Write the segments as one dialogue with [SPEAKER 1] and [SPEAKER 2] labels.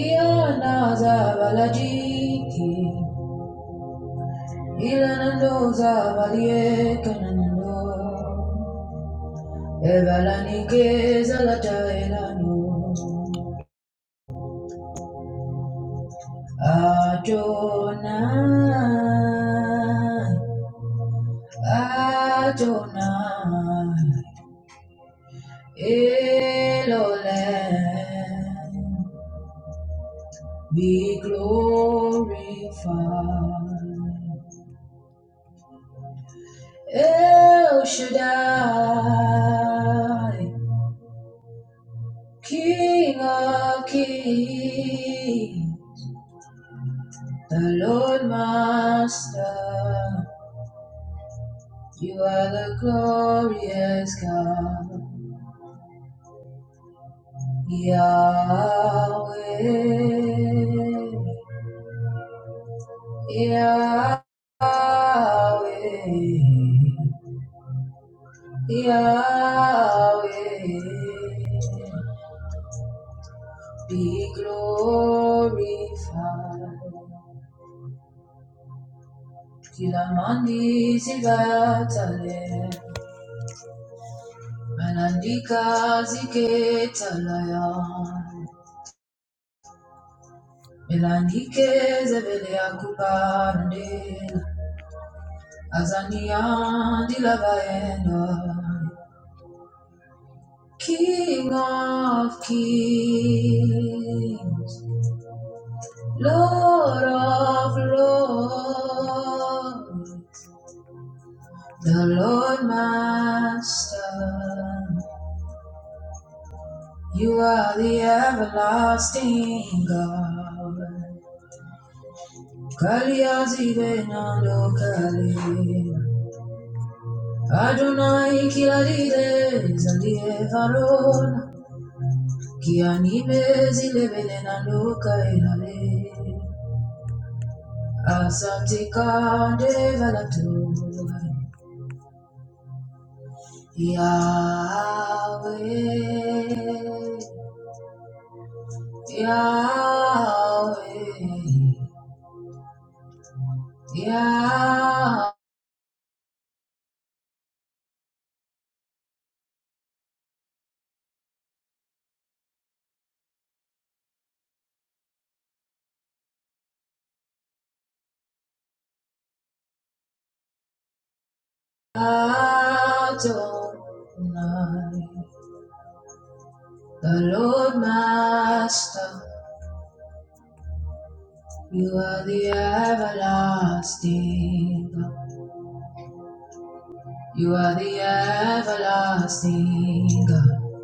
[SPEAKER 1] Iana zavalajiki, ilanando zavaliekanando, evalanike zalataelano, Adonai, Adonai, Elolem, be glorified. El Shaddai, King of Kings, the Lord Master, you are the glorious God, Yahweh, Yahweh, Yahweh, be glorified. Tilamandi zigatale, melandika ziketalaya, melandike zevele akupande, azania dilavaenda, King of kings, Lord of lords, the Lord Master. You are the everlasting God. Kaliazibe nandokale. Adonai kilalide zalie varona. Kianime zilebele nandokailale. Asante kande valato. Yahweh, Yahweh, Yahweh. Adonai, the Lord Master. You are the everlasting God. You are the everlasting God.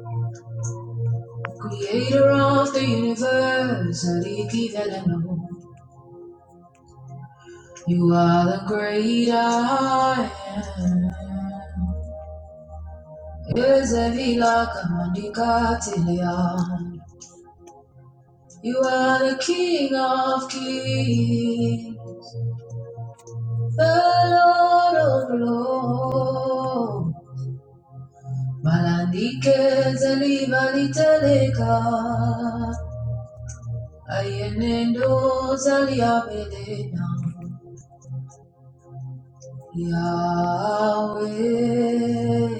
[SPEAKER 1] Creator of the universe, Aliki Veleno. You are the great I am. You are the King of Kings. The Lord of Lords, Malandike zalibali teleka, ayenendo zaliabedena, Yahweh,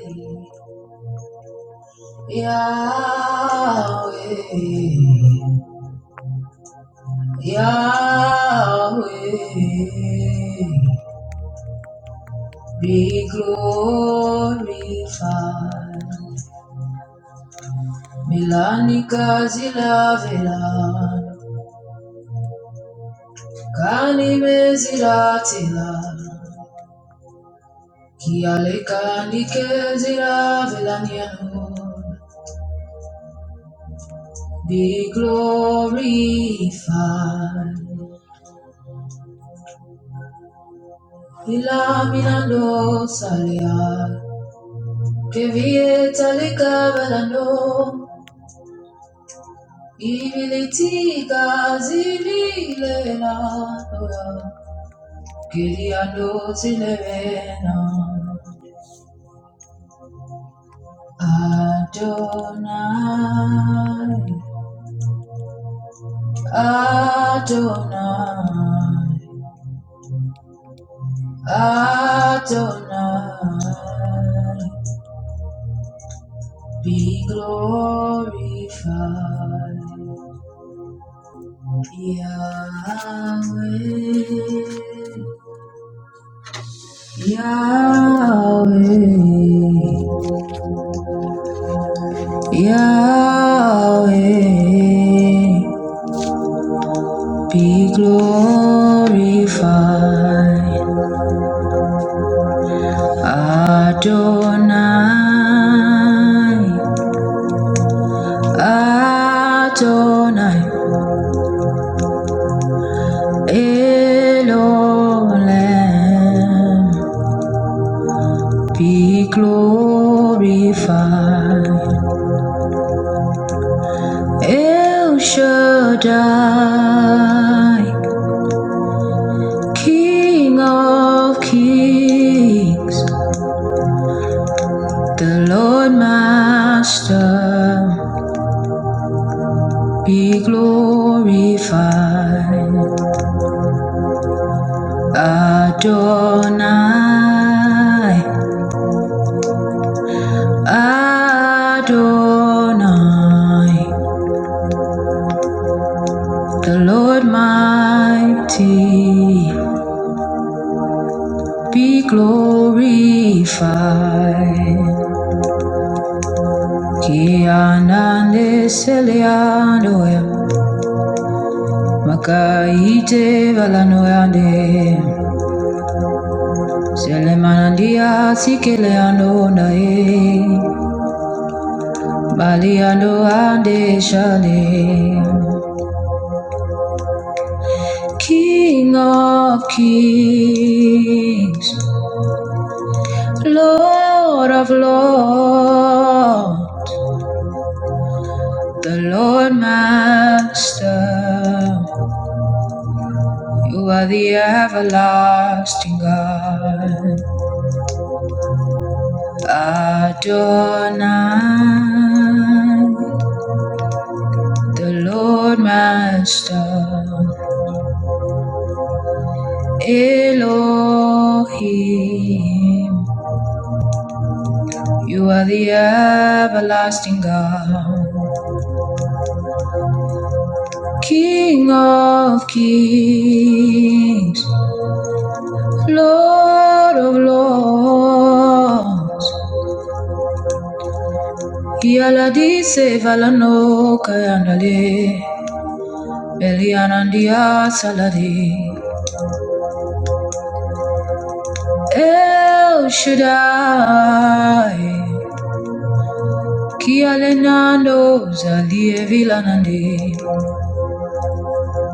[SPEAKER 1] Yahweh, Yahweh, be glorified. Milani kazila vela, kani mezila tila, ki aleka ni kezila velaniano be glorified. Ilamina no salia, kevie talika vela no, ibiliti kazili lela noya, kiria no zilevena. Adonai, Adonai, Adonai, be glorified, Yahweh, Yahweh, Yahweh, be glorified. Adonai, Adonai, Elohim, be glorified. El Shaddai, King of kings, the Lord Master, be glorified. Adonai, Adonai, the Lord mighty, be glorified. Ki anande selianoya, makaite valanoyande, selemanandia sikeleano nae, baliando ande shale. King of kings, Lord of lords, the Lord Master. You are the everlasting God, Adonai, the Lord Master. Elohim, you are the everlasting God, King of kings, Lord of lords, Kiala di se valano kayandale, Elianandia saladi, El Shaddai. Kialenando zalie vilanande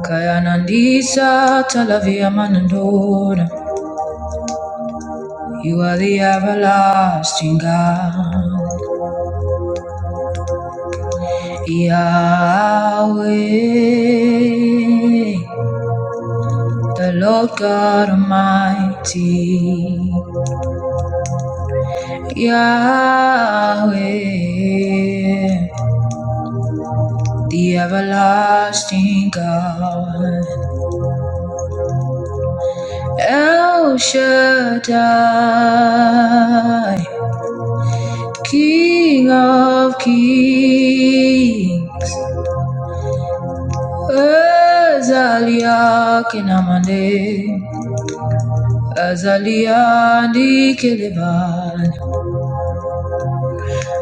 [SPEAKER 1] Kayanandisa talavia manandona You are the everlasting God Yahweh, the Lord God Almighty. Yahweh, the everlasting God. El Shaddai, King of Kings. Ezaliah Kinamande. Azaliandi Keleban,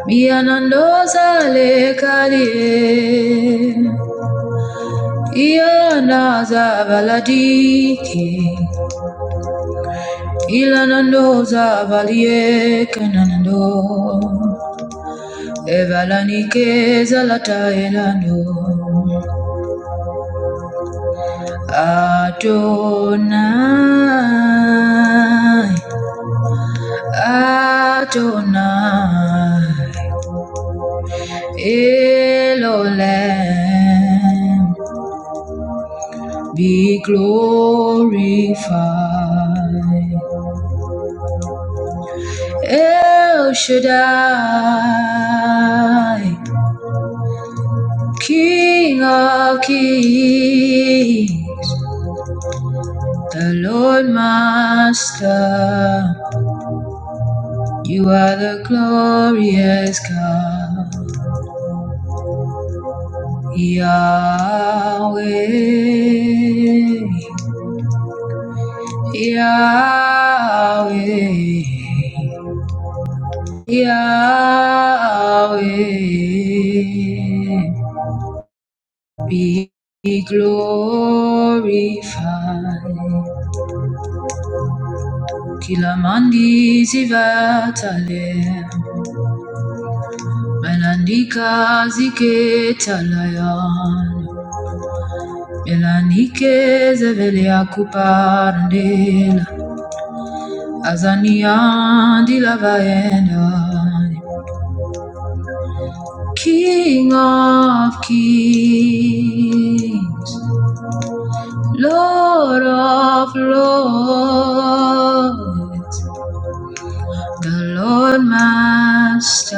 [SPEAKER 1] Mianandoza le Kalie, Ianaza Valadike, Ilanandoza Valie Canando, Evalanike Zalata Elando, Adonai, Adonai. Elohim, be glorified. El Shaddai, King of Kings, the Lord Master, you are the glorious God, Yahweh, Yahweh. Yahweh, be glorified. Kila mandi zivatale, melandika ziketalayan, melanike zevelia kupandela, azanian dilavaendan. King of kings, Lord of Lords, the Lord Master,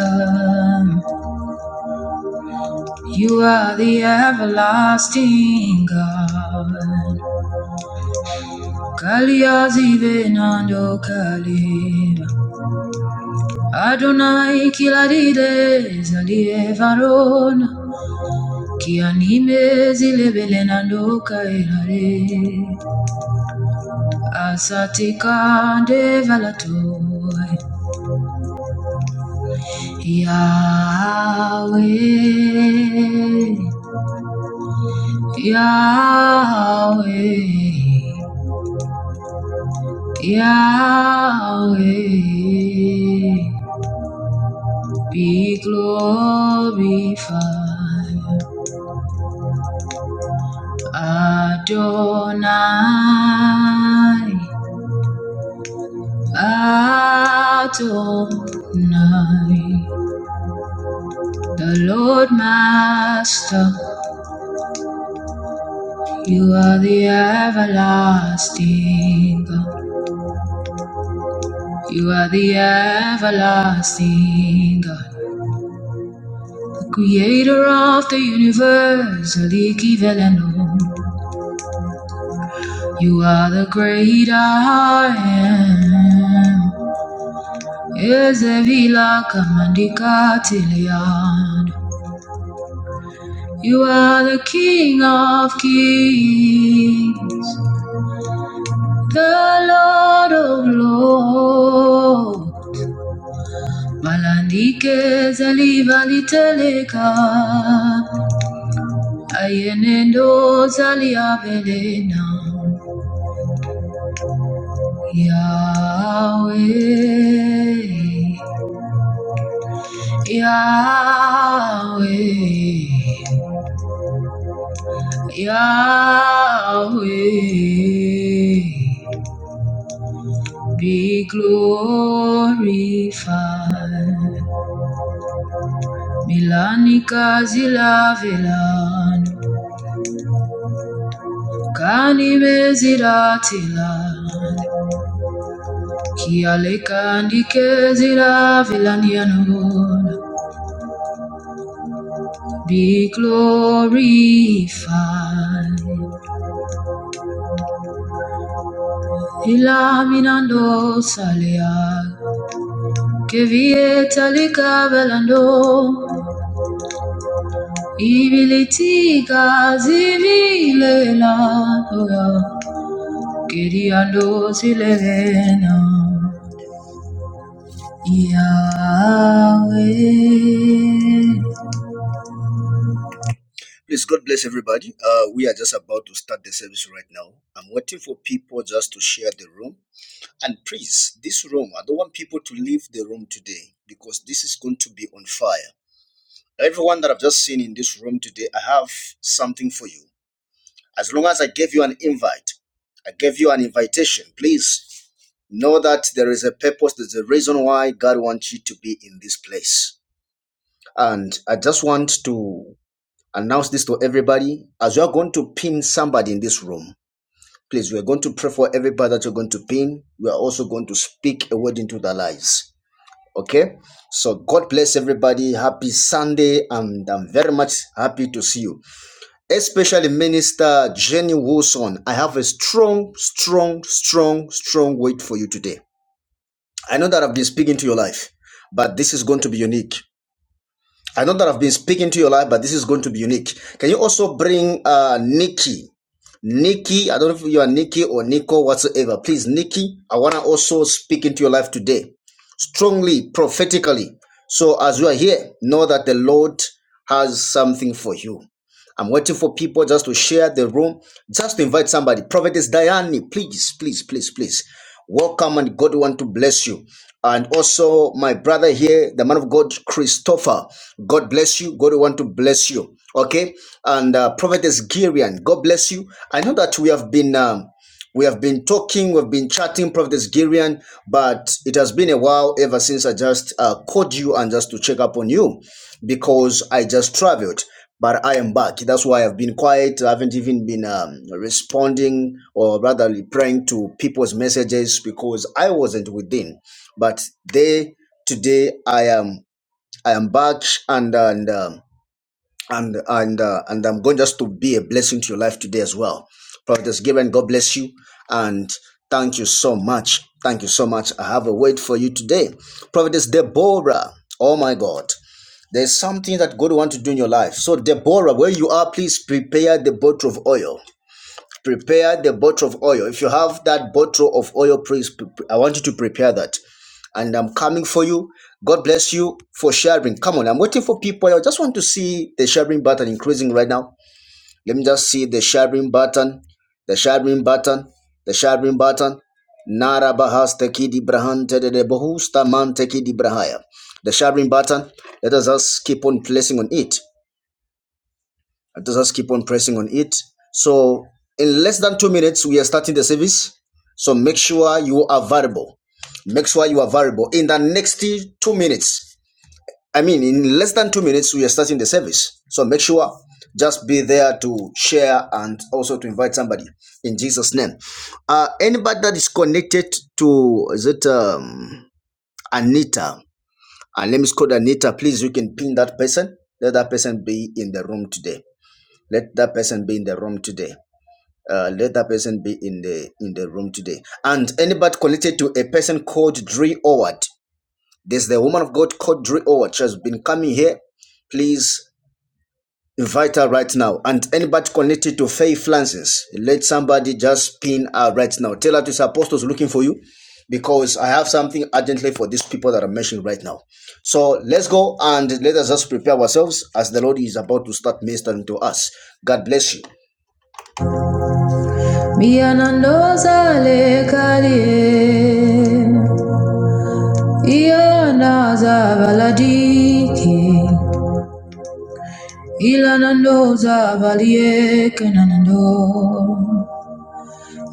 [SPEAKER 1] you are the everlasting God. Kaliazi venando kalim, Adonai kiladide zalie varon, ki anime zile belenando kailare, asatika de valato. Yahweh, Yahweh, Yahweh, be glorified, Adonai, Adonai, the Lord Master, you are the everlasting God. You are the everlasting God, the creator of the universe, el equivalent. You are the great I am. Ezevila kamandika tilian. You are the King of kings, the Lord of lords. Malandike zaliva liteleka, Ayenendo zalia belena Yahweh Yahweh Yahweh be glorified Milani kazila velan Kani mezila Kiale kandi kezila vilanianon Be glorified. Ilaminando salia. Que vieta likavelando. Ibilitika zivilela. Kiriando silena. Yahweh. Please, God bless everybody. Uh, we are just about to start the service right now. I'm waiting for people just to share the room. And please, this room, I don't want people to leave the room today because this is going to be on fire. Everyone that I've just seen in this room today, I have something for you. As long as I gave you an invite, I gave you an invitation, please know that there is a purpose, there's a reason why God wants you to be in this place. And I just want to announce this to everybody as you are going to pin somebody in this room. Please, we are going to pray for everybody that you're going to pin. We are also going to speak a word into their lives. Okay. So God bless everybody. Happy Sunday, and I'm very much happy to see you. Especially Minister Jenny Wilson. I have a strong, strong, strong, strong word for you today. I know that I've been speaking to your life, but this is going to be unique. I know that I've been speaking to your life, but this is going to be unique. Can you also bring uh, Nikki? Nikki, I don't know if you are Nikki or Nico, whatsoever. Please, Nikki, I want to also speak into your life today, strongly, prophetically. So as you are here, know that the Lord has something for you. I'm waiting for people just to share the room, just to invite somebody. Prophetess Diane, please, please, please, please. Welcome and God want to bless you. And also my brother here, the man of God, Christopher. God bless you. God want to bless you. Okay. And uh, Prophetess Girian, God bless you. I know that we have been um, we have been talking, we've been chatting, Prophetess Girian, but it has been a while ever since I just uh, called you and just to check up on you because I just traveled, but I am back. That's why I've been quiet. I haven't even been um, responding or rather replying to people's messages because I wasn't within. But they today I am I am back and and um, and and uh, and I'm going just to be a blessing to your life today as well. Prophetess Given, God bless you and thank you so much. Thank you so much. I have a word for you today. Prophetess Deborah. Oh my God. There's something that God wants to do in your life. So, Deborah, where you are, please prepare the bottle of oil. Prepare the bottle of oil. If you have that bottle of oil, please, I want you to prepare that. And I'm coming for you. God bless you for sharing. Come on, I'm waiting for people. I just want to see the sharing button increasing right now. Let me just see the sharing button, the sharing button, the sharing button. Nara bahasta kidi brahante de de bohusta mante kidi brahaya. The sharing button, let us just keep on placing on it. Let us just keep on pressing on it. So in less than two minutes, we are starting the service. So make sure you are available. Make sure you are available In the next two minutes, I mean, in less than two minutes, we are starting the service. So make sure just be there to share and also to invite somebody in Jesus' name. Uh, anybody that is connected to, is it um, Anita? And let me call Anita, please. You can pin that person. Let that person be in the room today. Let that person be in the room today. Uh, let that person be in the in the room today. And anybody connected to a person called Dre Howard. There's the woman of God called Dre Howard. She has been coming here please vital right now. And anybody connected to Faye Francis, let somebody just pin her right now. Tell her this apostle is looking for you because I have something urgently for these people that I'm mentioning right now. So let's go and let us just prepare ourselves as the Lord is about to start ministering to us. God bless you.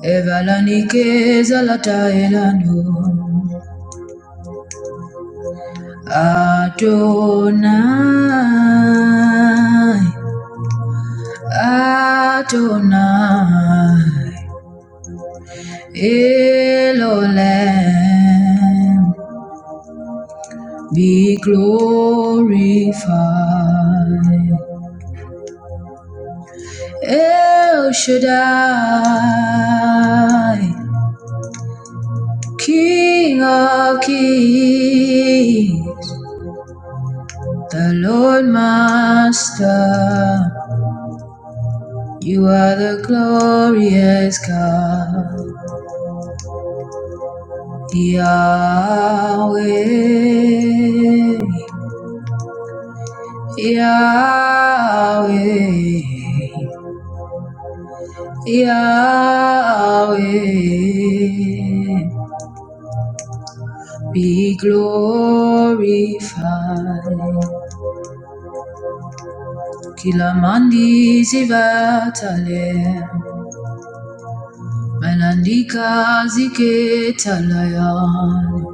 [SPEAKER 1] Evalanike zalata elano Adonai Adonai Elolem be glorified El Shaddai King of kings the Lord Master You are the glorious God, Yahweh, Yahweh, Yahweh. Be glorified. Kila mandi zivatale, melandika ziketalayan.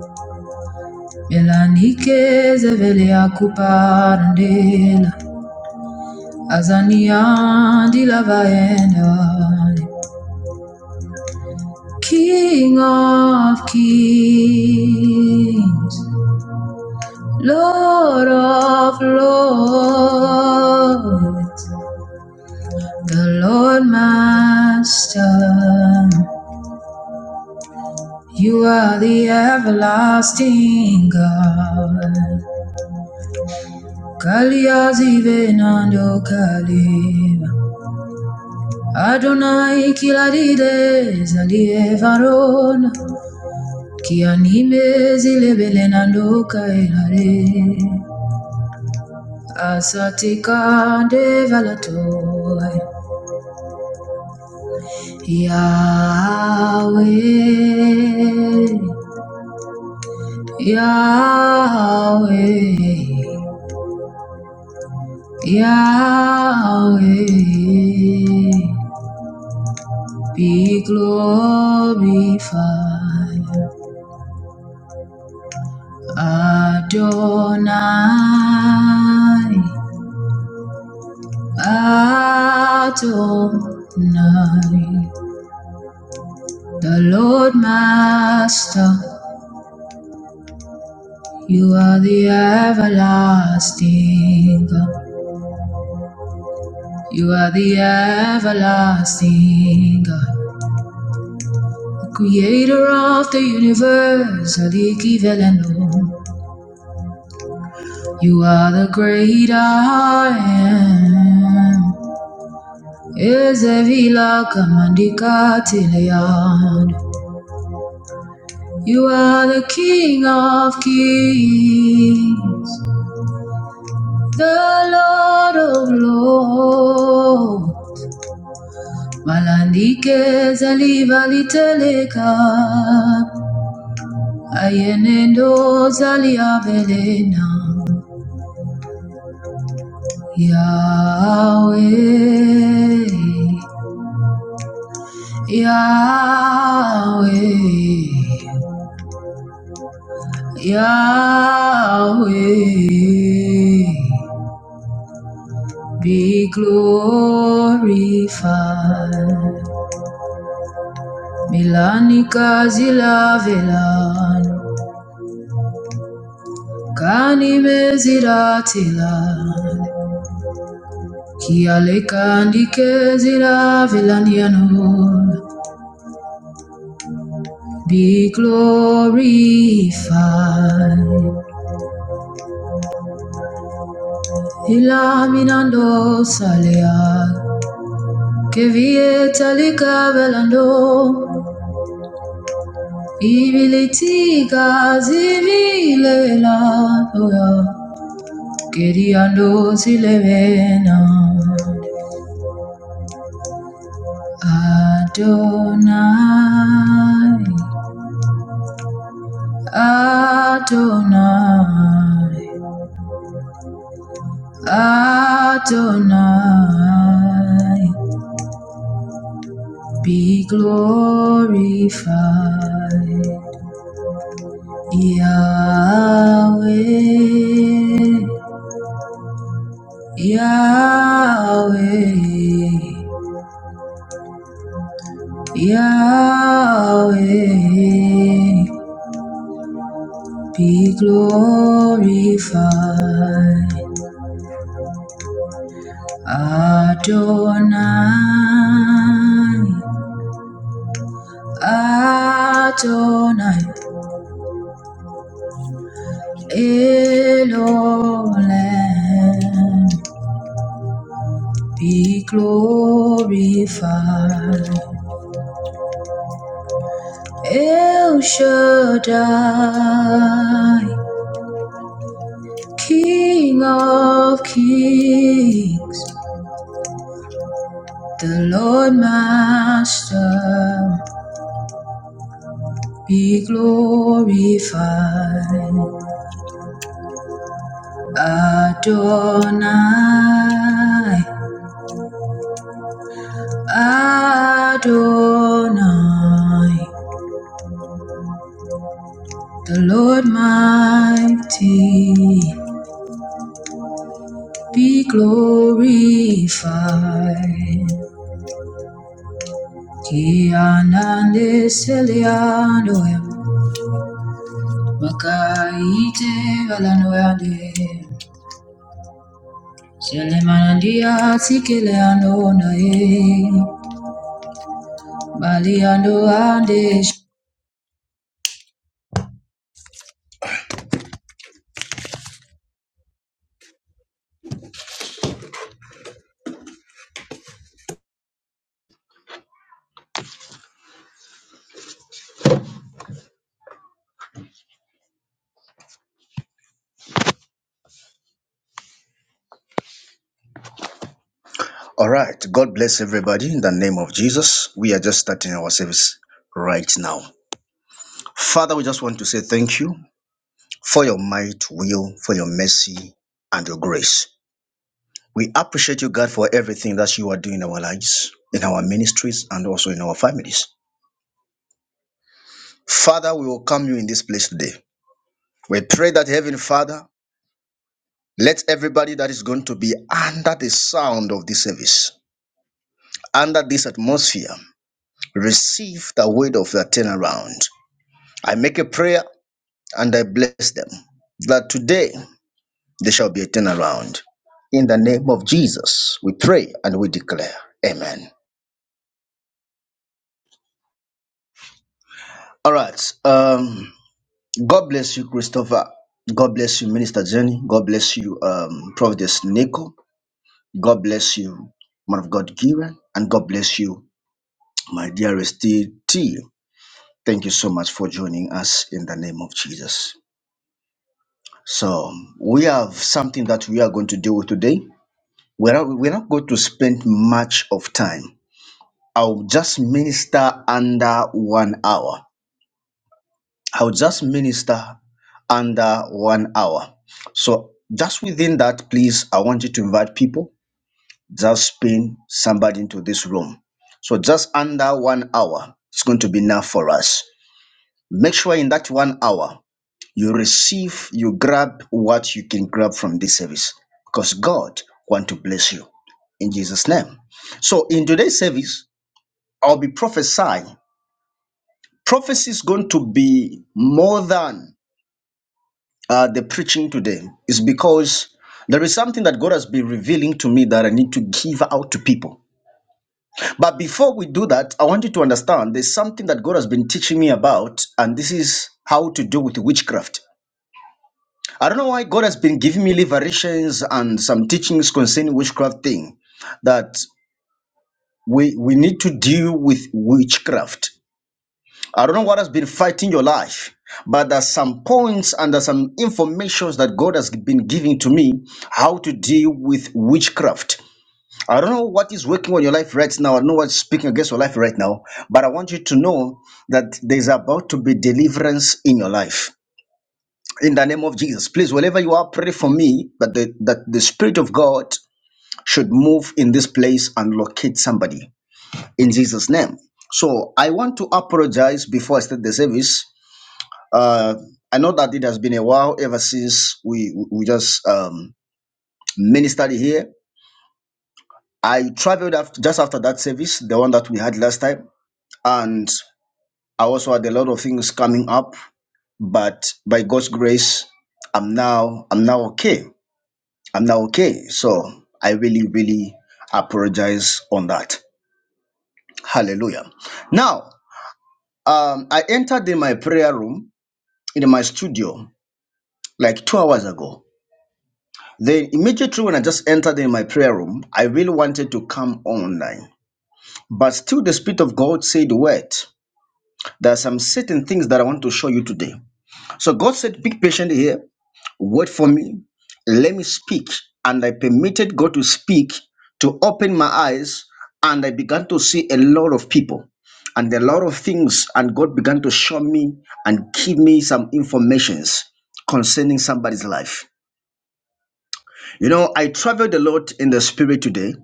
[SPEAKER 1] Melanikeze vele ya kupandela Azania ndilavaenda King of kings Lord of lords The Lord Master You are the everlasting God Kaliazive nando kalima Adonai kilaride zalie varon ki anime zile belenando kailare asatika de valatoi Yahweh Yahweh Yahweh be glorified Adonai, Adonai, the Lord Master, you are the everlasting God. You are the everlasting God, the creator of the universe, or the equivalent of. You are the great I am. Ezevila kamandika tileyan. You are the King of kings, the Lord of lords. Malandike zaliva liteleka, ayenendo zalia belena. Yahweh, Yahweh. Yahweh, be glorified. Milani kazila velan, kani meziratilan, kiale kandi kezila velan yanun. Be glorified. Ilaminando salea, kevie talika velando. Ibilitika zivile lapoya, Gediando zilevena, Adonai, Adonai, Adonai, be glorified, Yahweh, Yahweh. Yahweh, be glorified. Adonai, Adonai, Elohim, be glorified. El Shaddai, King of kings. The Lord Master be glorified. Adonai, Adonai. The Lord Mighty be glorified. Kianande Selianoem, Makaite Valanoande. e, All right. God bless everybody in the name of Jesus. We are just starting our service right now. Father, we just want to say thank you for your might, will, for your mercy, and your grace. We appreciate you, God, for everything that you are doing in our lives, in our ministries, and also in our families. Father, we welcome you in this place today. We pray that Heavenly Father, Let everybody that is going to be under the sound of this service, under this atmosphere, receive the word of the turnaround. I make a prayer and I bless them that today there shall be a turnaround. In the name of Jesus, we pray and we declare. Amen. All right. Um, God bless you, Christopher. God bless you, Minister Jenny. God bless you, um, Providence Nico. God bless you, Man of God Giran. And God bless you, My dearest T, thank you so much for joining us in the name of Jesus. So, we have something that we are going to deal with today. We're not, we're not going to spend much of time. I'll just minister under one hour. I'll just minister under one hour. So, just within that, please, I want you to invite people, just pin somebody into this room. So, just under one hour, it's going to be enough for us. Make sure in that one hour, You receive, you grab what you can grab from this service because God want to bless you in Jesus' name. So in today's service, I'll be prophesying. Prophecy is going to be more than uh, the preaching today. Is because there is something that God has been revealing to me that I need to give out to people. But before we do that, I want you to understand there's something that God has been teaching me about, and this is how to do with witchcraft. I don't know why God has been giving me liberations and some teachings concerning witchcraft thing that we we need to deal with witchcraft. I don't know what has been fighting your life, but there's some points and there's some informations that God has been giving to me how to deal with witchcraft. I don't know what is working on your life right now. I don't know what's speaking against your life right now, but I want you to know that there's about to be deliverance in your life in the name of Jesus. Please, wherever you are, pray for me that the, that the Spirit of God should move in this place and locate somebody in Jesus' name. So I want to apologize before I start the service. Uh, I know that it has been a while ever since we we just um, ministered here. I traveled after, just after that service, the one that we had last time, and I also had a lot of things coming up. But by God's grace, I'm now I'm now okay. I'm now okay. So I really, really apologize on that. Hallelujah. Now, um, I entered in my prayer room in my studio like two hours ago. Then immediately when I just entered in my prayer room, I really wanted to come online. But still the Spirit of God said, wait, there are some certain things that I want to show you today. So God said, be patient here. Wait for me. Let me speak. And I permitted God to speak, to open my eyes, and I began to see a lot of people and a lot of things. And God began to show me and give me some informations concerning somebody's life. You know, I traveled a lot in the spirit today,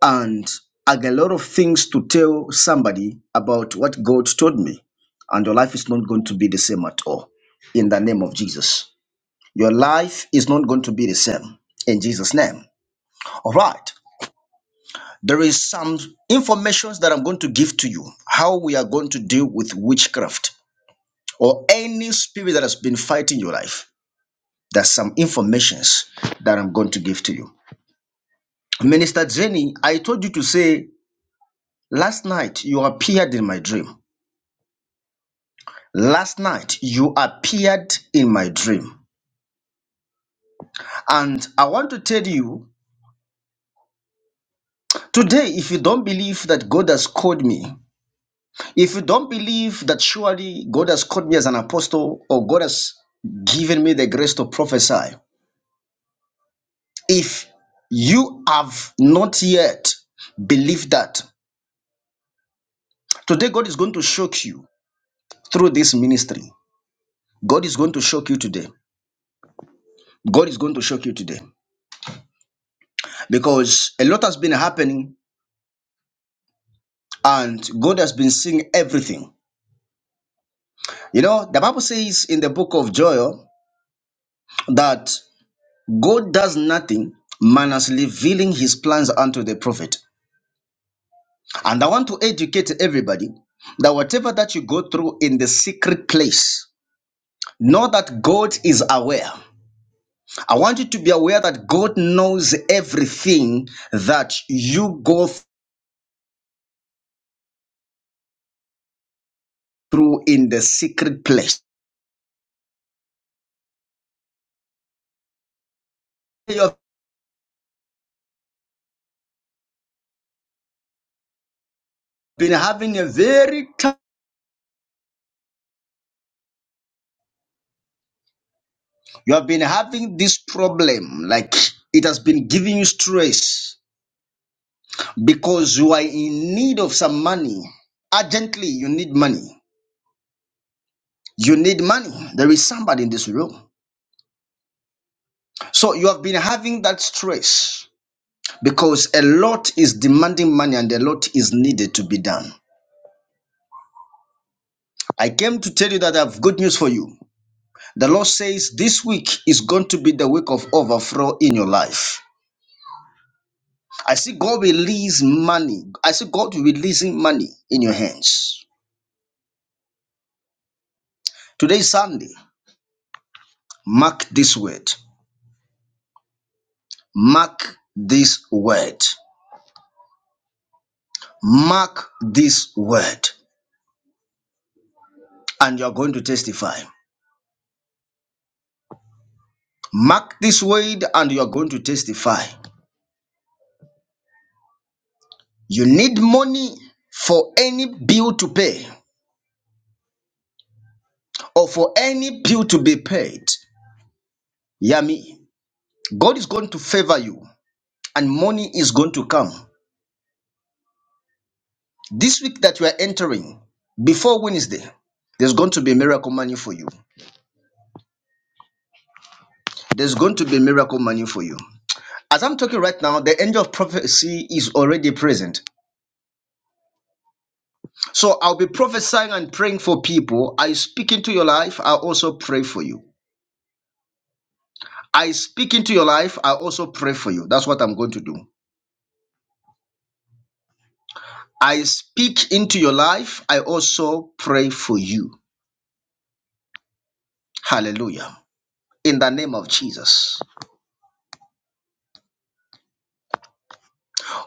[SPEAKER 1] and I got a lot of things to tell somebody about what God told me. And your life is not going to be the same at all. In the name of Jesus. Your life is not going to be the same in Jesus' name. All right. There is some information that I'm going to give to you how we are going to deal with witchcraft or any spirit that has been fighting your life. There's some informations that I'm going to give to you. Minister Jenny, I told you to say, last night you appeared in my dream. Last night you appeared in my dream. And I want to tell you today, if you don't believe that God has called me, If you don't believe that surely God has called me as an apostle or God has given me the grace to prophesy, if you have not yet believed that, today God is going to shock you through this ministry. God is going to shock you today. God is going to shock you today because a lot has been happening and God has been seeing everything. You know, the Bible says in the book of Joel that God does nothing minus revealing his plans unto the prophet. And I want to educate everybody that whatever that you go through in the secret place, know that God is aware. I want you to be aware that God knows everything that you go through in the secret place. You have been having a very tough, you have been having this problem, like it has been giving you stress because you are in need of some money. Urgently, you need money. You need money. There is somebody in this room. So you have been having that stress because a lot is demanding money and a lot is needed to be done. I came to tell you that I have good news for you. The Lord says this week is going to be the week of overflow in your life. I see God release money. I see God releasing money in your hands. Today is Sunday. Mark this word. Mark this word. Mark this word and you are going to testify. Mark this word and you are going to testify. You need money for any bill to pay or for any bill to be paid. Hear me. God is going to favor you and money is going to come. This week that you are entering, before Wednesday, there's going to be miracle money for you. There's going to be miracle money for you. As I'm talking right now, the angel of prophecy is already present. So I'll be prophesying and praying for people. I speak into your life, I also pray for you. I speak into your life, I also pray for you. That's what I'm going to do. I speak into your life. I also pray for you. Hallelujah. In the name of Jesus.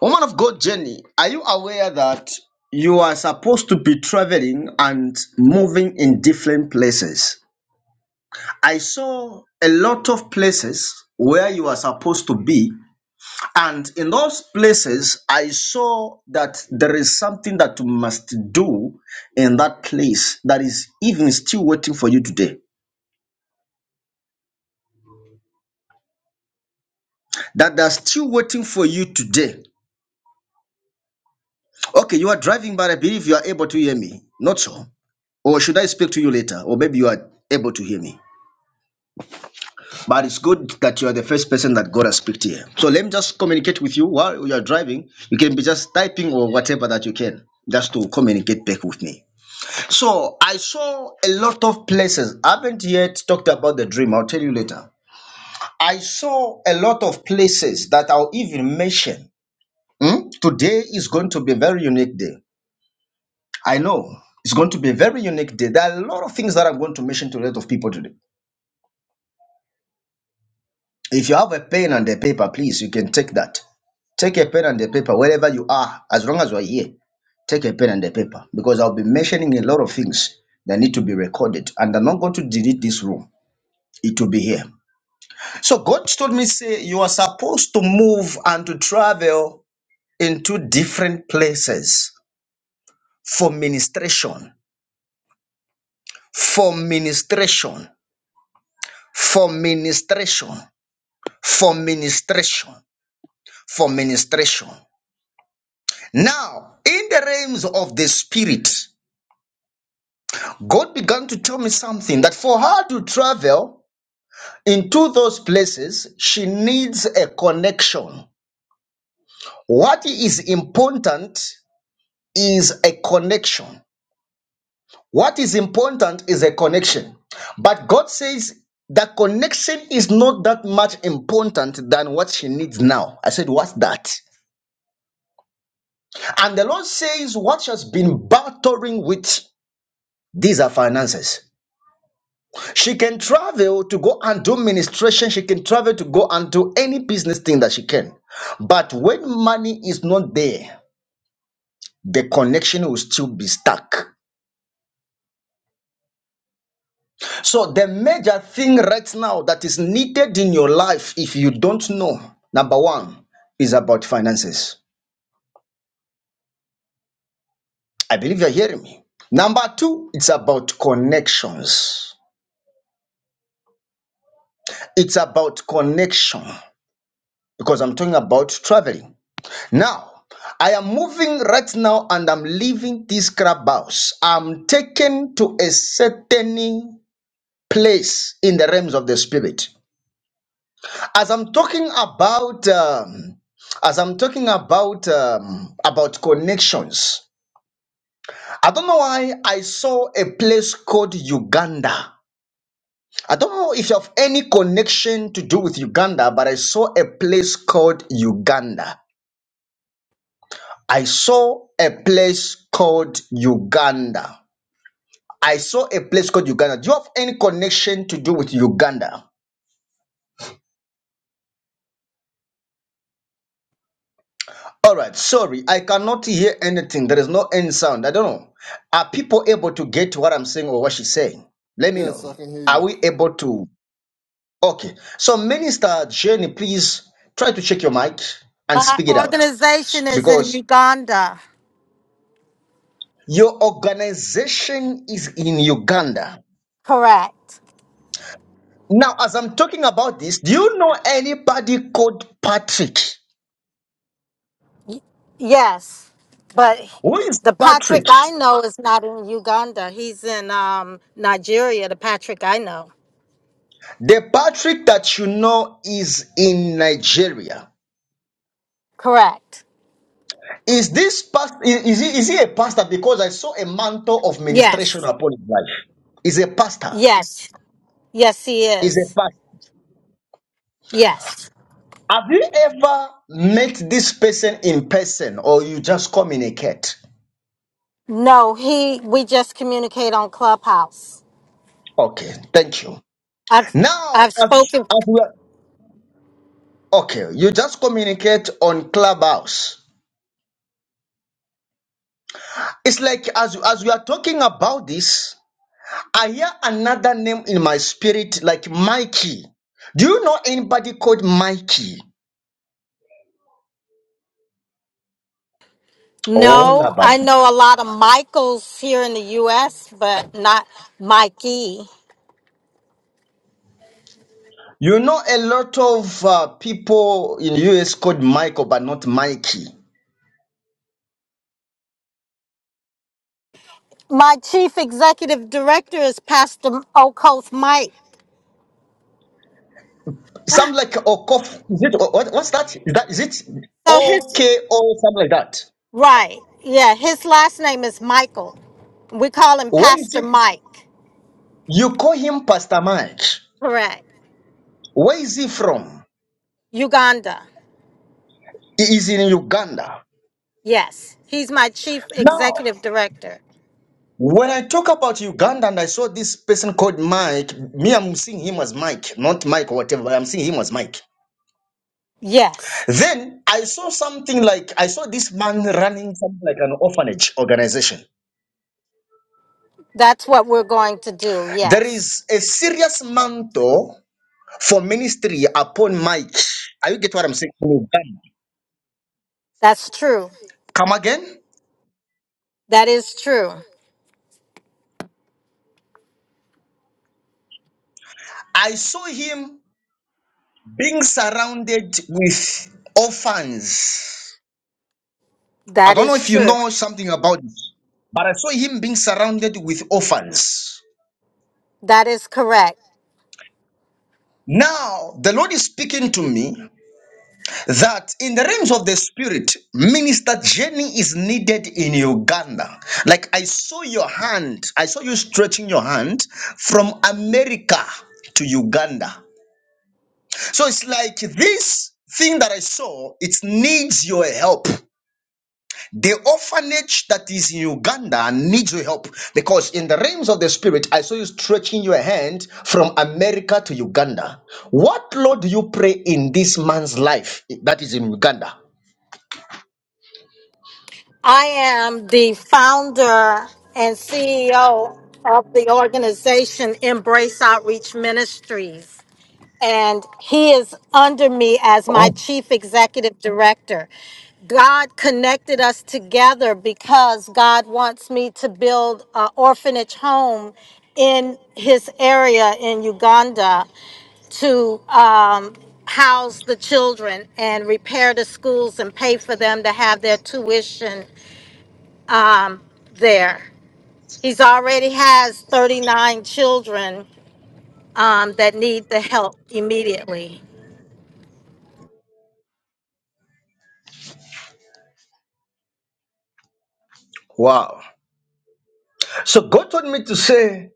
[SPEAKER 1] Woman of God, Jenny, are you aware that you are supposed to be traveling and moving in different places? I saw a lot of places where you are supposed to be. And in those places, I saw that there is something that you must do in that place that is even still waiting for you today. that they are still waiting for you today. Okay, you are driving, but I believe you are able to hear me. Not so. Or should I speak to you later? Or maybe you are able to hear me. But it's good that you are the first person that God has speak to here. So let me just communicate with you while you are driving. You can be just typing or whatever that you can, just to communicate back with me. So I saw a lot of places. I haven't yet talked about the dream. I'll tell you later. I saw a lot of places that I'll even mention. Hmm? Today is going to be a very unique day. I know it's going to be a very unique day. There are a lot of things that I'm going to mention to a lot of people today. If you have a pen and a paper, please, you can take that. Take a pen and a paper wherever you are, as long as you are here. Take a pen and a paper because I'll be mentioning a lot of things that need to be recorded, and I'm not going to delete this room. It will be here. So God told me, say you are supposed to move and to travel into different places for ministration, for ministration, for ministration. for ministration. For ministration. Now, in the realms of the spirit, God began to tell me something that for her to travel into those places, she needs a connection. What is important is a connection. What is important is a connection. But God says the connection is not that much important than what she needs now. I said, What's that? And the Lord says, What she has been battering with, these are finances. She can travel to go and do ministration, she can travel to go and do any business thing that she can. But when money is not there, the connection will still be stuck. So, the major thing right now that is needed in your life, if you don't know, number one, is about finances. I believe you're hearing me. Number two, it's about connections. It's about connection. because I'm talking about traveling. Now, I am moving right now and I'm leaving this crab house. I'm taken to a certain place in the realms of the spirit. As I'm talking about, um, as I'm talking about um, about connections, I don't know why I saw a place called Uganda. I don't know if you have any connection to do with Uganda, but I saw a place called Uganda. I saw a place called Uganda. I saw a place called Uganda. Do you have any connection to do with Uganda? All right, sorry, I cannot hear anything. There is no end sound. I don't know. Are people able to get what I'm saying or what she's saying? Let me
[SPEAKER 2] Yes,
[SPEAKER 1] know.
[SPEAKER 2] I can hear you.
[SPEAKER 1] Are we able to? Okay. So, Minister Jenny, please try to check your mic and
[SPEAKER 3] My
[SPEAKER 1] speak it out
[SPEAKER 3] organization is in
[SPEAKER 1] because
[SPEAKER 3] Uganda.
[SPEAKER 1] your organization is in Uganda.
[SPEAKER 3] Correct.
[SPEAKER 1] Now, as I'm talking about this, do you know anybody called Patrick?
[SPEAKER 3] Y- Yes. But
[SPEAKER 1] Who is
[SPEAKER 3] the Patrick
[SPEAKER 1] Patrick?
[SPEAKER 3] I know is not in Uganda. He's in um, Nigeria, the Patrick I know.
[SPEAKER 1] The Patrick that you know is in Nigeria.
[SPEAKER 3] Correct.
[SPEAKER 1] Is this past? Is he, is he a pastor? Because I saw a mantle of ministration
[SPEAKER 3] Yes.
[SPEAKER 1] upon his life. Is a pastor.
[SPEAKER 3] Yes. Yes, he
[SPEAKER 1] Is a
[SPEAKER 3] is.
[SPEAKER 1] pastor.
[SPEAKER 3] Yes.
[SPEAKER 1] Have you ever met this person in person, or you just communicate?
[SPEAKER 3] No, he we just communicate on Clubhouse.
[SPEAKER 1] Okay, thank you.
[SPEAKER 3] I've I've
[SPEAKER 1] Now, as,
[SPEAKER 3] spoken
[SPEAKER 1] as we are, okay, you just communicate on Clubhouse. It's like as as we are talking about this, I hear another name in my spirit, like Mikey. Do you know anybody called Mikey? Oh,
[SPEAKER 3] no, I
[SPEAKER 1] Labadi.
[SPEAKER 3] know a lot of Michaels here in the US, but not Mikey.
[SPEAKER 1] You know a lot of uh, people in the US called Michael, but not Mikey.
[SPEAKER 3] my chief executive director is Pastor Okoth Mike.
[SPEAKER 1] Some like Okof. Is it what, what's that? Is that is it
[SPEAKER 3] So
[SPEAKER 1] O
[SPEAKER 3] his
[SPEAKER 1] K O something like that?
[SPEAKER 3] right, yeah, his last name is Michael. We call him
[SPEAKER 1] Where is
[SPEAKER 3] Pastor
[SPEAKER 1] it?
[SPEAKER 3] Mike.
[SPEAKER 1] You call him Pastor Mike.
[SPEAKER 3] Correct.
[SPEAKER 1] Where is he from?
[SPEAKER 3] Uganda.
[SPEAKER 1] He is in Uganda.
[SPEAKER 3] Yes, he's my chief
[SPEAKER 1] now.
[SPEAKER 3] executive director.
[SPEAKER 1] When I talk about Uganda and I saw this person called Mike, me, I'm seeing him as Mike, not Mike or whatever, but I'm seeing him as Mike.
[SPEAKER 3] Yes,
[SPEAKER 1] Then I saw something like I saw this man running something like an orphanage organization.
[SPEAKER 3] that's what we're going to do.
[SPEAKER 1] There
[SPEAKER 3] Yes,
[SPEAKER 1] is a serious mantle for ministry upon Mike. Are you get what I'm saying? In Uganda.
[SPEAKER 3] that's true.
[SPEAKER 1] Come again?
[SPEAKER 3] That is true.
[SPEAKER 1] I saw him being surrounded with orphans. I
[SPEAKER 3] That
[SPEAKER 1] don't know
[SPEAKER 3] is
[SPEAKER 1] if you
[SPEAKER 3] true.
[SPEAKER 1] know something about this, but I saw him being surrounded with orphans.
[SPEAKER 3] That is correct.
[SPEAKER 1] Now, the Lord is speaking to me that in the realms of the spirit, minister journey is needed in Uganda. Like I saw your hand, I saw you stretching your hand from America to Uganda. So it's like this thing that I saw, it needs your help. The orphanage that is in Uganda needs your help because in the realms of the spirit, I saw you stretching your hand from America to Uganda. What Lord do you pray in this man's life that is in Uganda?
[SPEAKER 3] I am the founder and CEO of the organization Embrace Outreach Ministries. And he is under me as my chief executive director. God connected us together because God wants me to build an orphanage home in his area in Uganda to um, house the children and repair the schools and pay for them to have their tuition um, there. He's already has 39 children um, that need the help immediately.
[SPEAKER 1] Wow. So God told me to say,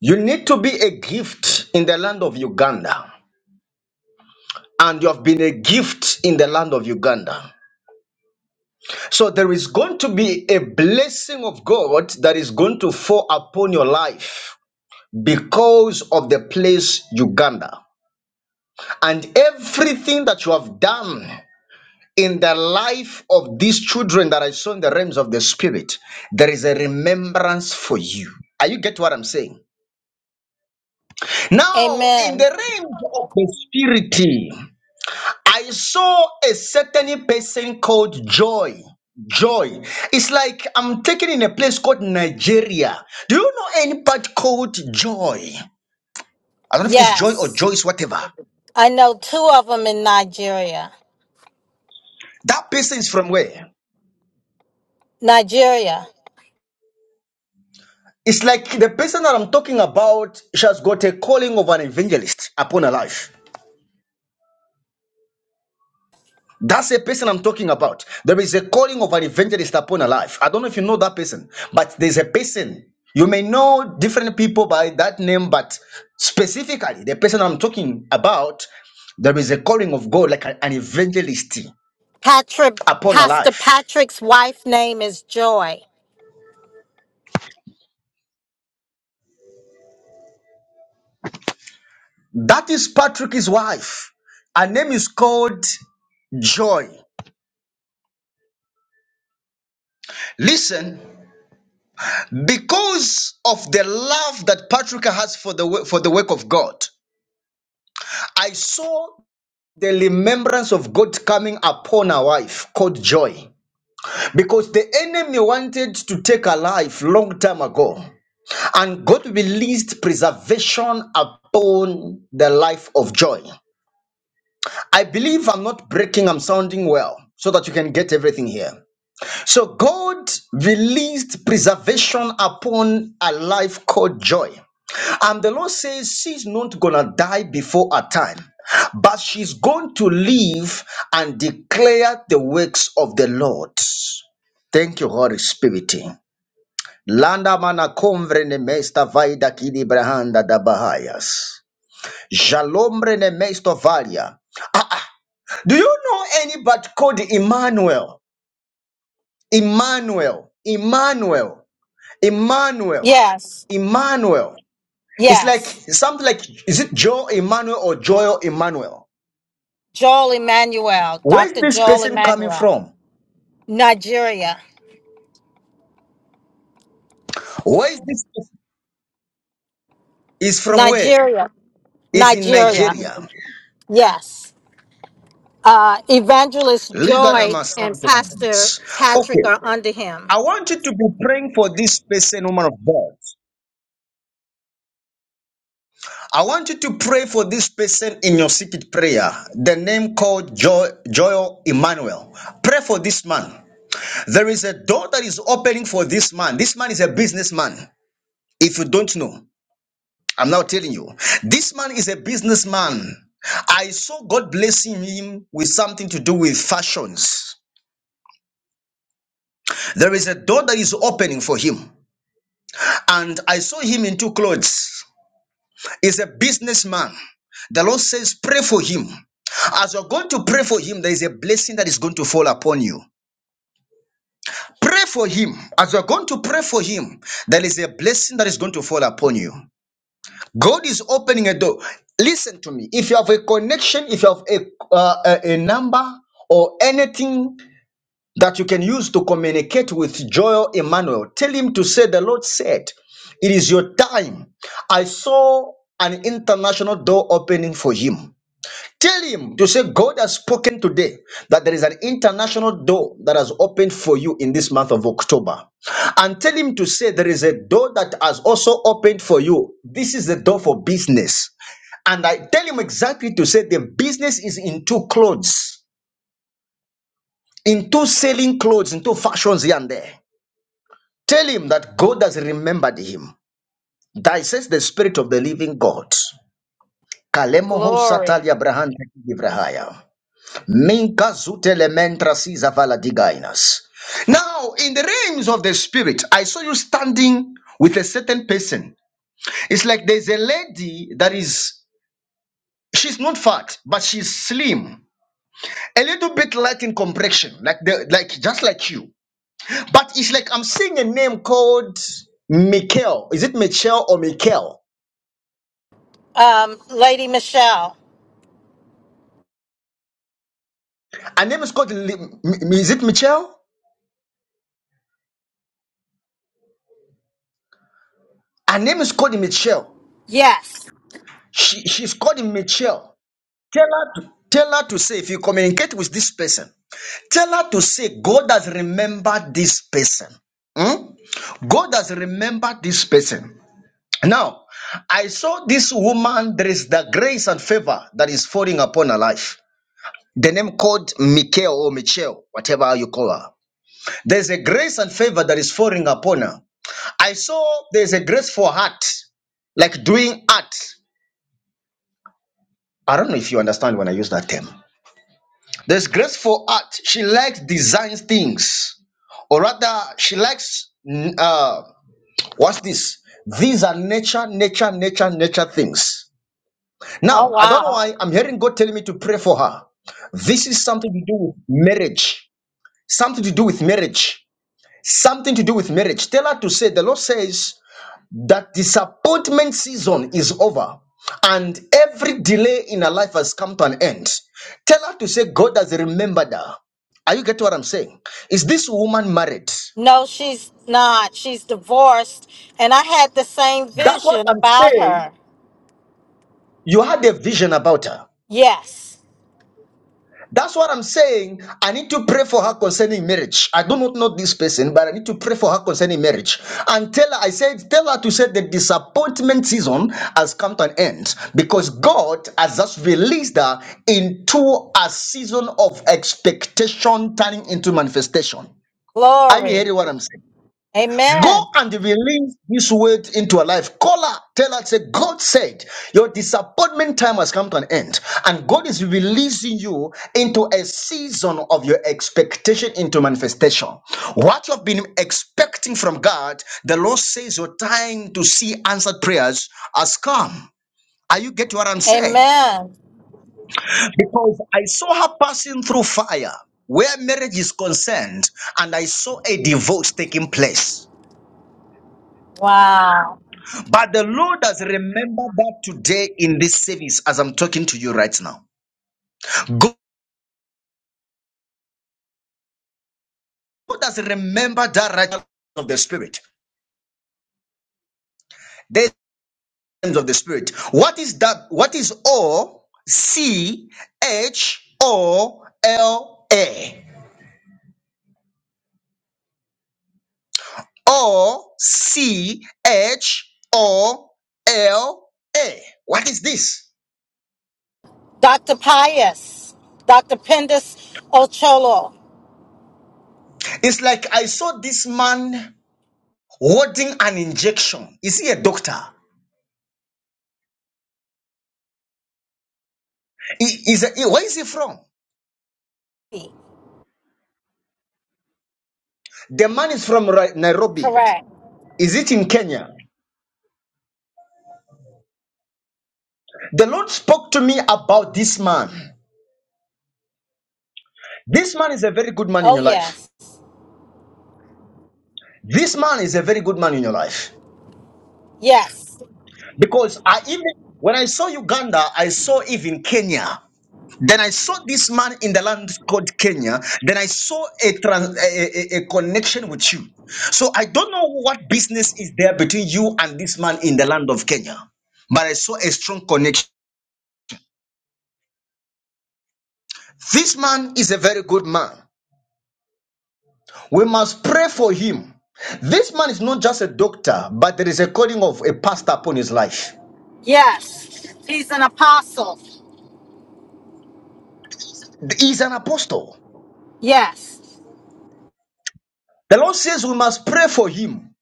[SPEAKER 1] you need to be a gift in the land of Uganda. And you have been a gift in the land of Uganda. So there is going to be a blessing of God that is going to fall upon your life because of the place Uganda and everything that you have done in the life of these children that I saw in the realms of the spirit, there is a remembrance for you. Are you get what I'm saying? Now, in the
[SPEAKER 3] Amen.
[SPEAKER 1] realms of the spirit, I saw a certain person called Joy. Joy. It's like I'm taken in a place called Nigeria. Do you know any part called Joy? I don't know if it is Joy or
[SPEAKER 3] Yes.
[SPEAKER 1] Joyce, whatever.
[SPEAKER 3] I know two of them in Nigeria.
[SPEAKER 1] That person is from where?
[SPEAKER 3] Nigeria.
[SPEAKER 1] It's like the person that I'm talking about, she has got a calling of an evangelist upon her life. That's the person I'm talking about. There is a calling of an evangelist upon her life. I don't know if you know that person, but there's a person. You may know different people by that name, but specifically, the person I'm talking about, there is a calling of God, like an evangelist
[SPEAKER 3] Patrick,
[SPEAKER 1] upon her
[SPEAKER 3] Pastor
[SPEAKER 1] life.
[SPEAKER 3] Patrick's wife name is Joy.
[SPEAKER 1] That is Patrick's wife. Her name is called Joy. Listen, because of the love that Patrick has for the for the work of God, I saw the remembrance of God coming upon her wife called Joy. Because the enemy wanted to take her life long time ago, and God released preservation upon the life of Joy. I believe I'm not breaking; I'm sounding well, so that you can get everything here. So God released preservation upon a life called joy. And the Lord says she's not gonna die before her time, but she's going to live and declare the works of the Lord. Thank you, Holy Spirit. Landa mana convre ne mesta vaida kidi brahanda da bahayas. Jalombre ne mesto valia. Do you know anybody called Emmanuel? Emmanuel. Emmanuel. Emmanuel.
[SPEAKER 3] Yes.
[SPEAKER 1] Emmanuel. It's like
[SPEAKER 3] Yes.
[SPEAKER 1] something like is it Joe Emmanuel or Joel Emmanuel?
[SPEAKER 3] Joel Emmanuel.
[SPEAKER 1] Where's
[SPEAKER 3] Dr.
[SPEAKER 1] this
[SPEAKER 3] Joel
[SPEAKER 1] person
[SPEAKER 3] Emmanuel.
[SPEAKER 1] coming from?
[SPEAKER 3] Nigeria.
[SPEAKER 1] Where is this person? Is from where?
[SPEAKER 3] Nigeria.
[SPEAKER 1] Is in
[SPEAKER 3] Nigeria.
[SPEAKER 1] Nigeria.
[SPEAKER 3] Yes. Uh, Evangelist
[SPEAKER 1] Liga da
[SPEAKER 3] Joy and
[SPEAKER 1] Masanta.
[SPEAKER 3] Pastor
[SPEAKER 1] Okay.
[SPEAKER 3] Patrick are under him.
[SPEAKER 1] I want you to be praying for this person, woman of God. I want you to pray for this person in your secret prayer. The name called jo- Joel Emmanuel. Pray for this man. There is a door that is opening for this man. This man is a businessman. If you don't know, I'm now telling you, this man is a businessman. I saw God blessing him with something to do with fashions. There is a door that is opening for him. And I saw him in two clothes. He's a businessman. The Lord says, pray for him. As you're going to pray for him, there is a blessing that is going to fall upon you. Pray for him. As you're going to pray for him, there is a blessing that is going to fall upon you. God is opening a door. Listen to me. If you have a connection, if you have a, uh, a, a number or anything that you can use to communicate with Joel Emmanuel, tell him to say, The Lord said, It is your time. I saw an international door opening for him. Tell him to say, God has spoken today that there is an international door that has opened for you in this month of October. And tell him to say, there is a door that has also opened for you. This is the door for business. And I tell him exactly to say, the business is into clothes, into selling clothes, into fashions here and there. Tell him that God has remembered him. That says the spirit of the living God. Kalemo ho
[SPEAKER 3] Glory.
[SPEAKER 1] satali abrahante kidivrahaya. Minka zutele mentra siza vala digainas. Now, in the realms of the spirit, I saw you standing with a certain person. It's like there's a lady that is, she's not fat, but she's slim, a little bit light in complexion, like the, like just like you. But it's like I'm seeing a name called Mikel. Is it Michelle or Michael?
[SPEAKER 3] Um, Lady Michelle.
[SPEAKER 1] Her name is called. Li- M- is it Michelle? Her name is called Michelle.
[SPEAKER 3] Yes.
[SPEAKER 1] She she's called Michelle. Tell her, to, tell her to say, if you communicate with this person, tell her to say, God has remembered this person. Hmm? God has remembered this person. Now, I saw this woman, there is the grace and favor that is falling upon her life. The name called Michael or Michelle, whatever you call her. There's a grace and favor that is falling upon her. I saw there's a graceful art, like doing art. I don't know if you understand when I use that term. This graceful art, she likes designs things, or rather, she likes mm, uh, what's this? These are nature, nature, nature, nature things.
[SPEAKER 3] Oh,
[SPEAKER 1] Now, I don't know
[SPEAKER 3] wow.
[SPEAKER 1] why I'm hearing God telling me to pray for her. This is something to do with marriage. Something to do with marriage. Something to do with marriage. Tell her to say, the Lord says that disappointment season is over and every delay in her life has come to an end. Tell her to say, God has remembered her. Are you getting what I'm saying? Is this woman married?
[SPEAKER 3] No, she's not. She's divorced. And I had the same
[SPEAKER 1] That's what
[SPEAKER 3] vision
[SPEAKER 1] I'm
[SPEAKER 3] about
[SPEAKER 1] saying.
[SPEAKER 3] her.
[SPEAKER 1] You had a vision about her.
[SPEAKER 3] Yes.
[SPEAKER 1] That's what I'm saying. I need to pray for her concerning marriage. I do not know this person, but I need to pray for her concerning marriage. And tell her, I said, tell her to say the disappointment season has come to an end because God has just released her into a season of expectation turning into manifestation. Are you
[SPEAKER 3] Glory.
[SPEAKER 1] hearing what I'm saying? Go
[SPEAKER 3] Amen.
[SPEAKER 1] and release this weight into your life. Call her. Tell her, say, God said, your disappointment time has come to an end. And God is releasing you into a season of your expectation into manifestation. What you've been expecting from God, the Lord says your time to see answered prayers has come. Are you getting what I'm saying?
[SPEAKER 3] Amen.
[SPEAKER 1] Because I saw her passing through fire where marriage is concerned, and I saw a divorce taking place.
[SPEAKER 3] Wow.
[SPEAKER 1] But the Lord has remembered that today in this service, as I'm talking to you right now. God has remembered that right of the Spirit, the essence of the Spirit. What is that? What is O C H O L A? O C H O L A. What is this?
[SPEAKER 3] Dr. Pius. Dr. Pendus Ocholo.
[SPEAKER 1] It's like I saw this man holding an injection. Is he a doctor? He- Is a- he- where is he from? The man is from Ri- Nairobi.
[SPEAKER 3] Correct.
[SPEAKER 1] Is it in Kenya? The Lord spoke to me about this man. This man is a very good man in
[SPEAKER 3] Oh,
[SPEAKER 1] your life.
[SPEAKER 3] yes.
[SPEAKER 1] This man is a very good man in your life.
[SPEAKER 3] Yes.
[SPEAKER 1] Because I even, when I saw Uganda, I saw even Kenya. Then I saw this man in the land called Kenya. Then I saw a, trans, a, a, a connection with you. So I don't know what business is there between you and this man in the land of Kenya. But I saw a strong connection. This man is a very good man. We must pray for him. This man is not just a doctor, but there is a calling of a pastor upon his life.
[SPEAKER 3] Yes. He's an apostle.
[SPEAKER 1] He's an apostle.
[SPEAKER 3] Yes.
[SPEAKER 1] The Lord says we must pray for him.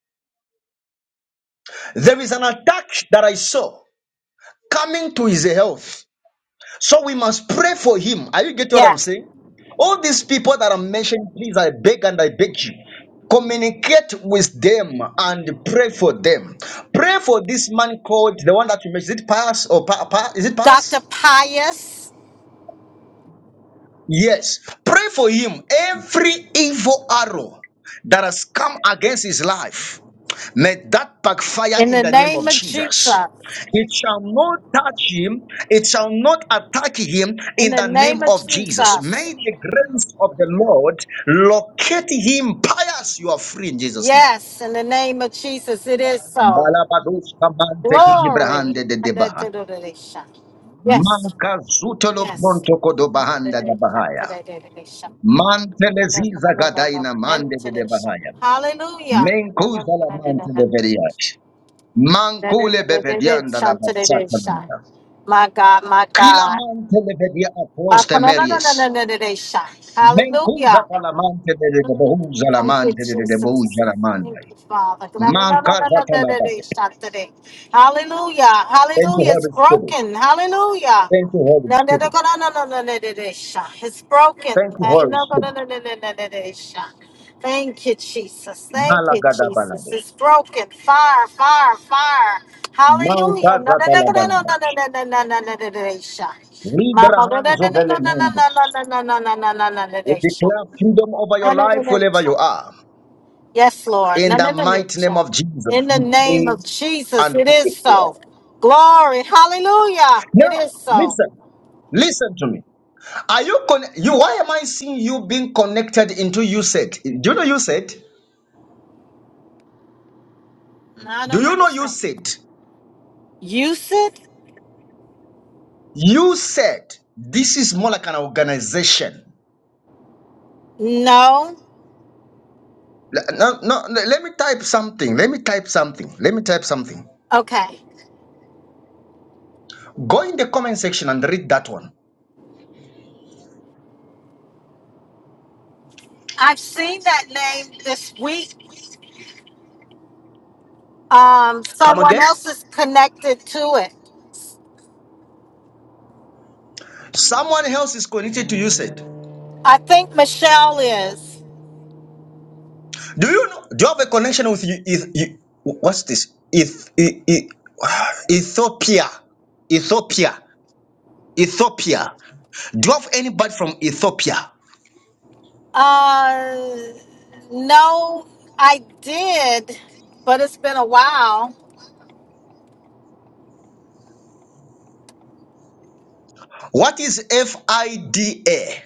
[SPEAKER 1] There is an attack that I saw coming to his health. So we must pray for him. Are you getting what I'm
[SPEAKER 3] Yes.
[SPEAKER 1] saying? All these people that I'm mentioning, please, I beg and I beg you. Communicate with them and pray for them. Pray for this man called the one that you mentioned. Is it Pass or pa- Pa- Is it Pass?
[SPEAKER 3] Dr. Pius,
[SPEAKER 1] Yes, pray for him. Every evil arrow that has come against his life, may that backfire
[SPEAKER 3] in
[SPEAKER 1] in
[SPEAKER 3] the
[SPEAKER 1] the name of
[SPEAKER 3] name of Jesus.
[SPEAKER 1] Jesus. It shall not touch him, it shall not attack him
[SPEAKER 3] In
[SPEAKER 1] in
[SPEAKER 3] the
[SPEAKER 1] the name
[SPEAKER 3] name of
[SPEAKER 1] of Jesus.
[SPEAKER 3] Jesus.
[SPEAKER 1] May the grace of the Lord locate him. Pious, you are free in Jesus' name.
[SPEAKER 3] Yes, in the name of Jesus, it is so.
[SPEAKER 1] Malabados kabante
[SPEAKER 3] Glory.
[SPEAKER 1] kibrahande de debaha.
[SPEAKER 3] Yes.
[SPEAKER 1] Manka zutolo
[SPEAKER 3] Yes.
[SPEAKER 1] bronto kodo bahanda da
[SPEAKER 3] Hallelujah.
[SPEAKER 1] bahaya. Manteleziza gadaina mande de de bahaya. Menkuza la mante beveriach. Mankule bevedianda la bassata lamita.
[SPEAKER 3] My God, my
[SPEAKER 1] Kila
[SPEAKER 3] God.
[SPEAKER 1] mante bevedia across the
[SPEAKER 3] Hallelujah.
[SPEAKER 1] meries. Menkuza la mante de de
[SPEAKER 3] Mm.
[SPEAKER 1] bohuza la
[SPEAKER 3] Thank you,
[SPEAKER 1] mante de de
[SPEAKER 3] Jesus.
[SPEAKER 1] bohuza la
[SPEAKER 3] Thank
[SPEAKER 1] mandai.
[SPEAKER 3] you, Father.
[SPEAKER 1] Mankaza la bahaya.
[SPEAKER 3] Hallelujah.
[SPEAKER 1] Thank you,
[SPEAKER 3] Hallelujah. It's
[SPEAKER 1] Holy Spirit.
[SPEAKER 3] broken. Hallelujah.
[SPEAKER 1] Thank you, Holy
[SPEAKER 3] No, no, no,
[SPEAKER 1] Spirit.
[SPEAKER 3] no, no, no, no, no, no, no, sha. It's broken.
[SPEAKER 1] Thank you,
[SPEAKER 3] Uh,
[SPEAKER 1] Holy
[SPEAKER 3] No, no, no,
[SPEAKER 1] Spirit.
[SPEAKER 3] no, no, no, no, no, no, sha. Thank you, Jesus. Thank you,
[SPEAKER 1] Malagada
[SPEAKER 3] Jesus.
[SPEAKER 1] balabe.
[SPEAKER 3] It's broken. Fire, fire, fire. Hallelujah. No,
[SPEAKER 1] Mankaza
[SPEAKER 3] no, no,
[SPEAKER 1] la
[SPEAKER 3] no, no, no,
[SPEAKER 1] balabach.
[SPEAKER 3] no, no, no, no, no, no, no, no, sha. Mama, no, no, no,
[SPEAKER 1] Librahanzo
[SPEAKER 3] no, no,
[SPEAKER 1] velemundos.
[SPEAKER 3] no, no, no, no, no, no, no, no, no, no, no,
[SPEAKER 1] We
[SPEAKER 3] no, sha.
[SPEAKER 1] declare freedom over
[SPEAKER 3] No,
[SPEAKER 1] your
[SPEAKER 3] no, no,
[SPEAKER 1] life
[SPEAKER 3] no,
[SPEAKER 1] wherever
[SPEAKER 3] sha.
[SPEAKER 1] you are.
[SPEAKER 3] Yes, Lord. No,
[SPEAKER 1] In
[SPEAKER 3] no,
[SPEAKER 1] the
[SPEAKER 3] no, no,
[SPEAKER 1] mighty name
[SPEAKER 3] sha.
[SPEAKER 1] of
[SPEAKER 3] In
[SPEAKER 1] Jesus,
[SPEAKER 3] the
[SPEAKER 1] we
[SPEAKER 3] name
[SPEAKER 1] pray
[SPEAKER 3] of Jesus,
[SPEAKER 1] and
[SPEAKER 3] it
[SPEAKER 1] we
[SPEAKER 3] is
[SPEAKER 1] declare.
[SPEAKER 3] so. Glory. Hallelujah. It
[SPEAKER 1] Now,
[SPEAKER 3] is so.
[SPEAKER 1] listen, listen to me. Are you con- you? Why am I seeing you being connected into you said? Do you know you said?
[SPEAKER 3] No, I
[SPEAKER 1] Do
[SPEAKER 3] don't
[SPEAKER 1] you know you
[SPEAKER 3] understand.
[SPEAKER 1] said?
[SPEAKER 3] Use it?
[SPEAKER 1] You said this is more like an organization.
[SPEAKER 3] No.
[SPEAKER 1] Le- No, no, le- let me type something. Let me type something. Let me type something.
[SPEAKER 3] Okay.
[SPEAKER 1] Go in the comment section and read that one.
[SPEAKER 3] I've seen that name this week. Um,
[SPEAKER 1] Come
[SPEAKER 3] someone
[SPEAKER 1] again.
[SPEAKER 3] else is connected to it.
[SPEAKER 1] Someone else is connected to you said.
[SPEAKER 3] I think Michelle is.
[SPEAKER 1] Do you know? Do you have a connection with you? Eth- you- what's this? Eth- E- E- Ethiopia, Ethiopia, Ethiopia. Do you have anybody from Ethiopia?
[SPEAKER 3] Uh, no, I did, but it's been a while.
[SPEAKER 1] What is FIDA?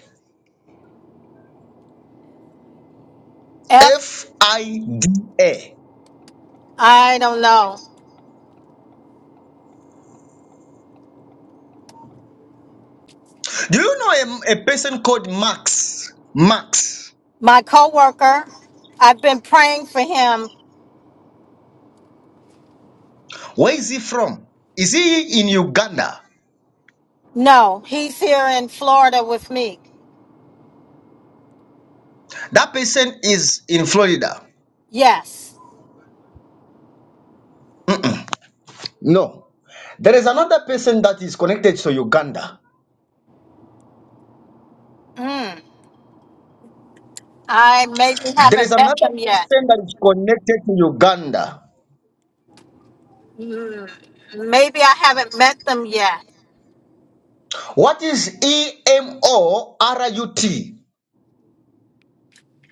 [SPEAKER 3] F,
[SPEAKER 1] FIDA.
[SPEAKER 3] I don't know.
[SPEAKER 1] Do you know a, a person called Max? Max.
[SPEAKER 3] My coworker, I've been praying for him.
[SPEAKER 1] Where is he from? Is he in Uganda?
[SPEAKER 3] No, he's here in Florida with me.
[SPEAKER 1] That person is in Florida.
[SPEAKER 3] Yes.
[SPEAKER 1] No. There is another person that is connected to Uganda.
[SPEAKER 3] Mm. I maybe
[SPEAKER 1] There is
[SPEAKER 3] haven't met
[SPEAKER 1] another
[SPEAKER 3] him yet.
[SPEAKER 1] person that is connected to Uganda.
[SPEAKER 3] Mm, Maybe I haven't met them yet.
[SPEAKER 1] What is E M O R U T?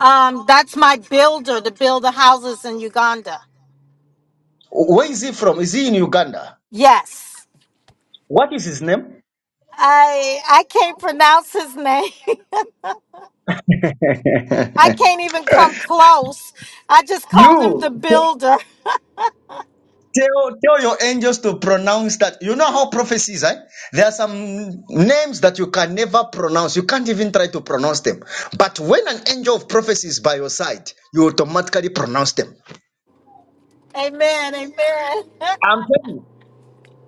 [SPEAKER 3] Um, that's my builder to build the houses in Uganda.
[SPEAKER 1] Where is he from? Is he in Uganda?
[SPEAKER 3] Yes.
[SPEAKER 1] What is his name?
[SPEAKER 3] I I can't pronounce his name. I can't even come close. I just
[SPEAKER 1] you
[SPEAKER 3] called him the
[SPEAKER 1] t-
[SPEAKER 3] builder.
[SPEAKER 1] tell tell your angels to pronounce that. You know how prophecies, eh? There are some names that you can never pronounce. You can't even try to pronounce them. But when an angel of prophecy is by your side, you automatically pronounce them.
[SPEAKER 3] Amen. Amen.
[SPEAKER 1] I'm telling you.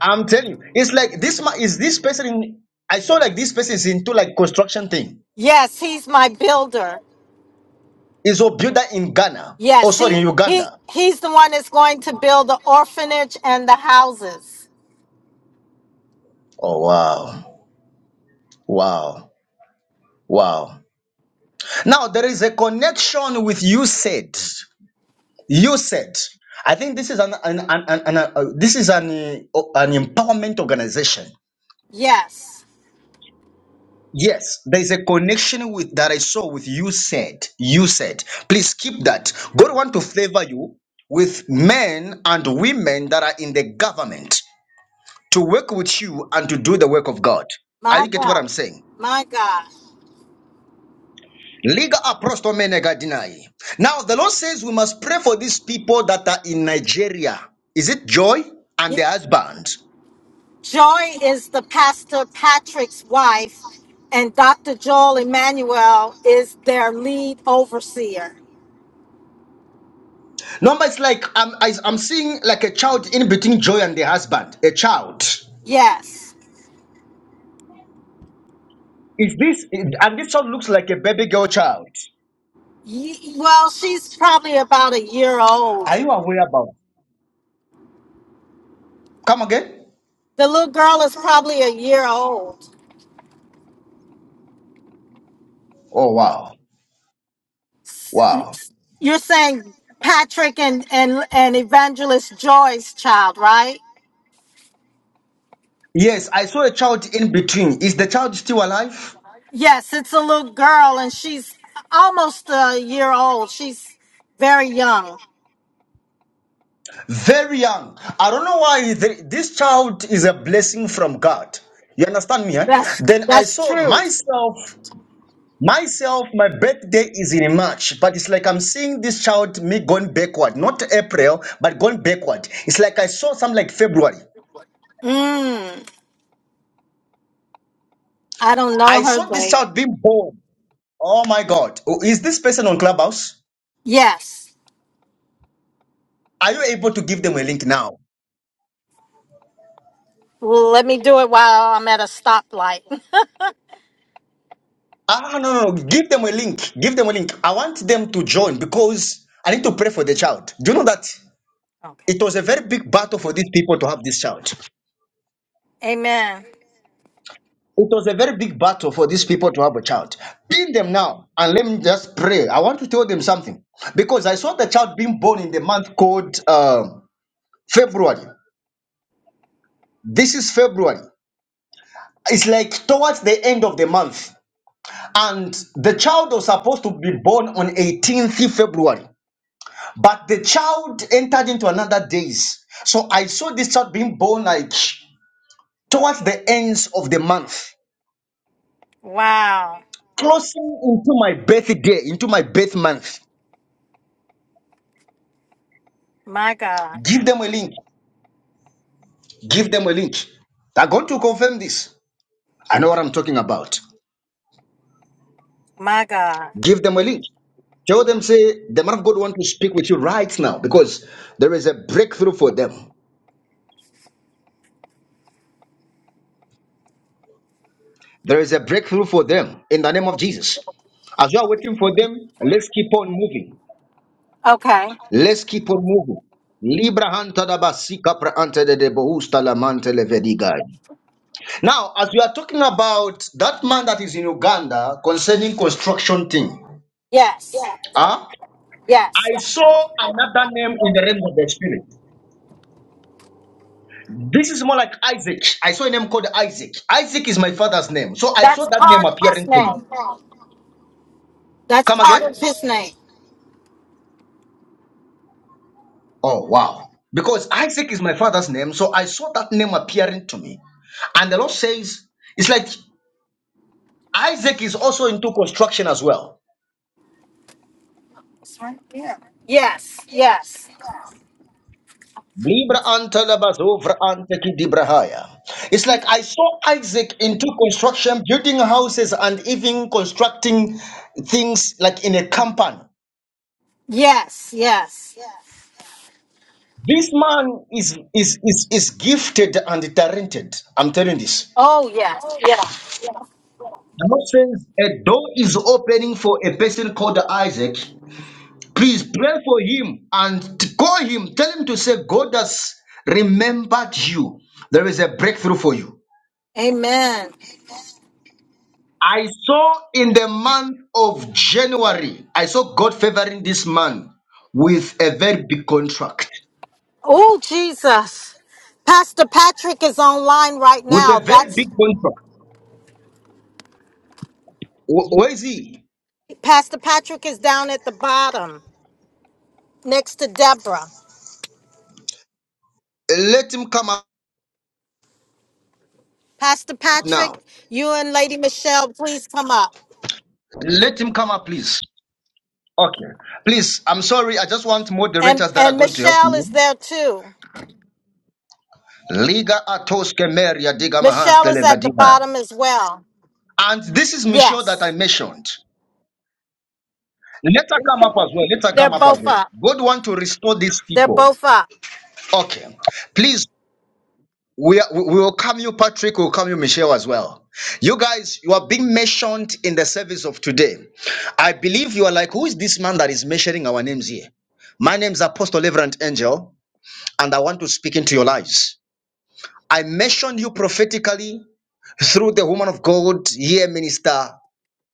[SPEAKER 1] I'm telling you, it's like this man is this person in I saw like this person is into like construction thing.
[SPEAKER 3] Yes, he's my builder.
[SPEAKER 1] Is a builder in Ghana. Oh
[SPEAKER 3] Yes, he
[SPEAKER 1] sorry, in
[SPEAKER 3] he
[SPEAKER 1] Uganda.
[SPEAKER 3] he's the one that's going to build the orphanage and the houses.
[SPEAKER 1] Oh wow. Wow. Wow. Now there is a connection with you said. You said. I think this is an, an, an, an, an- uh, this is an, uh, an empowerment organization.
[SPEAKER 3] Yes.
[SPEAKER 1] Yes, there's a connection with that I saw with you said. You said, please keep that. God want to favor you with men and women that are in the government to work with you and to do the work of God. Are
[SPEAKER 3] My
[SPEAKER 1] you get what
[SPEAKER 3] God.
[SPEAKER 1] I'm saying?
[SPEAKER 3] My God.
[SPEAKER 1] Liga aprosto menega deny. Now the Lord says we must pray for these people that are in Nigeria. Is it joy and the husband?
[SPEAKER 3] Joy is the pastor Patrick's wife, and Dr. Joel Emmanuel is their lead overseer.
[SPEAKER 1] No, but it's like I'm I, am i am seeing like a child in between joy and the husband, a child.
[SPEAKER 3] Yes.
[SPEAKER 1] Is this and this one looks like a baby girl child?
[SPEAKER 3] Ye- Well, she's probably about a year old.
[SPEAKER 1] Are you aware about? Come again?
[SPEAKER 3] The little girl is probably a year old.
[SPEAKER 1] Oh wow, wow.
[SPEAKER 3] You're saying Patrick and, and, and Evangelist Joy's child, right?
[SPEAKER 1] Yes, I saw a child in between. Is the child still alive?
[SPEAKER 3] Yes, it's a little girl, and she's almost a year old. She's very young.
[SPEAKER 1] Very young. I don't know why the- this child is a blessing from God. You understand me? Eh?
[SPEAKER 3] That's
[SPEAKER 1] Then I
[SPEAKER 3] that's
[SPEAKER 1] saw
[SPEAKER 3] true.
[SPEAKER 1] myself. Myself, my birthday is in March, but it's like I'm seeing this child me going backward, not April, but going backward. It's like I saw some like February.
[SPEAKER 3] Mm. I don't know
[SPEAKER 1] I
[SPEAKER 3] her,
[SPEAKER 1] saw this
[SPEAKER 3] but
[SPEAKER 1] child being born. Oh my God. Oh, Is this person on Clubhouse?
[SPEAKER 3] yes.
[SPEAKER 1] Are you able to give them a link now?
[SPEAKER 3] Well, Let me do it while I'm at a stoplight.
[SPEAKER 1] Ah, no, no, no. no. Give them a link. Give them a link. I want them to join because I need to pray for the child. Do you know that
[SPEAKER 3] okay.
[SPEAKER 1] it was a very big battle for these people to have this child?
[SPEAKER 3] Amen.
[SPEAKER 1] It was a very big battle for these people to have a child. Pin them now and let me just pray. I want to tell them something because I saw the child being born in the month called uh, February. This is February. It's like towards the end of the month. and the child was supposed to be born on 18th February, but the child entered into another days. So I saw this child being born like towards the ends of the month,
[SPEAKER 3] Wow.
[SPEAKER 1] closing into my birthday, into my birth month.
[SPEAKER 3] My God.
[SPEAKER 1] Give them a link. Give them a link. They're going to confirm this. I know what I'm talking about.
[SPEAKER 3] My God.
[SPEAKER 1] Give them a link. Tell them, say, the man of God want to speak with you right now because there is a breakthrough for them. There is a breakthrough for them in the name of Jesus. As you are waiting for them, let's keep on moving.
[SPEAKER 3] Okay.
[SPEAKER 1] Let's keep on moving. Libra hanta da basika pra ante de de bohusta la mante le vedigai. Now, as we are talking about that man that is in Uganda concerning construction thing,
[SPEAKER 3] Yes.
[SPEAKER 1] ah,
[SPEAKER 3] Yes.
[SPEAKER 1] I saw another name in the realm of the spirit. This is more like Isaac. I saw a name called Isaac. Isaac is my father's name. So I saw
[SPEAKER 3] That's
[SPEAKER 1] that name
[SPEAKER 3] part of his
[SPEAKER 1] appearing to me.
[SPEAKER 3] name. That's
[SPEAKER 1] Come
[SPEAKER 3] part
[SPEAKER 1] again?
[SPEAKER 3] of his name.
[SPEAKER 1] Oh, wow. Because Isaac is my father's name, so I saw that name appearing to me. And the Lord says, it's like Isaac is also into construction as well.
[SPEAKER 3] Yes. Yes.
[SPEAKER 1] Libra anta labazo vra anta ki It's like I saw Isaac into construction, building houses and even constructing things like in a company.
[SPEAKER 3] Yes. Yes.
[SPEAKER 1] This man is is is, is gifted and talented. I'm telling this.
[SPEAKER 3] Oh, yes.
[SPEAKER 1] The Lord says a door is opening for a person called Isaac Please pray for him and t- call him. Tell him to say, God has remembered you. There is a breakthrough for you.
[SPEAKER 3] Amen.
[SPEAKER 1] I saw in the month of January, I saw God favoring this man with a very big contract.
[SPEAKER 3] Oh, Jesus. Pastor Patrick is online right
[SPEAKER 1] With
[SPEAKER 3] now.
[SPEAKER 1] a very big
[SPEAKER 3] That's
[SPEAKER 1] contract. Wh- Where is he?
[SPEAKER 3] Pastor Patrick is down at the bottom. next to Deborah.
[SPEAKER 1] Let him come up
[SPEAKER 3] Pastor Patrick,
[SPEAKER 1] now.
[SPEAKER 3] you and Lady Michelle, please come up.
[SPEAKER 1] Let him come up, please. Okay. Please, I'm sorry. I just want
[SPEAKER 3] And
[SPEAKER 1] moderators that are
[SPEAKER 3] and
[SPEAKER 1] going to help
[SPEAKER 3] Michelle
[SPEAKER 1] me.
[SPEAKER 3] is there too.
[SPEAKER 1] Liga atos kemeria diga mahas
[SPEAKER 3] Michelle is at the
[SPEAKER 1] televadina.
[SPEAKER 3] bottom as well.
[SPEAKER 1] And this is Michelle that I
[SPEAKER 3] Yes.
[SPEAKER 1] mentioned. Later come up as well. Later
[SPEAKER 3] They're
[SPEAKER 1] come up as
[SPEAKER 3] both
[SPEAKER 1] well.
[SPEAKER 3] up.
[SPEAKER 1] God want to restore these
[SPEAKER 3] They're
[SPEAKER 1] people.
[SPEAKER 3] both up.
[SPEAKER 1] Okay. Please, we, are, we we will come you, Patrick. We'll come you, Michelle, as well. You guys, you are being mentioned in the service of today. I believe you are like, who is this man that is mentioning our names here? My name is Apostle Reverend Angel, and I want to speak into your lives. I mentioned you prophetically through the woman of God here, Minister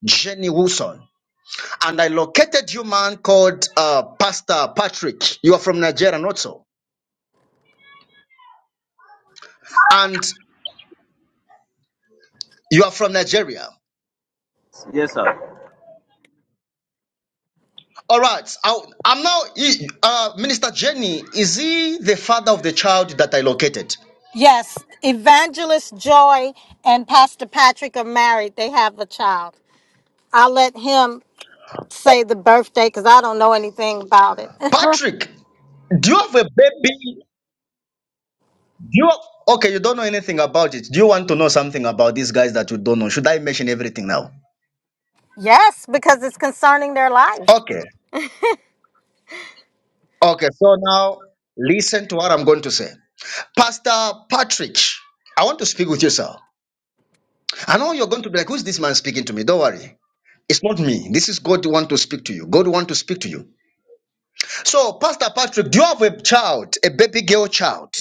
[SPEAKER 1] Jenny Wilson. and I located you, man, called uh, Pastor Patrick. You are from Nigeria, not so. And you are from Nigeria.
[SPEAKER 4] Yes, sir.
[SPEAKER 1] All right. I, I'm now, he- uh, Minister Jenny, is he the father of the child that I located?
[SPEAKER 3] Yes. Evangelist Joy and Pastor Patrick are married. They have a child. I'll let him say the birthday because I don't know anything about it.
[SPEAKER 1] Patrick, do you have a baby? Do you have, okay, you don't know anything about it. Do you want to know something about these guys that you don't know? Should I mention everything now?
[SPEAKER 3] yes, because it's concerning their life.
[SPEAKER 1] Okay. Okay. So now listen to what I'm going to say. Pastor Patrick, I want to speak with you, sir. I know you're going to be like, who's this man speaking to me? Don't worry. It's not me. This is God who want to speak to you. God want to speak to you. So, Pastor Patrick, do you have a child, a baby girl child?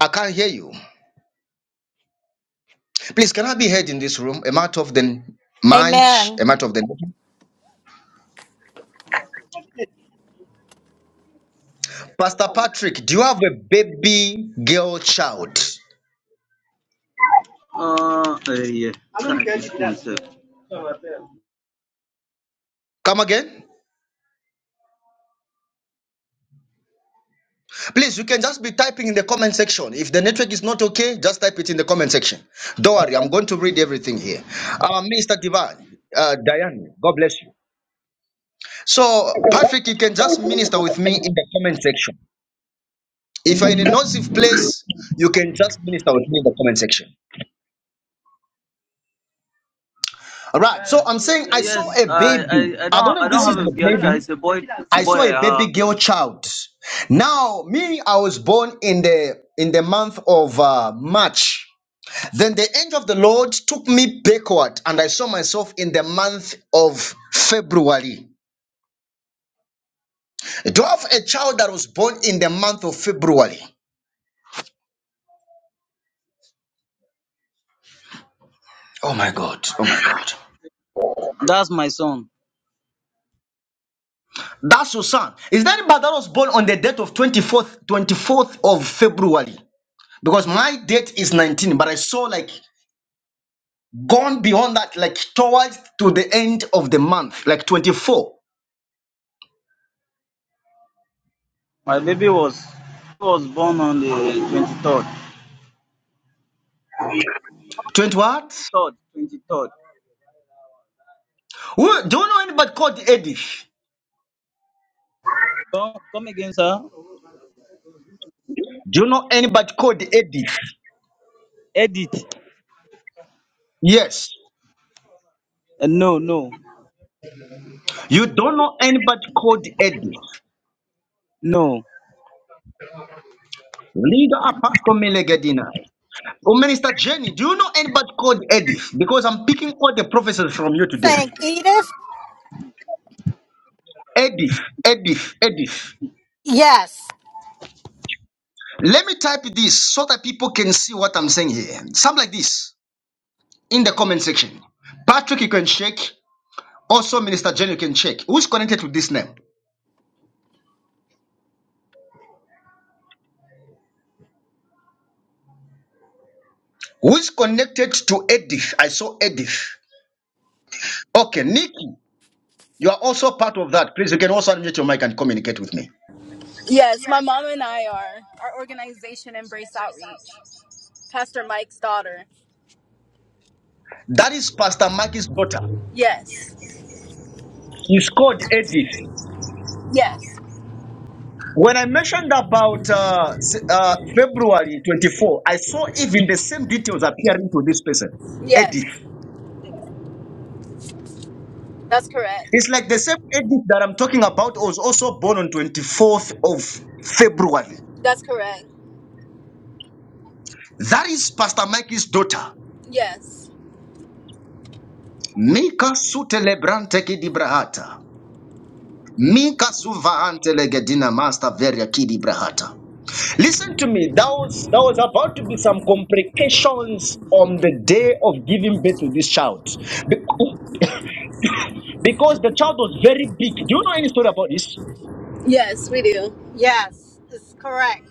[SPEAKER 1] I can't hear you. Please, can I be heard in this room? A matter of the mic,
[SPEAKER 3] Amen.
[SPEAKER 1] a matter of the Pastor Patrick, do you have a baby girl child?
[SPEAKER 4] Uh, uh, yeah. Trying to excuse Uh,
[SPEAKER 1] Come again? Please, you can just be typing in the comment section. If the network is not okay, just type it in the comment section. Don't worry, I'm going to read everything here. Uh, Mr. Divine, uh, Diane, God bless you. So, Patrick, you can just minister with me in the comment section. If you're in a nonsive place, you can just minister with me in the comment section. All right. So, I'm saying I saw
[SPEAKER 4] Yes,
[SPEAKER 1] a
[SPEAKER 4] I,
[SPEAKER 1] baby.
[SPEAKER 4] I, I
[SPEAKER 1] I don't
[SPEAKER 4] don't,
[SPEAKER 1] know
[SPEAKER 4] I
[SPEAKER 1] if this
[SPEAKER 4] don't
[SPEAKER 1] is
[SPEAKER 4] have a
[SPEAKER 1] your
[SPEAKER 4] girl child.
[SPEAKER 1] baby.
[SPEAKER 4] It's a boy,
[SPEAKER 1] I saw a
[SPEAKER 4] boy. Uh,
[SPEAKER 1] baby girl child. Now, me, I was born in the in the month of uh, March. Then the angel of the Lord took me backward, and I saw myself in the month of February. Do I have a child that was born in the month of February? Oh my God! Oh my God!
[SPEAKER 4] that's my son.
[SPEAKER 1] That's your son. Is that anybody that was born on the date of 24th, 24th of February? Because my date is 19, but I saw like gone beyond that, like towards to the end of the month, like 24.
[SPEAKER 4] My baby was, was born on the twenty third.
[SPEAKER 1] 20
[SPEAKER 4] Twenty
[SPEAKER 1] what?
[SPEAKER 4] third, twenty third.
[SPEAKER 1] Who- Do you know anybody called Edith?
[SPEAKER 4] Come, come again, sir.
[SPEAKER 1] Do you know anybody called Edith?
[SPEAKER 4] Edit.
[SPEAKER 1] Yes.
[SPEAKER 4] Uh, no, no,
[SPEAKER 1] You don't know anybody called Edith.
[SPEAKER 4] no.
[SPEAKER 1] Leader Apostle Melegedinai. Oh, Minister Jenny, do you know anybody called Edith? Because I'm picking all the prophecies from you today.
[SPEAKER 3] Saying Edith?
[SPEAKER 1] Edith, Edith, Edith.
[SPEAKER 3] Yes.
[SPEAKER 1] Let me type this so that people can see what I'm saying here. Something like this in the comment section. Patrick, you can check. Also, Minister Jen, you can check. Who's connected to this name? Who's connected to Edith? I saw Edith. Okay, Nikki, you are also part of that. Please, you can also unmute your mic and communicate with me.
[SPEAKER 5] Yes, my mom and I are. Our organization, Embrace Outreach. Pastor Mike's daughter.
[SPEAKER 1] That is Pastor Mackie's daughter.
[SPEAKER 5] Yes.
[SPEAKER 1] She's called Edith.
[SPEAKER 5] Yes.
[SPEAKER 1] When I mentioned about uh, s- uh, February 24, I saw even the same details appearing to this person,
[SPEAKER 5] Yes.
[SPEAKER 1] Edith.
[SPEAKER 5] That's correct.
[SPEAKER 1] It's like the same Edith that I'm talking about was also born on 24th of February.
[SPEAKER 5] That's correct.
[SPEAKER 1] That is Pastor Mikey's daughter,
[SPEAKER 5] Yes.
[SPEAKER 1] Mika Sutelebrante Kidibrahata. Mika Suvahante Legedina Master Veria Kidibrahata. Listen to me, there was, there was about to be some complications on the day of giving birth to this child. because the child was very big. Do you know any story about this?
[SPEAKER 5] Yes, we do. Yes, it's correct.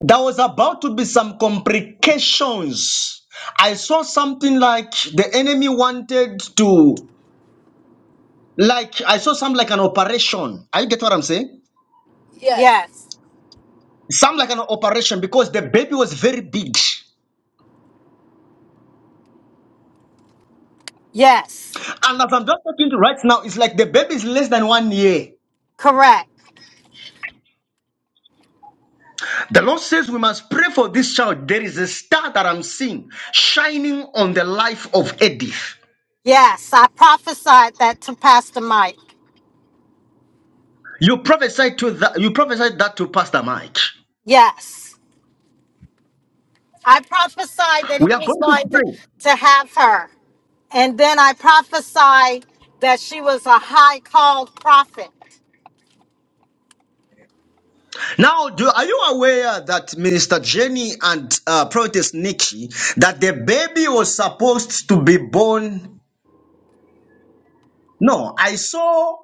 [SPEAKER 1] There was about to be some complications. I saw something like the enemy wanted to, like, I saw some like an operation. Are you get what I'm saying?
[SPEAKER 3] Yes. Yes.
[SPEAKER 1] Some like an operation because the baby was very big.
[SPEAKER 3] Yes,
[SPEAKER 1] And as I'm just talking to right now, it's like the baby is less than one year.
[SPEAKER 3] correct.
[SPEAKER 1] The Lord says we must pray for this child. There is a star that I'm seeing shining on the life of Edith.
[SPEAKER 3] Yes, I prophesied that to Pastor Mike.
[SPEAKER 1] You prophesied to that. You prophesied that to Pastor Mike.
[SPEAKER 3] Yes, I prophesied that he
[SPEAKER 1] We are
[SPEAKER 3] was
[SPEAKER 1] going to
[SPEAKER 3] going to,
[SPEAKER 1] pray
[SPEAKER 3] to have her. And then I prophesied that she was a high called prophet.
[SPEAKER 1] now. Do are you aware that Minister Jenny and uh, Prophetess Nikki that the baby was supposed to be born? No, I saw.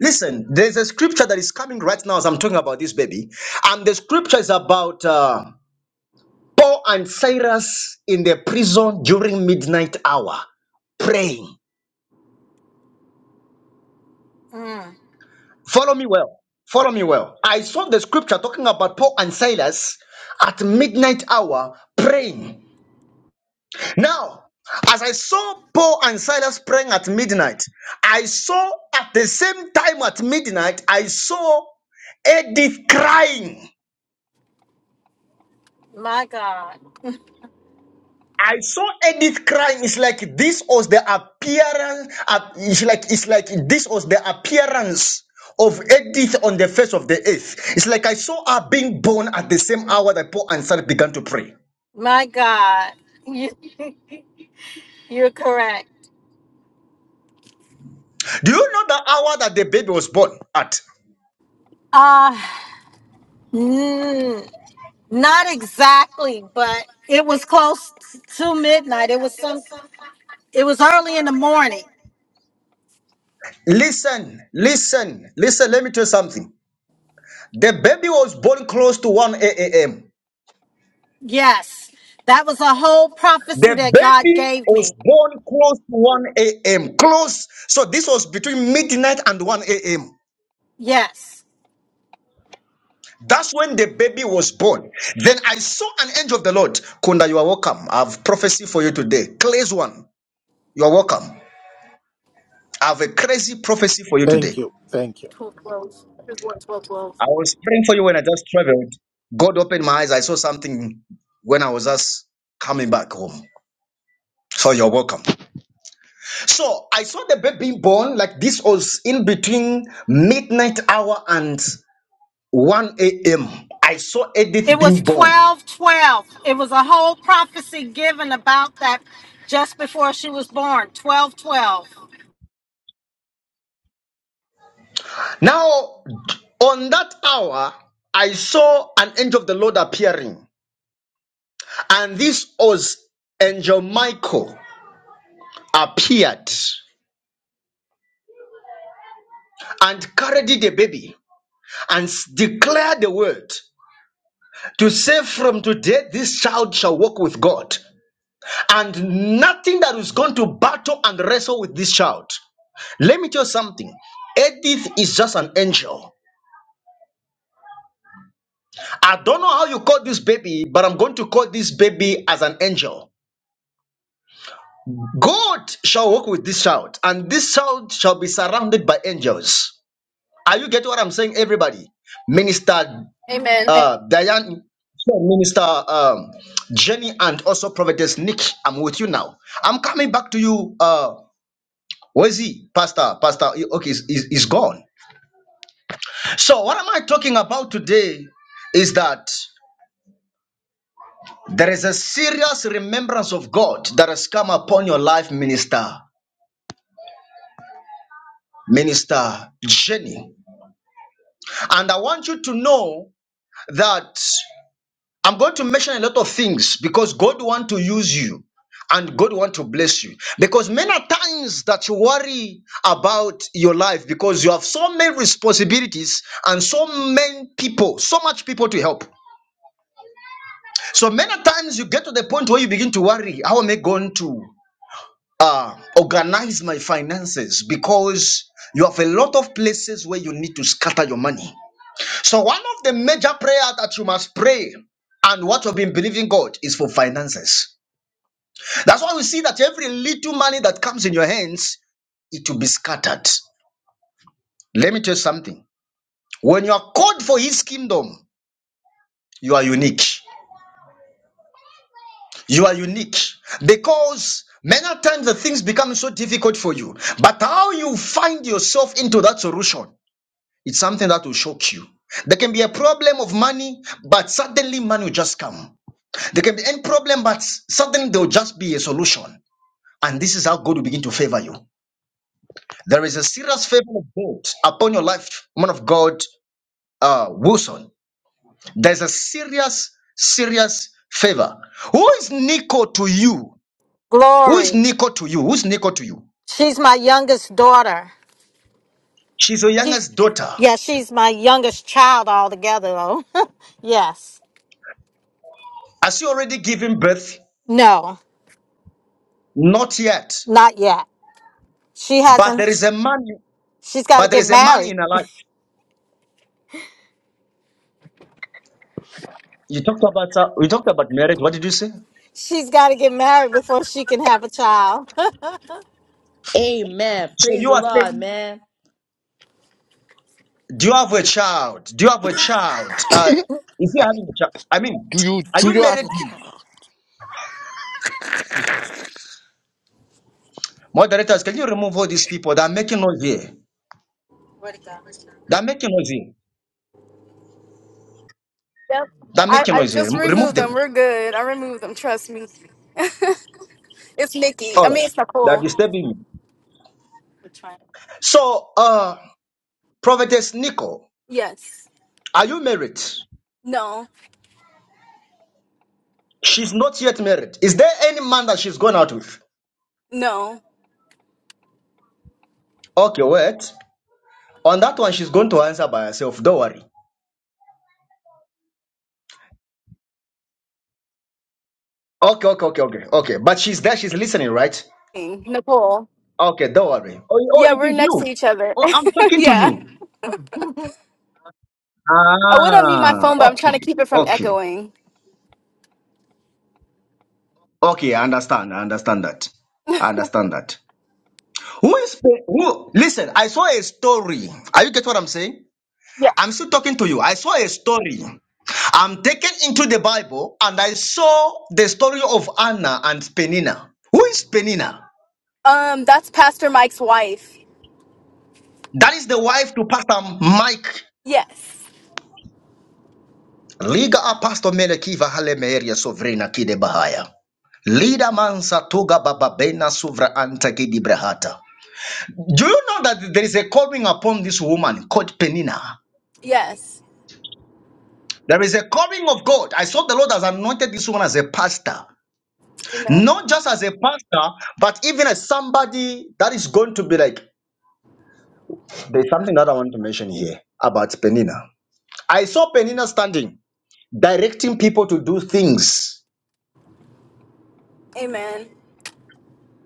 [SPEAKER 1] Listen, there's a scripture that is coming right now as I'm talking about this baby, and the scripture is about uh, Paul and Cyrus in the prison during midnight hour praying.
[SPEAKER 3] Mm,
[SPEAKER 1] Follow me well. Follow me well. I saw the scripture talking about Paul and Silas at midnight hour praying. Now, as I saw Paul and Silas praying at midnight, I saw at the same time at midnight, I saw Edith crying.
[SPEAKER 3] my God.
[SPEAKER 1] I saw Edith crying. It's like this was the appearance. ap- It's like it's like this was the appearance of Edith on the face of the earth. It's like I saw her being born at the same hour that Paul and Sarah began to pray.
[SPEAKER 3] My God. You, you're correct.
[SPEAKER 1] Do you know the hour that the baby was born at?
[SPEAKER 3] Uh, mm, not exactly, but it was close to midnight. It was some, it was early in the morning.
[SPEAKER 1] Listen, listen, listen. Let me tell you something. The baby was born close to 1 a.m.
[SPEAKER 3] Yes. That was a whole prophecy
[SPEAKER 1] The
[SPEAKER 3] that God
[SPEAKER 1] baby
[SPEAKER 3] gave
[SPEAKER 1] was
[SPEAKER 3] me.
[SPEAKER 1] born close to 1 a.m. Close. So this was between midnight and 1 a.m.
[SPEAKER 3] Yes.
[SPEAKER 1] That's when the baby was born. Then I saw an angel of the Lord. Kunda, you are welcome. I have prophecy for you today. Clay's one, you are welcome. I have a crazy prophecy for you today.
[SPEAKER 6] Thank you. Thank you.
[SPEAKER 3] 12, 12. It was twelve, twelve.
[SPEAKER 1] I was praying for you when I just traveled. God opened my eyes. I saw something when I was just coming back home. So you're welcome. So I saw the baby born like this was in between midnight hour and 1 a.m. I saw
[SPEAKER 3] It
[SPEAKER 1] Edith
[SPEAKER 3] was
[SPEAKER 1] being born.
[SPEAKER 3] 12 twelve. It was a whole prophecy given about that just before she was born. Twelve, twelve.
[SPEAKER 1] Now, on that hour, I saw an angel of the Lord appearing, and this was angel Michael appeared and carried the baby and s- declared the word to say, From today, this child shall walk with God, and nothing that is going to battle and wrestle with this child. Let me tell you something. Edith is just an angel. I don't know how you call this baby, but I'm going to call this baby as an angel God shall walk with this child, and this child shall be surrounded by angels. Are you getting what I'm saying, everybody? Minister
[SPEAKER 3] Amen.
[SPEAKER 1] uh, Diane, Minister um, Jenny, and also Prophetess Nick, I'm with you now. I'm coming back to you. Uh, where's he, Pastor? Pastor, okay, he's, he's he's gone. So, what am I talking about today is that there is a serious remembrance of God that has come upon your life, Minister. Minister Jenny. And I want you to know that I'm going to mention a lot of things because God want to use you and God want to bless you. Because many a times that you worry about your life because you have so many responsibilities and so many people, so much people to help. So many a times you get to the point where you begin to worry, how am I going to uh, organize my finances? Because you have a lot of places where you need to scatter your money. So one of the major prayer that you must pray and what you've been believing God is for finances. That's why we see that every little money that comes in your hands, it will be scattered. Let me tell you something. When you are called for his kingdom, you are unique. You are unique because many times the things become so difficult for you. But how you find yourself into that solution, it's something that will shock you. There can be a problem of money, but suddenly money will just come. There can be any problem, but suddenly there will just be a solution. And this is how God will begin to favor you. There is a serious favor of God upon your life, man of God, uh, Wilson. There's a serious, serious favor. Who is Nico to you? Who is
[SPEAKER 3] Glory.
[SPEAKER 1] Nico to you? Who's Nico to you?
[SPEAKER 3] She's my youngest daughter.
[SPEAKER 1] She's your
[SPEAKER 3] She,
[SPEAKER 1] youngest daughter.
[SPEAKER 3] yeah, she's my youngest child altogether, though. yes.
[SPEAKER 1] Has she already given birth?
[SPEAKER 3] No,
[SPEAKER 1] Not yet.
[SPEAKER 3] not yet. She
[SPEAKER 1] But
[SPEAKER 3] hasn't.
[SPEAKER 1] there is a man.
[SPEAKER 3] She's got to
[SPEAKER 1] But there
[SPEAKER 3] get
[SPEAKER 1] is a man
[SPEAKER 3] married.
[SPEAKER 1] in her life. You talked about uh, you talked about marriage. What did you say? So
[SPEAKER 3] She's got to get married before she can have a child.
[SPEAKER 7] Amen. Praise
[SPEAKER 1] you
[SPEAKER 7] the
[SPEAKER 1] are
[SPEAKER 7] Lord,
[SPEAKER 1] saying.
[SPEAKER 7] man.
[SPEAKER 1] Do you have a child? Do you have a child? Uh, is he having a child? I mean,
[SPEAKER 8] Do you
[SPEAKER 1] are
[SPEAKER 8] do
[SPEAKER 1] you
[SPEAKER 8] you have a
[SPEAKER 1] married? to him?
[SPEAKER 8] child?
[SPEAKER 1] Moderators, can you remove all these people that are making noise here?
[SPEAKER 3] Where'd it go?
[SPEAKER 1] They're making noise here.
[SPEAKER 3] Yep.
[SPEAKER 1] They're
[SPEAKER 3] I,
[SPEAKER 1] making
[SPEAKER 3] I
[SPEAKER 1] noise here.
[SPEAKER 3] just
[SPEAKER 1] Rem- Remove
[SPEAKER 3] removed them.
[SPEAKER 1] them.
[SPEAKER 3] We're good. I removed them. Trust me. it's Nikki. I
[SPEAKER 1] All
[SPEAKER 3] mean,
[SPEAKER 1] right.
[SPEAKER 3] it's
[SPEAKER 1] They're
[SPEAKER 3] Nicole.
[SPEAKER 1] disturbing me. So, uh, Prophetess Nico,
[SPEAKER 3] Yes.
[SPEAKER 1] are you married?
[SPEAKER 3] No.
[SPEAKER 1] She's not yet married. Is there any man that she's gone out with?
[SPEAKER 3] No.
[SPEAKER 1] Okay, wait. On that one, she's going to answer by herself. Don't worry. Okay, okay, okay, okay, okay. But she's there. She's listening, right?
[SPEAKER 3] Nicole.
[SPEAKER 1] Okay, don't worry. Oh, oh,
[SPEAKER 3] Yeah,
[SPEAKER 1] it
[SPEAKER 3] we're
[SPEAKER 1] is
[SPEAKER 3] next to
[SPEAKER 1] you.
[SPEAKER 3] each other.
[SPEAKER 1] Oh, I'm talking to
[SPEAKER 3] yeah.
[SPEAKER 1] you.
[SPEAKER 3] I would unmute my
[SPEAKER 1] Ah,
[SPEAKER 3] phone, but I'm trying
[SPEAKER 1] okay,
[SPEAKER 3] to keep it from
[SPEAKER 1] okay,
[SPEAKER 3] echoing.
[SPEAKER 1] okay. I understand. I understand that. I understand that. Who is pay- who? Listen, I saw a story. Are you get what I'm saying?
[SPEAKER 3] Yeah.
[SPEAKER 1] I'm still talking to you. I saw a story. I'm taken into the Bible, and I saw the story of Anna and Penina. Who is Penina?
[SPEAKER 3] Um, that's Pastor Mike's wife.
[SPEAKER 1] That is the wife to Pastor Mike
[SPEAKER 3] Yes.
[SPEAKER 1] Liga apasto mele kiva hale meeria sovrina kide bahaya. Lida mansa toga bababena suvra anta kidi brahata. Do you know that there is a calling upon this woman called Penina?
[SPEAKER 3] Yes.
[SPEAKER 1] There is a calling of God. I saw the Lord has anointed this woman as a pastor. Not just as a pastor, but even as somebody that is going to be like, there's something that I want to mention here about Penina. I saw Penina standing, directing people to do things
[SPEAKER 3] Amen.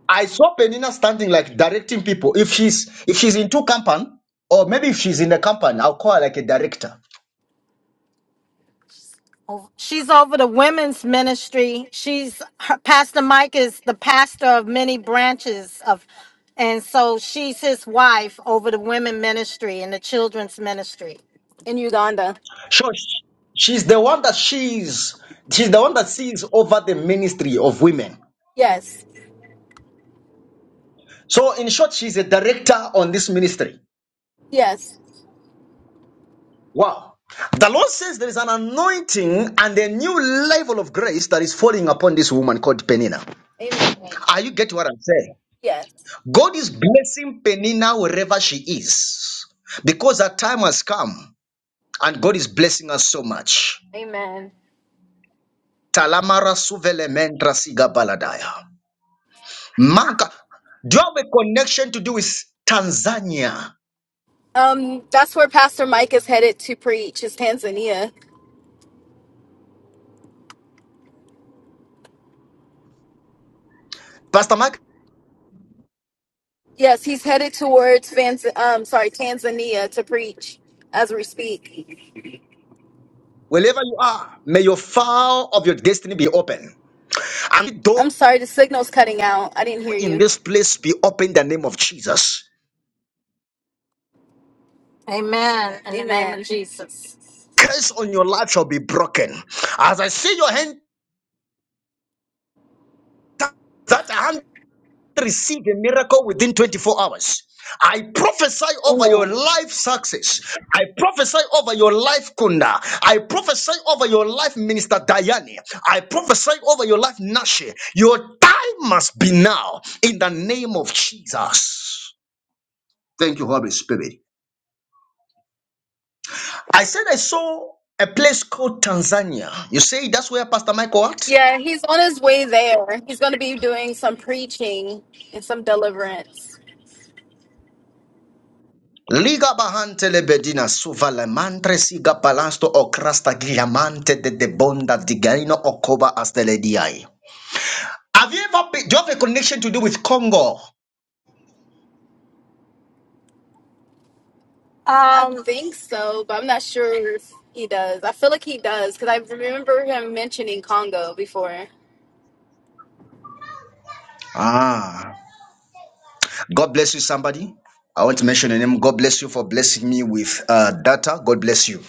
[SPEAKER 1] I saw Penina standing like directing people. If she's if she's in two company, or maybe if she's in a company, I'll call her like a director.
[SPEAKER 3] She's over the women's ministry. She's her, Pastor Mike is the pastor of many branches of, and so she's his wife over the women ministry and the children's ministry. in Uganda.
[SPEAKER 1] So sh- she's the one that she's she's the one that sees over the ministry of women.
[SPEAKER 3] Yes,
[SPEAKER 1] So in short, she's a director on this ministry.
[SPEAKER 3] yes,
[SPEAKER 1] Wow. The Lord says there is an anointing and a new level of grace that is falling upon this woman called Penina.
[SPEAKER 3] Amen.
[SPEAKER 1] Are you getting what I'm saying?
[SPEAKER 3] yes.
[SPEAKER 1] God is blessing Penina wherever she is because her time has come. And God is blessing us so much. Talamara suvele mentra siga baladaya. Manka, do you have a connection to do with Tanzania?
[SPEAKER 3] Um, that's where Pastor Mike is headed to preach. Is Tanzania?
[SPEAKER 1] Pastor Mark,
[SPEAKER 3] Yes, he's headed towards Vans- um, sorry, Tanzania to preach as we speak.
[SPEAKER 1] wherever you are, may your file of your destiny be open. And the door
[SPEAKER 3] I'm sorry, the signal's cutting out. I didn't hear
[SPEAKER 1] in
[SPEAKER 3] you.
[SPEAKER 1] this place be open in the name of Jesus.
[SPEAKER 3] Amen. In the name Amen. of Jesus.
[SPEAKER 1] Curse on your life shall be broken. As I see your hand, that hand receive a miracle within 24 hours. I prophesy over your life success. I prophesy over your life, Kunda. I prophesy over your life, Minister Diane. I prophesy over your life, Nashi. Your time must be now in the name of Jesus. Thank you, Holy Spirit. I said I saw a place called Tanzania. You say that's where Pastor Michael at?
[SPEAKER 3] Yeah, he's on his way there. He's going to be doing some preaching and some deliverance.
[SPEAKER 1] Liga bahante le bedina suva le mantre siga palasto o crasta gliamante de de bonda digaino okoba astele diai. Have you ever been, do you have a connection to do with Congo?
[SPEAKER 3] I Um, think so, but I'm not sure if he does. I feel like he does because I remember him mentioning Congo before.
[SPEAKER 1] Ah, God bless you, somebody. I want to mention your name. God bless you for blessing me with uh, data. God bless you.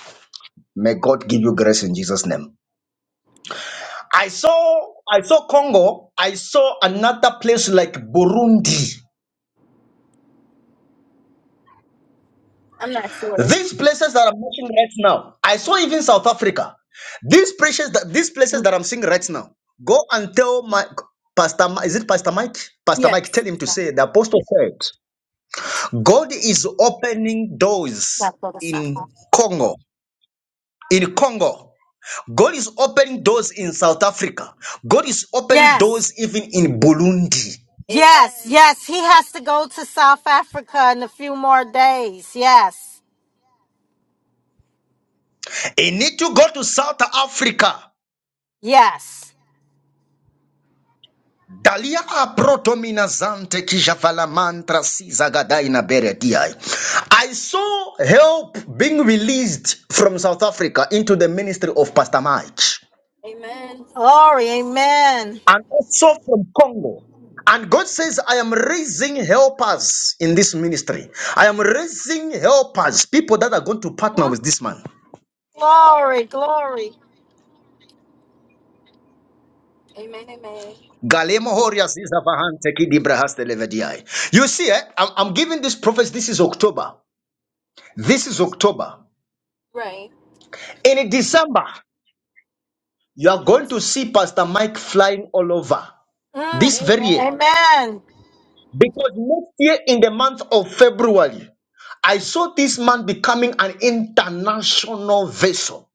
[SPEAKER 1] May God give you grace in Jesus' name. I saw, I saw Congo. I saw another place like Burundi.
[SPEAKER 3] I'm not sure.
[SPEAKER 1] These places that I'm watching right now, I saw even South Africa. These places that these places that I'm seeing right now, go and tell my Pastor. Mi- Is it Pastor Mike? Pastor Mike, tell
[SPEAKER 3] Yes.
[SPEAKER 1] him to say the apostle said, God is opening doors
[SPEAKER 3] Gotta go to South
[SPEAKER 1] in
[SPEAKER 3] Africa.
[SPEAKER 1] Congo. In Congo, God is opening doors in South Africa. God is opening
[SPEAKER 3] Yes,
[SPEAKER 1] doors even in Burundi.
[SPEAKER 3] yes, Amen. yes. He has to go to South Africa in a few more days. Yes,
[SPEAKER 1] You need to go to South Africa.
[SPEAKER 3] yes.
[SPEAKER 1] Dalia aprotomina zante kijavala mantra sizagadaina beretiai. I saw help being released from South Africa into the ministry of Pastor Mike
[SPEAKER 3] Amen. Glory, amen.
[SPEAKER 1] and also from Congo. And God says, I am raising helpers in this ministry. I am raising helpers, people that are going to partner with this man.
[SPEAKER 3] Glory, glory. Amen. Amen.
[SPEAKER 1] Galemo Horias is a Vahante Kidi Brahaste You see, eh, I'm, I'm giving this prophecy. This is October. This is October.
[SPEAKER 3] Right.
[SPEAKER 1] In December. You are going to see Pastor Mike flying all over
[SPEAKER 3] Mm.
[SPEAKER 1] this
[SPEAKER 3] Amen.
[SPEAKER 1] very year.
[SPEAKER 3] Amen. Amen.
[SPEAKER 1] Because next year, in the month of February, I saw this man becoming an international vessel.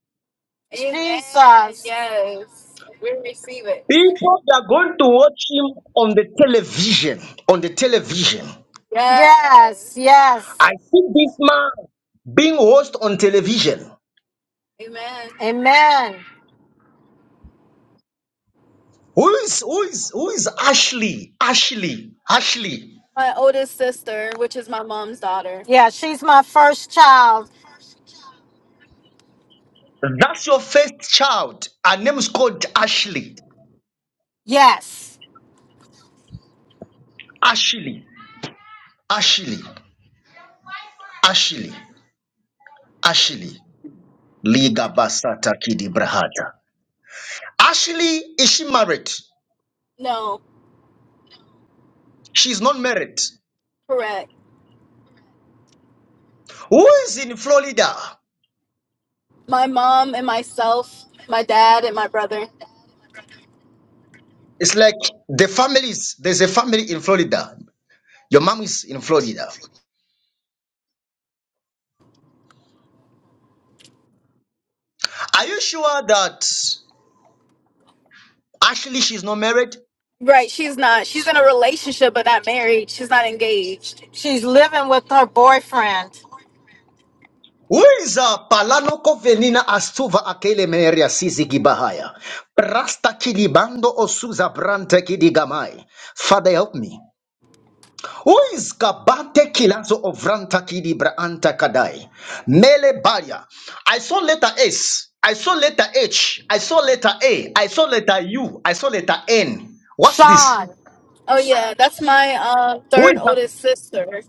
[SPEAKER 3] Jesus. Yes. We receive it.
[SPEAKER 1] People that are going to watch him on the television. On the television.
[SPEAKER 3] Yes, Yes. yes.
[SPEAKER 1] I see this man being host on television.
[SPEAKER 3] Amen. Amen.
[SPEAKER 1] Who is who is who is Ashley? Ashley. Ashley.
[SPEAKER 3] My oldest sister, which is my mom's daughter. Yeah, she's my first child.
[SPEAKER 1] That's your first child. Her name is called Ashley.
[SPEAKER 3] Yes.
[SPEAKER 1] Ashley. Ashley. Ashley, Ashley, Liga Basata Kidi Brahata. Ashley, is she married?
[SPEAKER 3] No,
[SPEAKER 1] She's not married.
[SPEAKER 3] correct.
[SPEAKER 1] Who is in Florida?
[SPEAKER 3] My mom and myself, my dad and my brother.
[SPEAKER 1] It's like the families, there's a family in Florida. Your mom is in Florida. Are you sure that Ashley, she's not married?
[SPEAKER 3] Right, she's not. She's in a relationship but not married. She's not engaged. She's living with her boyfriend.
[SPEAKER 1] Who is uh, Palano Kovenina Astuva Akele Meria Sizi Gibahaya? Prasta Kidibando Osuza Brante Kidigamai. Father, help me. Uiskabante kilazo ovranta kidi braanta kadai. Mele balia. I saw letter S. I saw letter H. I saw letter A. I saw letter U. I saw letter N. What's this?
[SPEAKER 3] Sean. Oh yeah, that's my uh,
[SPEAKER 1] Who
[SPEAKER 3] third
[SPEAKER 1] is that?
[SPEAKER 3] oldest sister.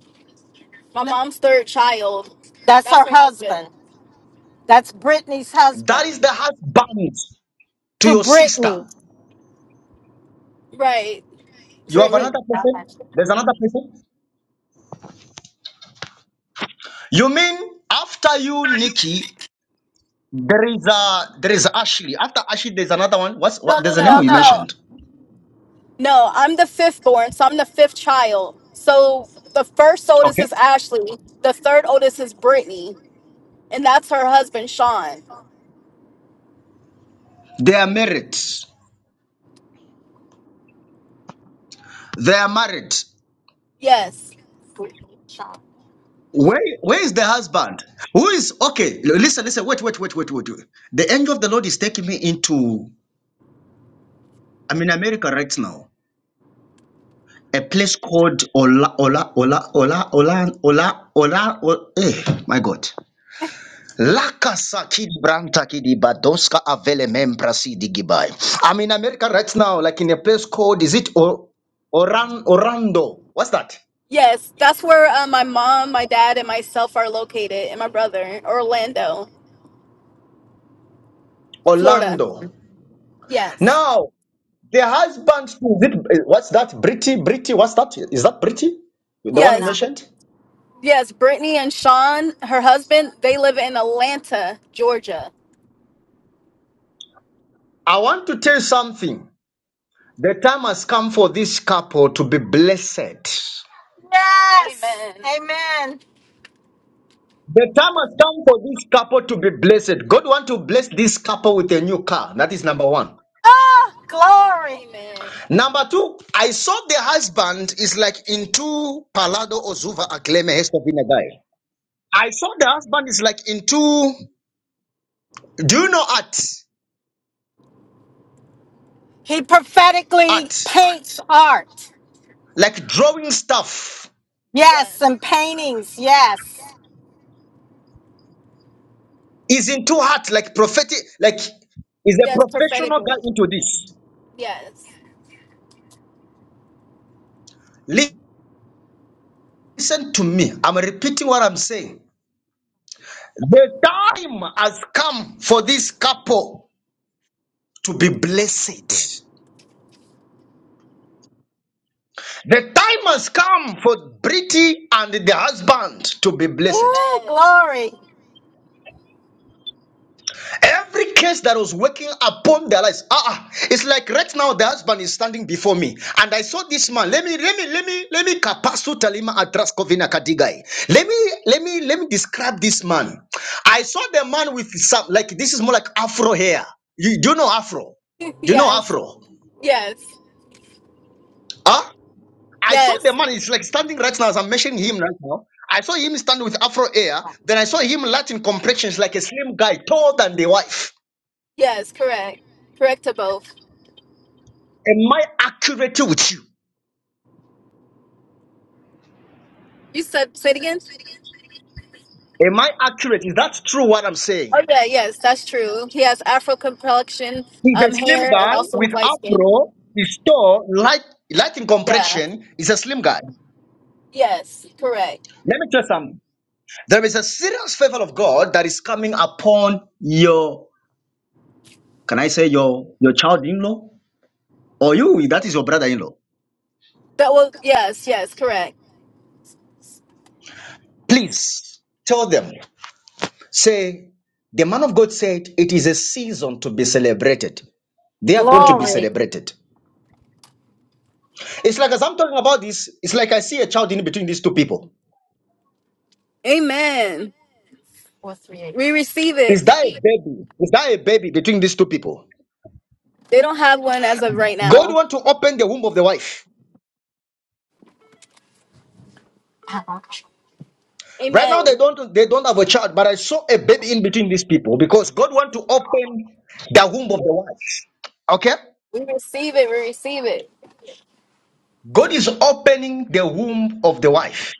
[SPEAKER 3] My mom's third child. That's That's her her husband. husband. That's Brittany's husband.
[SPEAKER 1] That is the husband to
[SPEAKER 3] To
[SPEAKER 1] your sister.
[SPEAKER 3] Brittany. Right, To
[SPEAKER 1] You have
[SPEAKER 3] Brittany.
[SPEAKER 1] another person?
[SPEAKER 3] Brittany.
[SPEAKER 1] There's another person? You mean after you, Nikki, there is a there is Ashley. After Ashley, there's another one. What's
[SPEAKER 3] No,
[SPEAKER 1] what
[SPEAKER 3] no, No,
[SPEAKER 1] there's a name
[SPEAKER 3] no, no.
[SPEAKER 1] we
[SPEAKER 3] no,
[SPEAKER 1] mentioned.
[SPEAKER 3] no. I'm the fifth born, so I'm the fifth child. So the first oldest
[SPEAKER 1] Okay.
[SPEAKER 3] is Ashley. The third oldest is Brittany, and that's her husband, Sean.
[SPEAKER 1] They are married. They are married.
[SPEAKER 3] Yes.
[SPEAKER 1] Where where is the husband? Who is okay? l- Listen, listen, wait, wait, wait, wait, wait, wait. The angel of the Lord is taking me into I'm in America right now. A place called Ola Ola Ola Ola Ola Ola Ola Ola eh, my God. Lakasa kidi branta kidi badoska avele membra si digibai. I'm in America right now, like in a place called is it or Oran Orlando? What's that?
[SPEAKER 3] Yes, that's where uh, my mom, my dad, and myself are located, and my brother, Orlando, Florida.
[SPEAKER 1] Orlando.
[SPEAKER 3] Yes.
[SPEAKER 1] Now The husband, is it, Eh, what's that? Britty, Britty, what's that? Is that Britty? The one you
[SPEAKER 3] Yes. Wow.
[SPEAKER 1] mentioned?
[SPEAKER 3] Yes, Brittany and Sean, her husband, they live in Atlanta, Georgia.
[SPEAKER 1] I want to tell you something. The time has come for this couple to be blessed.
[SPEAKER 3] Yes. Amen. Amen.
[SPEAKER 1] The time has come for this couple to be blessed. God want to bless this couple with a new car. That is number one.
[SPEAKER 3] Ah, glory. Amen.
[SPEAKER 1] Number two, I saw the husband is like into Palado Ozuva Akleme Hester Vinagai. I saw the husband is like into, do you know art?
[SPEAKER 3] He prophetically
[SPEAKER 1] Art.
[SPEAKER 3] paints art.
[SPEAKER 1] Like drawing stuff.
[SPEAKER 3] Yes, Yes. and paintings. Yes.
[SPEAKER 1] He's into two like prophetic, like he's a
[SPEAKER 3] Yes,
[SPEAKER 1] professional guy
[SPEAKER 3] prophetically.
[SPEAKER 1] into this.
[SPEAKER 3] Yes.
[SPEAKER 1] Listen to me. I'm repeating what I'm saying. The time has come for this couple to be blessed. The time has come for Britty and the husband to be blessed.
[SPEAKER 3] Ooh, Amen. glory.
[SPEAKER 1] Every case that was working upon their lives, ah, ah, it's like right now the husband is standing before me, and I saw this man. Let me, let me, let me, let me kapasu talima atras kovina kadigai. Let me, let me, let me describe this man. I saw the man with some like this is more like afro hair. You do you know afro? Do you know
[SPEAKER 3] yes.
[SPEAKER 1] afro?
[SPEAKER 3] Yes.
[SPEAKER 1] Huh? I saw
[SPEAKER 3] Yes.
[SPEAKER 1] the man is like standing right now as I'm mentioning him right now. I saw him standing with afro hair. Then I saw him Latin complexion, like a slim guy, taller than the wife.
[SPEAKER 3] Yes, correct. Correct to both.
[SPEAKER 1] Am I accurate with you?
[SPEAKER 3] You said, say it again?
[SPEAKER 1] Am I accurate? Is that true what I'm
[SPEAKER 3] Oh,
[SPEAKER 1] saying?
[SPEAKER 3] yeah, yes, that's true. He has Afro complexion,
[SPEAKER 1] He's a
[SPEAKER 3] um,
[SPEAKER 1] slim
[SPEAKER 3] hair, and
[SPEAKER 1] guy
[SPEAKER 3] also
[SPEAKER 1] with
[SPEAKER 3] his light skin.
[SPEAKER 1] afro, he's tall, light, light in
[SPEAKER 3] Yeah,
[SPEAKER 1] complexion. He's a slim guy.
[SPEAKER 3] yes, correct.
[SPEAKER 1] Let me tell you something. There is a serious favor of God that is coming upon your, can I say your your child-in-law or you? That is your brother-in-law.
[SPEAKER 3] That was, yes, yes, correct.
[SPEAKER 1] Please tell them. Say the man of God said it is a season to be celebrated they are going to be
[SPEAKER 3] Glory.
[SPEAKER 1] celebrated. It's like as I'm talking about this, it's like I see a child in between these two people.
[SPEAKER 3] Amen. Or three We receive it.
[SPEAKER 1] Is that a baby? Is that a baby between these two people?
[SPEAKER 3] They don't have one as of right
[SPEAKER 1] God
[SPEAKER 3] now.
[SPEAKER 1] want to open the womb of the wife. Right now they
[SPEAKER 3] Amen.
[SPEAKER 1] don't they don't have a child, but I saw a baby in between these people because God want to open the womb of the wife. Okay?
[SPEAKER 3] We receive it. We receive it.
[SPEAKER 1] God is opening the womb of the wife.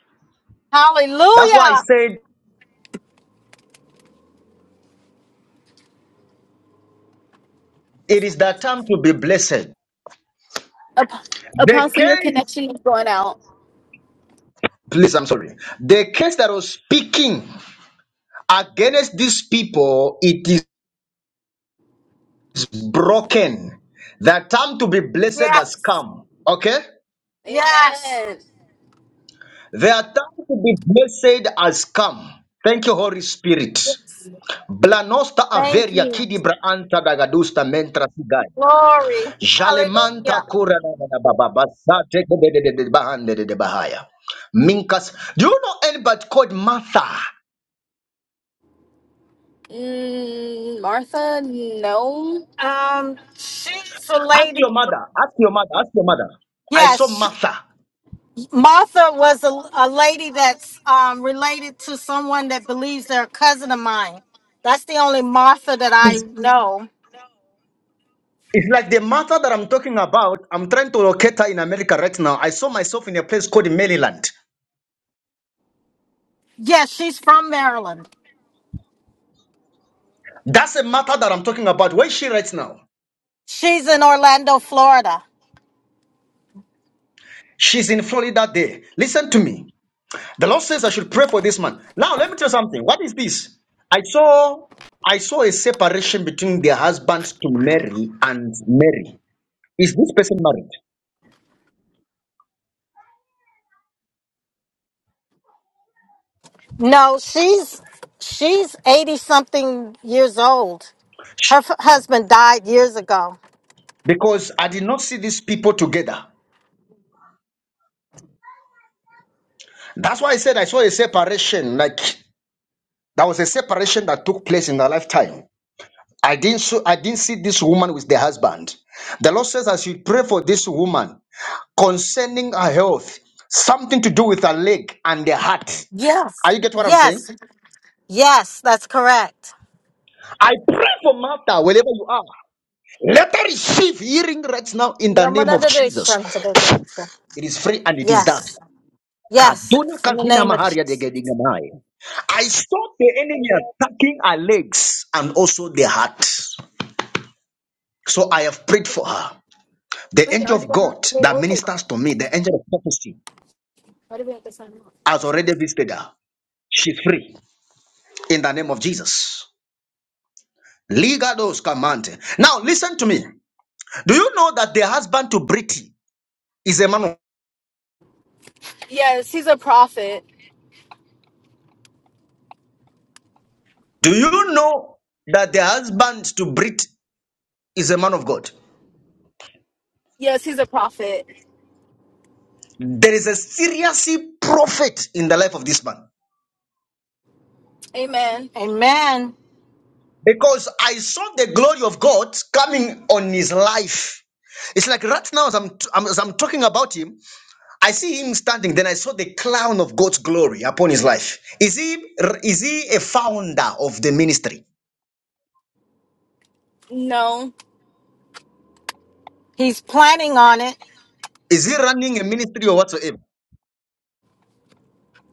[SPEAKER 1] That's why I
[SPEAKER 3] Hallelujah.
[SPEAKER 1] said it is that time to be blessed.
[SPEAKER 3] Ap-
[SPEAKER 1] The
[SPEAKER 3] Apostle, your
[SPEAKER 1] case
[SPEAKER 3] connection is going out.
[SPEAKER 1] please i'm sorry the case that was speaking against these people it is. is broken. The time to be blessed has
[SPEAKER 3] Yes.
[SPEAKER 1] come. Okay?
[SPEAKER 3] Yes. Amen.
[SPEAKER 1] Their time to be blessed has come. Thank you, Holy Spirit.
[SPEAKER 3] Yes.
[SPEAKER 1] Blanosta
[SPEAKER 3] Thank
[SPEAKER 1] averia
[SPEAKER 3] you.
[SPEAKER 1] kidibra anta dagadusta mentra sigai.
[SPEAKER 3] Glory. Hallelujah.
[SPEAKER 1] Jalemanta kura da da da ba ba ba sa te de de de de de bahande de de bahaya. Minkas. Do you know anybody called Martha?
[SPEAKER 3] Mm, Martha, no. Um, she's a
[SPEAKER 1] Ask
[SPEAKER 3] lady.
[SPEAKER 1] your mother. Ask your mother. Ask your mother. I saw
[SPEAKER 3] Yes, she-
[SPEAKER 1] Martha.
[SPEAKER 3] Martha was a, a lady that's um, related to someone that believes they're a cousin of mine. That's the only Martha that I know.
[SPEAKER 1] It's like the matter that I'm talking about. I'm trying to locate her in America right now. I saw myself in a place called Maryland.
[SPEAKER 3] Yes, she's from Maryland.
[SPEAKER 1] That's a matter that I'm talking about. Where is she right now?
[SPEAKER 3] She's in Orlando, Florida.
[SPEAKER 1] She's in Florida there. Listen to me. The Lord says I should pray for this man. Now let me tell you something. What is this? I saw I saw a separation between the husband to Mary and Mary. Is this person married?
[SPEAKER 3] No, she's she's eighty something years old. Her f- husband died years ago.
[SPEAKER 1] Because I did not see these people together. That's why I said I saw a separation, like there was a separation that took place in their lifetime. I didn't so I didn't see this woman with the husband. The Lord says I should pray for this woman concerning her health, something to do with her leg and the heart. Are
[SPEAKER 3] Yes.
[SPEAKER 1] you get what I'm
[SPEAKER 3] Yes,
[SPEAKER 1] saying?
[SPEAKER 3] Yes, that's correct.
[SPEAKER 1] I pray for Martha wherever you are. Let her receive healing right now in the name of Jesus.
[SPEAKER 3] Yamanadadishantadudu.
[SPEAKER 1] It is free and it is done.
[SPEAKER 3] Yes. Yes.
[SPEAKER 1] Kaduna
[SPEAKER 3] In the
[SPEAKER 1] kazina
[SPEAKER 3] name of
[SPEAKER 1] maharia
[SPEAKER 3] Jesus.
[SPEAKER 1] degedinga mai. I saw the enemy attacking her legs and also the heart. So I have prayed for her. The angel of God that ministers to me, the angel of prophecy, has already visited her. She's free in the name of Jesus. Ligados command. Now listen to me. Do you know that the husband to Brit is a man of
[SPEAKER 3] Yes, he's a prophet.
[SPEAKER 1] Do you know that the husband to Brit is a man of God?
[SPEAKER 3] Yes, he's a prophet.
[SPEAKER 1] There is a serious prophet in the life of this man.
[SPEAKER 3] Amen. Amen.
[SPEAKER 1] Because I saw the glory of God coming on his life. It's like right now, as I'm, I'm- as I'm talking about him, I see him standing, then I saw the clown of God's glory upon his life. Is he is he a founder of the ministry?
[SPEAKER 3] No. He's planning on it.
[SPEAKER 1] Is he running a ministry or whatsoever?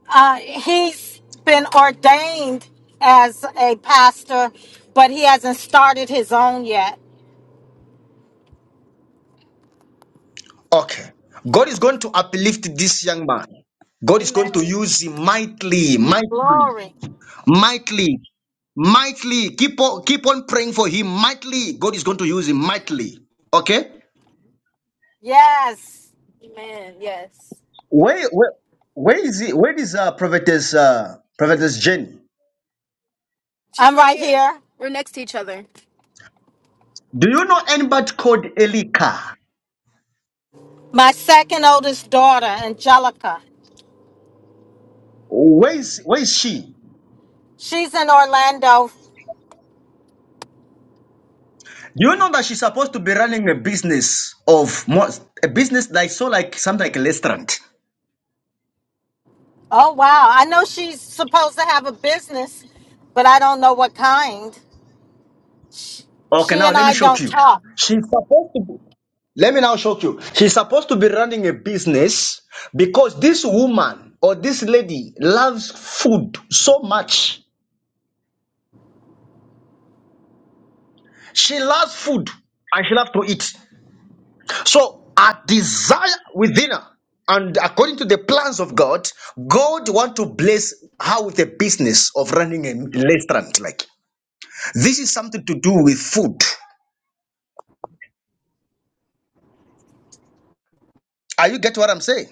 [SPEAKER 3] Uh, he's been ordained as a pastor, but he hasn't started his own yet.
[SPEAKER 1] Okay. God is going to uplift this young man. God is
[SPEAKER 3] Amen.
[SPEAKER 1] going to use him mightily, mightily,
[SPEAKER 3] Glory.
[SPEAKER 1] mightily, mightily. Keep on, keep on praying for him mightily. God is going to use him mightily. Okay?
[SPEAKER 3] Yes. Amen. Yes. She's
[SPEAKER 1] Where where where is he? Where is uh prophetess uh prophetess Jenny?
[SPEAKER 3] I'm right right here. here. We're next to each other.
[SPEAKER 1] Do you know anybody called Elika?
[SPEAKER 3] My second oldest daughter, Angelica,
[SPEAKER 1] Where is where is she?
[SPEAKER 3] she's in Orlando.
[SPEAKER 1] Do you know that she's supposed to be running a business of more, a business like so like something like a restaurant?
[SPEAKER 3] Oh, wow. I know she's supposed to have a business, but I don't know what kind. She, she
[SPEAKER 1] Okay, now
[SPEAKER 3] and
[SPEAKER 1] let
[SPEAKER 3] I
[SPEAKER 1] me shock
[SPEAKER 3] don't
[SPEAKER 1] you.
[SPEAKER 3] talk.
[SPEAKER 1] She's supposed to be, let me now shock you. She's supposed to be running a business because this woman or this lady loves food so much. She loves food and she loves to eat. So our desire within her, and according to the plans of God, God want to bless her with a business of running a restaurant. Like this is something to do with food. Are you get what I'm saying?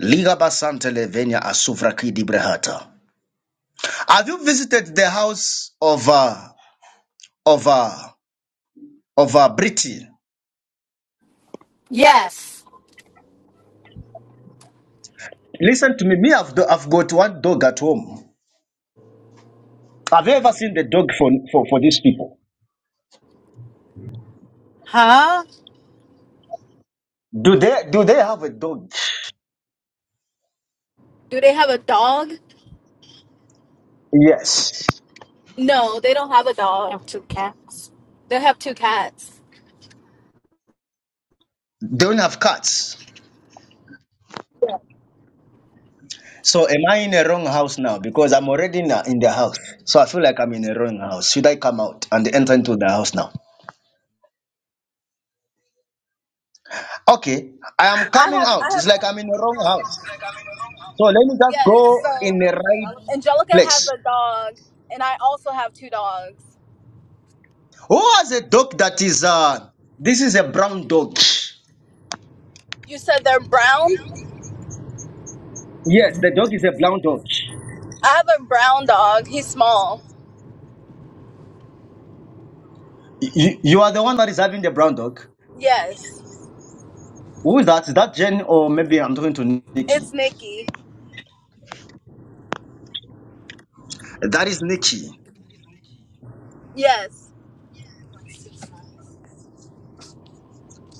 [SPEAKER 1] Liga basante levenya asuvraki dibrehata. Have you visited the house of uh, of uh, of uh, Britain?
[SPEAKER 3] Yes.
[SPEAKER 1] Listen to me. Me, I've, do- I've got one dog at home. Have you ever seen the dog for, for for these people?
[SPEAKER 3] Huh?
[SPEAKER 1] Do they do they have a dog?
[SPEAKER 3] Do they have a dog?
[SPEAKER 1] Yes.
[SPEAKER 3] No, they don't have a I dog. have two cats. They have two cats.
[SPEAKER 1] Don't have cats. So am I in a wrong house now? Because I'm already in, a, in the house. So I feel like I'm in a wrong house. Should I come out and enter into the house now? Okay, I am
[SPEAKER 5] I
[SPEAKER 1] coming
[SPEAKER 5] have, I
[SPEAKER 1] out.
[SPEAKER 5] have,
[SPEAKER 1] It's like I'm in the wrong house. So let me just
[SPEAKER 5] yes.
[SPEAKER 1] go
[SPEAKER 5] So
[SPEAKER 1] in the right
[SPEAKER 5] Angelica has
[SPEAKER 1] place.
[SPEAKER 5] a dog, and I also have two dogs.
[SPEAKER 1] Who has a dog that is uh this is a brown dog?
[SPEAKER 5] You said they're brown?
[SPEAKER 1] Yes, the dog is a brown dog.
[SPEAKER 5] I have a brown dog. He's small.
[SPEAKER 1] You, you are the one that is having the brown dog.
[SPEAKER 5] Yes.
[SPEAKER 1] Who is that? Is that Jen or maybe I'm talking to Nikki?
[SPEAKER 5] It's Nikki.
[SPEAKER 1] That is Nikki.
[SPEAKER 5] Yes.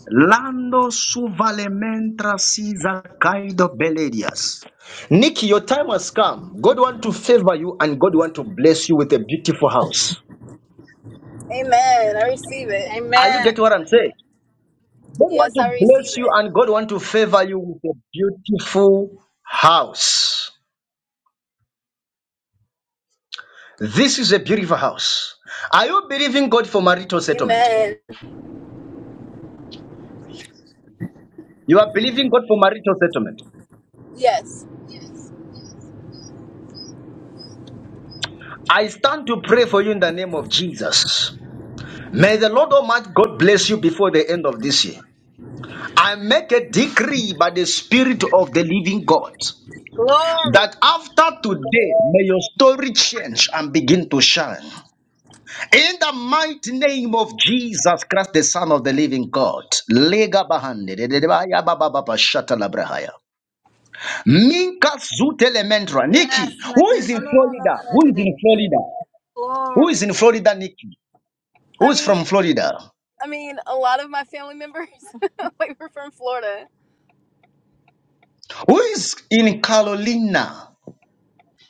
[SPEAKER 1] Lando suvalementra siza kaido beledias. Nikki, your time has come. God want to favor you and God want to bless you with a beautiful house.
[SPEAKER 5] Amen. I receive it.
[SPEAKER 1] Are you getting
[SPEAKER 5] Amen.
[SPEAKER 1] what I'm saying? God want
[SPEAKER 5] Yes,
[SPEAKER 1] to
[SPEAKER 5] I receive
[SPEAKER 1] bless you
[SPEAKER 5] it.
[SPEAKER 1] and God want to favor you with a beautiful house. This is a beautiful house. Are you believing God for marital settlement?
[SPEAKER 5] Amen.
[SPEAKER 1] You are believing God for marital settlement.
[SPEAKER 5] Yes. Yes.
[SPEAKER 1] I stand to pray for you in the name of Jesus. May the Lord Almighty God bless you before the end of this year. I make a decree by the Spirit of the living God
[SPEAKER 5] Glory.
[SPEAKER 1] that after today, may your story change and begin to shine. In the mighty name of Jesus Christ, the Son of the living God. Lega bahande, de de de baya, ba dededebaya babababa, shatalabrahaya. Minka zute lementra.
[SPEAKER 5] Yes.
[SPEAKER 1] Nikki,
[SPEAKER 5] No,
[SPEAKER 1] who
[SPEAKER 5] no,
[SPEAKER 1] is in
[SPEAKER 5] no, no, no, no, no,
[SPEAKER 1] Florida? Who
[SPEAKER 5] no,
[SPEAKER 1] is in
[SPEAKER 5] no.
[SPEAKER 1] Florida? Who is
[SPEAKER 5] Glory.
[SPEAKER 1] in Florida, Nikki? Who
[SPEAKER 5] I
[SPEAKER 1] is
[SPEAKER 5] mean,
[SPEAKER 1] from Florida?
[SPEAKER 5] I mean, a lot of my family members like were from Florida.
[SPEAKER 1] Who is in Carolina?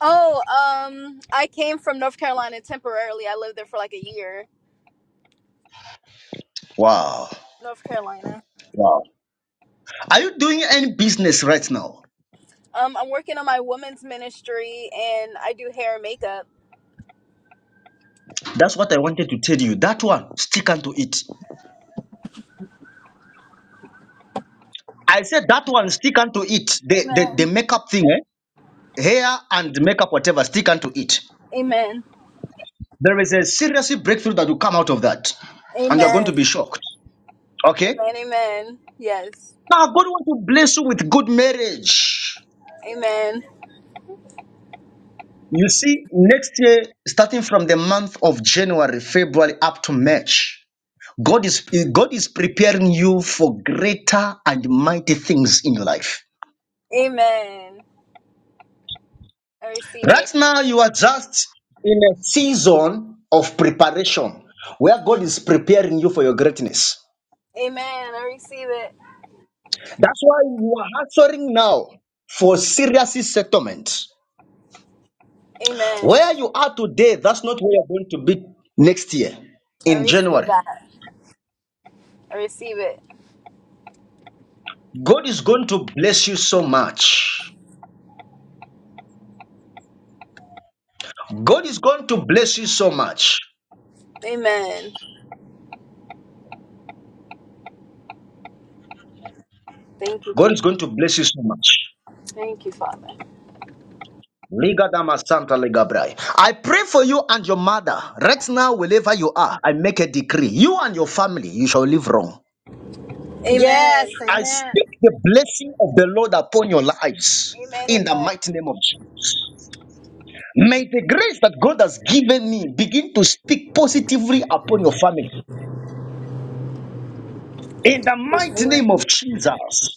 [SPEAKER 5] Oh, um, I came from North Carolina temporarily. I lived there for like a year,
[SPEAKER 1] Wow.
[SPEAKER 5] North Carolina.
[SPEAKER 1] Wow. Are you doing any business right now?
[SPEAKER 5] Um, I'm working on my women's ministry and I do hair and makeup.
[SPEAKER 1] That's what I wanted to tell you. That one, stick unto it. I said that one, stick unto it. The, the, the
[SPEAKER 5] Amen.
[SPEAKER 1] makeup thing, eh? hair and makeup, whatever, stick unto it.
[SPEAKER 5] Amen.
[SPEAKER 1] There is a serious breakthrough that will come out of that. And you're going to be
[SPEAKER 5] Amen.
[SPEAKER 1] shocked. Okay?
[SPEAKER 5] Amen. Amen. Yes.
[SPEAKER 1] Now, God wants to bless you with good marriage.
[SPEAKER 5] Amen.
[SPEAKER 1] You see, next year, starting from the month of January, February up to March, God is, God is preparing you for greater and mighty things in your life.
[SPEAKER 5] Amen. I receive it.
[SPEAKER 1] Right now, you are just in a season of preparation where God is preparing you for your greatness.
[SPEAKER 5] Amen. I receive it.
[SPEAKER 1] That's why you are answering now for serious settlement.
[SPEAKER 5] Amen.
[SPEAKER 1] Where you are today, that's not where you're going to be next year
[SPEAKER 5] I
[SPEAKER 1] in
[SPEAKER 5] receive
[SPEAKER 1] January.
[SPEAKER 5] that. I receive it.
[SPEAKER 1] God is going to bless you so much. God is going to bless you so much.
[SPEAKER 5] Amen. Thank you,
[SPEAKER 1] God
[SPEAKER 5] Jesus.
[SPEAKER 1] is going to bless you so much.
[SPEAKER 5] Thank you, Father.
[SPEAKER 1] Ligadama Santa Ligabrai. I pray for you and your mother right now, wherever you are. I make a decree. You and your family, you shall live wrong.
[SPEAKER 5] Amen. Yes,
[SPEAKER 1] I speak the blessing of the Lord upon your lives
[SPEAKER 5] amen.
[SPEAKER 1] in the
[SPEAKER 5] Amen.
[SPEAKER 1] mighty name of Jesus. May the grace that God has given me begin to speak positively upon your family in the mighty name of Jesus.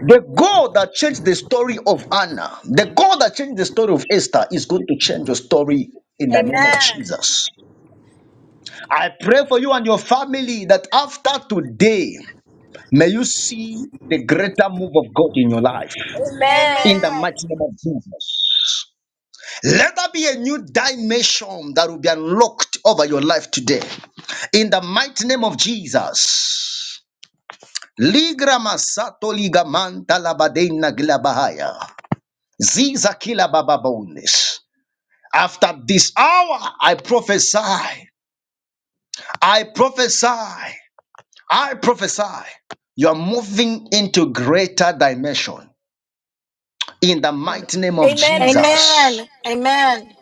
[SPEAKER 1] The God that changed the story of Anna, the God that changed the story of Esther, is going to change your story in
[SPEAKER 5] Amen.
[SPEAKER 1] the name of
[SPEAKER 5] Amen.
[SPEAKER 1] Jesus. I pray for you and your family that after today, may you see the greater move of God in your life.
[SPEAKER 5] Amen.
[SPEAKER 1] In the
[SPEAKER 5] Amen.
[SPEAKER 1] mighty name of Jesus. Let there be a new dimension that will be unlocked over your life today. In the mighty name of Jesus. Ligra masato liga manta labadena glabahaya. Ziza kila bababones. After this hour, I prophesy. I prophesy. I prophesy you are moving into greater dimension in the mighty name of
[SPEAKER 3] Amen, amen.
[SPEAKER 1] Jesus.
[SPEAKER 3] Amen. Amen.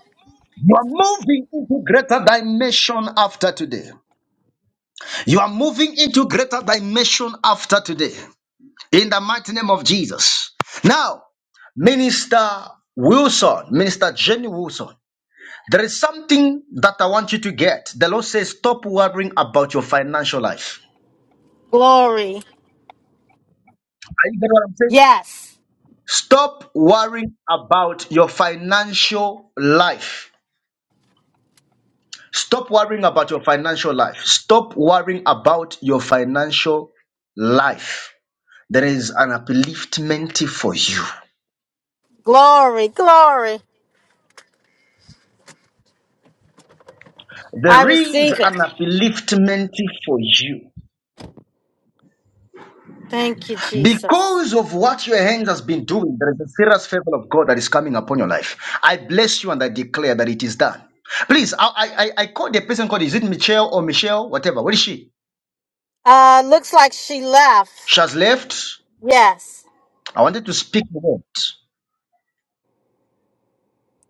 [SPEAKER 1] You are moving into greater dimension after today. You are moving into greater dimension after today in the mighty name of Jesus. Now, Minister Wilson, Minister Jenny Wilson, there is something that I want you to get. The Lord says, stop worrying about your financial life.
[SPEAKER 3] Glory.
[SPEAKER 1] Are you getting what I'm saying?
[SPEAKER 3] Yes.
[SPEAKER 1] Stop worrying about your financial life. Stop worrying about your financial life. Stop worrying about your financial life. There is an upliftment for you.
[SPEAKER 3] Glory. Glory. I
[SPEAKER 1] There is
[SPEAKER 3] receive it.
[SPEAKER 1] an upliftment for you.
[SPEAKER 3] Thank you, Jesus.
[SPEAKER 1] Because of what your hand has been doing, there is a serious favor of God that is coming upon your life. I bless you and I declare that it is done. Please, I I, I I called the person called, is it Michelle or Michelle? Whatever. What is she?
[SPEAKER 3] Uh, looks like she left.
[SPEAKER 1] She has left.
[SPEAKER 3] Yes.
[SPEAKER 1] I wanted to speak about.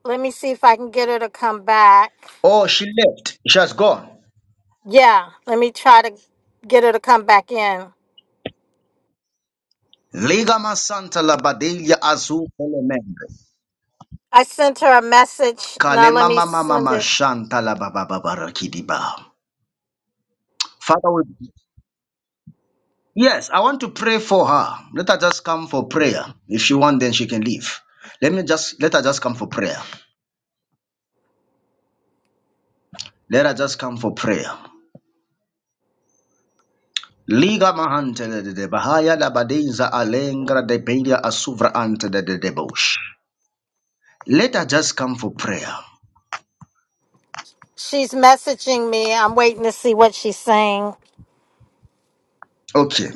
[SPEAKER 3] Let me see if I can get her to come back.
[SPEAKER 1] Oh, she left. She has gone.
[SPEAKER 3] Yeah, let me try to get her to come back in.
[SPEAKER 1] Liga masanta la badelia azu elemende.
[SPEAKER 3] I sent her a message. Now let
[SPEAKER 1] Kalema
[SPEAKER 3] me
[SPEAKER 1] mama
[SPEAKER 3] send
[SPEAKER 1] mama
[SPEAKER 3] it.
[SPEAKER 1] shanta la baba baba rakidiba. Father, we... yes, I want to pray for her. Let her just come for prayer. If she want, then she can leave. Let me just let her just come for prayer. Let her just come for prayer. Liga mahante de de bahaya la badeza alengra de belia asuvra ante de de debosh. Let her just come for prayer.
[SPEAKER 3] She's messaging me. I'm waiting to see what she's saying.
[SPEAKER 1] Okay.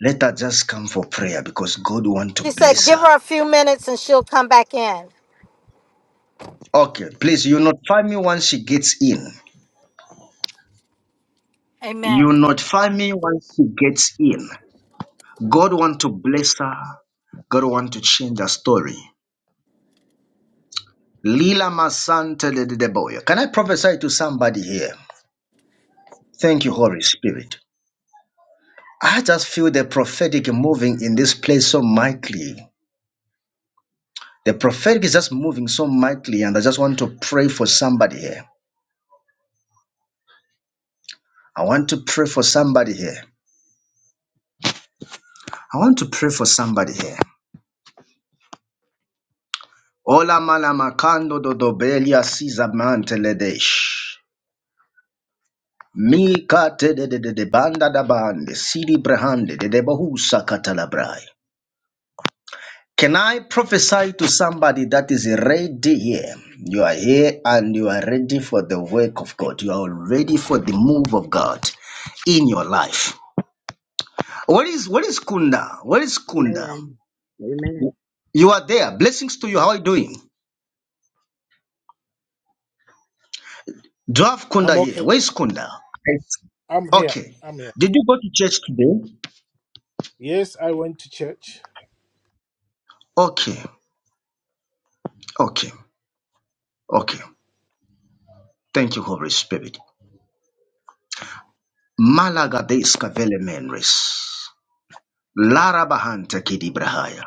[SPEAKER 1] Let her just come for prayer because God want to
[SPEAKER 3] She said,
[SPEAKER 1] bless
[SPEAKER 3] give
[SPEAKER 1] her.
[SPEAKER 3] her a few minutes and she'll come back in.
[SPEAKER 1] Okay, please, you notify me once she gets in.
[SPEAKER 3] Amen.
[SPEAKER 1] You notify me once she gets in. God want to bless her. God want to change her story. Lila Masante de de- de Boya. Can I prophesy to somebody here? Thank you, Holy Spirit. I just feel the prophetic moving in this place so mightily. The prophetic is just moving so mightily, and I just want to pray for somebody here. I want to pray for somebody here. I want to pray for somebody here. Ola malamakando dodobelia sizamanteledesh. Mika te de de de de banda da bande, sidi brahande de debahusa katalabrai. Can I prophesy to somebody that is ready here? You are here and you are ready for the work of God. You are ready for the move of God in your life. What is what is Kunda? What is Kunda?
[SPEAKER 9] Amen. Amen.
[SPEAKER 1] You are there. Blessings to you. How are you doing? Do I have
[SPEAKER 6] I'm
[SPEAKER 1] Kunda here?
[SPEAKER 6] okay.
[SPEAKER 1] Where is Kunda? I
[SPEAKER 6] I'm here.
[SPEAKER 1] Okay.
[SPEAKER 6] I'm here.
[SPEAKER 1] Did you go to church today?
[SPEAKER 6] Yes, I went to church.
[SPEAKER 1] Okay. Okay. Okay. Thank you, Holy Spirit. Malagadeska vele menres. Larabahanta kidibrahaya.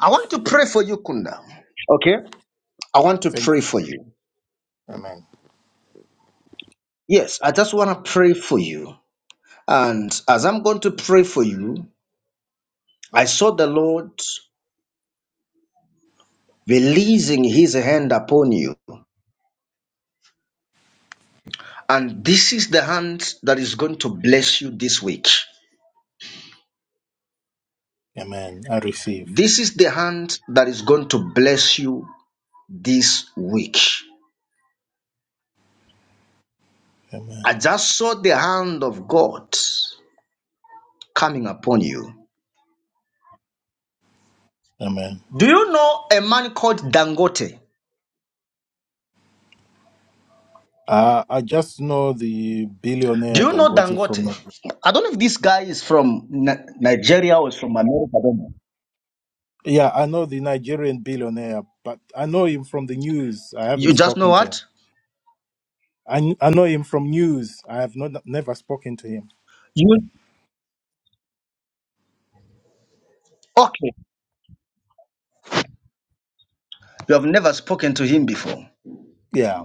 [SPEAKER 1] I want to pray for you, Kunda. Okay? I want to
[SPEAKER 6] Thank
[SPEAKER 1] pray
[SPEAKER 6] you.
[SPEAKER 1] for you.
[SPEAKER 6] Amen.
[SPEAKER 1] Yes, I just want to pray for you. And as I'm going to pray for you, I saw the Lord releasing his hand upon you. And this is the hand that is going to bless you this week.
[SPEAKER 6] Amen. I receive.
[SPEAKER 1] This is the hand that is going to bless you this week.
[SPEAKER 6] Amen.
[SPEAKER 1] I just saw the hand of God coming upon you.
[SPEAKER 6] Amen.
[SPEAKER 1] Do you know a man called Dangote?
[SPEAKER 6] Uh, I just know the
[SPEAKER 1] Do
[SPEAKER 6] billionaire
[SPEAKER 1] you know
[SPEAKER 6] Dangote from.
[SPEAKER 1] Dangote?
[SPEAKER 6] Nigeria.
[SPEAKER 1] I don't know if this guy is from Ni- Nigeria or is from America. I don't know.
[SPEAKER 6] Yeah, I know the Nigerian billionaire, but I know him from the news. I haven't
[SPEAKER 1] You just know
[SPEAKER 6] spoken to him.
[SPEAKER 1] what?
[SPEAKER 6] I, kn- I know him from news. I have not never spoken to him.
[SPEAKER 1] You okay? You have never spoken to him before.
[SPEAKER 6] Yeah.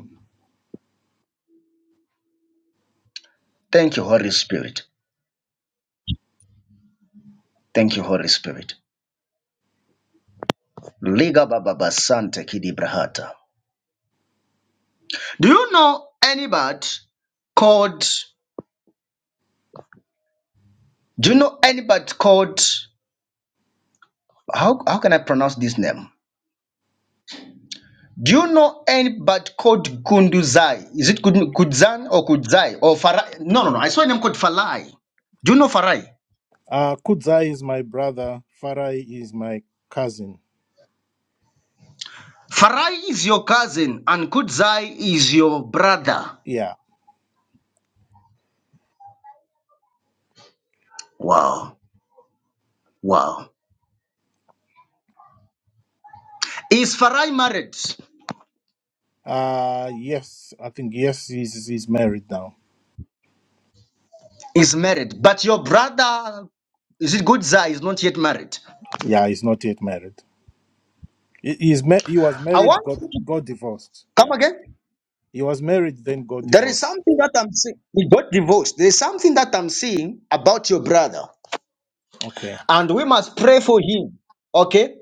[SPEAKER 1] Thank you, Holy Spirit. Thank you, Holy Spirit. Liga baba basante kidi brahata. Do you know anybody called? Do you know anybody called how how can I pronounce this name? Do you know anybody called Kunduzai? Is it Kun- Kudzan or Kudzai or Farai? No, no, no. I saw a name called Farai. Do you know Farai?
[SPEAKER 6] Uh, Kudzai is my brother. Farai is my cousin.
[SPEAKER 1] Farai is your cousin and Kudzai is your brother.
[SPEAKER 6] Yeah.
[SPEAKER 1] Wow, wow. Is Farai married?
[SPEAKER 6] Uh yes, I think yes, he's he's married now.
[SPEAKER 1] Is married, but your brother is it Kudzai is not yet married.
[SPEAKER 6] Yeah, he's not yet married. He, he's ma- he was
[SPEAKER 1] I
[SPEAKER 6] married,
[SPEAKER 1] want
[SPEAKER 6] got
[SPEAKER 1] you to
[SPEAKER 6] got divorced.
[SPEAKER 1] come
[SPEAKER 6] Yeah,
[SPEAKER 1] again.
[SPEAKER 6] he was married, then got
[SPEAKER 1] There is
[SPEAKER 6] divorced.
[SPEAKER 1] something that I'm seeing. He got divorced. There is something that I'm seeing about your brother,
[SPEAKER 6] Okay,
[SPEAKER 1] and we must pray for him. Okay.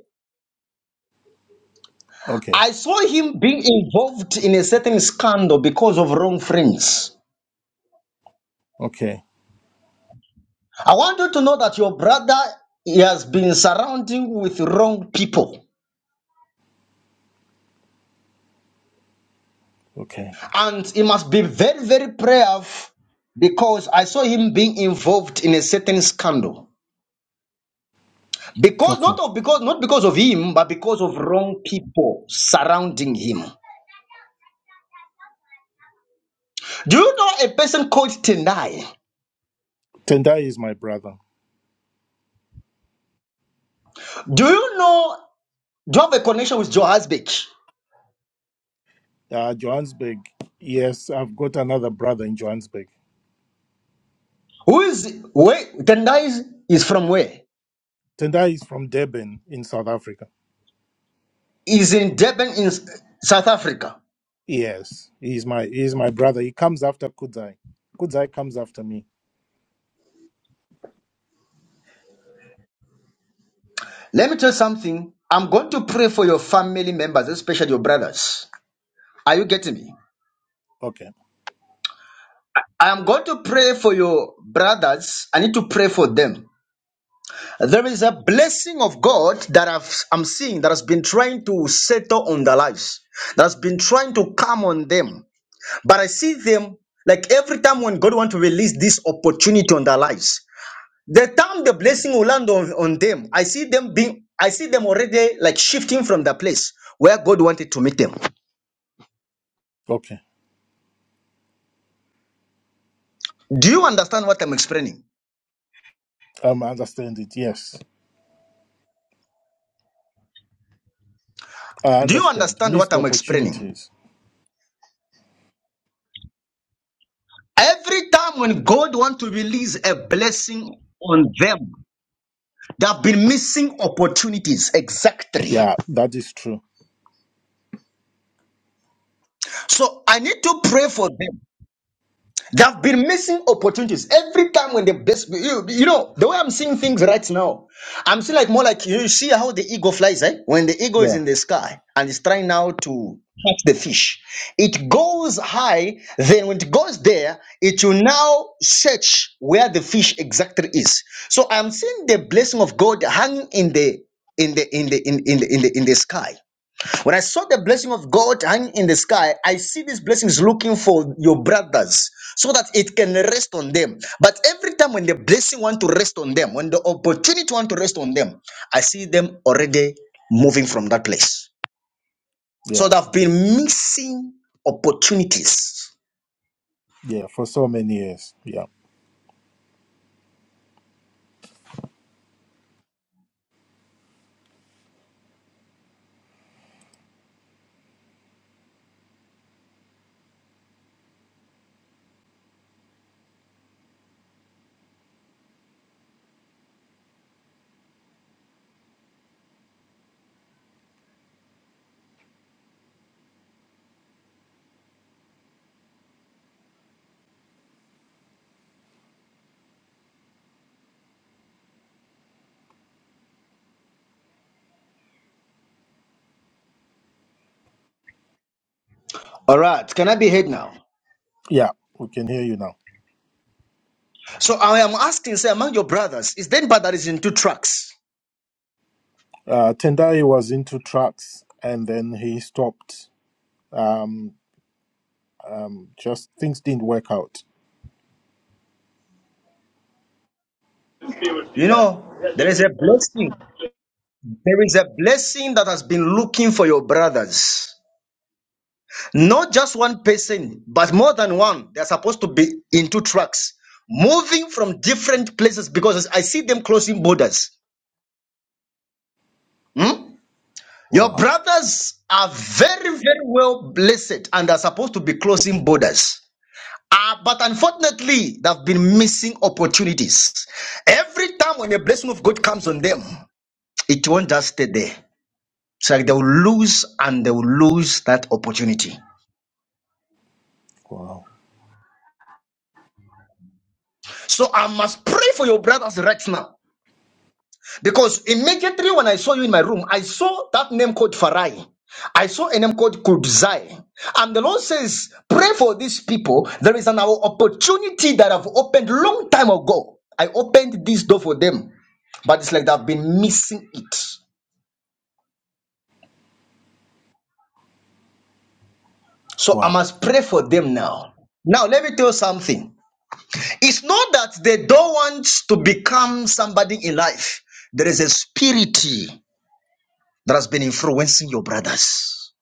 [SPEAKER 6] okay,
[SPEAKER 1] I saw him being involved in a certain scandal because of wrong friends.
[SPEAKER 6] okay,
[SPEAKER 1] I want you to know that your brother he has been surrounding with wrong people,
[SPEAKER 6] okay,
[SPEAKER 1] and he must be very, very prayerful because I saw him being involved in a certain scandal. Because not
[SPEAKER 6] okay.
[SPEAKER 1] of because not because of him, but because of wrong people surrounding him. Do you know a person called Tendai?
[SPEAKER 6] Tendai is my brother.
[SPEAKER 1] Do you know, do you have a connection with Johannesburg?
[SPEAKER 6] Uh, Johannesburg. Yes, I've got another brother in Johannesburg.
[SPEAKER 1] Who is, where, Tendai is, is from where?
[SPEAKER 6] Tendai is from Durban in South Africa.
[SPEAKER 1] Is in Durban in S- South Africa.
[SPEAKER 6] Yes, he's my he's my brother. He comes after Kudzai. Kudzai comes after me.
[SPEAKER 1] Let me tell you something. I'm going to pray for your family members, especially your brothers. Are you getting me?
[SPEAKER 6] Okay,
[SPEAKER 1] I am going to pray for your brothers. I need to pray for them. There is a blessing of God that I've, I'm seeing that has been trying to settle on their lives, that has been trying to come on them. But I see them like every time when God want to release this opportunity on their lives, the time the blessing will land on, on them, I see them being, I see them already like shifting from the place where God wanted to meet them.
[SPEAKER 6] okay.
[SPEAKER 1] Do you understand what I'm explaining?
[SPEAKER 6] Um, I understand it. Yes. I
[SPEAKER 1] Do you
[SPEAKER 6] understand.
[SPEAKER 1] understand what
[SPEAKER 6] Missed
[SPEAKER 1] I'm explaining?
[SPEAKER 6] opportunities.
[SPEAKER 1] Every time when God want to release a blessing on them, they have been missing opportunities exactly.
[SPEAKER 6] Yeah, that is true.
[SPEAKER 1] So I need to pray for them. They've been missing opportunities every time when they best. You, you know the way I'm seeing things right now, I'm seeing like more like you see how the eagle flies, eh? When the eagle is
[SPEAKER 6] Yeah.
[SPEAKER 1] in the sky and is trying now to catch the fish, it goes high. Then when it goes there, it will now search where the fish exactly is. So I'm seeing the blessing of God hanging in the in the in the in, in the in the in the sky. When I saw the blessing of God hang in the sky, I see these blessings looking for your brothers so that it can rest on them. But every time when the blessing want to rest on them, when the opportunity want to rest on them, I see them already moving from that place. So
[SPEAKER 6] Yeah.
[SPEAKER 1] they've been missing opportunities.
[SPEAKER 6] Yeah. For so many years. Yeah.
[SPEAKER 1] All right, can I be heard now?
[SPEAKER 6] Yeah. We can hear you now.
[SPEAKER 1] So I am asking, say, among your brothers, is there anybody that is in two tracks?
[SPEAKER 6] Uh, Tendai was into trucks and then he stopped. Um, um, just things didn't work out.
[SPEAKER 10] Just be with Yeah.
[SPEAKER 1] You
[SPEAKER 10] defense.
[SPEAKER 1] know,
[SPEAKER 10] Yeah, Yeah,
[SPEAKER 1] there
[SPEAKER 10] just
[SPEAKER 1] is
[SPEAKER 10] be.
[SPEAKER 1] a
[SPEAKER 10] with
[SPEAKER 1] blessing. There is a blessing that has been looking for your brothers. Not just one person, but more than one. They're supposed to be in two trucks, moving from different places because I see them closing borders. Hmm? Your
[SPEAKER 6] Wow.
[SPEAKER 1] brothers are very, very well blessed and are supposed to be closing borders. Ah, but unfortunately, they've been missing opportunities. Every time when the blessing of God comes on them, it won't just stay there. It's like they will lose and they will lose that opportunity.
[SPEAKER 6] Wow.
[SPEAKER 1] So I must pray for your brothers right now. Because immediately when I saw you in my room, I saw that name called Farai. I saw a name called Kudzai. And the Lord says, pray for these people. There is an opportunity that I've opened long time ago. I opened this door for them. But it's like they've been missing it. So I
[SPEAKER 6] Wow.
[SPEAKER 1] must pray for them now. Now, let me tell you something. It's not that they don't want to become somebody in life. There is a spirit that has been influencing your brothers.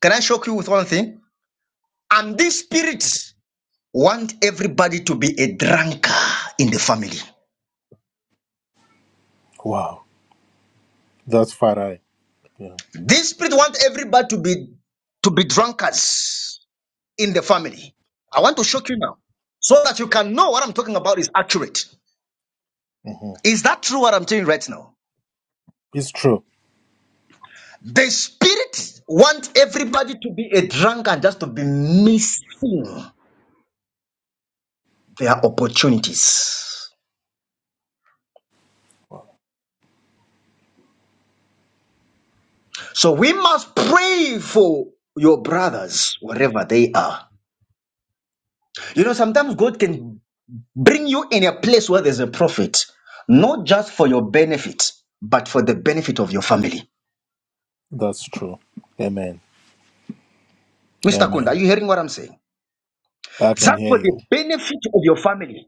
[SPEAKER 1] Can I shock you with one thing? And this spirit want everybody to be a drunkard in the family.
[SPEAKER 6] Wow. That's Farai. Yeah.
[SPEAKER 1] This spirit want everybody to be to be drunkards in the family. I want to shock you now so that you can know what I'm talking about is accurate.
[SPEAKER 6] hmm
[SPEAKER 1] Is that true what I'm telling you right now?
[SPEAKER 6] It's true.
[SPEAKER 1] The spirit want everybody to be a drunkard just to be missing their opportunities. So we must pray for your brothers wherever they are. You know, sometimes God can bring you in a place where there's a prophet, not just for your benefit, but for the benefit of your family.
[SPEAKER 6] That's true. Amen.
[SPEAKER 1] Mr. Kunda, are
[SPEAKER 6] Amen.
[SPEAKER 1] you hearing what I'm saying?
[SPEAKER 6] I can
[SPEAKER 1] Just
[SPEAKER 6] hear
[SPEAKER 1] for
[SPEAKER 6] you.
[SPEAKER 1] the benefit of your family,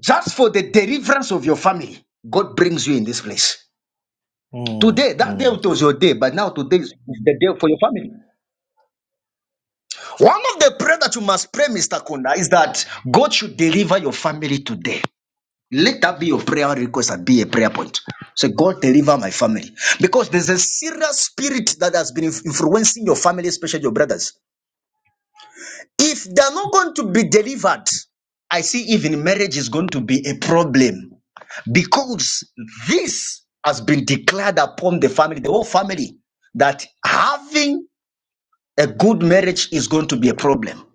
[SPEAKER 1] just for the deliverance of your family, God brings you in this place.
[SPEAKER 6] Mm,
[SPEAKER 1] Today, that day
[SPEAKER 6] mm.
[SPEAKER 1] it was your day, but now today is the day for your family. One of the prayers that you must pray, Mr. Kunda, is that God should deliver your family today. Let that be your prayer request and be a prayer point. Say, God, deliver my family. Because there's a serious spirit that has been influencing your family, especially your brothers. If they're not going to be delivered, I see even marriage is going to be a problem because this has been declared upon the family, the whole family, that having a good marriage is going to be a problem.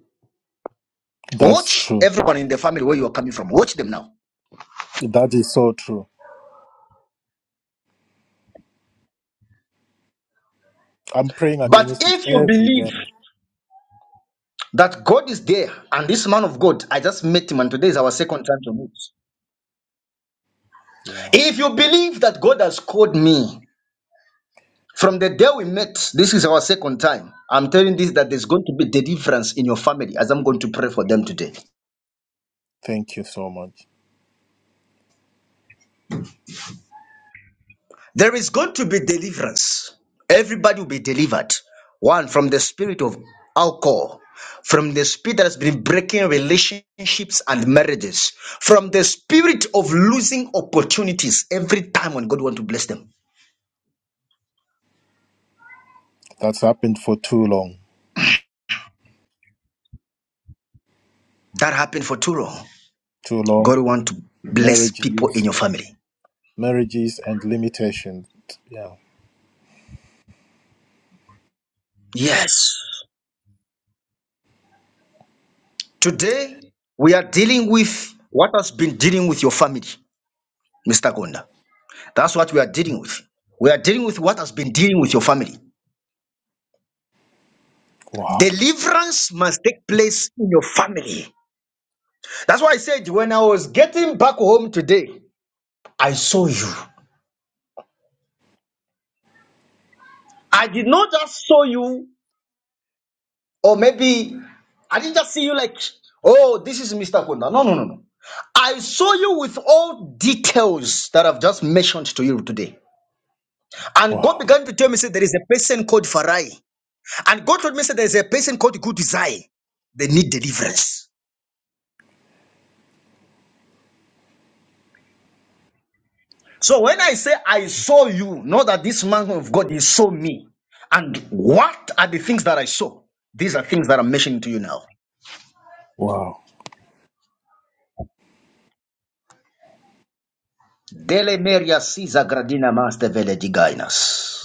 [SPEAKER 6] That's
[SPEAKER 1] Watch
[SPEAKER 6] true.
[SPEAKER 1] everyone in the family where you are coming from. Watch them now.
[SPEAKER 6] That is so true. I'm praying
[SPEAKER 1] But
[SPEAKER 6] against it
[SPEAKER 1] if you
[SPEAKER 6] every day.
[SPEAKER 1] believe that God is there, and this man of God, I just met him, and today is our second time to meet.
[SPEAKER 6] Yeah.
[SPEAKER 1] If you believe that God has called me from the day we met, this is our second time. I'm telling this that there's going to be deliverance in your family as I'm going to pray for them today.
[SPEAKER 6] Thank you so much.
[SPEAKER 1] There is going to be deliverance. Everybody will be delivered. One, from the spirit of alcohol, from the spirit that has been breaking relationships and marriages, from the spirit of losing opportunities every time when God wants to bless them.
[SPEAKER 6] That's happened for too long.
[SPEAKER 1] That happened for too long.
[SPEAKER 6] Too long.
[SPEAKER 1] God want to bless people in
[SPEAKER 6] Marriages,
[SPEAKER 1] your family.
[SPEAKER 6] marriages and limitations. Yeah.
[SPEAKER 1] Yes. Today we are dealing with what has been dealing with your family, Mr. Gonda. That's what we are dealing with. We are dealing with what has been dealing with your family.
[SPEAKER 6] Wow.
[SPEAKER 1] Deliverance must take place in your family. That's why I said when I was getting back home today, I saw you. I did not just saw you Or maybe I didn't just see you like, oh, this is Mr. Kunda. No, no, no, no. I saw you with all details that I've just mentioned to you today. And God
[SPEAKER 6] Wow.
[SPEAKER 1] began to tell me, say, there is a person called Farai. And God told me, say, there is a person called Good Desire. They need deliverance. So when I say I saw you, know that this man of God, he saw me. And what are the things that I saw? These are things that I'm mentioning to you now.
[SPEAKER 6] Wow.
[SPEAKER 1] Dele meria sisa gradina master vele digainas.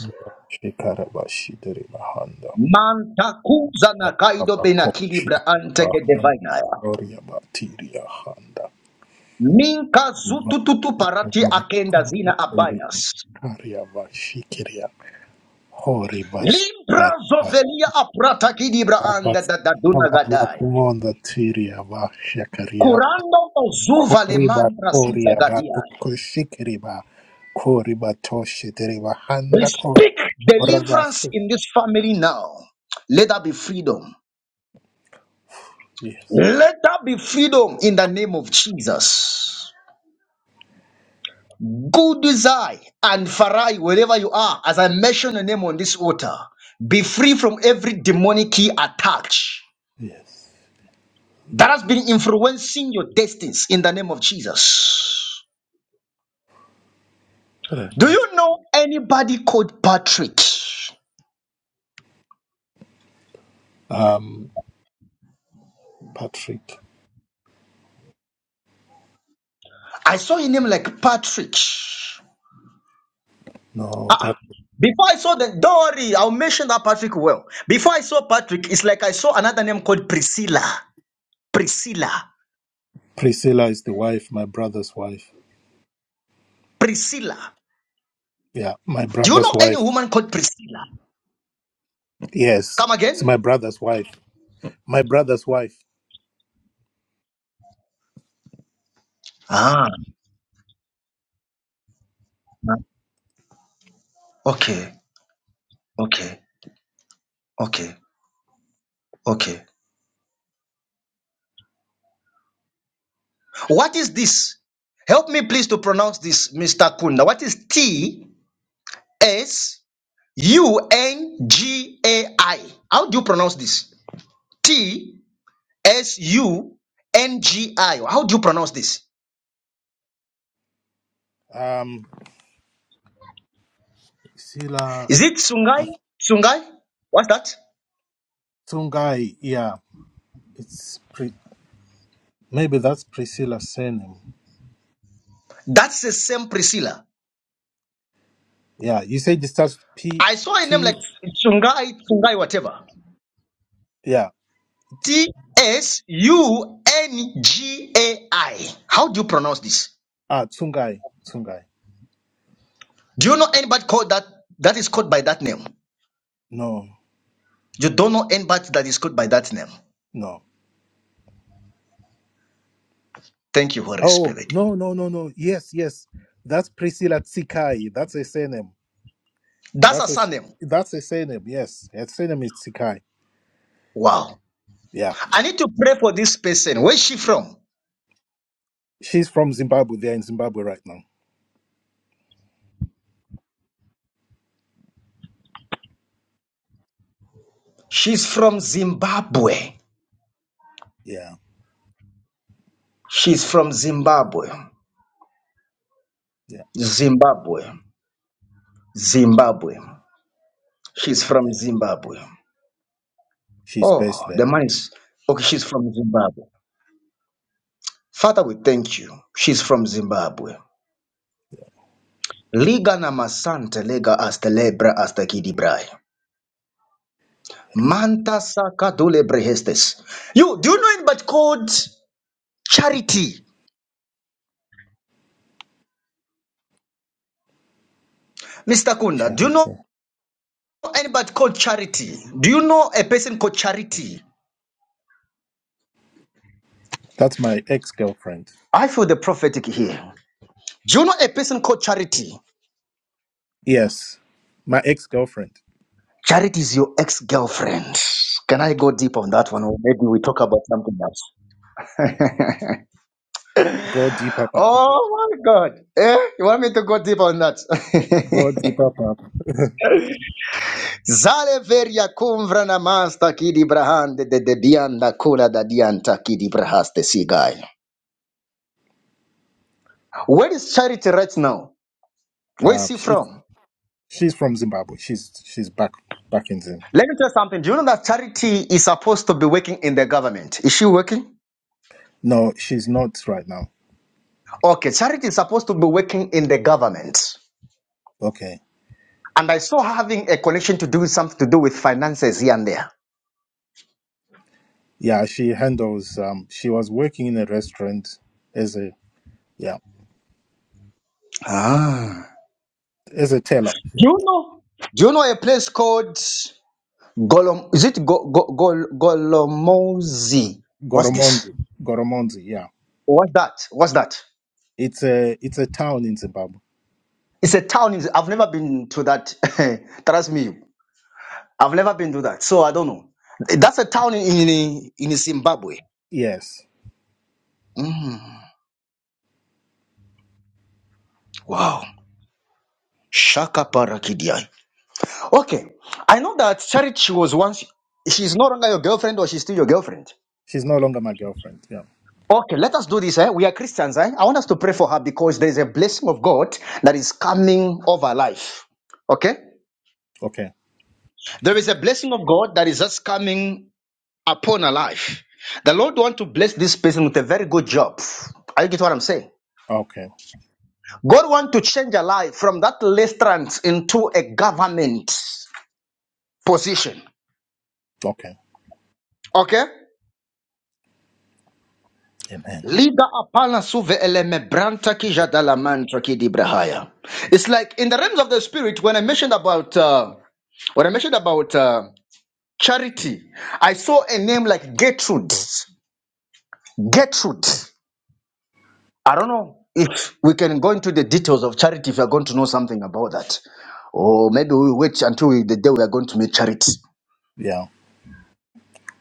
[SPEAKER 6] Shikarabashidribahanda.
[SPEAKER 1] Mantakuza na kaido benakilibra anteke
[SPEAKER 6] Abakoshirabahanda.
[SPEAKER 1] divinaya.
[SPEAKER 6] Oriabatiriyahanda.
[SPEAKER 1] Minka zutututu parati akenda zina
[SPEAKER 6] Ibakurabahanda.
[SPEAKER 1] abinas.
[SPEAKER 6] Koriyakariabashikiria.
[SPEAKER 1] Limbra
[SPEAKER 6] Horibastarabas.
[SPEAKER 1] zovelia aprata kidibra
[SPEAKER 6] Baba
[SPEAKER 1] anda da daduna gadai.
[SPEAKER 6] bakuonda tiria ba shakaria
[SPEAKER 1] Kurando ozuva le
[SPEAKER 6] kori ba
[SPEAKER 1] mantra siza
[SPEAKER 6] toria ba
[SPEAKER 1] gadia.
[SPEAKER 6] ba kori ba toshi ba
[SPEAKER 1] We
[SPEAKER 6] handa ko
[SPEAKER 1] speak deliverance
[SPEAKER 6] rabasta.
[SPEAKER 1] in this family now. Let there be freedom.
[SPEAKER 6] Yes,
[SPEAKER 1] Let there be freedom in the name of Jesus. Good is and Farai, wherever you are, as I mention your name on this altar, be free from every demonic key attack
[SPEAKER 6] yes.
[SPEAKER 1] that has been influencing your destinies in the name of Jesus. Do
[SPEAKER 6] Rabasta.
[SPEAKER 1] you know anybody called Patrick?
[SPEAKER 6] Um, Patrick.
[SPEAKER 1] I saw a name like Patrick.
[SPEAKER 6] No,
[SPEAKER 1] Ah,
[SPEAKER 6] Pat.
[SPEAKER 1] before I saw the don't worry, I'll mention that Patrick well. Before I saw Patrick, it's like I saw another name called Priscilla. Priscilla.
[SPEAKER 6] Priscilla is the wife, my brother's wife.
[SPEAKER 1] Priscilla.
[SPEAKER 6] Yeah, my
[SPEAKER 1] Do you
[SPEAKER 6] brother's
[SPEAKER 1] know any
[SPEAKER 6] wife.
[SPEAKER 1] woman called Priscilla?
[SPEAKER 6] Yes,
[SPEAKER 1] Come
[SPEAKER 6] it's my
[SPEAKER 1] again?
[SPEAKER 6] brother's wife. My brother's wife.
[SPEAKER 1] Ah, okay, okay, okay, okay. What is this? Help me please to pronounce this, Mr. Kunda. What is T S U N G A I? How do you pronounce this? T S U N G I. How do you pronounce this?
[SPEAKER 6] Um, Priscilla
[SPEAKER 1] Is it Sungai? Sungai? What's that?
[SPEAKER 6] Tungai. Yeah, it's. Pri- Maybe that's Priscilla's surname.
[SPEAKER 1] That's the same Priscilla.
[SPEAKER 6] Yeah, you said it starts with P
[SPEAKER 1] I saw a name
[SPEAKER 6] T.
[SPEAKER 1] like Sungai, Sungai, whatever.
[SPEAKER 6] Yeah, it's
[SPEAKER 1] T S U N G A I. How do you pronounce this?
[SPEAKER 6] ah Tsungai Tsungai.
[SPEAKER 1] Do you know anybody called that that is called by that name?
[SPEAKER 6] No,
[SPEAKER 1] You don't know anybody that is called by that name.
[SPEAKER 6] no.
[SPEAKER 1] Thank you, Holy
[SPEAKER 6] Oh
[SPEAKER 1] Spirit.
[SPEAKER 6] no no no no. Yes yes, that's Priscilla Tsikai. That's a surname.
[SPEAKER 1] That's a
[SPEAKER 6] That's a
[SPEAKER 1] surname.
[SPEAKER 6] that's a surname. Yes, her surname is Tsikai.
[SPEAKER 1] Wow.
[SPEAKER 6] Yeah,
[SPEAKER 1] I need to pray for this person. Where's she from?
[SPEAKER 6] she's from Zimbabwe. They're in Zimbabwe right now.
[SPEAKER 1] She's from Zimbabwe.
[SPEAKER 6] Yeah
[SPEAKER 1] She's from Zimbabwe.
[SPEAKER 6] yeah
[SPEAKER 1] Zimbabwe. Zimbabwe. She's from
[SPEAKER 6] yeah.
[SPEAKER 1] Zimbabwe.
[SPEAKER 6] She's based
[SPEAKER 1] Oh, the
[SPEAKER 6] there.
[SPEAKER 1] man is okay. She's from Zimbabwe. Father, we thank you. She's from Zimbabwe. Liga namasante lega astelebra astakidibrai. Manta saka dule brehestes. You do you know anybody called Charity? Mr. Kunda, do you know
[SPEAKER 6] Charity.
[SPEAKER 1] anybody called Charity? Do you know a person called Charity?
[SPEAKER 6] That's my ex girlfriend.
[SPEAKER 1] I feel the prophetic here. Do you know a person called Charity?
[SPEAKER 6] Yes, my ex girlfriend.
[SPEAKER 1] Charity is your ex-girlfriend. Can I go deep on
[SPEAKER 6] Yeah.
[SPEAKER 1] that one? Or maybe we talk about something else.
[SPEAKER 6] Go deeper, Papa.
[SPEAKER 1] Oh my god. Eh? You want me to go deep on that?
[SPEAKER 6] Godzi Papa.
[SPEAKER 1] Zale veria cumvra namasta kidi brahande de de dianda kula da dianta kidi brahaste sigai. Where is charity right now? Where is
[SPEAKER 6] Uh,
[SPEAKER 1] he
[SPEAKER 6] she's
[SPEAKER 1] from?
[SPEAKER 6] she's from Zimbabwe. She's she's back back in Zim.
[SPEAKER 1] Let me tell you something. Do you know that charity is supposed to be working in the government? Is she working?
[SPEAKER 6] No, she's not right now.
[SPEAKER 1] Okay, charity is supposed to be working in the government.
[SPEAKER 6] Okay.
[SPEAKER 1] And I saw having a connection to do with something to do with finances here and there.
[SPEAKER 6] Yeah, she handles. Um, she was working in a restaurant as a yeah
[SPEAKER 1] Ah.
[SPEAKER 6] as a teller. Yeah.
[SPEAKER 1] Do you know? Do you know a place called Golom? Is it Go, Go, Go, Golomozi? What's this?
[SPEAKER 6] Goromonzi. Goromonzi. Yeah.
[SPEAKER 1] What's that? What's that?
[SPEAKER 6] It's a it's a town in Zimbabwe.
[SPEAKER 1] It's a town. in- I've never been to that. Trust me, I've never been to that, so I don't know. That's a town in in, in Zimbabwe.
[SPEAKER 6] Yes.
[SPEAKER 1] Mm, wow. Shaka parakidia. Okay, I know that Charity was once. She's no longer your girlfriend, or she's still your girlfriend.
[SPEAKER 6] She's no longer my girlfriend. Yeah.
[SPEAKER 1] Okay, let us do this. Eh? We are Christians. Eh? I want us to pray for her because there is a blessing of God that is coming over her life. Okay,
[SPEAKER 6] Okay.
[SPEAKER 1] there is a blessing of God that is just coming upon our life. The Lord want to bless this person with a very good job. Are you get what I'm saying?
[SPEAKER 6] Okay.
[SPEAKER 1] God want to change your life from that restaurant into a government position.
[SPEAKER 6] Okay.
[SPEAKER 1] Okay?
[SPEAKER 6] Amen.
[SPEAKER 1] Liga apana suve eleme branta ki jadala mantra ki dibrahaya. It's like in the realms of the spirit, when I mentioned about uh, when I mentioned about uh, charity, I saw a name like Gertrude. Gertrude. I don't know if we can go into the details of charity if you are going to know something about that. Or maybe we'll wait until we, the day we are going to make charity.
[SPEAKER 6] Yeah.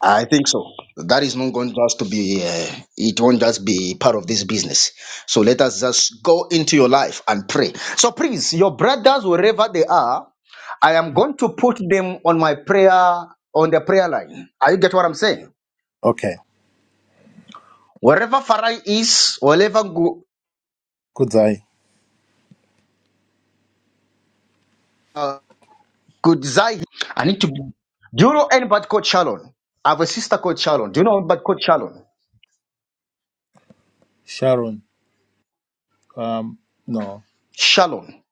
[SPEAKER 1] I think so. That is not going just to be, uh, it won't just be part of this business. So let us just go into your life and pray. So please, your brothers, wherever they are, I am going to put them on my prayer, on the prayer line. Are you get what I'm saying?
[SPEAKER 6] Okay.
[SPEAKER 1] Wherever Farai is, wherever
[SPEAKER 6] Kudzai.
[SPEAKER 1] Could Zai, I need to, do you know anybody called Shalon? I have a sister called Shalon. Do you know anybody called Shalon?
[SPEAKER 6] Sharon. Um. No.
[SPEAKER 1] Shalon.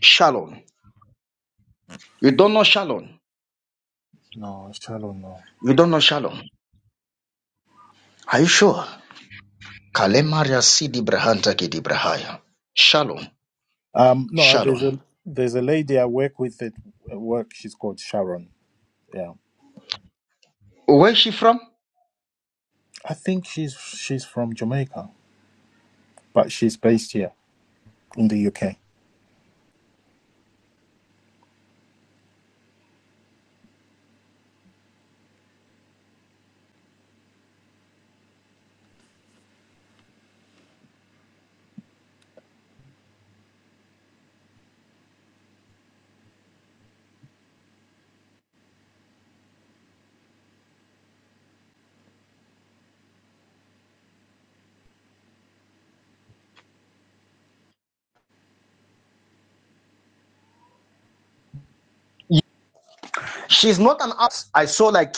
[SPEAKER 1] Shalon. You don't know Shalon?
[SPEAKER 6] No. Sharon. No.
[SPEAKER 1] You don't know Shalon. Are you sure? Kalemaria Sidi Brahanta Kidibrahaya. Shalom.
[SPEAKER 6] Um, no,
[SPEAKER 1] Shalom.
[SPEAKER 6] there's a there's a lady I work with at work. She's called Sharon. Yeah,
[SPEAKER 1] Where is she from?
[SPEAKER 6] I think she's she's from Jamaica, but she's based here in the UK.
[SPEAKER 1] She's not an artist. I saw like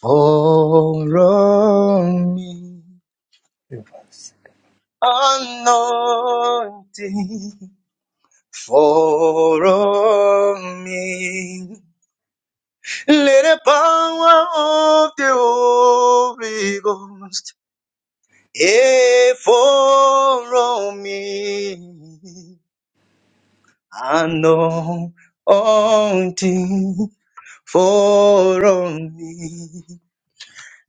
[SPEAKER 1] follow me.
[SPEAKER 6] Yes.
[SPEAKER 1] Anointing, follow me. Let the power of the Holy Ghost fall on me. And all until fall on me.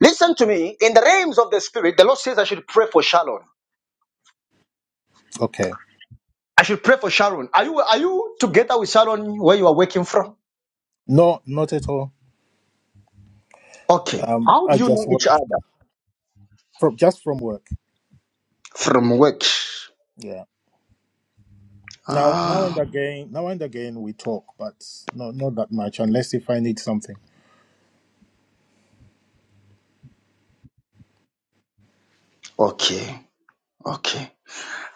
[SPEAKER 1] Listen to me. In the realms of the spirit, the Lord says I should pray for Sharon.
[SPEAKER 6] Okay,
[SPEAKER 1] I should pray for Sharon. Are you are you together with Sharon where you are working from?
[SPEAKER 6] no, not at all.
[SPEAKER 1] Okay.
[SPEAKER 6] Um,
[SPEAKER 1] How do
[SPEAKER 6] I
[SPEAKER 1] you
[SPEAKER 6] just
[SPEAKER 1] know
[SPEAKER 6] work
[SPEAKER 1] each other?
[SPEAKER 6] from just from work.
[SPEAKER 1] From work.
[SPEAKER 6] Yeah. Now, now and
[SPEAKER 1] Ah,
[SPEAKER 6] again, now and again, we talk, but not not that much, unless if I need something.
[SPEAKER 1] okay. Okay.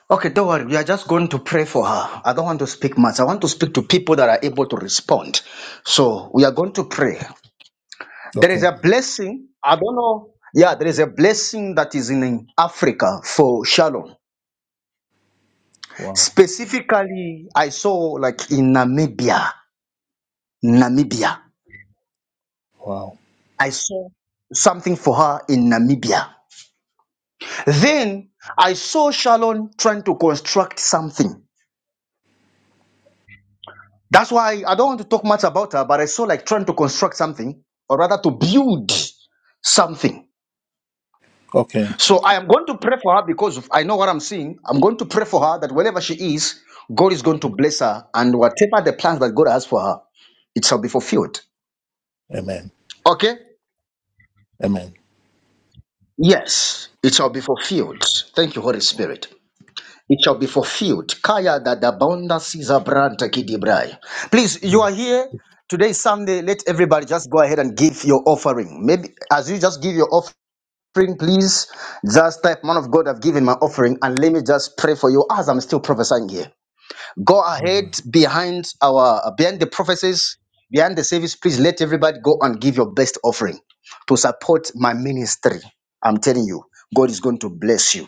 [SPEAKER 1] Okay, don't worry. We are just going to pray for her. I don't want to speak much. I want to speak to people that are able to respond. So we are going to pray. There is
[SPEAKER 6] Okay.
[SPEAKER 1] a blessing. I don't know. Yeah, there is a blessing that is in Africa for Shalom.
[SPEAKER 6] Wow.
[SPEAKER 1] Specifically, I saw like in Namibia. Namibia.
[SPEAKER 6] Wow.
[SPEAKER 1] I saw something for her in Namibia. Then I saw Shalom trying to construct something. That's why I don't want to talk much about her, but I saw like trying to construct something, or rather to build something.
[SPEAKER 6] Okay.
[SPEAKER 1] So I am going to pray for her because of- I know what I'm seeing. I'm going to pray for her that wherever she is, God is going to bless her, and whatever the plans that God has for her, it shall be fulfilled.
[SPEAKER 6] Amen.
[SPEAKER 1] Okay?
[SPEAKER 6] Amen.
[SPEAKER 1] Yes, it shall be fulfilled. Thank you, Holy Spirit. It shall be fulfilled. Kaya da da bonda siza branta kidibrai. Please, you are here. Today is Sunday. Let everybody just go ahead and give your offering. Maybe as you just give your offering, please just type, Man of God, I've given my offering, and let me just pray for you as I'm still prophesying here. Go ahead behind our behind the prophecies, behind the service. Please let everybody go and give your best offering to support my ministry. I'm telling you, God is going to bless you.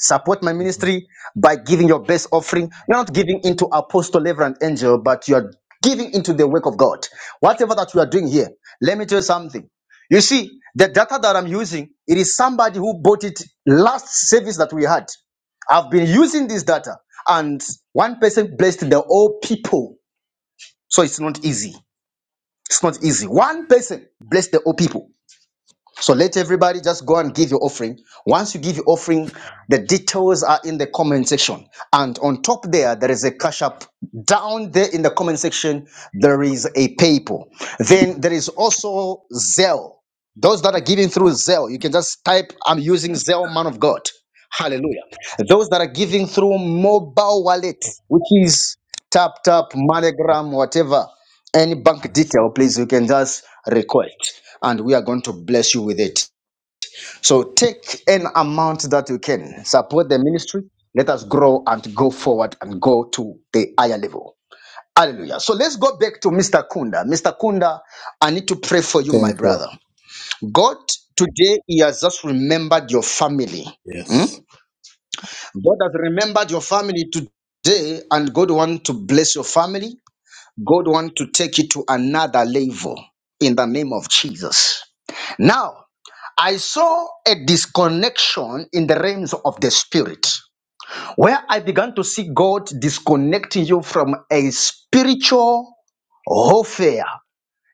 [SPEAKER 1] Support my ministry by giving your best offering. You're not giving into apostle, reverend, angel, but you're giving into the work of God. Whatever that we are doing here, let me tell you something. You see, the data that I'm using, it is somebody who bought it last service that we had. I've been using this data, and one person blessed the whole people. So it's not easy. It's not easy. One person blessed the whole people. So let everybody just go and give your offering. Once you give your offering, the details are in the comment section. And on top there, there is a cash app. Down there in the comment section, there is a PayPal. Then there is also Zelle. Those that are giving through Zelle, you can just type, I'm using Zelle, man of God. Hallelujah. Those that are giving through mobile wallet, which is tap tap, MoneyGram, whatever any bank detail, please, you can just request and we are going to bless you with it. So take an amount that you can support the ministry. Let us grow and go forward and go to the higher level. Hallelujah. So let's go back to Mr. Kunda. Mr. Kunda, I need to pray for you, my
[SPEAKER 6] Thank you.
[SPEAKER 1] brother. God, today, He has just remembered your family. Hmm?
[SPEAKER 6] Yes.
[SPEAKER 1] God has remembered your family today, and God wants to bless your family. God want to take it to another level in the name of Jesus. Now, I saw a disconnection in the realms of the spirit, where I began to see God disconnecting you from a spiritual warfare,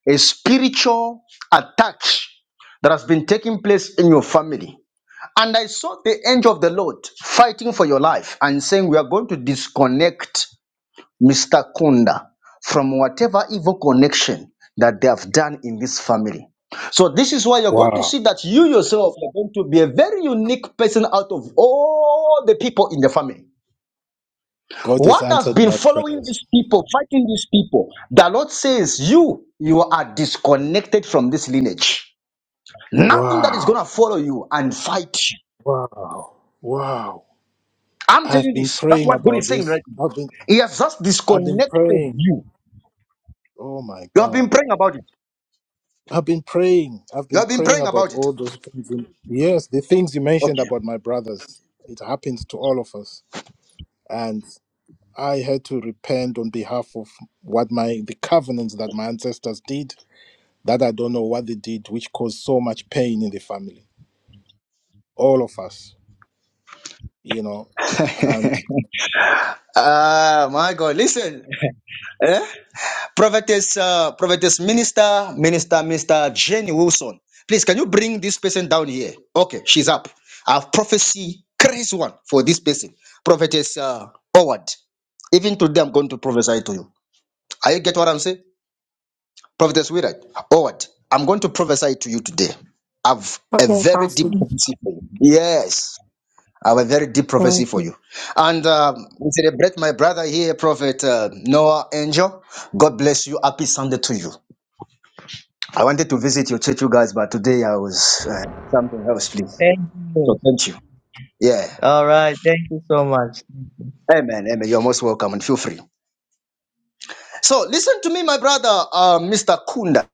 [SPEAKER 1] a spiritual attack that has been taking place in your family. And I saw the angel of the Lord fighting for your life and saying, We are going to disconnect Mr. Kunda from whatever evil connection that they have done in this family. So this is why you're going to
[SPEAKER 6] Wow.
[SPEAKER 1] see that you yourself are going to be a very unique person out of all the people in the family.
[SPEAKER 6] God has
[SPEAKER 1] What has
[SPEAKER 6] answered
[SPEAKER 1] been
[SPEAKER 6] my
[SPEAKER 1] following
[SPEAKER 6] prayers.
[SPEAKER 1] these people, fighting these people, the Lord says you, you are disconnected from this lineage. Nothing that is
[SPEAKER 6] Wow.
[SPEAKER 1] going to follow you and fight you.
[SPEAKER 6] Wow. Wow.
[SPEAKER 1] I'm
[SPEAKER 6] I've
[SPEAKER 1] telling you
[SPEAKER 6] been
[SPEAKER 1] this. That's
[SPEAKER 6] praying
[SPEAKER 1] what God
[SPEAKER 6] about
[SPEAKER 1] is saying
[SPEAKER 6] this.
[SPEAKER 1] right now.
[SPEAKER 6] I've been
[SPEAKER 1] He has just
[SPEAKER 6] I've been
[SPEAKER 1] disconnected
[SPEAKER 6] praying.
[SPEAKER 1] you.
[SPEAKER 6] Oh my
[SPEAKER 1] You have been
[SPEAKER 6] God.
[SPEAKER 1] praying about it.
[SPEAKER 6] I've been praying. I've
[SPEAKER 1] You
[SPEAKER 6] been
[SPEAKER 1] have been
[SPEAKER 6] praying
[SPEAKER 1] praying
[SPEAKER 6] about
[SPEAKER 1] about it.
[SPEAKER 6] all those things. In, yes, the things you mentioned
[SPEAKER 1] Okay.
[SPEAKER 6] about my brothers. It happens to all of us. And I had to repent on behalf of what my the covenants that my ancestors did that I don't know what they did, which caused so much pain in the family. All of us, you know. And
[SPEAKER 1] Ah, my God. Listen, eh? Prophetess, uh, Prophetess Minister, Minister, Minister Jenny Wilson. Please, can you bring this person down here? Okay, she's up. I have prophecy, crazy one for this person. Prophetess uh, Howard. Even today, I'm going to prophesy to you. Are you get what I'm saying? Prophetess Willard, Howard, I'm going to prophesy to you today. I've a
[SPEAKER 11] Okay,
[SPEAKER 1] very deep
[SPEAKER 11] Apostle.
[SPEAKER 1] prophecy for you. Yes. I have a very deep prophecy
[SPEAKER 11] Thank
[SPEAKER 1] for
[SPEAKER 11] you.
[SPEAKER 1] you. And um, we celebrate my brother here, Prophet uh, Noah Angel. God bless you. Happy Sunday to you. I wanted to visit your church, you guys, but today I was uh, something else, please.
[SPEAKER 12] Thank
[SPEAKER 1] So
[SPEAKER 12] you.
[SPEAKER 1] thank you. Yeah.
[SPEAKER 12] All right. Thank you so much.
[SPEAKER 1] Amen. Amen. You're most welcome and feel free. So listen to me, my brother, uh, Mr. Kunda.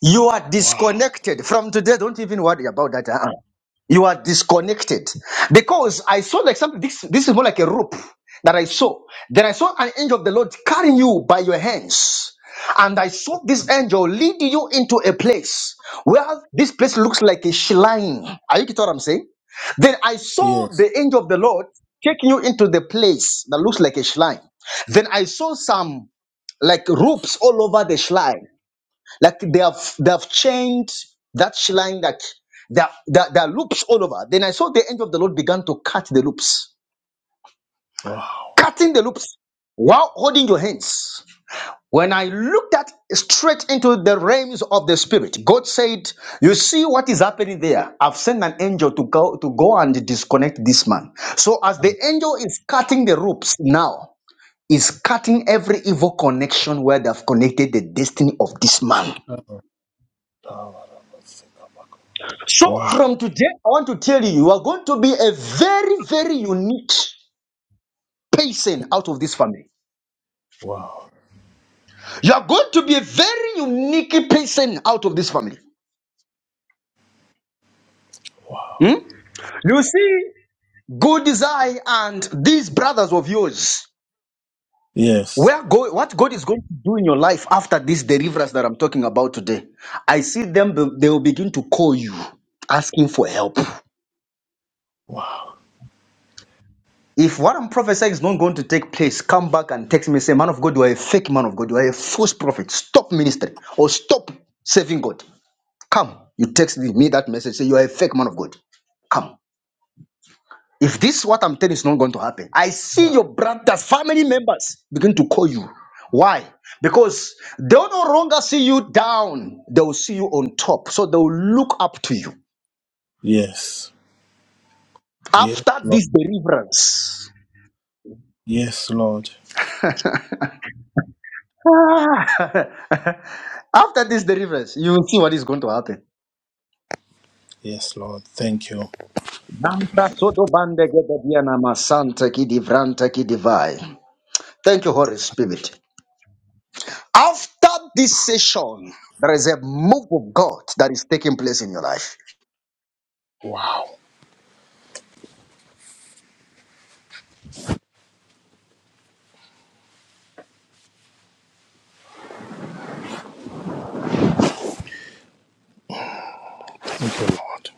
[SPEAKER 1] You are
[SPEAKER 6] wow.
[SPEAKER 1] disconnected from today. Don't even worry about that. uh-uh. You are disconnected. Because I saw like something, this, this is more like a rope that I saw. Then I saw an angel of the Lord carrying you by your hands. And I saw this angel lead you into a place where this place looks like a shrine. Are you getting what I'm saying? Then I saw
[SPEAKER 6] Yes.
[SPEAKER 1] the angel of the Lord taking you into the place that looks like a shrine. Then I saw some like ropes all over the shrine. Like they have they have chained that line that there, are there, are- there are loops all over. Then I saw the angel of the Lord began to cut the loops,
[SPEAKER 6] Wow.
[SPEAKER 1] cutting the loops while holding your hands. When I looked at straight into the realms of the spirit, God said, "You see what is happening there? I've sent an angel to go to go and disconnect this man." So as the
[SPEAKER 6] And,
[SPEAKER 1] angel is cutting the ropes now, is cutting every evil connection where they've connected the destiny of this man.
[SPEAKER 6] uh,
[SPEAKER 1] So
[SPEAKER 6] Wow.
[SPEAKER 1] from today, I want to tell you, you are going to be a very, very unique person out of this family.
[SPEAKER 6] Wow.
[SPEAKER 1] You are going to be a very unique person out of this family.
[SPEAKER 6] Wow.
[SPEAKER 1] Hmm? You see, good desire and these brothers of yours,
[SPEAKER 6] Yes.
[SPEAKER 1] where go, what God is going to do in your life after this deliverance that I'm talking about today, I see them, they will begin to call you asking for help.
[SPEAKER 6] Wow.
[SPEAKER 1] If what I'm prophesying is not going to take place, come back and text me and say, Man of God, you are a fake man of God. You are a false prophet. Stop ministry or stop serving God. Come. You text me that message. Say, You are a fake man of God. Come. If this is what I'm telling you is not going to happen, I see your brothers, family members begin to call you. Why? Because they'll no longer see you down, they'll see you on top. So they'll look up to you
[SPEAKER 6] Yes. Yes,
[SPEAKER 1] after
[SPEAKER 6] Lord.
[SPEAKER 1] this deliverance.
[SPEAKER 6] Yes, Lord.
[SPEAKER 1] Ah. After this deliverance, you will see what is going to happen.
[SPEAKER 6] Yes, Lord. Thank you.
[SPEAKER 1] Banda soto bande gede diana masante ki divrante ki divai. Thank you, Holy Spirit. After this session, there is a move of God that is taking place in your life.
[SPEAKER 6] Wow. Thank you, Lord.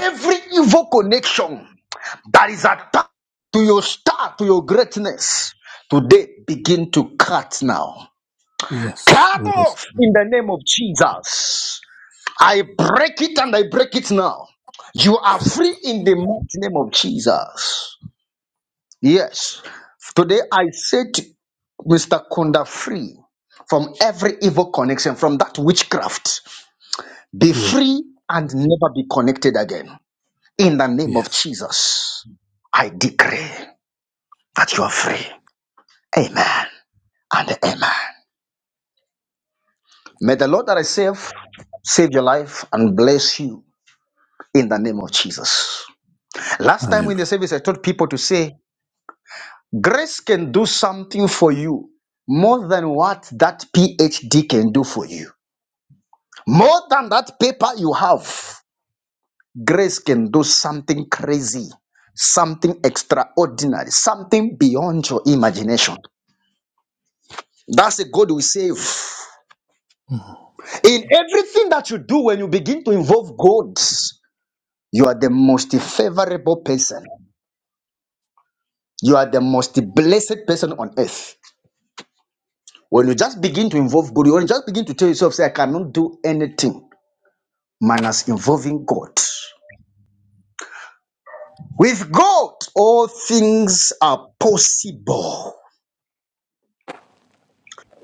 [SPEAKER 1] Every evil connection that is attached to your star, to your greatness, today begin to cut now.
[SPEAKER 6] Yes.
[SPEAKER 1] Cut
[SPEAKER 6] Yes.
[SPEAKER 1] off in the name of Jesus. I break it and I break it now. You are free in the mighty name of Jesus. Yes. Today I set Mr. Kunda free from every evil connection, from that witchcraft. Be
[SPEAKER 6] Yes.
[SPEAKER 1] free and never be connected again. In the name of
[SPEAKER 6] yes.
[SPEAKER 1] Jesus, I decree that you are free. Amen and amen. May the Lord that I save save your life and bless you in the name of Jesus. Last time in the
[SPEAKER 6] Hallelujah.
[SPEAKER 1] service, I told people to say, Grace can do something for you more than what that PhD can do for you. More than that paper you have, grace can do something crazy, something extraordinary, something beyond your imagination. That's a God we save. In everything that you do, when you begin to involve God, you are the most favorable person. You are the most blessed person on earth. When you just begin to involve God, when you just begin to tell yourself, say, I cannot do anything, minus involving God. With God, all things are possible.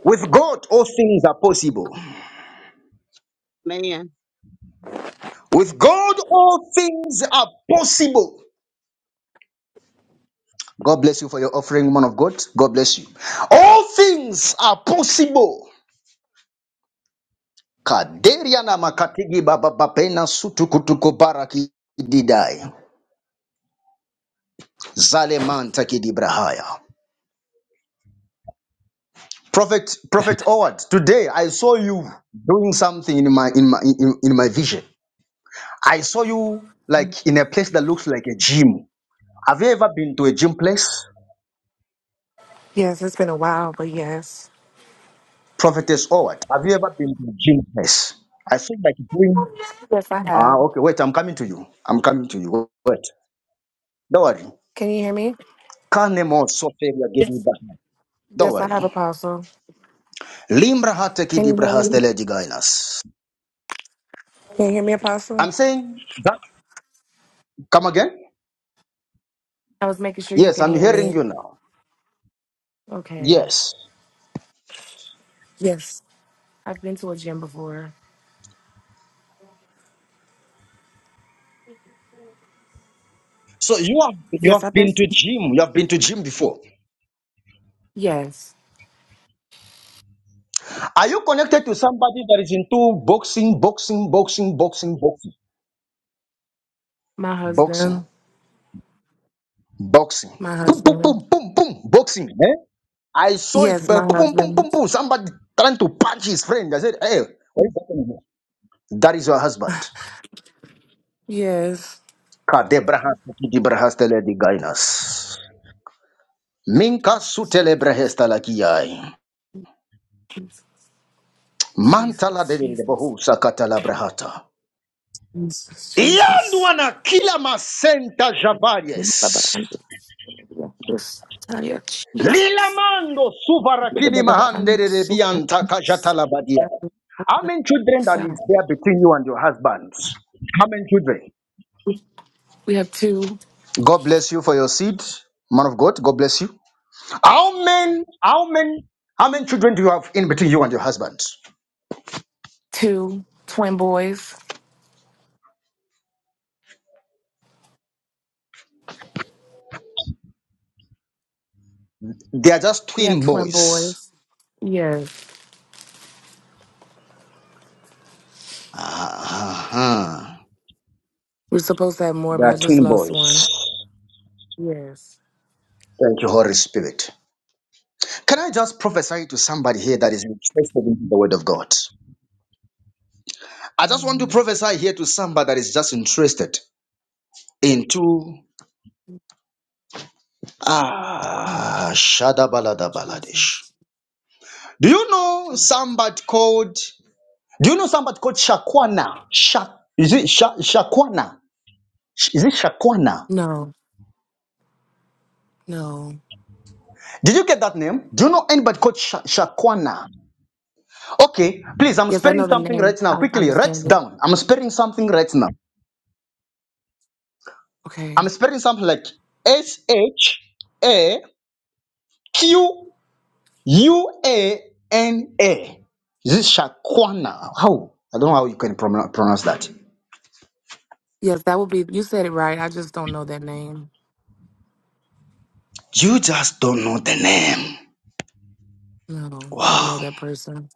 [SPEAKER 1] With God, all things are possible.
[SPEAKER 9] Man.
[SPEAKER 1] With God, all things are possible. God bless you for your offering, man of God. God bless you. All things are possible. Kaderia makatigi baba bapena sutukutuko baraki didai. Zale kidibrahaya. Prophet Prophet Howard, today I saw you doing something in my in my in, in my vision. I saw you like in a place that looks like a gym. Have you ever been to a gym place?
[SPEAKER 11] Yes, it's been a while, but yes.
[SPEAKER 1] Prophetess Howard, have you ever been to a gym place? I saw you like doing
[SPEAKER 11] Yes, I
[SPEAKER 1] Ah,
[SPEAKER 11] have.
[SPEAKER 1] okay, wait, I'm coming to you. I'm coming to you. Wait. Don't worry.
[SPEAKER 11] Can you hear me?
[SPEAKER 1] Kane mo soferia gebe
[SPEAKER 11] Yes.
[SPEAKER 1] baha. Don't
[SPEAKER 11] Yes, I
[SPEAKER 1] worry.
[SPEAKER 11] have, Apostle.
[SPEAKER 1] Limra hateki
[SPEAKER 11] Can you hear
[SPEAKER 1] dibrahas
[SPEAKER 11] me?
[SPEAKER 1] telegigainas.
[SPEAKER 11] Can you hear me, Apostle?
[SPEAKER 1] I'm saying that come again?
[SPEAKER 11] I was making sure you
[SPEAKER 1] Yes,
[SPEAKER 11] could
[SPEAKER 1] I'm
[SPEAKER 11] hear
[SPEAKER 1] hearing
[SPEAKER 11] me.
[SPEAKER 1] you now.
[SPEAKER 11] Okay.
[SPEAKER 1] Yes.
[SPEAKER 11] Yes. I've been to a gym before.
[SPEAKER 1] So you have you have
[SPEAKER 11] Yes, I've been
[SPEAKER 1] been to
[SPEAKER 11] to
[SPEAKER 1] gym. You have been to gym before.
[SPEAKER 11] Yes.
[SPEAKER 1] Are you connected to somebody that is into boxing, boxing, boxing, boxing, boxing,
[SPEAKER 11] My
[SPEAKER 1] boxing,
[SPEAKER 11] husband.
[SPEAKER 1] boxing?
[SPEAKER 11] My
[SPEAKER 1] Boom, boom,
[SPEAKER 11] husband.
[SPEAKER 1] boom, boom, boom, boxing. Eh? I saw it.
[SPEAKER 11] Yes, my
[SPEAKER 1] Boom, boom, boom, boom,
[SPEAKER 11] husband.
[SPEAKER 1] boom. Somebody trying to punch his friend. I said, "Hey, what is happening here?" That is your husband.
[SPEAKER 11] Yes.
[SPEAKER 1] Kadebrahas, kidibrahastele digainas. Minka
[SPEAKER 11] Jesus,
[SPEAKER 1] sutele brahesta lakiyai.
[SPEAKER 11] Jesus, Jesus,
[SPEAKER 1] Mantala de de
[SPEAKER 11] Jesus,
[SPEAKER 1] bohu sakata la brahata.
[SPEAKER 11] Jesus,
[SPEAKER 1] yandu
[SPEAKER 11] Jesus.
[SPEAKER 1] wana kila masenta javaries
[SPEAKER 11] This tired Jesus.
[SPEAKER 1] lilamando suvarakini
[SPEAKER 11] I'm
[SPEAKER 1] mahandere
[SPEAKER 11] So
[SPEAKER 1] bianta kajatalabadia how many children that is
[SPEAKER 11] so
[SPEAKER 1] there between you and your husband how many children
[SPEAKER 11] we have two
[SPEAKER 1] god bless you for your seed man of god god bless you how many how many how many children do you have in between you and your husband
[SPEAKER 11] two twin boys.
[SPEAKER 1] they are just
[SPEAKER 11] We have
[SPEAKER 1] twin
[SPEAKER 11] twin
[SPEAKER 1] boys
[SPEAKER 11] boys. Yes.
[SPEAKER 1] Ah, huh
[SPEAKER 11] We're supposed to have more,
[SPEAKER 1] they
[SPEAKER 11] but I
[SPEAKER 1] are
[SPEAKER 11] just
[SPEAKER 1] twin
[SPEAKER 11] lost
[SPEAKER 1] boys
[SPEAKER 11] one. Yes.
[SPEAKER 1] thank you holy spirit Can I just prophesy to somebody here that is interested in the word of God? I just want to
[SPEAKER 11] Mm,
[SPEAKER 1] prophesy here to somebody that is just interested into ah Shadabalada Baladish.
[SPEAKER 11] Jesus.
[SPEAKER 1] Do you know
[SPEAKER 11] Jesus.
[SPEAKER 1] somebody called do you know somebody called Shakwana? Sha, is it Sha, Shakwana? Sh- Is it Shakwana?
[SPEAKER 11] No, no.
[SPEAKER 1] Did you get that name? Do you know anybody called Sha, Shakwana? Okay, please, I'm
[SPEAKER 11] Yes, I know
[SPEAKER 1] spelling
[SPEAKER 11] the
[SPEAKER 1] something
[SPEAKER 11] name.
[SPEAKER 1] right now.
[SPEAKER 11] I
[SPEAKER 1] Quickly, write
[SPEAKER 11] understand it.
[SPEAKER 1] down. I'm spelling something right now.
[SPEAKER 11] Okay.
[SPEAKER 1] I'm spelling something like S H A Q U A N A. Is it Shakwana? How? I don't know how you can pronoun- pronounce that.
[SPEAKER 11] Yes, that would be you said it right. I just don't know that name.
[SPEAKER 1] You just don't know the name.
[SPEAKER 11] No, I don't know
[SPEAKER 1] Wow.
[SPEAKER 11] that person.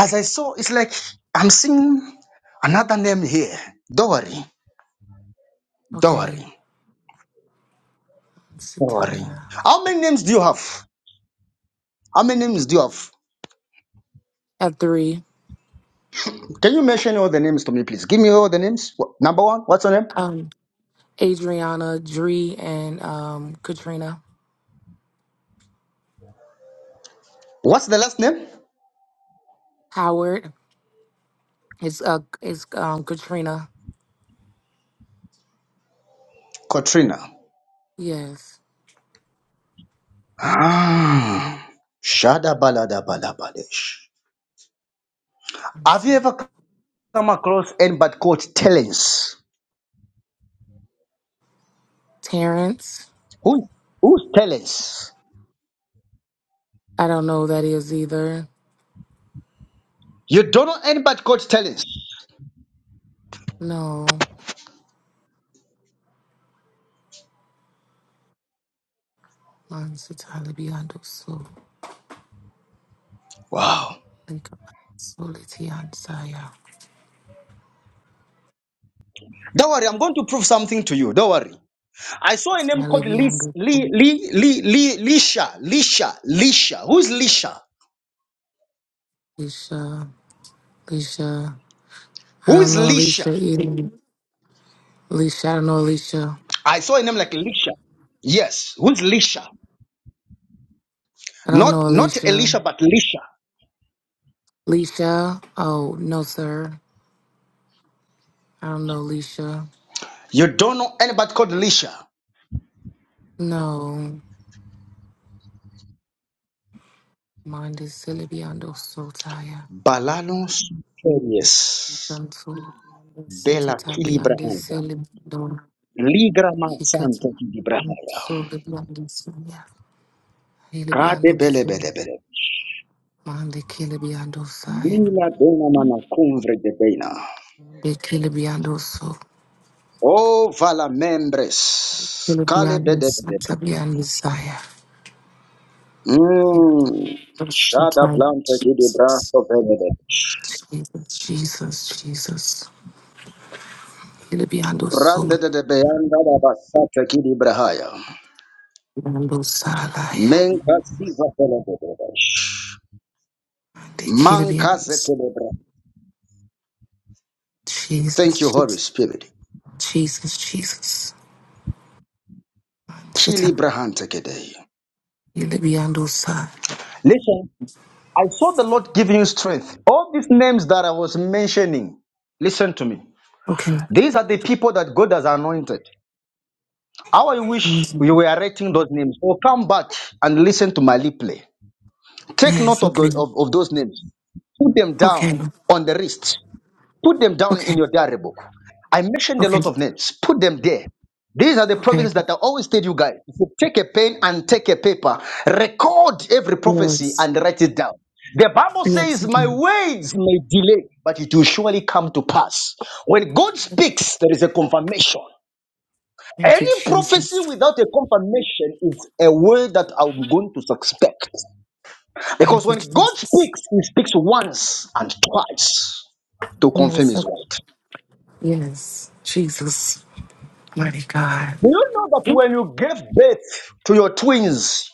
[SPEAKER 1] As I saw, it's like I'm seeing another name here. Dory.
[SPEAKER 11] Okay.
[SPEAKER 1] Dory. Dory.
[SPEAKER 11] Sikaya.
[SPEAKER 1] How many names do you have? How many names do you have?
[SPEAKER 11] At three.
[SPEAKER 1] Can you mention all the names to me, please? Give me all the names. Wh- Number one, what's your name?
[SPEAKER 11] Um, Adriana, Dree, and um, Katrina.
[SPEAKER 1] What's the last name?
[SPEAKER 11] Howard. It's uh it's um Katrina.
[SPEAKER 1] Katrina.
[SPEAKER 11] Yes.
[SPEAKER 1] Ah, shada balada balabalesh.
[SPEAKER 11] Let me
[SPEAKER 1] Have you
[SPEAKER 11] see.
[SPEAKER 1] ever come across anybody called talents?
[SPEAKER 11] Terrence.
[SPEAKER 1] Who? Who's talents?
[SPEAKER 11] I don't know who that is either.
[SPEAKER 1] You don't know anybody called talents.
[SPEAKER 11] No. Mansa Talibiando so
[SPEAKER 1] Wow.
[SPEAKER 11] think Solitiansaya.
[SPEAKER 1] Don't worry, I'm going to prove something to you. Don't worry. I saw a name called Lis-
[SPEAKER 11] Talibiando
[SPEAKER 1] Li Li Li Li Lisha. Lisha. Lisha. Who's Lisha?
[SPEAKER 11] Alicia. Alicia. I don't
[SPEAKER 1] Who's
[SPEAKER 11] know
[SPEAKER 1] Lisha?
[SPEAKER 11] Alicia either. Alicia, I don't know Alicia.
[SPEAKER 1] I saw a name like Lisha. Yes. Who's Lisha?
[SPEAKER 11] I don't
[SPEAKER 1] Not
[SPEAKER 11] know
[SPEAKER 1] not
[SPEAKER 11] Alicia.
[SPEAKER 1] Elisha, but Lisha.
[SPEAKER 11] Alicia. Oh, no, sir. I don't know, Leisha.
[SPEAKER 1] You don't know anybody called Lisha.
[SPEAKER 11] No, mind is silly beyond those so tired.
[SPEAKER 1] Balanos ferias
[SPEAKER 11] I'm too
[SPEAKER 1] de
[SPEAKER 11] set a
[SPEAKER 1] la
[SPEAKER 11] tabby and this
[SPEAKER 1] Kilibrahata.
[SPEAKER 11] silly don't
[SPEAKER 1] Ligra
[SPEAKER 11] he cuts
[SPEAKER 1] Santa
[SPEAKER 11] and
[SPEAKER 1] Kilibrahata.
[SPEAKER 11] so good beyond this yeah. he'll be beyond
[SPEAKER 1] Cade
[SPEAKER 11] those
[SPEAKER 1] bele
[SPEAKER 11] so
[SPEAKER 1] bele bele.
[SPEAKER 11] mind the killer beyond those sire.
[SPEAKER 1] Mila dona mana cumbre de bena.
[SPEAKER 11] The killer beyond those so
[SPEAKER 1] O vala membres.
[SPEAKER 11] killer
[SPEAKER 1] Cale
[SPEAKER 11] beyond
[SPEAKER 1] bede
[SPEAKER 11] this
[SPEAKER 1] bede.
[SPEAKER 11] tabby and desire. He
[SPEAKER 1] Mmm.
[SPEAKER 11] was so
[SPEAKER 1] Shada
[SPEAKER 11] tired.
[SPEAKER 1] planta
[SPEAKER 11] Jesus,
[SPEAKER 1] kilibrahato bele bele.
[SPEAKER 11] Jesus, Jesus, Jesus. Hilly beyond those so
[SPEAKER 1] Rande de de beanda da basata kilibrahaya.
[SPEAKER 11] beyond those sire.
[SPEAKER 1] Menka siva bele bele.
[SPEAKER 11] The killer
[SPEAKER 1] Manka
[SPEAKER 11] beyond.
[SPEAKER 1] zetelebra. Thank you,
[SPEAKER 11] Jesus,
[SPEAKER 1] Holy
[SPEAKER 11] Jesus,
[SPEAKER 1] Spirit.
[SPEAKER 11] Jesus, Jesus. Sit
[SPEAKER 1] Kili Brahantekede.
[SPEAKER 11] You let me on those side.
[SPEAKER 1] Listen, I saw the Lord giving you strength. All these names that I was mentioning, listen to me.
[SPEAKER 11] Okay.
[SPEAKER 1] These are the people that God has anointed. How I wish you were
[SPEAKER 11] Mhm.
[SPEAKER 1] writing those names. Or come back and listen to my lip play. Take
[SPEAKER 11] Yes,
[SPEAKER 1] note of,
[SPEAKER 11] okay.
[SPEAKER 1] the, of, of those names. Put them
[SPEAKER 11] Okay.
[SPEAKER 1] down on the wrist. Put them down in
[SPEAKER 11] Okay.
[SPEAKER 1] your diary book. I mentioned a
[SPEAKER 11] Okay.
[SPEAKER 1] lot of names. Put them there. These are the
[SPEAKER 11] Okay.
[SPEAKER 1] prophecies that I always tell you guys. If you take a pen and take a paper, record every prophecy
[SPEAKER 11] Yes.
[SPEAKER 1] and write it down. The Bible
[SPEAKER 11] Yes.
[SPEAKER 1] says, My
[SPEAKER 11] Okay.
[SPEAKER 1] words may delay, but it will surely come to pass. When God speaks, there is a confirmation.
[SPEAKER 11] Thank you,
[SPEAKER 1] Any prophecy
[SPEAKER 11] Jesus.
[SPEAKER 1] without a confirmation is a word that I'm going to suspect. Because
[SPEAKER 11] Thank you,
[SPEAKER 1] when God
[SPEAKER 11] Jesus.
[SPEAKER 1] speaks, He speaks once and twice to confirm
[SPEAKER 11] Yes.
[SPEAKER 1] His
[SPEAKER 11] okay.
[SPEAKER 1] word.
[SPEAKER 11] Yes. Jesus. Mighty God.
[SPEAKER 1] Do you know that when you gave birth to your twins,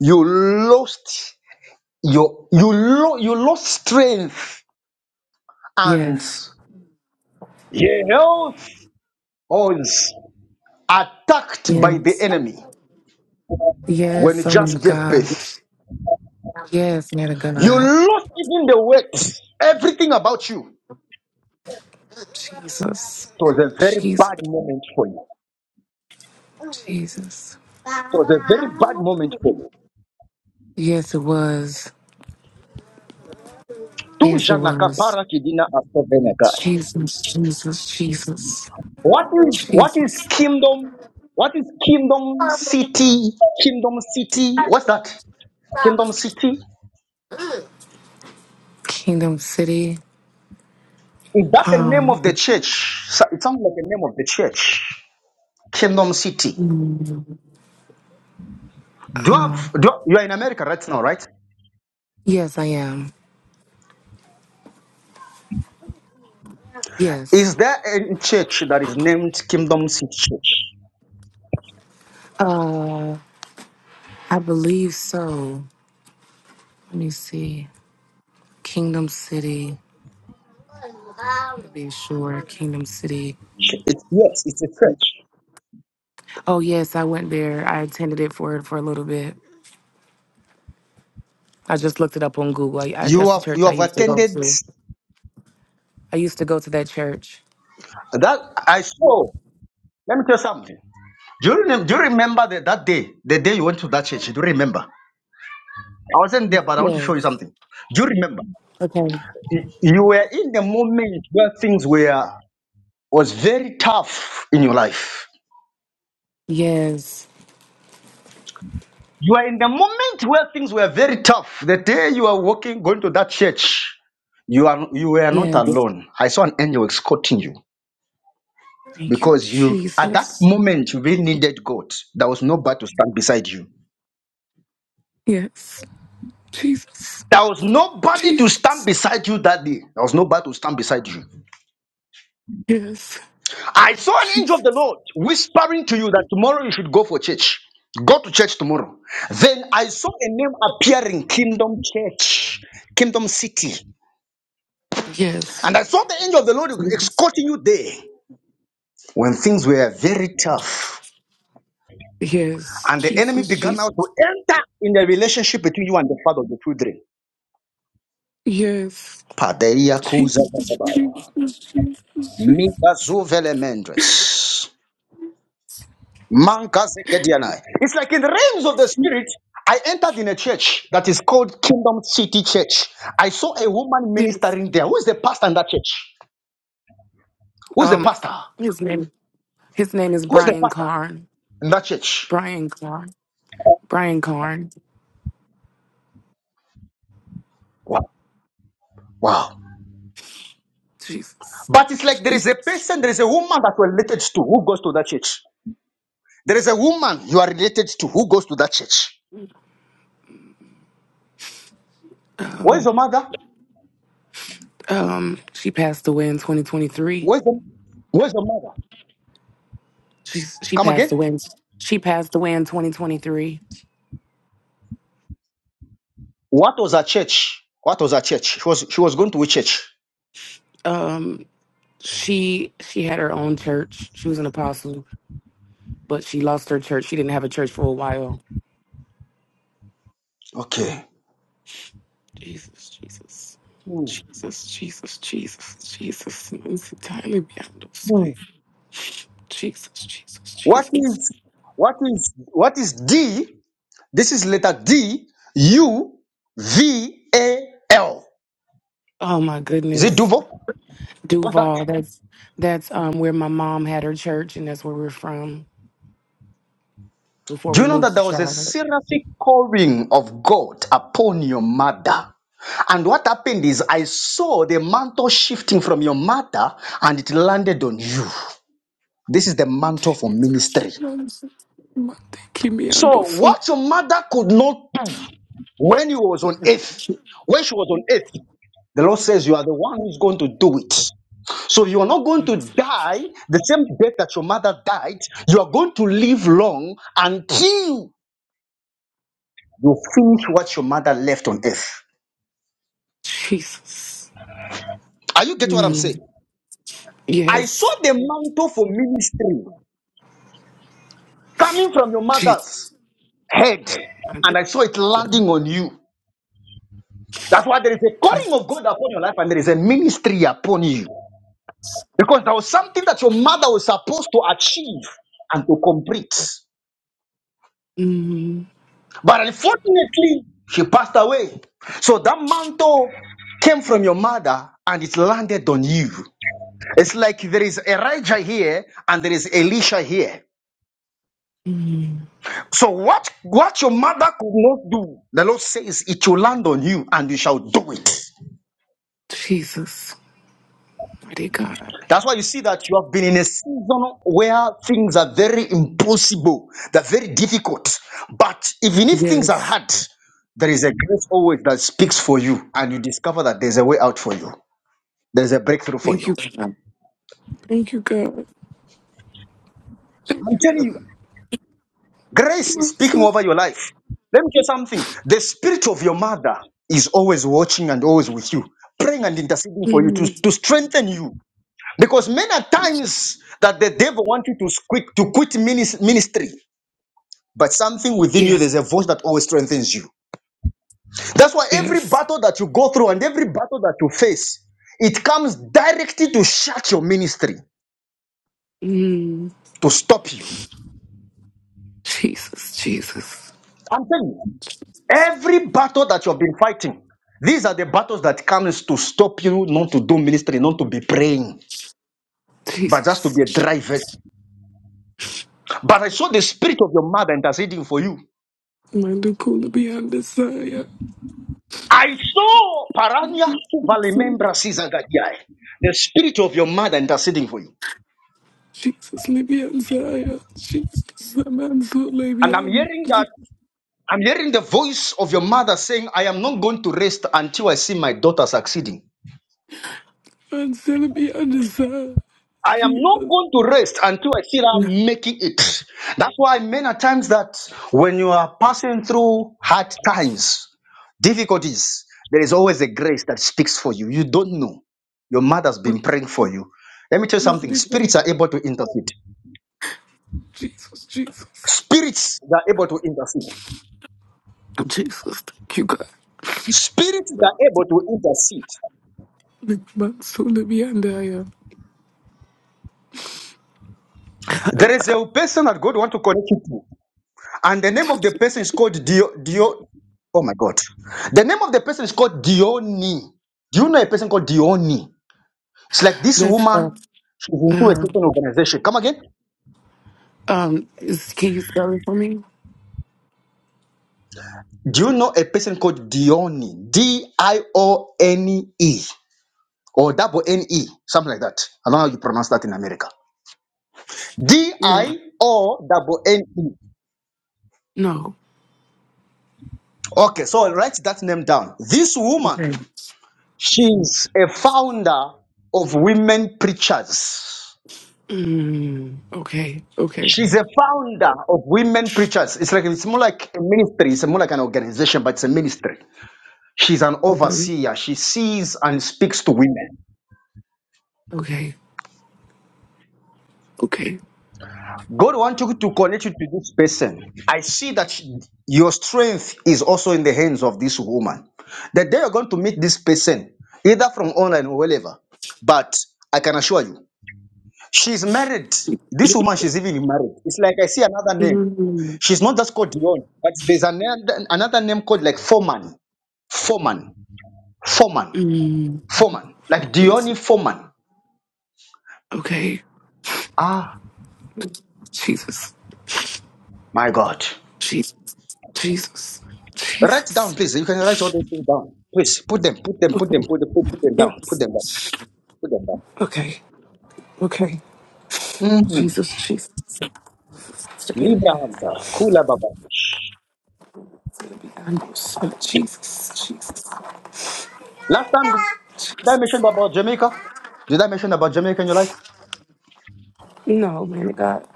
[SPEAKER 1] you lost your you lo- you lost strength and
[SPEAKER 11] Yes.
[SPEAKER 1] your health was attacked by the
[SPEAKER 11] Yes.
[SPEAKER 1] enemy when you
[SPEAKER 11] Yes. Oh my
[SPEAKER 1] just gave
[SPEAKER 11] God.
[SPEAKER 1] birth.
[SPEAKER 11] Yes, man of
[SPEAKER 1] You
[SPEAKER 11] God.
[SPEAKER 1] lost even the weight, everything about you. It
[SPEAKER 11] Jesus.
[SPEAKER 1] was a very
[SPEAKER 11] Jesus.
[SPEAKER 1] bad moment for you.
[SPEAKER 11] Jesus.
[SPEAKER 1] It was a very bad moment for you.
[SPEAKER 11] Yes, it was.
[SPEAKER 1] Tu
[SPEAKER 11] Yes, it
[SPEAKER 1] jana
[SPEAKER 11] was.
[SPEAKER 1] kapara kidina aseveneka.
[SPEAKER 11] Jesus, Jesus, Jesus,
[SPEAKER 1] What is what is
[SPEAKER 11] Jesus.
[SPEAKER 1] kingdom? What is kingdom city? Kingdom city? What's that? Kingdom city?
[SPEAKER 11] Kingdom City.
[SPEAKER 1] Is that the name
[SPEAKER 11] Um.
[SPEAKER 1] of the church? So- It sounds like the name of the church. Kingdom city. Do you have?
[SPEAKER 11] Um.
[SPEAKER 1] Do you, you are in America right now, right?
[SPEAKER 11] Yes, I am. Yes.
[SPEAKER 1] Is there a church that is named Kingdom City Church?
[SPEAKER 11] Uh, I believe so. Let me see. Kingdom City. To be sure, Kingdom City.
[SPEAKER 1] It's yes, it's a church.
[SPEAKER 11] Oh yes, I went there. I attended it for for a little bit. I just looked it up on Google. I, I,
[SPEAKER 1] You
[SPEAKER 11] that's the
[SPEAKER 1] have
[SPEAKER 11] church
[SPEAKER 1] you
[SPEAKER 11] I
[SPEAKER 1] have
[SPEAKER 11] used to go
[SPEAKER 1] attended
[SPEAKER 11] to. I used to go to that church.
[SPEAKER 1] that. I saw. Let me tell you something. Do you, remem- do you remember the, that day? The day you went to that church? Do you remember? I wasn't there, but I want to show you
[SPEAKER 11] Yes.
[SPEAKER 1] something. Do you remember?
[SPEAKER 11] Okay.
[SPEAKER 1] Y- You were in the moment where things were was very tough in your life.
[SPEAKER 11] Yes.
[SPEAKER 1] You are in the moment where things were very tough. The day you are walking, going to that church, you are you were not
[SPEAKER 11] Yes.
[SPEAKER 1] alone. I saw an angel escorting you
[SPEAKER 11] Thank you,
[SPEAKER 1] because you at that
[SPEAKER 11] Jesus.
[SPEAKER 1] moment you really needed God. There was nobody to stand beside you.
[SPEAKER 11] Yes. Jesus.
[SPEAKER 1] There was nobody to stand
[SPEAKER 11] Jesus.
[SPEAKER 1] beside you that day. There was nobody to stand beside you.
[SPEAKER 11] Yes.
[SPEAKER 1] I saw an angel of
[SPEAKER 11] Jesus.
[SPEAKER 1] the Lord whispering to you that tomorrow you should go for church. Go to church tomorrow. Then I saw a name appearing Kingdom Church, Kingdom City.
[SPEAKER 11] Yes.
[SPEAKER 1] And I saw the angel of the Lord escorting you there when things were very tough.
[SPEAKER 11] Yes.
[SPEAKER 1] And the enemy
[SPEAKER 11] Jesus.
[SPEAKER 1] began
[SPEAKER 11] Jesus.
[SPEAKER 1] now to enter in the relationship between you and the father of the children.
[SPEAKER 11] Yes.
[SPEAKER 1] Padeia kuza
[SPEAKER 11] Jesus.
[SPEAKER 1] babaya.
[SPEAKER 11] Jesus. Jesus. Jesus.
[SPEAKER 1] Miga zuvele mendres. Manka Zekedianai. It's like in the realms of the spirit, I entered in a church that is called Kingdom City Church. I saw a woman
[SPEAKER 11] Yes.
[SPEAKER 1] ministering there. Who is the pastor in that church? Who is the
[SPEAKER 11] Um,
[SPEAKER 1] pastor?
[SPEAKER 11] his name. His name is
[SPEAKER 1] Who is the
[SPEAKER 11] Brian
[SPEAKER 1] pastor
[SPEAKER 11] Carn.
[SPEAKER 1] in that church?
[SPEAKER 11] Brian Carn. Brian Carn.
[SPEAKER 1] Wow. Wow.
[SPEAKER 11] Jesus.
[SPEAKER 1] But it's like there is a
[SPEAKER 11] Jesus.
[SPEAKER 1] person, there is a woman that we're related to who goes to that church. There is a woman you are related to who goes to that church.
[SPEAKER 11] Um,
[SPEAKER 1] Where's your mother?
[SPEAKER 11] Um, she passed away in 2023.
[SPEAKER 1] Where's your, where's your mother?
[SPEAKER 11] She she
[SPEAKER 1] Come
[SPEAKER 11] passed
[SPEAKER 1] again?
[SPEAKER 11] away. In, she passed away in 2023.
[SPEAKER 1] What was her church? What was her church? She was she was going to a church.
[SPEAKER 11] Um, she she had her own church. She was an apostle, but she lost her church. She didn't have a church for a while.
[SPEAKER 1] Okay.
[SPEAKER 11] Jesus, Jesus,
[SPEAKER 1] Hmm.
[SPEAKER 11] Jesus, Jesus, Jesus, Jesus. It's entirely beyond us.
[SPEAKER 1] Hmm.
[SPEAKER 11] Jesus, Jesus,
[SPEAKER 1] What
[SPEAKER 11] Jesus.
[SPEAKER 1] is what is what is D? This is letter D U V A L.
[SPEAKER 11] Oh my
[SPEAKER 1] Is it
[SPEAKER 11] goodness,
[SPEAKER 1] Duval? What's that?
[SPEAKER 11] Duval. That's that's um where my mom had her church, and that's where we're from before
[SPEAKER 1] Do
[SPEAKER 11] we
[SPEAKER 1] you know
[SPEAKER 11] moved
[SPEAKER 1] that
[SPEAKER 11] to
[SPEAKER 1] there was a
[SPEAKER 11] Charlotte.
[SPEAKER 1] seraphic calling of God upon your mother? And what happened is I saw the mantle shifting from your mother and it landed on you. This is the mantle for ministry.
[SPEAKER 11] Mande kimi ando
[SPEAKER 1] So
[SPEAKER 11] so.
[SPEAKER 1] what your mother could not do when you was on
[SPEAKER 11] Mande
[SPEAKER 1] earth,
[SPEAKER 11] ki-
[SPEAKER 1] when she was on earth. The Lord says you are the one who's going to do it. So you are not going to die the same death that your mother died. You are going to live long until you finish what your mother left on earth.
[SPEAKER 11] Jesus.
[SPEAKER 1] Are you getting what I'm
[SPEAKER 11] Mm,
[SPEAKER 1] saying? I saw
[SPEAKER 11] yes.
[SPEAKER 1] the mantle for ministry coming from your
[SPEAKER 11] Jesus.
[SPEAKER 1] mother's head,
[SPEAKER 11] Mande
[SPEAKER 1] and I saw it landing on you. That's why there is a
[SPEAKER 11] Jesus.
[SPEAKER 1] calling of God upon your life, and there is a ministry upon you. Because there was something that your mother was supposed to achieve and to complete.
[SPEAKER 11] Mm,
[SPEAKER 1] But unfortunately, she passed away. So that mantle came from your mother and it landed on you. It's like there is Elijah here and there is Elisha here.
[SPEAKER 11] mm,
[SPEAKER 1] So what, what your mother could not do, the Lord says it will land on you and you shall do it.
[SPEAKER 11] Jesus. Mighty God.
[SPEAKER 1] That's why you see that you have been in a season where things are very impossible, they're very difficult. But even if things are
[SPEAKER 11] Yes.
[SPEAKER 1] hard, there is a grace always that speaks for you, and you discover that there's a way out for you. there's a breakthrough for
[SPEAKER 11] Thank
[SPEAKER 1] you.
[SPEAKER 11] you, God. Thank you, God.
[SPEAKER 1] I'm
[SPEAKER 11] Thank you,
[SPEAKER 1] telling
[SPEAKER 11] God.
[SPEAKER 1] you, grace is
[SPEAKER 11] My
[SPEAKER 1] speaking
[SPEAKER 11] son.
[SPEAKER 1] over your life. Let me tell you something. The spirit of your mother is always watching and always with you, praying and interceding for you to,
[SPEAKER 11] Mm,
[SPEAKER 1] to strengthen you. Because many a times that the devil wants you to quit to quit minis- ministry, but something within you,
[SPEAKER 11] yeah.
[SPEAKER 1] there's a voice that always strengthens you. That's why every
[SPEAKER 11] Yes.
[SPEAKER 1] battle that you go through and every battle that you face, it comes directly to shut your ministry,
[SPEAKER 11] Mm,
[SPEAKER 1] to stop you.
[SPEAKER 11] Jesus. Jesus.
[SPEAKER 1] I'm telling you. Every battle that you have been fighting, these are the battles that comes to stop you not to do ministry, not to be praying, but just to be a
[SPEAKER 11] Jesus.
[SPEAKER 1] dry vessel. But I saw the spirit of your mother interceding for you.
[SPEAKER 11] Mande kula beyond desire.
[SPEAKER 1] I saw Parania Suvalimembra Sizagadiae, the spirit of your mother interceding for you.
[SPEAKER 11] Jesus Libyan Zaya, Jesus Mansu
[SPEAKER 1] And I'm
[SPEAKER 11] Libyan,
[SPEAKER 1] hearing that I'm hearing the voice of your mother saying, I am not going to rest until I see my daughter succeeding.
[SPEAKER 11] Mansel Beyond Zaya,
[SPEAKER 1] I am not
[SPEAKER 11] Jesus,
[SPEAKER 1] going to rest until I feel
[SPEAKER 11] my,
[SPEAKER 1] I'm making it. That's why many times that when you are passing through hard times, difficulties, there is always a grace that speaks for you. You don't know. Your mother's been praying for you. Let me tell you
[SPEAKER 11] my
[SPEAKER 1] something.
[SPEAKER 11] God,
[SPEAKER 1] Spirits are able to intercede.
[SPEAKER 11] Jesus, Jesus,
[SPEAKER 1] Spirits are able to intercede.
[SPEAKER 11] Jesus, thank you God.
[SPEAKER 1] Spirits are able to intercede.
[SPEAKER 11] Mansu Libyan Zaya.
[SPEAKER 1] There is a person that God wants to connect you to. And the name of the person is called Dio. Dio oh my God. The name of the person is called Dioni. Do you know a person called Dioni? It's like this
[SPEAKER 11] That's uh,
[SPEAKER 1] woman. She's into a
[SPEAKER 11] uh,
[SPEAKER 1] certain organization. Come again.
[SPEAKER 11] um, is, can you spell it for me?
[SPEAKER 1] Do you know a person called Dioni? D I O N E or double N E, something like that. I don't know how you pronounce that in America. D
[SPEAKER 11] No,
[SPEAKER 1] I O double N E.
[SPEAKER 11] no.
[SPEAKER 1] Okay, so write that name down. This woman,
[SPEAKER 11] Okay.
[SPEAKER 1] she's a founder of women preachers.
[SPEAKER 11] Mm, okay, okay,
[SPEAKER 1] She's a founder of women preachers. It's like it's more like a ministry. It's more like an organization, but it's a ministry. She's an
[SPEAKER 11] okay,
[SPEAKER 1] overseer. She sees and speaks to women.
[SPEAKER 11] okay, okay.
[SPEAKER 1] God wants you to connect you to this person. I see that she- your strength is also in the hands of this woman. The day you're going to meet this person, either from online or wherever, but I can assure you, she's married. This woman, she's even married. It's like I see another name.
[SPEAKER 11] Mm,
[SPEAKER 1] She's not just called Dion, but there's another, another name called like Foreman. Foreman, Foreman,
[SPEAKER 11] mm,
[SPEAKER 1] Foreman,
[SPEAKER 11] oh,
[SPEAKER 1] like
[SPEAKER 11] my-
[SPEAKER 1] Dione Foreman.
[SPEAKER 11] okay.
[SPEAKER 1] Ah,
[SPEAKER 11] Jesus,
[SPEAKER 1] my God.
[SPEAKER 11] Jesus, Jesus,
[SPEAKER 1] Write down,
[SPEAKER 11] Jesus.
[SPEAKER 1] please. You can write all those things down. Please put them, put them, put them,
[SPEAKER 11] Okay,
[SPEAKER 1] put them, put, put them down, put
[SPEAKER 11] yes.
[SPEAKER 1] them down, put them down.
[SPEAKER 11] Okay, okay.
[SPEAKER 1] Mm-hmm.
[SPEAKER 11] Jesus, Jesus. It's gonna be
[SPEAKER 1] Libra Hunter, Kula Baba.
[SPEAKER 11] it's gonna be angles. Oh, Jesus, Jesus,
[SPEAKER 1] Last time, did I mention
[SPEAKER 11] Jesus.
[SPEAKER 1] about Jamaica? Did I mention about Jamaica in your life?
[SPEAKER 11] No, man of God.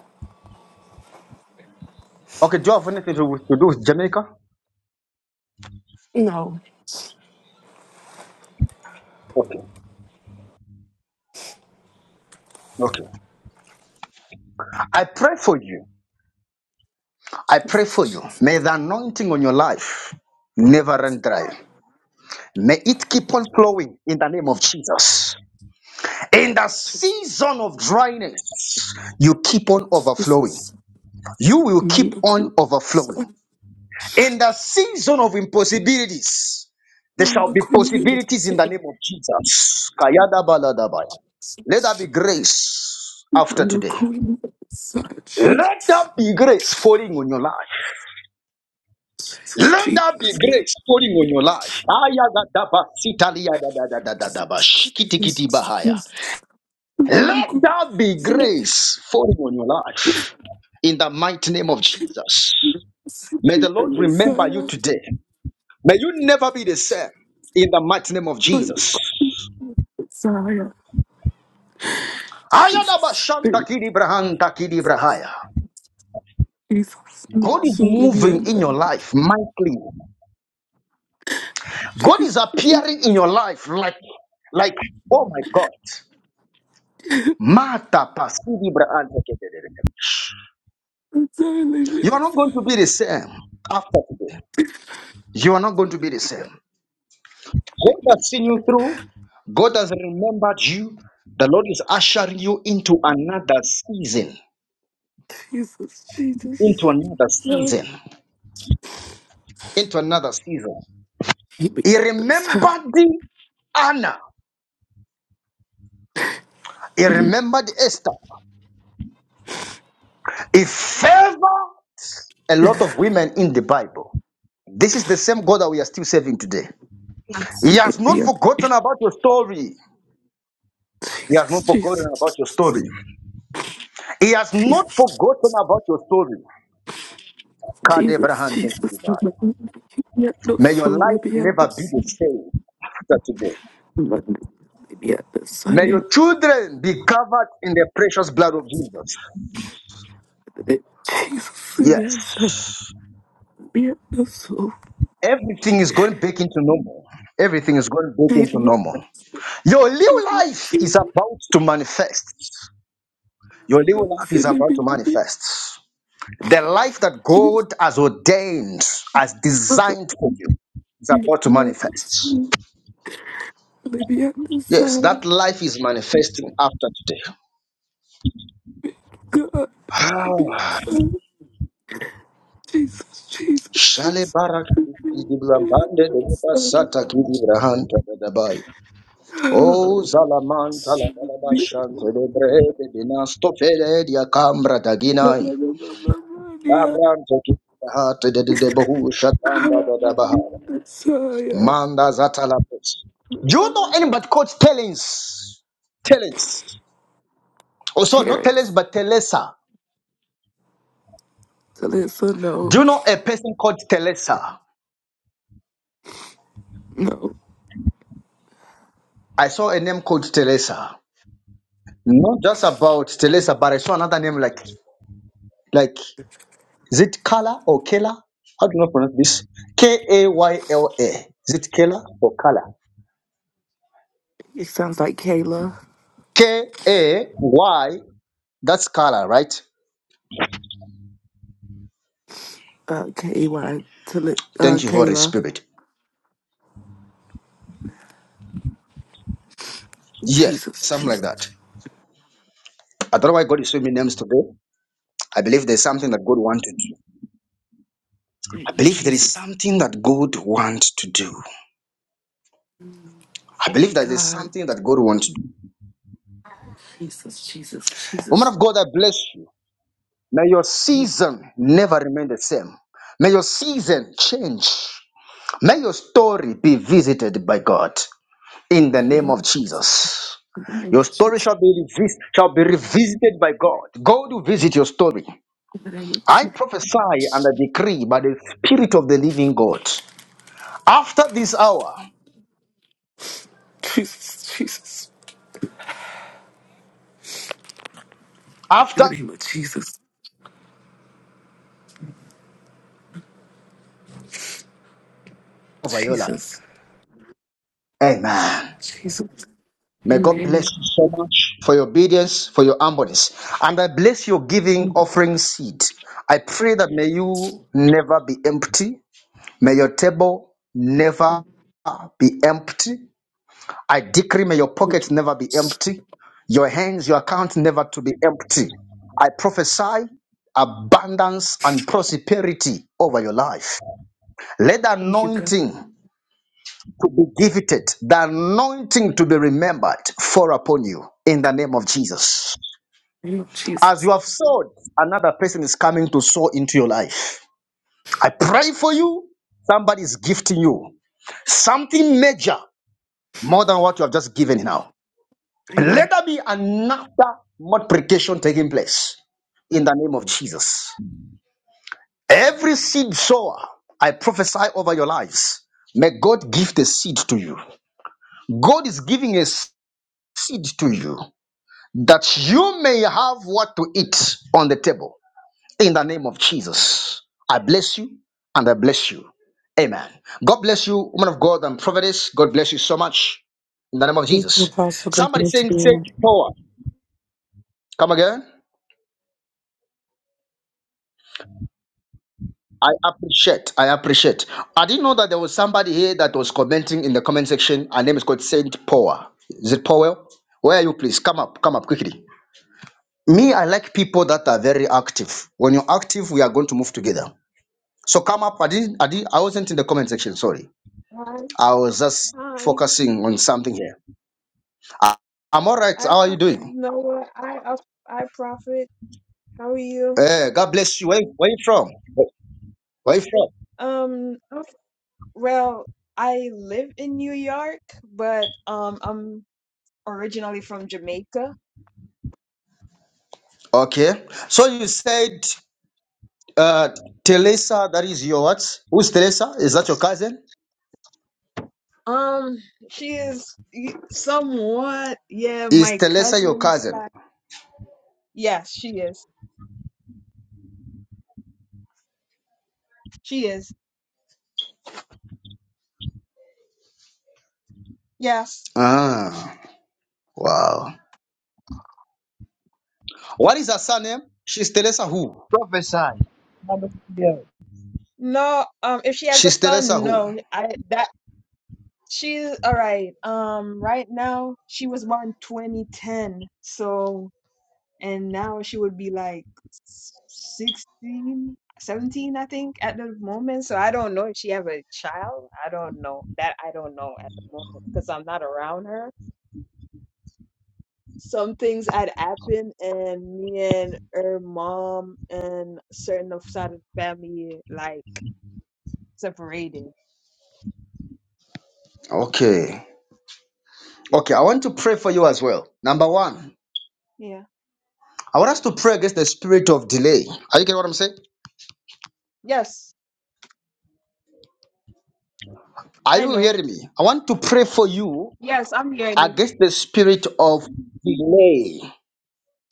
[SPEAKER 1] Okay, do you have anything to, to do with Jamaica?
[SPEAKER 11] No.
[SPEAKER 1] Okay, okay. I pray for you. I pray for you. May the anointing on your life never run dry. May it keep on flowing in the name of Jesus. In the
[SPEAKER 11] Jesus,
[SPEAKER 1] season of dryness, you keep on overflowing.
[SPEAKER 11] Jesus.
[SPEAKER 1] You will keep
[SPEAKER 11] Mando
[SPEAKER 1] on overflowing.
[SPEAKER 11] Kulisa,
[SPEAKER 1] In the season of impossibilities, there shall
[SPEAKER 11] Mando
[SPEAKER 1] be possibilities
[SPEAKER 11] Kulisa,
[SPEAKER 1] in the name of Jesus. Kayada baladabaya. Let there be grace after
[SPEAKER 11] Mando
[SPEAKER 1] today.
[SPEAKER 11] Kulisa,
[SPEAKER 1] Let there
[SPEAKER 11] Jesus,
[SPEAKER 1] be grace falling on your life. Let there be
[SPEAKER 11] Jesus,
[SPEAKER 1] grace falling on your life. Ayagadaba sitaliya da da da da da da ba
[SPEAKER 11] Jesus,
[SPEAKER 1] shikitikiti bahaya.
[SPEAKER 11] Jesus,
[SPEAKER 1] Let that be
[SPEAKER 11] Jesus,
[SPEAKER 1] grace falling on your life in the mighty name of Jesus. May the Lord remember you
[SPEAKER 11] Messiah,
[SPEAKER 1] today. May you never be the same in the mighty name of
[SPEAKER 11] my
[SPEAKER 1] Jesus.
[SPEAKER 11] Messiah, Jesus,
[SPEAKER 1] Ayadabashantakilibrahantakilibrahaya.
[SPEAKER 11] Jesus,
[SPEAKER 1] God is
[SPEAKER 11] Matsuli
[SPEAKER 1] moving in
[SPEAKER 11] Bianda,
[SPEAKER 1] your life mightily. God is
[SPEAKER 11] Jesus,
[SPEAKER 1] appearing in your life like, like, oh my God. Mata pasilibrahantakilibrahaya.
[SPEAKER 11] Messiah, Libya,
[SPEAKER 1] You are not going to be the same after today. You are not going to be the same. God has seen you through. God has remembered you. The Lord is ushering you into another season,
[SPEAKER 11] Jesus, Jesus,
[SPEAKER 1] into another
[SPEAKER 11] Messiah,
[SPEAKER 1] season, into another season. He
[SPEAKER 11] Libya, Messiah,
[SPEAKER 1] remembered Anna. He remembered Esther. He favored a lot of women in the Bible. This is the same God that we are still serving today. He
[SPEAKER 11] Nancy,
[SPEAKER 1] has not
[SPEAKER 11] Libya,
[SPEAKER 1] forgotten about your story. He has
[SPEAKER 11] Jesus,
[SPEAKER 1] not forgotten about
[SPEAKER 11] Jesus,
[SPEAKER 1] your story. He has not
[SPEAKER 11] Jesus,
[SPEAKER 1] forgotten about your story.
[SPEAKER 11] Jesus,
[SPEAKER 1] Kadebrahante
[SPEAKER 11] Jesus, Libya, no
[SPEAKER 1] May your
[SPEAKER 11] soul,
[SPEAKER 1] life
[SPEAKER 11] Libya,
[SPEAKER 1] never be the
[SPEAKER 11] Messiah,
[SPEAKER 1] same after today. May
[SPEAKER 11] Libya,
[SPEAKER 1] your children be covered in the precious blood of Jesus.
[SPEAKER 11] Jesus, me
[SPEAKER 1] Yes.
[SPEAKER 11] on me no soul.
[SPEAKER 1] Everything is going back into normal. Everything is going back into
[SPEAKER 11] Baby, I'm
[SPEAKER 1] normal. Your new life is about to manifest. Your new life is
[SPEAKER 11] silly,
[SPEAKER 1] about to
[SPEAKER 11] me on the
[SPEAKER 1] manifest. The life that
[SPEAKER 11] Jesus,
[SPEAKER 1] God has ordained, has designed for you, is
[SPEAKER 11] me
[SPEAKER 1] about to
[SPEAKER 11] on the
[SPEAKER 1] manifest.
[SPEAKER 11] soul. Baby, I'm the
[SPEAKER 1] Yes, that
[SPEAKER 11] side.
[SPEAKER 1] life is manifesting after
[SPEAKER 11] God,
[SPEAKER 1] today.
[SPEAKER 11] baby, I'm sorry. Jesus, Jesus,
[SPEAKER 1] Shale
[SPEAKER 11] Jesus.
[SPEAKER 1] bara
[SPEAKER 11] Baby, I'm
[SPEAKER 1] kidiblambande de
[SPEAKER 11] the
[SPEAKER 1] deba sata
[SPEAKER 11] side.
[SPEAKER 1] kidibrahanta de dabai. O zalamanta la
[SPEAKER 11] Me,
[SPEAKER 1] barabashante de brede de nastofele di akambra
[SPEAKER 11] my,
[SPEAKER 1] daginai.
[SPEAKER 11] my, my, my, my, yeah.
[SPEAKER 1] Labrante kidibahate de de bohu
[SPEAKER 11] I'm
[SPEAKER 1] shatanda de dabaha.
[SPEAKER 11] the side.
[SPEAKER 1] Manda zata la pes. Do you know any but coach Tellings? Tellings. Oh, sorry, not Tellings,
[SPEAKER 11] Terrence,
[SPEAKER 1] but Telesa.
[SPEAKER 11] to let her know.
[SPEAKER 1] Do you know a person called Telesa?
[SPEAKER 11] No,
[SPEAKER 1] I saw a name called Telesa. Not just about Telesa, but I saw another name like like is it Kala or Kela? How do you pronounce this? K A Y L A. Is it Kela or Kala?
[SPEAKER 11] it sounds like Kayla.
[SPEAKER 1] K A Y. That's Kala, right?
[SPEAKER 11] Uh, K A Y to li- uh,
[SPEAKER 1] Thank you, Holy
[SPEAKER 11] Kayla.
[SPEAKER 1] Spirit. Yes,
[SPEAKER 11] Jesus,
[SPEAKER 1] something like
[SPEAKER 11] Jesus,
[SPEAKER 1] that. I don't know why God is showing me names today. I believe there's something that God wants to do. I
[SPEAKER 11] thank you,
[SPEAKER 1] believe there is
[SPEAKER 11] Jesus.
[SPEAKER 1] something that God wants to do. I
[SPEAKER 11] Thank
[SPEAKER 1] believe
[SPEAKER 11] you,
[SPEAKER 1] that there's
[SPEAKER 11] God,
[SPEAKER 1] something that God wants to do.
[SPEAKER 11] Jesus, Jesus,
[SPEAKER 1] Woman
[SPEAKER 11] Jesus.
[SPEAKER 1] of God, I bless you. May your
[SPEAKER 11] Thank you
[SPEAKER 1] season never remain the same. May your season change. May your story be visited by God in the
[SPEAKER 11] very
[SPEAKER 1] name
[SPEAKER 11] much,
[SPEAKER 1] of
[SPEAKER 11] Jesus.
[SPEAKER 1] Jesus.
[SPEAKER 11] In the name
[SPEAKER 1] Your
[SPEAKER 11] of
[SPEAKER 1] story
[SPEAKER 11] Jesus.
[SPEAKER 1] shall be, revis- shall be revisited by God. God will visit your story.
[SPEAKER 11] In the name of
[SPEAKER 1] I
[SPEAKER 11] Jesus.
[SPEAKER 1] prophesy and I decree by the Spirit of the living God. After this hour,
[SPEAKER 11] Jesus, Jesus. In
[SPEAKER 1] after
[SPEAKER 11] the name of Jesus.
[SPEAKER 1] Viola,
[SPEAKER 11] Jesus,
[SPEAKER 1] amen.
[SPEAKER 11] Jesus.
[SPEAKER 1] May God bless
[SPEAKER 11] Amen.
[SPEAKER 1] you so much for your obedience, for your humbleness. And I bless your giving offering seed. I pray that may you never be empty. May your table never be empty. I decree may your pockets never be empty. Your hands, your account never to be empty. I prophesy abundance and prosperity over your life. Let the
[SPEAKER 11] Thank you, God. In
[SPEAKER 1] anointing to be gifted, the anointing to be remembered fall upon you in the name of Jesus.
[SPEAKER 11] the name of
[SPEAKER 1] As you
[SPEAKER 11] Jesus.
[SPEAKER 1] have sowed, another person is coming to sow into your life. I pray for you. Somebody is gifting you something major more than what you have just given now.
[SPEAKER 11] Amen.
[SPEAKER 1] Let there be another multiplication taking place in the name of Jesus. Every seed sower, I prophesy over your lives. May God give the seed to you. God is giving a seed to you. that you may have what to eat on the table. In the name of Jesus, I bless you and I bless you. Amen. God bless you, woman of God and prophetess. God bless you so much. In the name of
[SPEAKER 11] Thank you,
[SPEAKER 1] Jesus.
[SPEAKER 11] Apostle God. for
[SPEAKER 1] Somebody
[SPEAKER 11] this
[SPEAKER 1] saying
[SPEAKER 11] day.
[SPEAKER 1] sage power. Come again. I appreciate. I appreciate. I didn't know that there was somebody here that was commenting in the comment section. Her name is called Saint Power. Is it Powell? Where are you, please? Come up. Come up quickly. Me, I like people that are very active. When you're active, we are going to move together. So come up. I didn't. I didn't. I wasn't in the comment section. Sorry.
[SPEAKER 13] Hi,
[SPEAKER 1] I was just
[SPEAKER 13] hi.
[SPEAKER 1] focusing on something here. I, am all right.
[SPEAKER 13] I
[SPEAKER 1] How are you
[SPEAKER 13] Prophet
[SPEAKER 1] doing?
[SPEAKER 13] Noah. I uh, I Prophet. How are you?
[SPEAKER 1] Eh, God bless you. Where, where you from? Where where you from?
[SPEAKER 13] Um, I'm f- well, I live in New York, but um, I'm originally from Jamaica.
[SPEAKER 1] Okay. So you said uh, Teresa. That is your what? Who's Teresa? Is that your cousin?
[SPEAKER 13] Um, she is y- somewhat, yeah,
[SPEAKER 1] Is
[SPEAKER 13] my
[SPEAKER 1] Teresa your
[SPEAKER 13] cousin
[SPEAKER 1] cousin?
[SPEAKER 13] slash. Yes, she is. She is. Yes.
[SPEAKER 1] Ah. Wow. What is her surname? She's Teresa who?
[SPEAKER 12] Professor, Hallelujah.
[SPEAKER 13] No. Um, if she has a
[SPEAKER 1] She's Teresa
[SPEAKER 13] son,
[SPEAKER 1] who?
[SPEAKER 13] no. I that she's all right. Um, right now she was born 2010, so. and now she would be like 16, 17, i think at the moment so i don't know if she have a child i don't know that i don't know at the moment because i'm not around her some things had happened and me and her mom and certain of side of the family like separated
[SPEAKER 1] Okay. Okay. I want to pray for you as well. Number one.
[SPEAKER 13] yeah
[SPEAKER 1] I want us to pray against the spirit of delay. Are you getting what I'm saying?
[SPEAKER 13] yes
[SPEAKER 1] Are
[SPEAKER 13] i
[SPEAKER 1] you
[SPEAKER 13] know
[SPEAKER 1] hearing me? I want to pray for you
[SPEAKER 13] yes i'm hearing you
[SPEAKER 1] against the spirit of delay.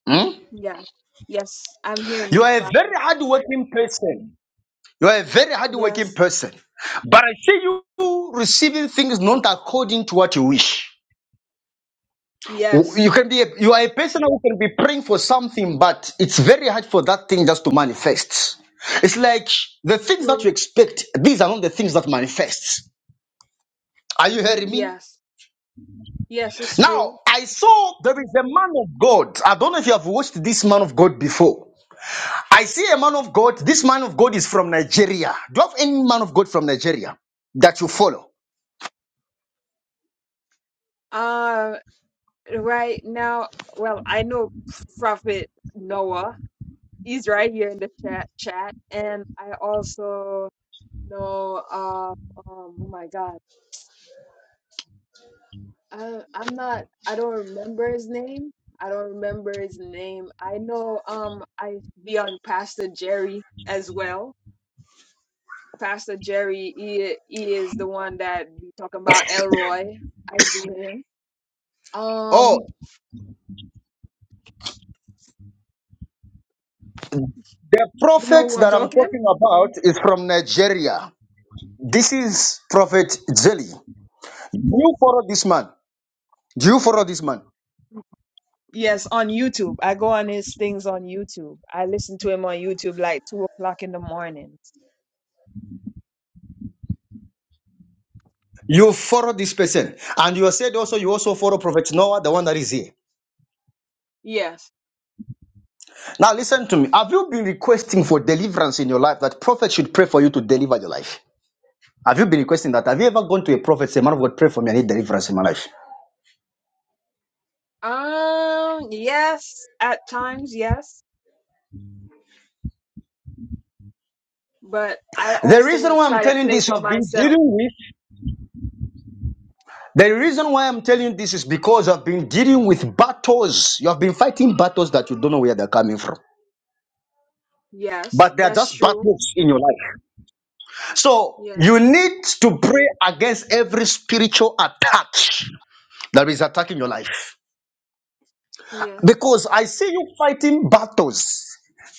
[SPEAKER 1] Hmm?
[SPEAKER 13] yeah yes i'm hearing
[SPEAKER 1] You
[SPEAKER 13] you
[SPEAKER 1] are a very
[SPEAKER 13] Prophet.
[SPEAKER 1] hardworking person. You are a very hardworking
[SPEAKER 13] yes
[SPEAKER 1] person. But I see you receiving things not according to what you wish.
[SPEAKER 13] yes
[SPEAKER 1] You can be a, you are a person who can be praying for something, but it's very hard for that thing just to manifest. It's like the things that
[SPEAKER 13] true
[SPEAKER 1] you expect, these are not the things that manifest. Are you hearing me?
[SPEAKER 13] yes yes it's true
[SPEAKER 1] Now, I saw there is a man of God. I don't know if you have watched this man of God before. I see a man of God. This man of God is from Nigeria. Do you have any man of God from Nigeria that you follow?
[SPEAKER 13] Uh, right now, well, I know Prophet Noah. He's right here in the chat, chat, and I also know uh um oh my God, I I'm not I don't remember his name. I don't remember his name. I know um I be on Pastor Jerry as well. Pastor Jerry, he he is the one that be talking about Elroy. I do him.
[SPEAKER 1] Oh,
[SPEAKER 13] Um,
[SPEAKER 1] the
[SPEAKER 13] you know
[SPEAKER 1] prophet
[SPEAKER 13] who I'm
[SPEAKER 1] that I'm
[SPEAKER 13] talking?
[SPEAKER 1] talking about is from Nigeria. This is Prophet Jelly. You follow this man. Do you follow this man?
[SPEAKER 13] Yes, on YouTube. I go on his things on YouTube. I listen to him on YouTube like two o'clock in the morning.
[SPEAKER 1] You follow this person. And you said also you also follow Prophet Noah, the one that is here.
[SPEAKER 13] Yes.
[SPEAKER 1] Now listen to me. Have you been requesting for deliverance in your life that prophet should pray for you to deliver your life? Have you been requesting that? Have you ever gone to a prophet say, "Man of God, pray for me. I need deliverance in my life."
[SPEAKER 13] Um, yes, at times, yes. But I
[SPEAKER 1] The reason
[SPEAKER 13] also
[SPEAKER 1] why I'm
[SPEAKER 13] try to
[SPEAKER 1] telling
[SPEAKER 13] play
[SPEAKER 1] this, you
[SPEAKER 13] for
[SPEAKER 1] have been dealing
[SPEAKER 13] myself.
[SPEAKER 1] with. The reason why I'm telling you this is because I've been dealing with battles. You have been fighting battles that you don't know where they're coming from,
[SPEAKER 13] Yes,
[SPEAKER 1] but they are
[SPEAKER 13] that's
[SPEAKER 1] just
[SPEAKER 13] true.
[SPEAKER 1] battles in your life. So
[SPEAKER 13] Yeah,
[SPEAKER 1] you need to pray against every spiritual attack that is attacking your life.
[SPEAKER 13] yes.
[SPEAKER 1] Because I see you fighting battles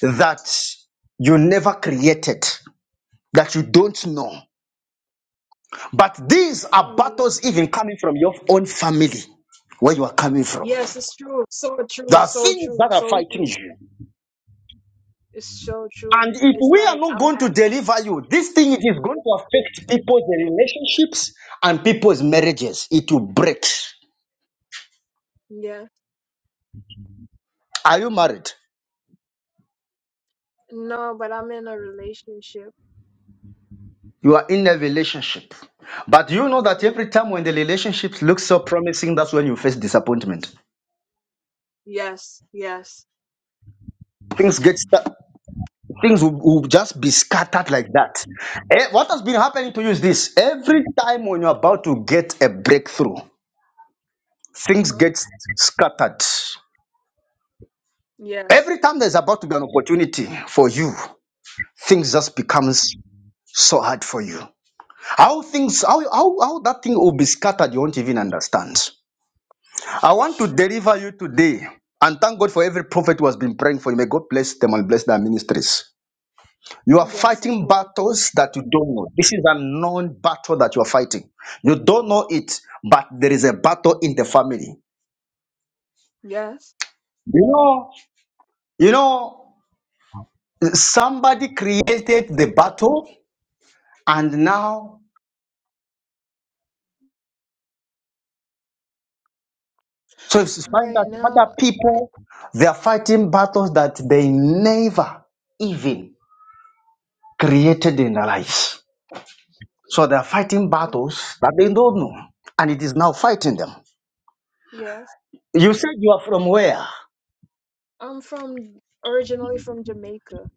[SPEAKER 1] that you never created, that you don't know. But these are
[SPEAKER 13] Mm, Yeah.
[SPEAKER 1] battles even coming from your own family, where you are coming from.
[SPEAKER 13] Yes, it's true. So
[SPEAKER 1] There
[SPEAKER 13] true,
[SPEAKER 1] are
[SPEAKER 13] so
[SPEAKER 1] things
[SPEAKER 13] true,
[SPEAKER 1] that are
[SPEAKER 13] so
[SPEAKER 1] fighting
[SPEAKER 13] true.
[SPEAKER 1] you.
[SPEAKER 13] It's so true.
[SPEAKER 1] And if
[SPEAKER 13] It's
[SPEAKER 1] we are
[SPEAKER 13] like
[SPEAKER 1] not
[SPEAKER 13] I'm
[SPEAKER 1] going to
[SPEAKER 13] acting.
[SPEAKER 1] deliver you, this thing is going to affect people's relationships and people's marriages. It will break.
[SPEAKER 13] Yeah.
[SPEAKER 1] Are you married?
[SPEAKER 13] No, but I'm in a relationship.
[SPEAKER 1] You are in a relationship. But you know that
[SPEAKER 13] Yeah.
[SPEAKER 1] every time when the relationship looks so promising, that's when you face disappointment.
[SPEAKER 13] Yes, yes.
[SPEAKER 1] things get sta- things will, will just be scattered like that Eh, what has been happening to you is this every time when you're about to get a breakthrough things
[SPEAKER 13] Mm-hmm.
[SPEAKER 1] get scattered
[SPEAKER 13] Yes.
[SPEAKER 1] every time there's about to be an opportunity for you things just becomes so hard for you how things how how, how that thing will be scattered you won't even understand i want to deliver you today and thank god for every prophet who has been praying for you may god bless them and bless their ministries You are
[SPEAKER 13] Yes, of
[SPEAKER 1] fighting
[SPEAKER 13] course.
[SPEAKER 1] battles that you don't know. This is a known battle that you are fighting. You don't know it, but there is a battle in the family.
[SPEAKER 13] Yes.
[SPEAKER 1] You know, you know, somebody created the battle, and now so it's find
[SPEAKER 13] Right
[SPEAKER 1] that other
[SPEAKER 13] now, right.
[SPEAKER 1] people they are fighting battles that they never even created in their lives. So they are fighting battles that they don't know, and it is now fighting them.
[SPEAKER 13] Yes.
[SPEAKER 1] You said you are from where?
[SPEAKER 13] I'm from originally from Jamaica.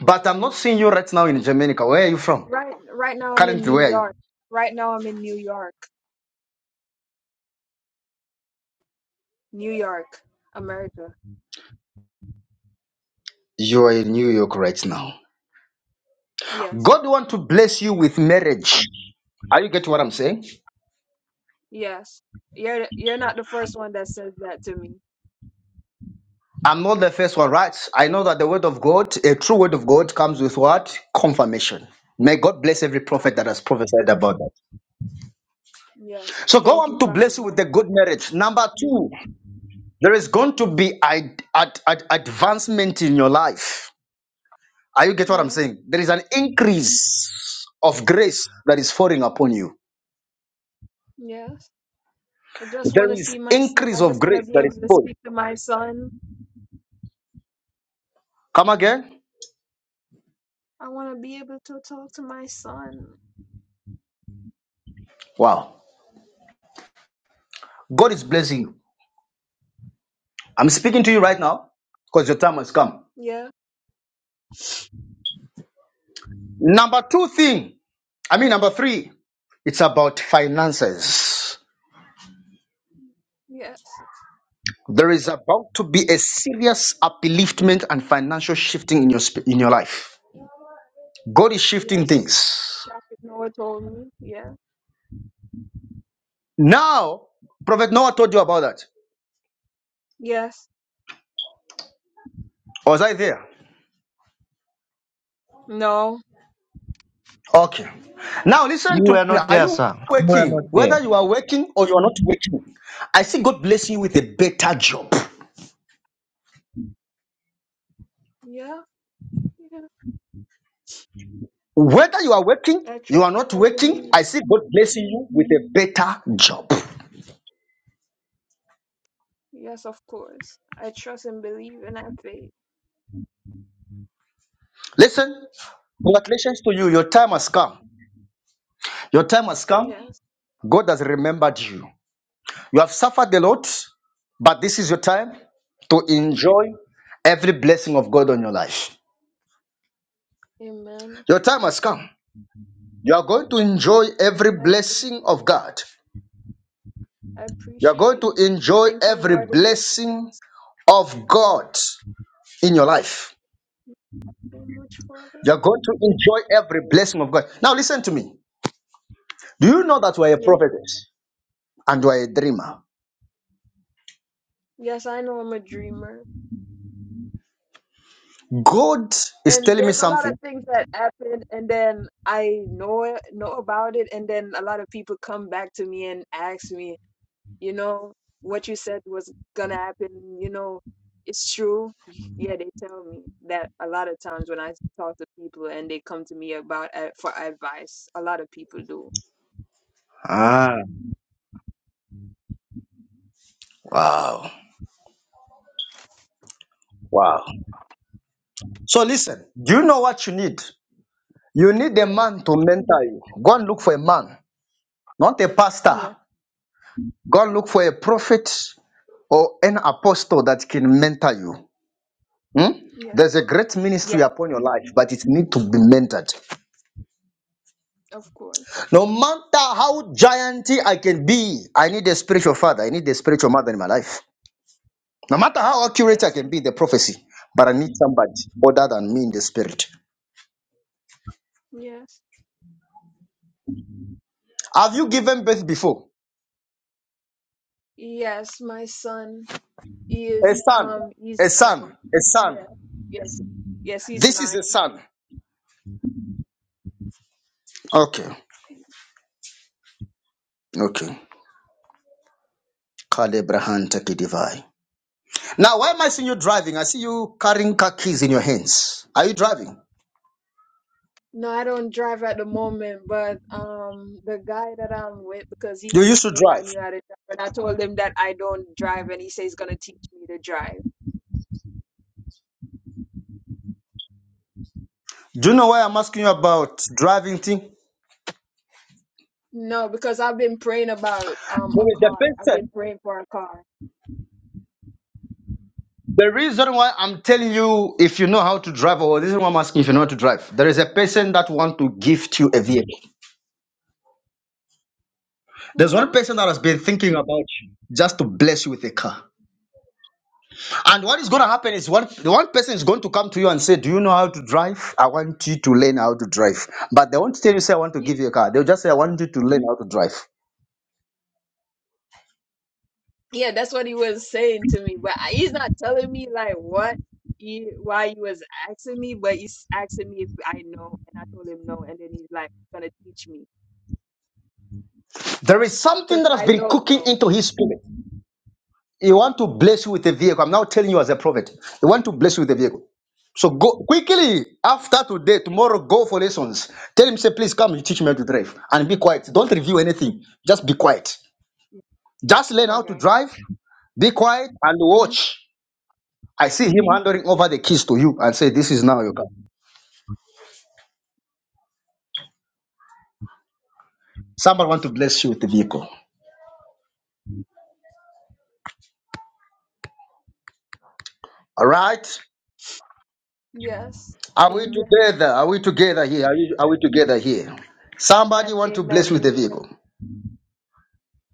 [SPEAKER 1] But I'm not seeing you right now in Jamaica. Where are you from?
[SPEAKER 13] Right. Right now, I'm in
[SPEAKER 1] Currently,
[SPEAKER 13] New
[SPEAKER 1] where are
[SPEAKER 13] York.
[SPEAKER 1] you?
[SPEAKER 13] Right now, I'm in New York. New York, America.
[SPEAKER 1] You are in New York right now.
[SPEAKER 13] Yes.
[SPEAKER 1] God want to bless you with marriage. Are you getting what I'm saying?
[SPEAKER 13] Yes. You're you're not the first one that says that to me.
[SPEAKER 1] I'm not the first one, right? I know that the word of God, a true word of God, comes with what? Confirmation. May God
[SPEAKER 13] Yeah,
[SPEAKER 1] bless every
[SPEAKER 13] come-
[SPEAKER 1] prophet that has prophesied about that.
[SPEAKER 13] Yes.
[SPEAKER 1] So God
[SPEAKER 13] Thank you,
[SPEAKER 1] want to
[SPEAKER 13] Prophet
[SPEAKER 1] bless you with
[SPEAKER 13] Noah.
[SPEAKER 1] a good marriage. Number two, there is going to be ad- ad- ad- advancement in your life. Are you get what I'm
[SPEAKER 13] Yes.
[SPEAKER 1] saying? There is an increase of grace that is falling upon you.
[SPEAKER 13] Yes. I just
[SPEAKER 1] There
[SPEAKER 13] want to
[SPEAKER 1] is
[SPEAKER 13] see my son.
[SPEAKER 1] increase
[SPEAKER 13] I
[SPEAKER 1] of
[SPEAKER 13] just want to
[SPEAKER 1] grace
[SPEAKER 13] be
[SPEAKER 1] that
[SPEAKER 13] able
[SPEAKER 1] is
[SPEAKER 13] to
[SPEAKER 1] poured.
[SPEAKER 13] speak to my son.
[SPEAKER 1] Come again.
[SPEAKER 13] I want to be able to talk to my son.
[SPEAKER 1] Wow. God is blessing you. I'm speaking to you right now because your time has come.
[SPEAKER 13] Yeah.
[SPEAKER 1] Number two thing, I mean, number three, it's about finances.
[SPEAKER 13] Yes.
[SPEAKER 1] There is about to be a serious upliftment and financial shifting in your, sp- in your life. God is shifting
[SPEAKER 13] Yes.
[SPEAKER 1] things.
[SPEAKER 13] Prophet Noah told me. Yeah.
[SPEAKER 1] Now, Prophet Noah told you about that.
[SPEAKER 13] Yes.
[SPEAKER 1] Or Was I there?
[SPEAKER 13] No.
[SPEAKER 1] Okay. Now
[SPEAKER 12] you
[SPEAKER 1] listen to
[SPEAKER 12] were
[SPEAKER 1] me.
[SPEAKER 12] not
[SPEAKER 1] Are
[SPEAKER 12] there,
[SPEAKER 1] you
[SPEAKER 12] sir. You are
[SPEAKER 1] working?
[SPEAKER 12] not there.
[SPEAKER 1] Whether you are working or you are not working, I see God blessing you with a
[SPEAKER 13] mm,
[SPEAKER 1] better job.
[SPEAKER 13] Yeah. Yeah.
[SPEAKER 1] Whether you are working,
[SPEAKER 13] I
[SPEAKER 1] you
[SPEAKER 13] trust
[SPEAKER 1] are
[SPEAKER 13] and
[SPEAKER 1] not
[SPEAKER 13] I
[SPEAKER 1] working,
[SPEAKER 13] believe.
[SPEAKER 1] I see God blessing you with a better job.
[SPEAKER 13] Yes, of course. I trust and believe and I have faith.
[SPEAKER 1] Listen, congratulations to you. Your time has come. Your time has come.
[SPEAKER 13] Yes.
[SPEAKER 1] God has remembered you. You have suffered a lot, but this is your time to enjoy every blessing of God on your life.
[SPEAKER 13] Amen.
[SPEAKER 1] Your time has come. You are going to enjoy every
[SPEAKER 13] Amen.
[SPEAKER 1] blessing
[SPEAKER 13] Amen.
[SPEAKER 1] of God.
[SPEAKER 13] I
[SPEAKER 1] You are going
[SPEAKER 13] appreciate.
[SPEAKER 1] to enjoy
[SPEAKER 13] Thank you,
[SPEAKER 1] every
[SPEAKER 13] Lord, in
[SPEAKER 1] blessing
[SPEAKER 13] advance.
[SPEAKER 1] of God in your life.
[SPEAKER 13] so much, Father.
[SPEAKER 1] You are going to enjoy every blessing of God. Now, listen to me. Do you know that you are a
[SPEAKER 13] Yeah.
[SPEAKER 1] prophetess and you are a dreamer?
[SPEAKER 13] Yes, I know I'm a dreamer.
[SPEAKER 1] God is
[SPEAKER 13] And
[SPEAKER 1] telling me
[SPEAKER 13] there's a lot of
[SPEAKER 1] something.
[SPEAKER 13] things that happen, and then I know it, know about it, and then a lot of people come back to me and ask me. you know what you said was gonna happen you know it's true yeah they tell me that a lot of times when i talk to people and they come to me about uh, for advice a lot of people do
[SPEAKER 1] Ah. Wow. Wow. So, listen, do you know what you need? You need a
[SPEAKER 13] yeah
[SPEAKER 1] man to mentor you. Go and look for a man, not a pastor.
[SPEAKER 13] yeah
[SPEAKER 1] Go and look for a prophet or an apostle that can mentor you. Hmm? There's
[SPEAKER 13] yes
[SPEAKER 1] a great ministry
[SPEAKER 13] yeah
[SPEAKER 1] upon your life, but it needs to be mentored.
[SPEAKER 13] of course
[SPEAKER 1] No matter how gianty I can be, I need a spiritual father. I need a spiritual mother in my life. No matter how accurate I
[SPEAKER 13] yes
[SPEAKER 1] can be in the
[SPEAKER 13] amen.
[SPEAKER 1] prophecy, but I need somebody other than me in the spirit.
[SPEAKER 13] yes
[SPEAKER 1] Have you given birth before?
[SPEAKER 13] yes my son he
[SPEAKER 1] A
[SPEAKER 13] is
[SPEAKER 1] son,
[SPEAKER 13] um he's
[SPEAKER 1] a son,
[SPEAKER 13] nine
[SPEAKER 1] a son.
[SPEAKER 13] yeah yes yes he's
[SPEAKER 1] This is a
[SPEAKER 13] nine
[SPEAKER 1] son. Okay, okay. Kalebrahan divine. Now, why am I seeing you driving? I see you carrying car keys in your hands. Are you driving?
[SPEAKER 13] No, I don't drive at the moment, but um, the guy that I'm with, because he
[SPEAKER 1] You used
[SPEAKER 13] asked
[SPEAKER 1] to
[SPEAKER 13] me if I
[SPEAKER 1] drive.
[SPEAKER 13] knew how to drive, and I told him that I don't drive, and he says he's gonna teach me to drive.
[SPEAKER 1] Do you know why I'm asking you about driving thing?
[SPEAKER 13] No, because I've been praying about um
[SPEAKER 1] There
[SPEAKER 13] a
[SPEAKER 1] is a
[SPEAKER 13] car. I've been
[SPEAKER 1] person.
[SPEAKER 13] praying for a car.
[SPEAKER 1] The reason why I'm telling you if you know how to drive, or this is why I'm asking if you know how to drive. There is a person that
[SPEAKER 13] Yeah.
[SPEAKER 1] want to gift you a vehicle. There's one
[SPEAKER 13] Hmm?
[SPEAKER 1] person that has been thinking about you just to bless you with a car. And what is going to happen is one the one person is going to come to you and say, "Do you know how to drive? I want you to learn how to drive." But they won't tell you, "Say I want to
[SPEAKER 13] Ye-
[SPEAKER 1] give you a car." They'll just say, "I want you to learn how to drive."
[SPEAKER 13] Yeah, that's what he was saying to me, but I- he's not telling me like what he, why he was asking me, but he's asking me if I know, and I told him no, and then he's like gonna teach me
[SPEAKER 1] There is something
[SPEAKER 13] because
[SPEAKER 1] that has
[SPEAKER 13] I
[SPEAKER 1] been
[SPEAKER 13] don't
[SPEAKER 1] cooking
[SPEAKER 13] know.
[SPEAKER 1] into his spirit. He want to bless you with a vehicle. I'm now telling you as a prophet. He want to bless you with a
[SPEAKER 13] Yeah.
[SPEAKER 1] vehicle. So go quickly after today, tomorrow, go for lessons. Tell him, say, please come, you teach me how to drive and be quiet. Don't review anything. Just be quiet.
[SPEAKER 13] yeah.
[SPEAKER 1] Just learn how to
[SPEAKER 13] Okay.
[SPEAKER 1] drive, be quiet, and
[SPEAKER 13] Mm-hmm.
[SPEAKER 1] watch. I see him handing
[SPEAKER 13] Yeah.
[SPEAKER 1] over the keys to you and say, This is now your car. Somebody want to bless you with the vehicle. All right.
[SPEAKER 13] Yes.
[SPEAKER 1] Are we
[SPEAKER 13] Amen.
[SPEAKER 1] together? Are we together here? Are, you, are we together here?
[SPEAKER 13] Amen.
[SPEAKER 1] Somebody want to
[SPEAKER 13] Amen.
[SPEAKER 1] bless with the
[SPEAKER 13] Amen.
[SPEAKER 1] vehicle.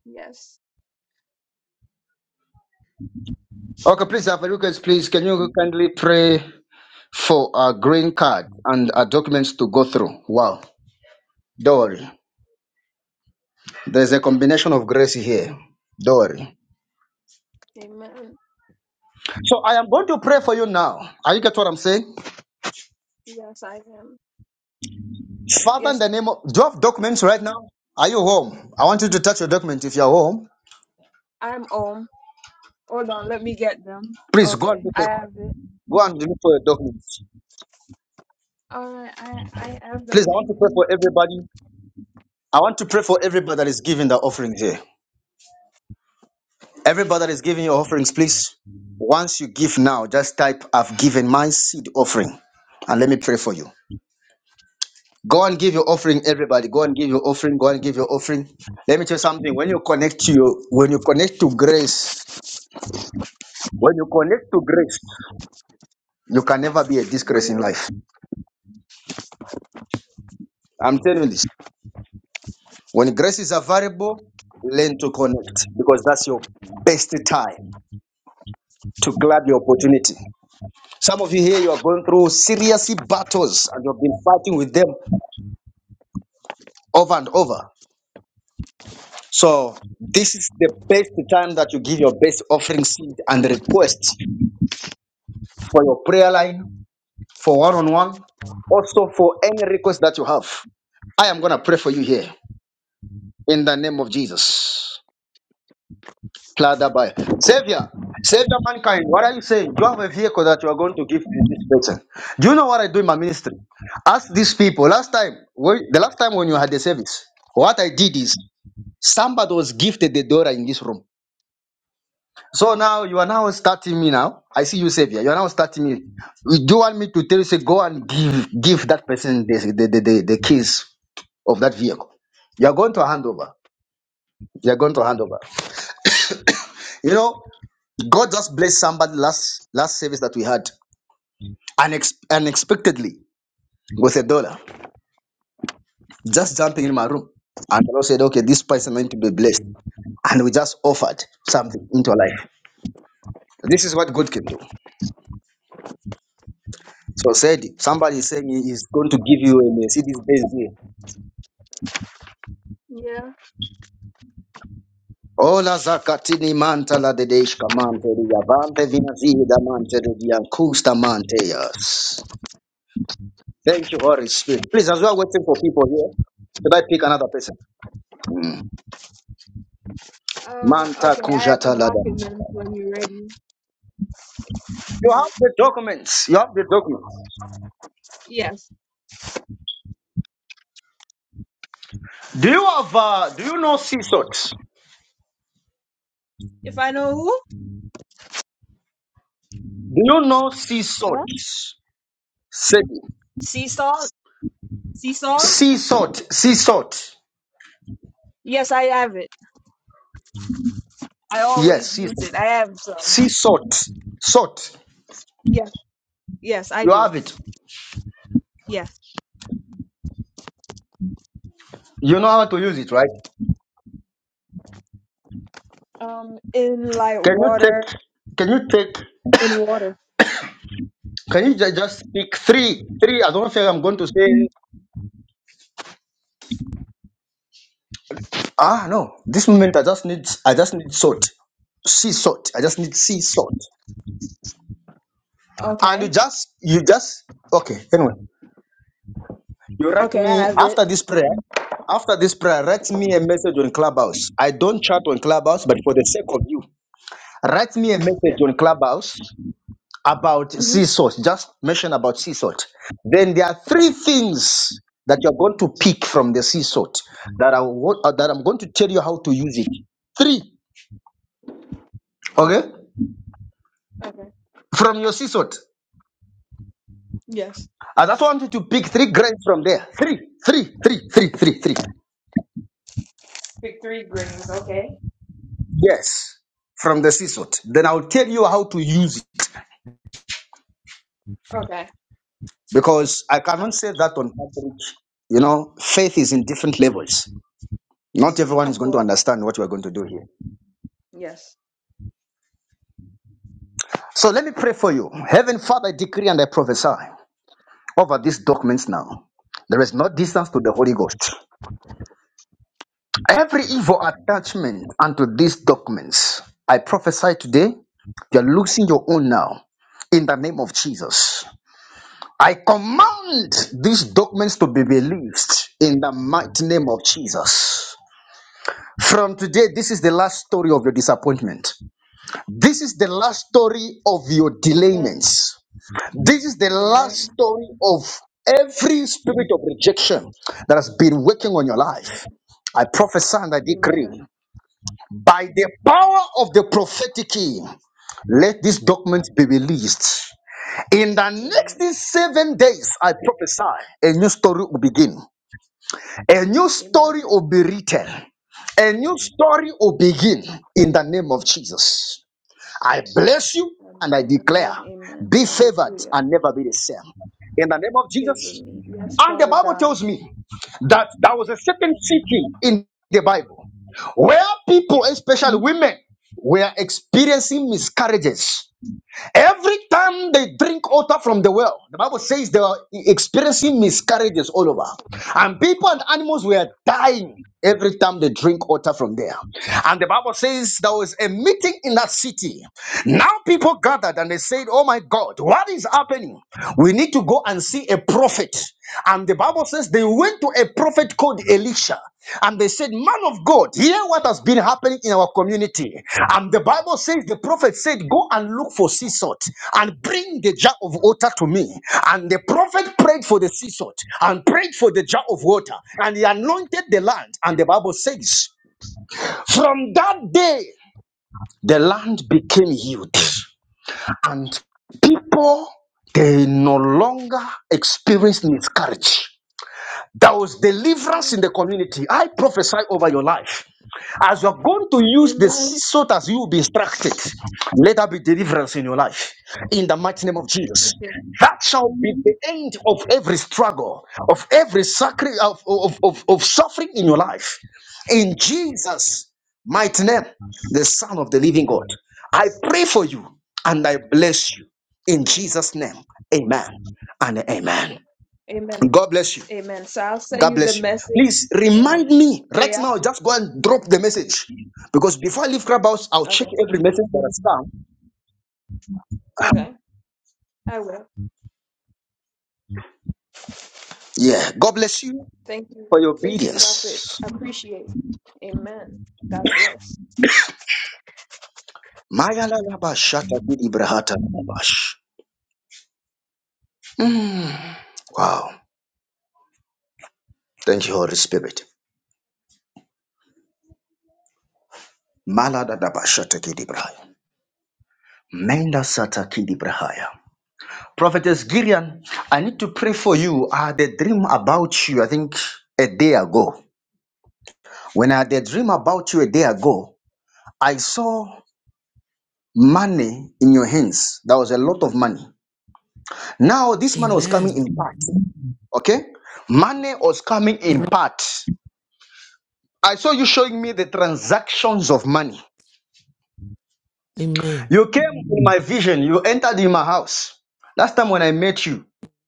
[SPEAKER 13] Yes.
[SPEAKER 1] Okay, please, Alpha Lucas, please, can you kindly pray for a green card and our documents to go through? Wow. Don't worry. There's a combination of grace here. Don't worry.
[SPEAKER 13] Amen.
[SPEAKER 1] So I am going to pray for you now. Are you get what I'm saying?
[SPEAKER 13] Yes, I am.
[SPEAKER 1] Father, in
[SPEAKER 13] Yes,
[SPEAKER 1] the name of do you have documents right now? Are you home? I want you to touch your document if you're home.
[SPEAKER 13] I'm home. Hold on, let me get them.
[SPEAKER 1] Please go and
[SPEAKER 13] Okay,
[SPEAKER 1] look
[SPEAKER 13] I
[SPEAKER 1] for,
[SPEAKER 13] have it.
[SPEAKER 1] go and look for your documents.
[SPEAKER 13] All right, I I have
[SPEAKER 1] Please,
[SPEAKER 13] them
[SPEAKER 1] I
[SPEAKER 13] with
[SPEAKER 1] want to
[SPEAKER 13] me.
[SPEAKER 1] pray for everybody. I want to pray for everybody that is giving the offering here. Everybody that is giving your offerings, please. Once you give now, just type, I've given my seed offering. And let me pray for you. Go and give your offering, everybody. Go and give your offering. Go and give your offering. Let me tell you something. When you connect to your, when you connect to grace, when you connect to grace, you can never be a disgrace in
[SPEAKER 13] Amen.
[SPEAKER 1] life. I'm telling you this. When grace is available, learn to connect because that's your best time to grab your opportunity. Some of you here, you are going through seriously battles and you've been fighting with them over and over. So this is the best time that you give your best offering seed and request for your prayer line, for one-on-one, also for any request that you have. I am gonna pray for you here in the name of Jesus. Pladabai. Savior, Savior mankind, what are you saying? You have a vehicle that you are going to give to this person. Do you know what I do in my ministry? Ask these people. Last time, when- the last time when you had the service, what I did is somebody was gifted the door in this room. So now you are now starting me now. I see you, Savior. You are now starting me. Do you want me to tell you, say, go and give give that person the, the, the, the, the keys of that vehicle? You are going to hand over. You are going to hand over. You know, God just blessed somebody last last service that we had unex- unexpectedly with a dollar, just jumping in my room. And the Lord said, okay, this person is meant to be blessed. And we just offered something into our life. This is what God can do. So said somebody is saying he is going to give you a see this base here.
[SPEAKER 13] Yeah.
[SPEAKER 1] Ola zakatini manta la dedeshka mante riyavante vinazida mante riyankusta mante yes. Thank you, Holy Spirit. Please, as we are waiting for people here, should I pick another person?
[SPEAKER 13] Uh.
[SPEAKER 1] Manta
[SPEAKER 13] Okay, I have the
[SPEAKER 1] kujata lada.
[SPEAKER 13] documents when you're ready.
[SPEAKER 1] You have the documents. You have the documents.
[SPEAKER 13] Yes.
[SPEAKER 1] Do you have? Uh, do you know sea salt?
[SPEAKER 13] If I know who.
[SPEAKER 1] Do you know sea salt?
[SPEAKER 13] Hello.
[SPEAKER 1] Said
[SPEAKER 13] Sea salt. Sea salt.
[SPEAKER 1] sea salt. Sea salt.
[SPEAKER 13] Yes, I have it. I
[SPEAKER 1] Yes,
[SPEAKER 13] always
[SPEAKER 1] sea
[SPEAKER 13] use
[SPEAKER 1] salt.
[SPEAKER 13] it. I have some.
[SPEAKER 1] Sea salt. Salt.
[SPEAKER 13] Yes. Yes, I
[SPEAKER 1] You
[SPEAKER 13] do.
[SPEAKER 1] have it.
[SPEAKER 13] Yes.
[SPEAKER 1] You know how to use it, right?
[SPEAKER 13] Um, in like
[SPEAKER 1] Can you
[SPEAKER 13] water.
[SPEAKER 1] take? Can you take?
[SPEAKER 13] in water.
[SPEAKER 1] Can you ju- just pick three? Three. I don't think I'm going to say. Ah, no. This moment, I just need. I just need salt. Sea salt. I just need sea salt. And you
[SPEAKER 13] Okay.
[SPEAKER 1] just. You just. Okay. Anyway, you write
[SPEAKER 13] Okay, I
[SPEAKER 1] me
[SPEAKER 13] have it.
[SPEAKER 1] after this prayer. After this prayer, write me a message on Clubhouse. I don't chat on Clubhouse, but for the sake of you, write me a message
[SPEAKER 13] Yeah.
[SPEAKER 1] on Clubhouse about sea
[SPEAKER 13] Mhm.
[SPEAKER 1] salt. Just mention about sea salt. Then there are three things that you're going to pick from the sea salt that I want, uh, that I'm going to tell you how to use it. Three, okay,
[SPEAKER 13] Okay. Okay.
[SPEAKER 1] from your sea salt.
[SPEAKER 13] Yes.
[SPEAKER 1] I just want you to pick three grains from there. Three, three, three, three, three, three.
[SPEAKER 13] Pick three greens. Okay.
[SPEAKER 1] Yes, from the sea salt. Then I'll tell you how to use it
[SPEAKER 13] Okay.
[SPEAKER 1] because I cannot say that on public. You know, faith is in different levels. Not everyone is
[SPEAKER 13] Of
[SPEAKER 1] going to
[SPEAKER 13] course.
[SPEAKER 1] understand what we're going to do here.
[SPEAKER 13] Yes.
[SPEAKER 1] So let me pray for you. Heaven, Father, I decree and I prophesy over these documents now. There is no distance to the Holy Ghost. Every evil attachment unto these documents, I prophesy today, you are losing your own now. In the name of Jesus, I command these documents to be released in the mighty name of Jesus. From today, this is the last story of your disappointment. This is the last
[SPEAKER 13] Mhm.
[SPEAKER 1] story of your
[SPEAKER 13] Amen.
[SPEAKER 1] delayments. This is the last
[SPEAKER 13] Amen.
[SPEAKER 1] story of every spirit of rejection that has been working on your life.
[SPEAKER 13] Amen.
[SPEAKER 1] I prophesy and I
[SPEAKER 13] Amen.
[SPEAKER 1] decree by the power of the prophetic key, let these documents be released. In the next
[SPEAKER 13] Amen.
[SPEAKER 1] seven days, I prophesy a new story will begin, a new story
[SPEAKER 13] Amen.
[SPEAKER 1] will be written, a new story will begin in the name of Jesus. I bless you and I
[SPEAKER 13] Amen.
[SPEAKER 1] declare,
[SPEAKER 13] Amen. Amen.
[SPEAKER 1] be favored
[SPEAKER 13] Hallelujah.
[SPEAKER 1] and never be the same. In the name of
[SPEAKER 13] Favor
[SPEAKER 1] Jesus.
[SPEAKER 13] me. Yes,
[SPEAKER 1] And the
[SPEAKER 13] Father
[SPEAKER 1] Bible
[SPEAKER 13] God.
[SPEAKER 1] tells me that there was a certain city in the Bible where people, especially
[SPEAKER 13] Mhm.
[SPEAKER 1] women, were experiencing miscarriages. Every time they drink water from the well, the Bible says they were experiencing miscarriages all over. And people and animals were dying every time they drink water from there. And the Bible says there was a meeting in that city. Now people gathered and they said, Oh my God, what is happening? We need to go and see a prophet. And the Bible says they went to a prophet called Elisha. And they said, Man of God, hear what has been happening in our community. And the Bible says, The prophet said, Go and look for sea salt and bring the jar of water to me. And the prophet prayed for the sea salt and prayed for the jar of water. And he anointed the land. And the Bible says, From that day, the land became healed. And people, they no longer experience miscarriage. There was deliverance in the community. I prophesy over your life. As you're going to use the sea
[SPEAKER 13] Amen.
[SPEAKER 1] salt as you will be instructed, let there be deliverance in your life. In the mighty name of Jesus.
[SPEAKER 13] Okay.
[SPEAKER 1] That shall be the end of every struggle, of every sacri- of, of, of, of suffering in your life. In Jesus' mighty name, the Son of the living God. I pray for you and I bless you. In
[SPEAKER 13] Amen.
[SPEAKER 1] Jesus' name, amen and
[SPEAKER 13] Yeah.
[SPEAKER 1] amen.
[SPEAKER 13] Amen.
[SPEAKER 1] God bless you.
[SPEAKER 13] Amen. So I'll send
[SPEAKER 1] God
[SPEAKER 13] you the
[SPEAKER 1] bless you.
[SPEAKER 13] message
[SPEAKER 1] Please remind
[SPEAKER 13] and
[SPEAKER 1] me right
[SPEAKER 13] prayer.
[SPEAKER 1] now. Just go and drop the message because before I leave Clubhouse, I'll check
[SPEAKER 13] Okay.
[SPEAKER 1] every message that has come.
[SPEAKER 13] Okay. I will.
[SPEAKER 1] Yeah. God bless you
[SPEAKER 13] Thank you.
[SPEAKER 1] for your
[SPEAKER 13] Thank you, Prophet.
[SPEAKER 1] obedience.
[SPEAKER 13] appreciate. Amen. God bless.
[SPEAKER 1] Maya la la ba shata ki di brahata la la bash. Wow. Thank you, Holy Spirit. Mala da da ba shata ki di brahaya. Menda sata ki di brahaya. Prophetess Gillian, I need to pray for you. I had a dream about you, I think, a day ago. When I had a dream about you a day ago, I saw. money in your hands. That was a lot of money. Now, this money was coming
[SPEAKER 14] Amen.
[SPEAKER 1] in part. Okay? Money was coming in part. I saw you showing me the transactions of money.
[SPEAKER 14] Amen.
[SPEAKER 1] You came in my vision, you entered in my house. Last time when I met you,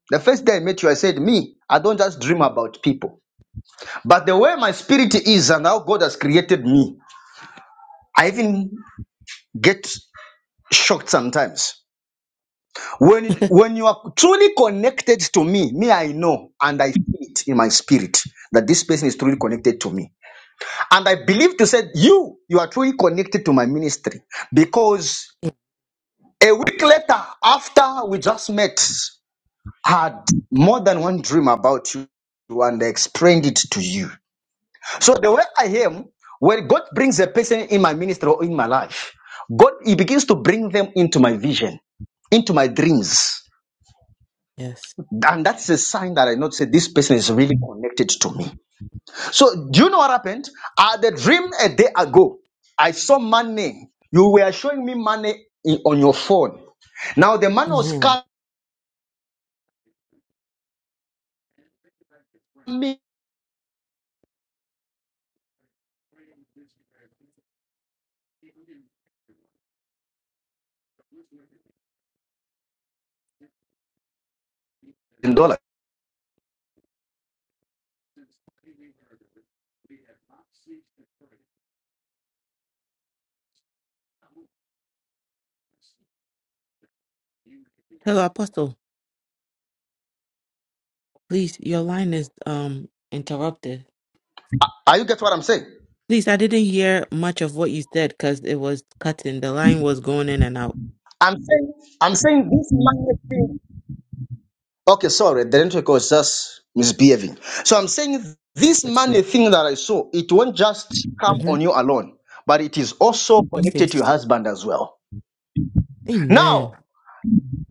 [SPEAKER 1] the first day I met you, I said, Me, I don't just dream about people. But the way my spirit is and how God has created me, I even get shocked sometimes. When it, when you are truly connected to me, me I know and I feel it in my spirit that this person is truly connected to me. And I believe to say you you are truly connected to my ministry because a week later after we just met I had more than one dream about you and I explained it to you. So the way I am, when God brings a person in my ministry or in my life, God he begins to bring them into my vision, into my dreams.
[SPEAKER 14] Yes.
[SPEAKER 1] And that's a sign that I know to say this person is really connected to me. So, do you know what happened? I had a dream a day ago. I saw money. You were showing me money in- on your phone. Now, the money was
[SPEAKER 14] Amen.
[SPEAKER 1] coming in dollars.
[SPEAKER 14] Hello, Apostle. Please, your line is um interrupted.
[SPEAKER 1] Are you get what I'm saying?
[SPEAKER 14] Please, I didn't hear much of what you said because it was cutting. The line was going in and out.
[SPEAKER 1] I'm saying, I'm saying this money thing. Okay, sorry, the network was just misbehaving. So I'm saying this money thing that I saw, it won't just come
[SPEAKER 14] Mm-hmm.
[SPEAKER 1] on you alone, but it is also
[SPEAKER 14] Okay.
[SPEAKER 1] connected to your husband as well. Now,
[SPEAKER 14] Amen.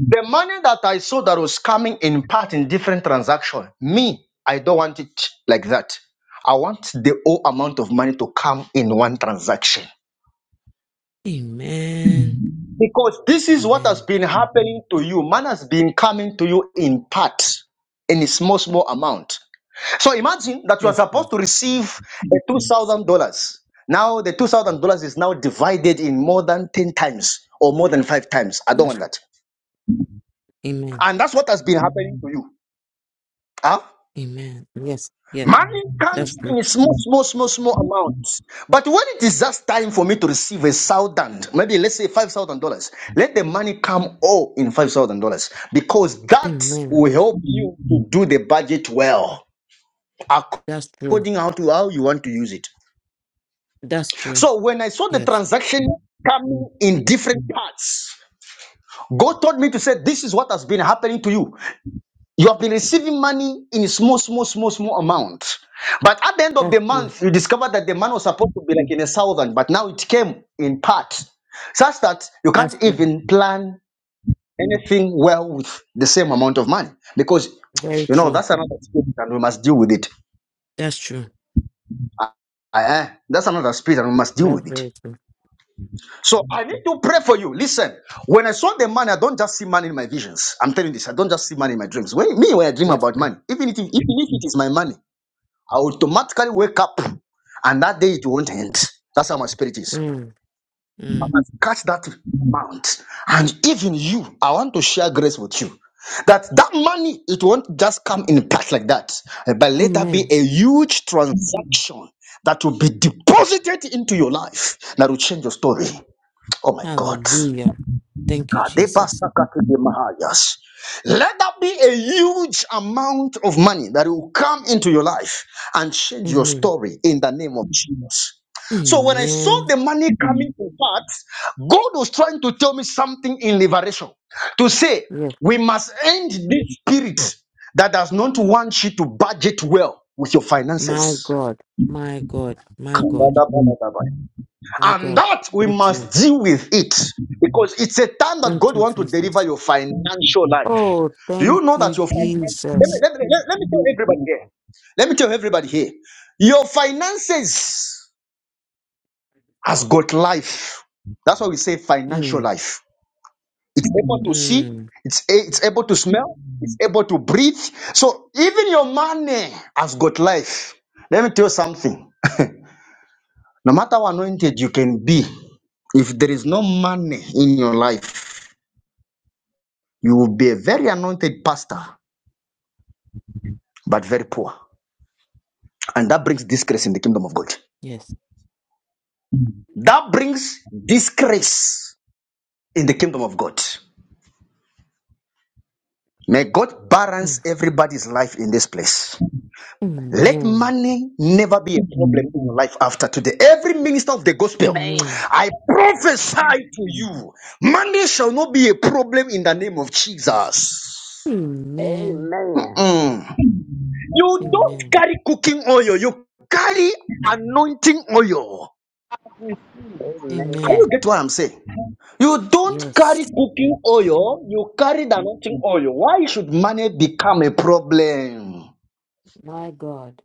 [SPEAKER 1] The money that I saw that was coming in part in different transaction, me, I don't want it like that. I want the whole amount of money to come in one transaction.
[SPEAKER 14] Amen.
[SPEAKER 1] Because this is what has
[SPEAKER 14] Amen.
[SPEAKER 1] been happening to you. Man has been coming to you in part, in a small, small amount. So imagine that you are
[SPEAKER 14] Yes, please.
[SPEAKER 1] supposed to receive a $2,000. Now the $2,000 is now divided in more than 10 times or more than five times. I don't
[SPEAKER 14] Yes.
[SPEAKER 1] want that.
[SPEAKER 14] Amen.
[SPEAKER 1] And that's what has been happening to you. Huh?
[SPEAKER 14] Amen. Yes. Yes.
[SPEAKER 1] Money
[SPEAKER 14] That's
[SPEAKER 1] comes
[SPEAKER 14] true.
[SPEAKER 1] in small, small, small, small amounts. But when it is just time for me to receive a thousand, maybe let's say five thousand dollars, let the money come all in five thousand dollars because that
[SPEAKER 14] Amen.
[SPEAKER 1] will help you to do the budget well
[SPEAKER 14] That's true.
[SPEAKER 1] according how to how you want to use it.
[SPEAKER 14] That's true.
[SPEAKER 1] So when I saw the
[SPEAKER 14] Yes.
[SPEAKER 1] transaction coming in different parts, God told me to say, This is what has been happening to you. You have been receiving money in small, small, small, small amount. But at the end of the
[SPEAKER 14] That's true.
[SPEAKER 1] month, you discover that the money was supposed to be like in a thousand, but now it came in part, such that you
[SPEAKER 14] That's
[SPEAKER 1] can't
[SPEAKER 14] true.
[SPEAKER 1] even plan anything well with the same amount of money. Because,
[SPEAKER 14] Very
[SPEAKER 1] you know,
[SPEAKER 14] true.
[SPEAKER 1] that's another spirit and we must deal with it.
[SPEAKER 14] That's true.
[SPEAKER 1] Uh-uh. That's another spirit and we must deal
[SPEAKER 14] That's
[SPEAKER 1] with it.
[SPEAKER 14] very true.
[SPEAKER 1] So I need to pray for you. Listen, when I saw the money, I don't just see money in my visions. I'm telling you this. I don't just see money in my dreams. When, me, when I dream
[SPEAKER 14] Yes,
[SPEAKER 1] about
[SPEAKER 14] please.
[SPEAKER 1] money, even if, even if it is my money, I automatically wake up and that day it won't end. That's how my spirit is.
[SPEAKER 14] Mm,
[SPEAKER 1] I
[SPEAKER 14] Mm.
[SPEAKER 1] must catch that amount. And even you, I want to share grace with you. That that money, it won't just come in packs like that. eh, But let that be
[SPEAKER 14] Amen.
[SPEAKER 1] a huge transaction that will be deposited into your life that will change your story. Oh my God.
[SPEAKER 14] Hallelujah. Thank you, Jesus.
[SPEAKER 1] Kadebasakatidemahayas. Let that be a huge amount of money that will come into your life and change your
[SPEAKER 14] Amen.
[SPEAKER 1] story in the name of Jesus. So when I saw
[SPEAKER 14] Amen.
[SPEAKER 1] the money coming to parts, God was trying to tell me something in liberation to say
[SPEAKER 14] Yes.
[SPEAKER 1] we must end this spirit that does not want you to budget well with your
[SPEAKER 14] My
[SPEAKER 1] finances.
[SPEAKER 14] God. My God. My God. My
[SPEAKER 1] And
[SPEAKER 14] God.
[SPEAKER 1] that we
[SPEAKER 14] So true.
[SPEAKER 1] must deal with it because it's a time that
[SPEAKER 14] Thank
[SPEAKER 1] God
[SPEAKER 14] you,
[SPEAKER 1] wants to deliver
[SPEAKER 14] Jesus.
[SPEAKER 1] your financial life.
[SPEAKER 14] Oh,
[SPEAKER 1] Do you
[SPEAKER 14] thank
[SPEAKER 1] know that
[SPEAKER 14] you,
[SPEAKER 1] your finance? Let me,
[SPEAKER 14] Jesus.
[SPEAKER 1] let, me, let, let me tell everybody here. Let me tell everybody here. Your finances has got life. That's why we say financial
[SPEAKER 14] Mm.
[SPEAKER 1] life. It's able to see,
[SPEAKER 14] Mm.
[SPEAKER 1] it's, a- it's able to smell, it's able to breathe. So even your money has got life. Let me tell you something. No matter how anointed you can be, if there is no money in your life, You will be a very anointed pastor, but very poor. And that brings disgrace in the kingdom of God.
[SPEAKER 14] Yes.
[SPEAKER 1] That brings disgrace in the kingdom of God. May God balance
[SPEAKER 14] Mm.
[SPEAKER 1] everybody's life in this place. Let
[SPEAKER 14] Amen.
[SPEAKER 1] money never be a problem in your life after today. Every minister of the gospel,
[SPEAKER 14] Amen.
[SPEAKER 9] Man.
[SPEAKER 1] I prophesy to you, money shall not be a problem in the name of Jesus.
[SPEAKER 14] Amen.
[SPEAKER 9] Amen.
[SPEAKER 1] Mm. You don't
[SPEAKER 14] Amen.
[SPEAKER 1] carry cooking oil, you carry anointing oil. Can you
[SPEAKER 9] Amen.
[SPEAKER 14] Amen.
[SPEAKER 1] get what I'm saying? You don't carry
[SPEAKER 14] Yes.
[SPEAKER 1] cooking oil, you carry the anointing oil. Why should money become a problem?
[SPEAKER 14] My God.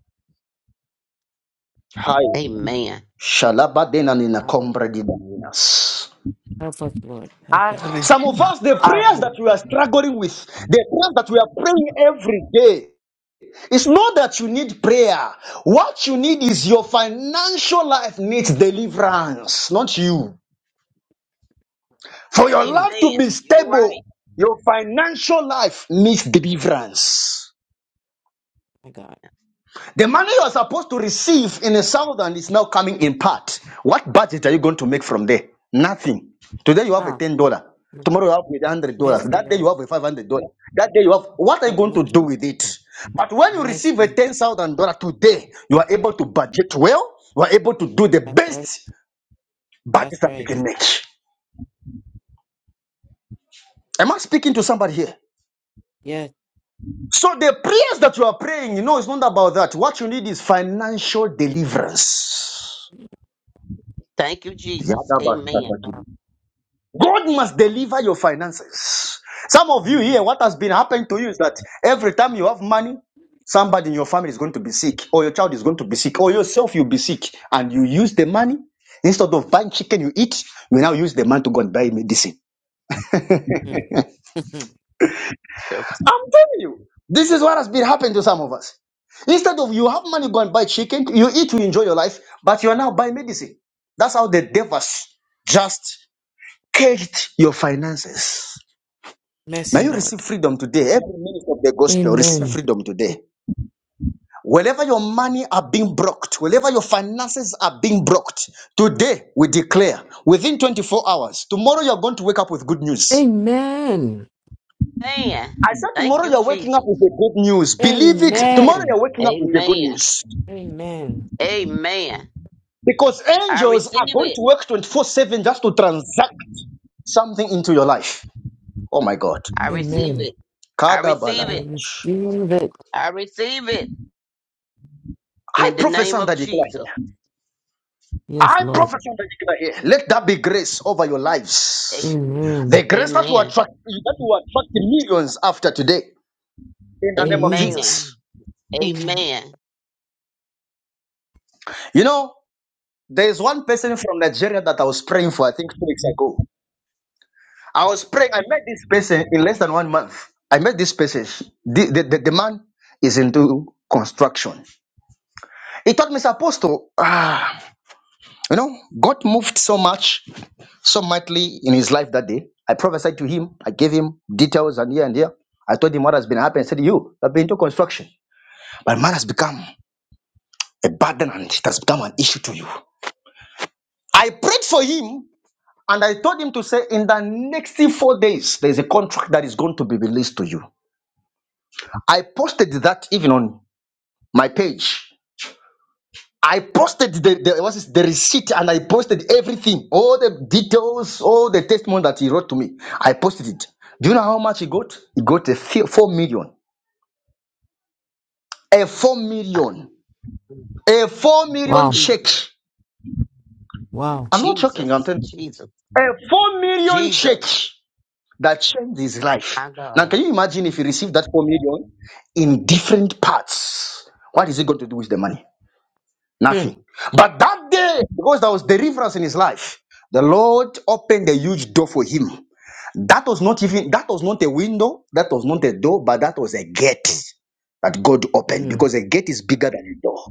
[SPEAKER 1] Hi.
[SPEAKER 9] Amen.
[SPEAKER 1] Shalabadena nina
[SPEAKER 14] My God.
[SPEAKER 1] kombra di daninas.
[SPEAKER 14] Help us, Lord. Help
[SPEAKER 12] I
[SPEAKER 14] us.
[SPEAKER 1] Some
[SPEAKER 12] receive.
[SPEAKER 1] of us, the
[SPEAKER 12] I
[SPEAKER 1] prayers that
[SPEAKER 12] receive.
[SPEAKER 1] we are struggling with, the prayers that we are praying every day, it's not that you need prayer. What you need is your financial life needs deliverance, not you. For your
[SPEAKER 14] Hmm.
[SPEAKER 1] life
[SPEAKER 9] Amen.
[SPEAKER 1] to be
[SPEAKER 9] You're right.
[SPEAKER 1] stable, your financial life needs deliverance.
[SPEAKER 14] My God.
[SPEAKER 1] The money you're supposed to receive in the southern is now coming in part. What budget are you going to make from there? Nothing. Today you have a
[SPEAKER 14] Ah.
[SPEAKER 1] ten dollar. Tomorrow you have a hundred dollars.
[SPEAKER 14] Mercy,
[SPEAKER 1] That day
[SPEAKER 14] Lord.
[SPEAKER 1] you have a five hundred dollar. That day you have. What are you
[SPEAKER 14] Me-
[SPEAKER 1] going to do
[SPEAKER 14] Mercy.
[SPEAKER 1] with it? But when you receive a
[SPEAKER 14] Mercy.
[SPEAKER 1] ten thousand dollar today, you are able to budget well. You are able to do the
[SPEAKER 14] That's right.
[SPEAKER 1] best
[SPEAKER 14] That's
[SPEAKER 1] budget that you
[SPEAKER 14] right.
[SPEAKER 1] can make. Am I speaking to somebody here?
[SPEAKER 14] Yes.
[SPEAKER 1] So the prayers that you are praying, you know, it's not about that. What you need is financial deliverance.
[SPEAKER 9] Thank you, Jesus. Amen.
[SPEAKER 1] God must deliver your finances. Some of you here,
[SPEAKER 14] Mm.
[SPEAKER 1] what has been happening to you is that every time you have money, somebody in your family is going to be sick, or your child is going to be sick, or yourself you'll be sick, and you use the money instead of buying chicken you eat, you now use the money to go and buy medicine.
[SPEAKER 9] Yes.
[SPEAKER 1] I'm telling you, this is what has been happening to some of us. Instead of you have money, go and buy chicken, you eat to enjoy your life, but you are now buying medicine. That's how the devils just caged your finances. May
[SPEAKER 14] Mercy,
[SPEAKER 1] you receive
[SPEAKER 14] Lord.
[SPEAKER 1] freedom today. Every minister of the gospel, receive
[SPEAKER 14] Amen.
[SPEAKER 1] freedom today. Wherever your money are being blocked, wherever your finances are being blocked, today we declare within 24 hours, tomorrow you're going to wake up with good news.
[SPEAKER 14] Amen.
[SPEAKER 9] Amen.
[SPEAKER 1] I said
[SPEAKER 9] Thank
[SPEAKER 1] tomorrow
[SPEAKER 9] you,
[SPEAKER 1] you're waking up
[SPEAKER 9] Jesus.
[SPEAKER 1] with the good news. Believe it. Tomorrow
[SPEAKER 14] Amen.
[SPEAKER 1] you're waking up with the good
[SPEAKER 9] Amen.
[SPEAKER 1] news.
[SPEAKER 14] Amen.
[SPEAKER 9] Amen.
[SPEAKER 1] Because
[SPEAKER 9] I
[SPEAKER 1] angels are
[SPEAKER 9] receive
[SPEAKER 1] going
[SPEAKER 9] it.
[SPEAKER 1] to work 24 7 just to transact something into your life. Oh my God.
[SPEAKER 9] I receive
[SPEAKER 14] Amen.
[SPEAKER 9] it. I
[SPEAKER 1] Kadabala.
[SPEAKER 9] receive
[SPEAKER 14] I
[SPEAKER 9] it.
[SPEAKER 14] receive it.
[SPEAKER 9] I receive it
[SPEAKER 1] I
[SPEAKER 9] in the
[SPEAKER 1] prophesy
[SPEAKER 9] name
[SPEAKER 1] and
[SPEAKER 9] of
[SPEAKER 1] I declare here.
[SPEAKER 9] Jesus.
[SPEAKER 14] Yes,
[SPEAKER 1] I
[SPEAKER 14] Lord.
[SPEAKER 1] prophesy that you are here. Let that be grace over your lives.
[SPEAKER 9] Amen.
[SPEAKER 14] Amen.
[SPEAKER 1] The grace that will
[SPEAKER 9] Amen.
[SPEAKER 1] attract that will attract millions after today. In the name of
[SPEAKER 14] Amen.
[SPEAKER 9] Amen.
[SPEAKER 1] Jesus.
[SPEAKER 14] Amen.
[SPEAKER 9] Amen.
[SPEAKER 1] You know, there is one person from Nigeria that I was praying for, I think two weeks ago. I was praying, I met this person in less than one month. I met this person. The, the, the, the man is into construction. He told me, Apostle, ah, you know, God moved so much. so mightily in his life that day. I prophesied to him. I gave him details and here and there. I told him what has been happening. I said, You have been into construction. But man has become a burden and it has become an issue to you. I prayed for him and I told him to say, In the next four days, there's a contract that is going to be released to you. I posted that even on my page. I posted the, the what is the receipt and I posted everything, all the details, all the testimony that he wrote to me. I posted it. Do you know how much he got? He got a fi- four million. A four
[SPEAKER 9] Ah,
[SPEAKER 1] million. A four million
[SPEAKER 14] Wow.
[SPEAKER 1] check.
[SPEAKER 9] Jesus.
[SPEAKER 14] Wow.
[SPEAKER 1] I'm not joking, I'm
[SPEAKER 9] Jesus.
[SPEAKER 1] telling you.
[SPEAKER 9] Jesus.
[SPEAKER 1] A four million
[SPEAKER 9] Jesus.
[SPEAKER 1] check that changed his life.
[SPEAKER 9] My
[SPEAKER 1] Now
[SPEAKER 9] God.
[SPEAKER 1] can you imagine if he received that four million in different parts? What is he going to do with the money?
[SPEAKER 14] Mm.
[SPEAKER 1] Nothing. But that day, because there was deliverance in his life, the Lord opened a huge door for him. That was not even that was not a window, that was not a door, but that was a gate that God opened
[SPEAKER 14] Mm.
[SPEAKER 1] because a gate is bigger than a door.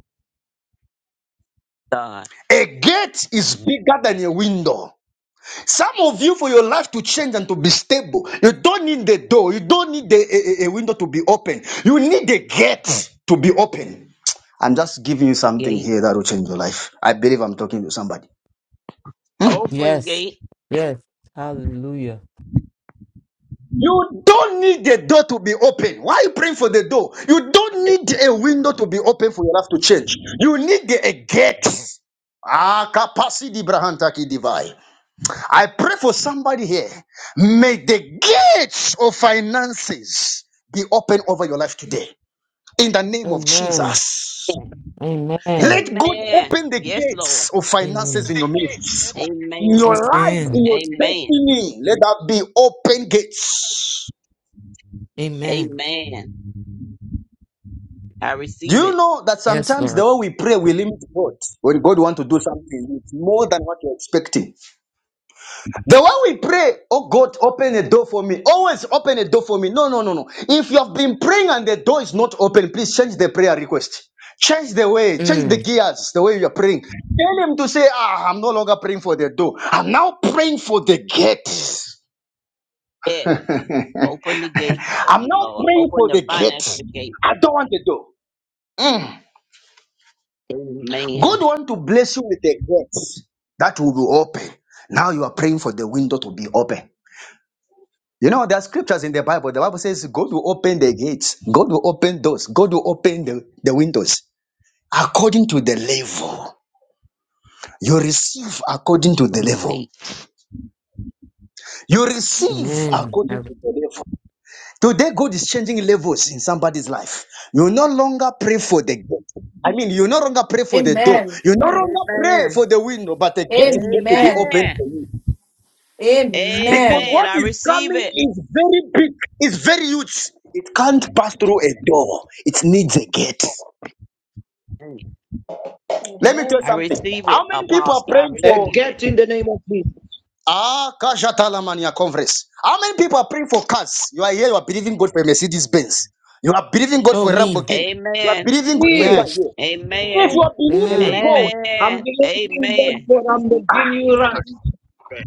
[SPEAKER 9] God.
[SPEAKER 1] A gate is bigger than a window. Some of you, for your life to change and to be stable, you don't need the door, you don't need the, a, a a window to be open. You need the gate to be open. I'm just giving you something
[SPEAKER 9] Gate.
[SPEAKER 1] here that will change your life. I believe I'm talking to somebody.
[SPEAKER 9] Open
[SPEAKER 14] Yes.
[SPEAKER 9] gate.
[SPEAKER 14] Yes. Hallelujah.
[SPEAKER 1] You don't need the door to be open. Why are you praying for the door? You don't need a window to be open for your life to change. You need the, a gate. Ah, capacity brahantaki divai. I pray for somebody here. May the gates of finances be open over your life today. In the name of
[SPEAKER 14] Amen.
[SPEAKER 1] Jesus.
[SPEAKER 14] Amen.
[SPEAKER 1] Let God
[SPEAKER 9] Amen.
[SPEAKER 1] open the
[SPEAKER 9] Yes, Lord.
[SPEAKER 1] gates of finances
[SPEAKER 14] Amen.
[SPEAKER 1] in
[SPEAKER 9] The
[SPEAKER 1] your ministry,
[SPEAKER 13] Amen.
[SPEAKER 9] gates.
[SPEAKER 1] in your
[SPEAKER 9] Amen.
[SPEAKER 1] life,
[SPEAKER 14] Amen.
[SPEAKER 1] in your
[SPEAKER 9] Amen.
[SPEAKER 1] destiny. Let that be open gates.
[SPEAKER 14] Amen.
[SPEAKER 9] Amen. I
[SPEAKER 1] Do
[SPEAKER 9] receive
[SPEAKER 1] you
[SPEAKER 9] it.
[SPEAKER 1] know that
[SPEAKER 14] Yes,
[SPEAKER 1] sometimes
[SPEAKER 14] Lord.
[SPEAKER 1] the way we pray, we limit God when God wants to do something it's more than what you're expecting? The way we pray, oh God, open a door for me. Always open a door for me. No, no, no, no. If you have been praying and the door is not open, please change the prayer request. Change the way, change the
[SPEAKER 14] Mm.
[SPEAKER 1] gears, the way you're praying. Tell him to say, Ah, I'm no longer praying for the door. I'm now praying for the gate.
[SPEAKER 9] Yes.
[SPEAKER 1] I'm
[SPEAKER 9] Open the gate for me,
[SPEAKER 1] now
[SPEAKER 9] Lord.
[SPEAKER 1] praying
[SPEAKER 9] Open
[SPEAKER 1] for
[SPEAKER 9] the
[SPEAKER 1] the gate.
[SPEAKER 9] financial gate.
[SPEAKER 1] I don't want the door. Mm. God
[SPEAKER 9] Amen.
[SPEAKER 1] want to bless you with the gates that will be open. Now you are praying for the window to be open. You know, there are scriptures in the Bible. The Bible says God will open the gates, God will open doors, God will open the, the windows according to the level. You receive according to the
[SPEAKER 9] Open the
[SPEAKER 1] level.
[SPEAKER 9] gate.
[SPEAKER 1] You receive
[SPEAKER 14] Amen. I
[SPEAKER 1] according
[SPEAKER 14] re-
[SPEAKER 1] to the level. Today, God is changing levels in somebody's life. You no longer pray for the gate. I mean, you no longer pray for the door.
[SPEAKER 15] Amen.
[SPEAKER 1] You no longer pray for
[SPEAKER 9] Amen.
[SPEAKER 1] the window, but the gate is going to be
[SPEAKER 15] Amen.
[SPEAKER 1] open for
[SPEAKER 9] Amen.
[SPEAKER 1] you. Because
[SPEAKER 15] Amen.
[SPEAKER 9] Amen.
[SPEAKER 1] what
[SPEAKER 9] I
[SPEAKER 1] is
[SPEAKER 9] receive
[SPEAKER 1] coming
[SPEAKER 9] it.
[SPEAKER 1] is very big, it's very huge. It can't pass through a door, it needs a gate. Let me tell you
[SPEAKER 13] Amen.
[SPEAKER 9] I
[SPEAKER 1] something.
[SPEAKER 9] receive it,
[SPEAKER 1] How many people are
[SPEAKER 9] Apostle. I
[SPEAKER 1] praying
[SPEAKER 12] Uh,
[SPEAKER 1] for
[SPEAKER 9] receive it.
[SPEAKER 12] get in the name of Jesus.
[SPEAKER 1] Ah Kajatalamania Conference? How many people are praying for cars? You are here, you are believing God for a Mercedes Benz. You are believing God
[SPEAKER 14] Oh,
[SPEAKER 1] for a
[SPEAKER 14] me.
[SPEAKER 1] Lamborghini. You are
[SPEAKER 9] Amen.
[SPEAKER 1] believing God for a
[SPEAKER 12] Me,
[SPEAKER 1] car
[SPEAKER 14] Yes.
[SPEAKER 1] here.
[SPEAKER 16] twenty-four
[SPEAKER 1] If you
[SPEAKER 9] Amen.
[SPEAKER 13] Amen.
[SPEAKER 1] are believing
[SPEAKER 14] Amen.
[SPEAKER 16] Amen.
[SPEAKER 1] God
[SPEAKER 12] I'm
[SPEAKER 9] Amen.
[SPEAKER 12] believing God
[SPEAKER 9] Amen.
[SPEAKER 16] Lift and
[SPEAKER 12] for I'm the
[SPEAKER 16] fall into the
[SPEAKER 12] genuous.
[SPEAKER 16] fact that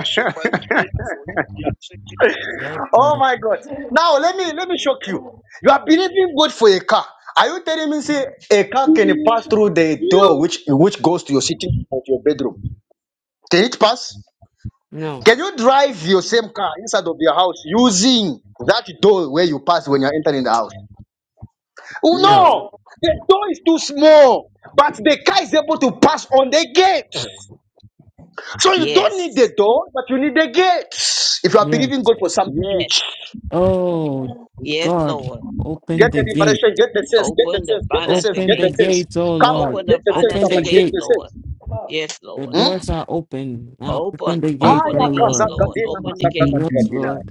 [SPEAKER 16] issue by prayer for you, we are taking
[SPEAKER 14] Yes,
[SPEAKER 16] off.
[SPEAKER 1] Oh
[SPEAKER 14] God.
[SPEAKER 1] my God. Now let me let me shock you.
[SPEAKER 13] Amen.
[SPEAKER 1] You are believing God for a car. Are you telling me say a car can pass through the door
[SPEAKER 12] You
[SPEAKER 1] which which goes to your sitting or to your bedroom? Can it pass?
[SPEAKER 14] No.
[SPEAKER 1] Can you drive your same car inside of your house using that door where you pass when you're entering the house? Oh,
[SPEAKER 14] No.
[SPEAKER 9] No.
[SPEAKER 13] Now,
[SPEAKER 1] no, the door is too small, but the car is able to pass on the gate. So you don't need the
[SPEAKER 9] Yes.
[SPEAKER 1] door, but you need the gate. If you are
[SPEAKER 14] Yes.
[SPEAKER 1] believing God for something
[SPEAKER 9] Yes.
[SPEAKER 1] huge.
[SPEAKER 14] Oh,
[SPEAKER 9] Yes,
[SPEAKER 14] God.
[SPEAKER 9] Lord.
[SPEAKER 1] Get
[SPEAKER 14] Open the
[SPEAKER 1] the
[SPEAKER 14] gate.
[SPEAKER 1] liberation, get the sense, get the
[SPEAKER 9] Open the
[SPEAKER 1] sense, get the sense,
[SPEAKER 9] financial
[SPEAKER 14] Open
[SPEAKER 1] get
[SPEAKER 14] the
[SPEAKER 1] the
[SPEAKER 9] gate.
[SPEAKER 1] sense.
[SPEAKER 14] gates, oh
[SPEAKER 1] Come
[SPEAKER 14] Lord.
[SPEAKER 1] on,
[SPEAKER 9] Open the
[SPEAKER 1] get the sense,
[SPEAKER 14] Open
[SPEAKER 9] financial
[SPEAKER 14] the
[SPEAKER 1] somebody, get
[SPEAKER 9] gate,
[SPEAKER 14] gate.
[SPEAKER 1] the sense.
[SPEAKER 9] Lord.
[SPEAKER 13] pop,
[SPEAKER 9] Yes,
[SPEAKER 14] The
[SPEAKER 9] Lord.
[SPEAKER 14] doors
[SPEAKER 1] Hmm?
[SPEAKER 14] are open. Now open
[SPEAKER 9] Open.
[SPEAKER 14] the gate,
[SPEAKER 9] Open
[SPEAKER 14] oh
[SPEAKER 9] the gate,
[SPEAKER 14] Lord.
[SPEAKER 9] Lord. Open the gate.
[SPEAKER 14] Yes, Lord.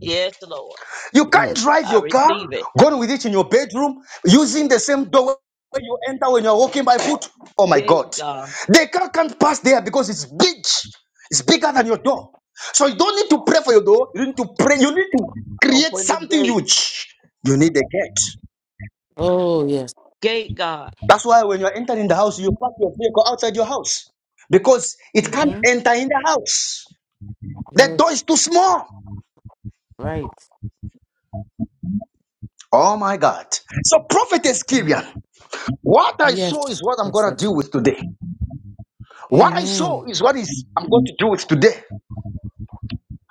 [SPEAKER 9] Yes, Lord.
[SPEAKER 1] You can't
[SPEAKER 14] Yes.
[SPEAKER 1] drive
[SPEAKER 9] I
[SPEAKER 1] your car,
[SPEAKER 9] receive it.
[SPEAKER 1] go with it in your bedroom, using the same door where you enter when you're walking by foot. Oh my
[SPEAKER 9] Gate,
[SPEAKER 1] God.
[SPEAKER 9] God.
[SPEAKER 1] The car can't pass there because it's big. It's bigger than your door. So you don't need to pray for your door. You need to pray. You need to create
[SPEAKER 9] Open the
[SPEAKER 1] something
[SPEAKER 9] gate.
[SPEAKER 1] huge. You need a gate.
[SPEAKER 14] Oh, yes.
[SPEAKER 9] Gate, God.
[SPEAKER 1] That's why when you're entering the house, you park your vehicle outside your house because it can't
[SPEAKER 14] Mm-hmm.
[SPEAKER 1] enter in the house. That
[SPEAKER 14] Yes.
[SPEAKER 1] door is too small.
[SPEAKER 14] Right.
[SPEAKER 1] Oh my God. So, Prophet Ezekiel,
[SPEAKER 14] Mm.
[SPEAKER 1] what I
[SPEAKER 14] Yes.
[SPEAKER 1] saw is what I'm
[SPEAKER 14] Yes.
[SPEAKER 1] going to
[SPEAKER 14] yes.
[SPEAKER 1] deal with today. What I saw
[SPEAKER 14] Amen.
[SPEAKER 1] is what is I'm going to deal with today.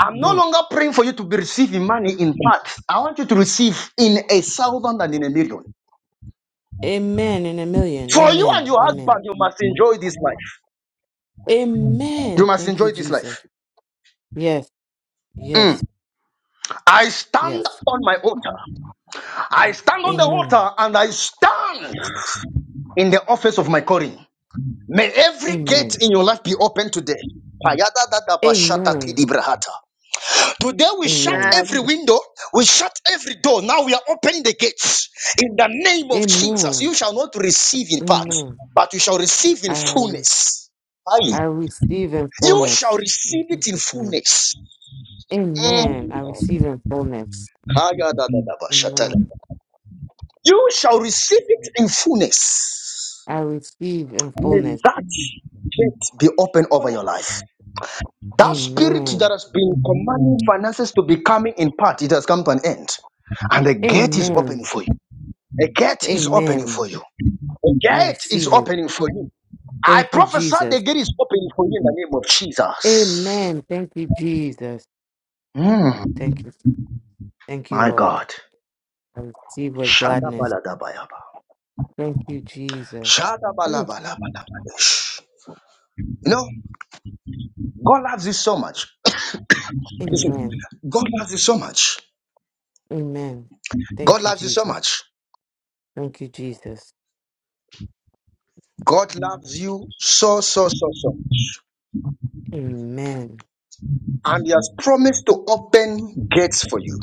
[SPEAKER 1] I'm no
[SPEAKER 14] Mm.
[SPEAKER 1] longer praying for you to be receiving money in parts. I want you to receive in a thousand and in a million.
[SPEAKER 14] Amen in a million.
[SPEAKER 1] For you and
[SPEAKER 14] Amen.
[SPEAKER 1] your
[SPEAKER 14] Amen.
[SPEAKER 1] husband, you must enjoy this life. You
[SPEAKER 14] Amen.
[SPEAKER 1] must
[SPEAKER 14] Thank you,
[SPEAKER 1] enjoy this
[SPEAKER 14] Jesus.
[SPEAKER 1] life.
[SPEAKER 14] Yes,
[SPEAKER 1] Mm.
[SPEAKER 14] yes,
[SPEAKER 1] I stand
[SPEAKER 14] yes.
[SPEAKER 1] on my altar. I stand on the
[SPEAKER 14] Amen.
[SPEAKER 1] altar and I stand in the office of my calling. May every gate
[SPEAKER 14] Amen.
[SPEAKER 1] in your life be open today.
[SPEAKER 14] Amen.
[SPEAKER 1] Ayadadadabashatakilibrahata. Today we shut
[SPEAKER 17] Amen.
[SPEAKER 14] Amen.
[SPEAKER 1] every window, we shut every door. Now we are opening the gates. In the name of Jesus,
[SPEAKER 14] Amen.
[SPEAKER 1] you shall not receive in part,
[SPEAKER 14] Amen.
[SPEAKER 1] but you shall receive in
[SPEAKER 14] I, re-
[SPEAKER 1] fullness. Aye.
[SPEAKER 14] I receive in
[SPEAKER 1] You shall
[SPEAKER 14] fullness. In
[SPEAKER 1] receive it in
[SPEAKER 14] Jesus' name.
[SPEAKER 1] fullness. Mm.
[SPEAKER 14] Amen. I receive in fullness.
[SPEAKER 1] Ayadadadabashatala.
[SPEAKER 14] Amen.
[SPEAKER 1] You shall receive it in fullness.
[SPEAKER 14] I receive in
[SPEAKER 1] May
[SPEAKER 14] fullness.
[SPEAKER 1] that gate be open over
[SPEAKER 13] pop.
[SPEAKER 1] your life. That spirit that
[SPEAKER 14] Amen.
[SPEAKER 1] has been commanding finances to be coming in part, it has come to an end. And the gate is opening
[SPEAKER 14] Amen.
[SPEAKER 1] for you. The gate is opening
[SPEAKER 14] Amen.
[SPEAKER 1] for you. The
[SPEAKER 14] I
[SPEAKER 1] gate is
[SPEAKER 14] receive it.
[SPEAKER 1] opening for you. I
[SPEAKER 14] Thank you,
[SPEAKER 1] prophesy the
[SPEAKER 14] Jesus.
[SPEAKER 1] gate is opening for you in the name of Jesus.
[SPEAKER 14] Amen. Thank you, Jesus.
[SPEAKER 1] Mm,
[SPEAKER 14] Thank you. Thank you,
[SPEAKER 1] my
[SPEAKER 14] Lord.
[SPEAKER 1] God.
[SPEAKER 14] I receive with gladness.
[SPEAKER 1] Shadabaladabayaba.
[SPEAKER 14] Thank you, Jesus. Mm,
[SPEAKER 1] Shadabalabalabalabadish. You know, God loves you so much. Listen,
[SPEAKER 14] Amen.
[SPEAKER 1] God loves you so much.
[SPEAKER 14] Amen.
[SPEAKER 1] God
[SPEAKER 14] Thank you,
[SPEAKER 1] loves you so
[SPEAKER 14] Jesus.
[SPEAKER 1] much.
[SPEAKER 14] Thank you, Jesus.
[SPEAKER 1] God loves you so, so, so, so much.
[SPEAKER 14] Amen.
[SPEAKER 1] And He has promised to open gates for you.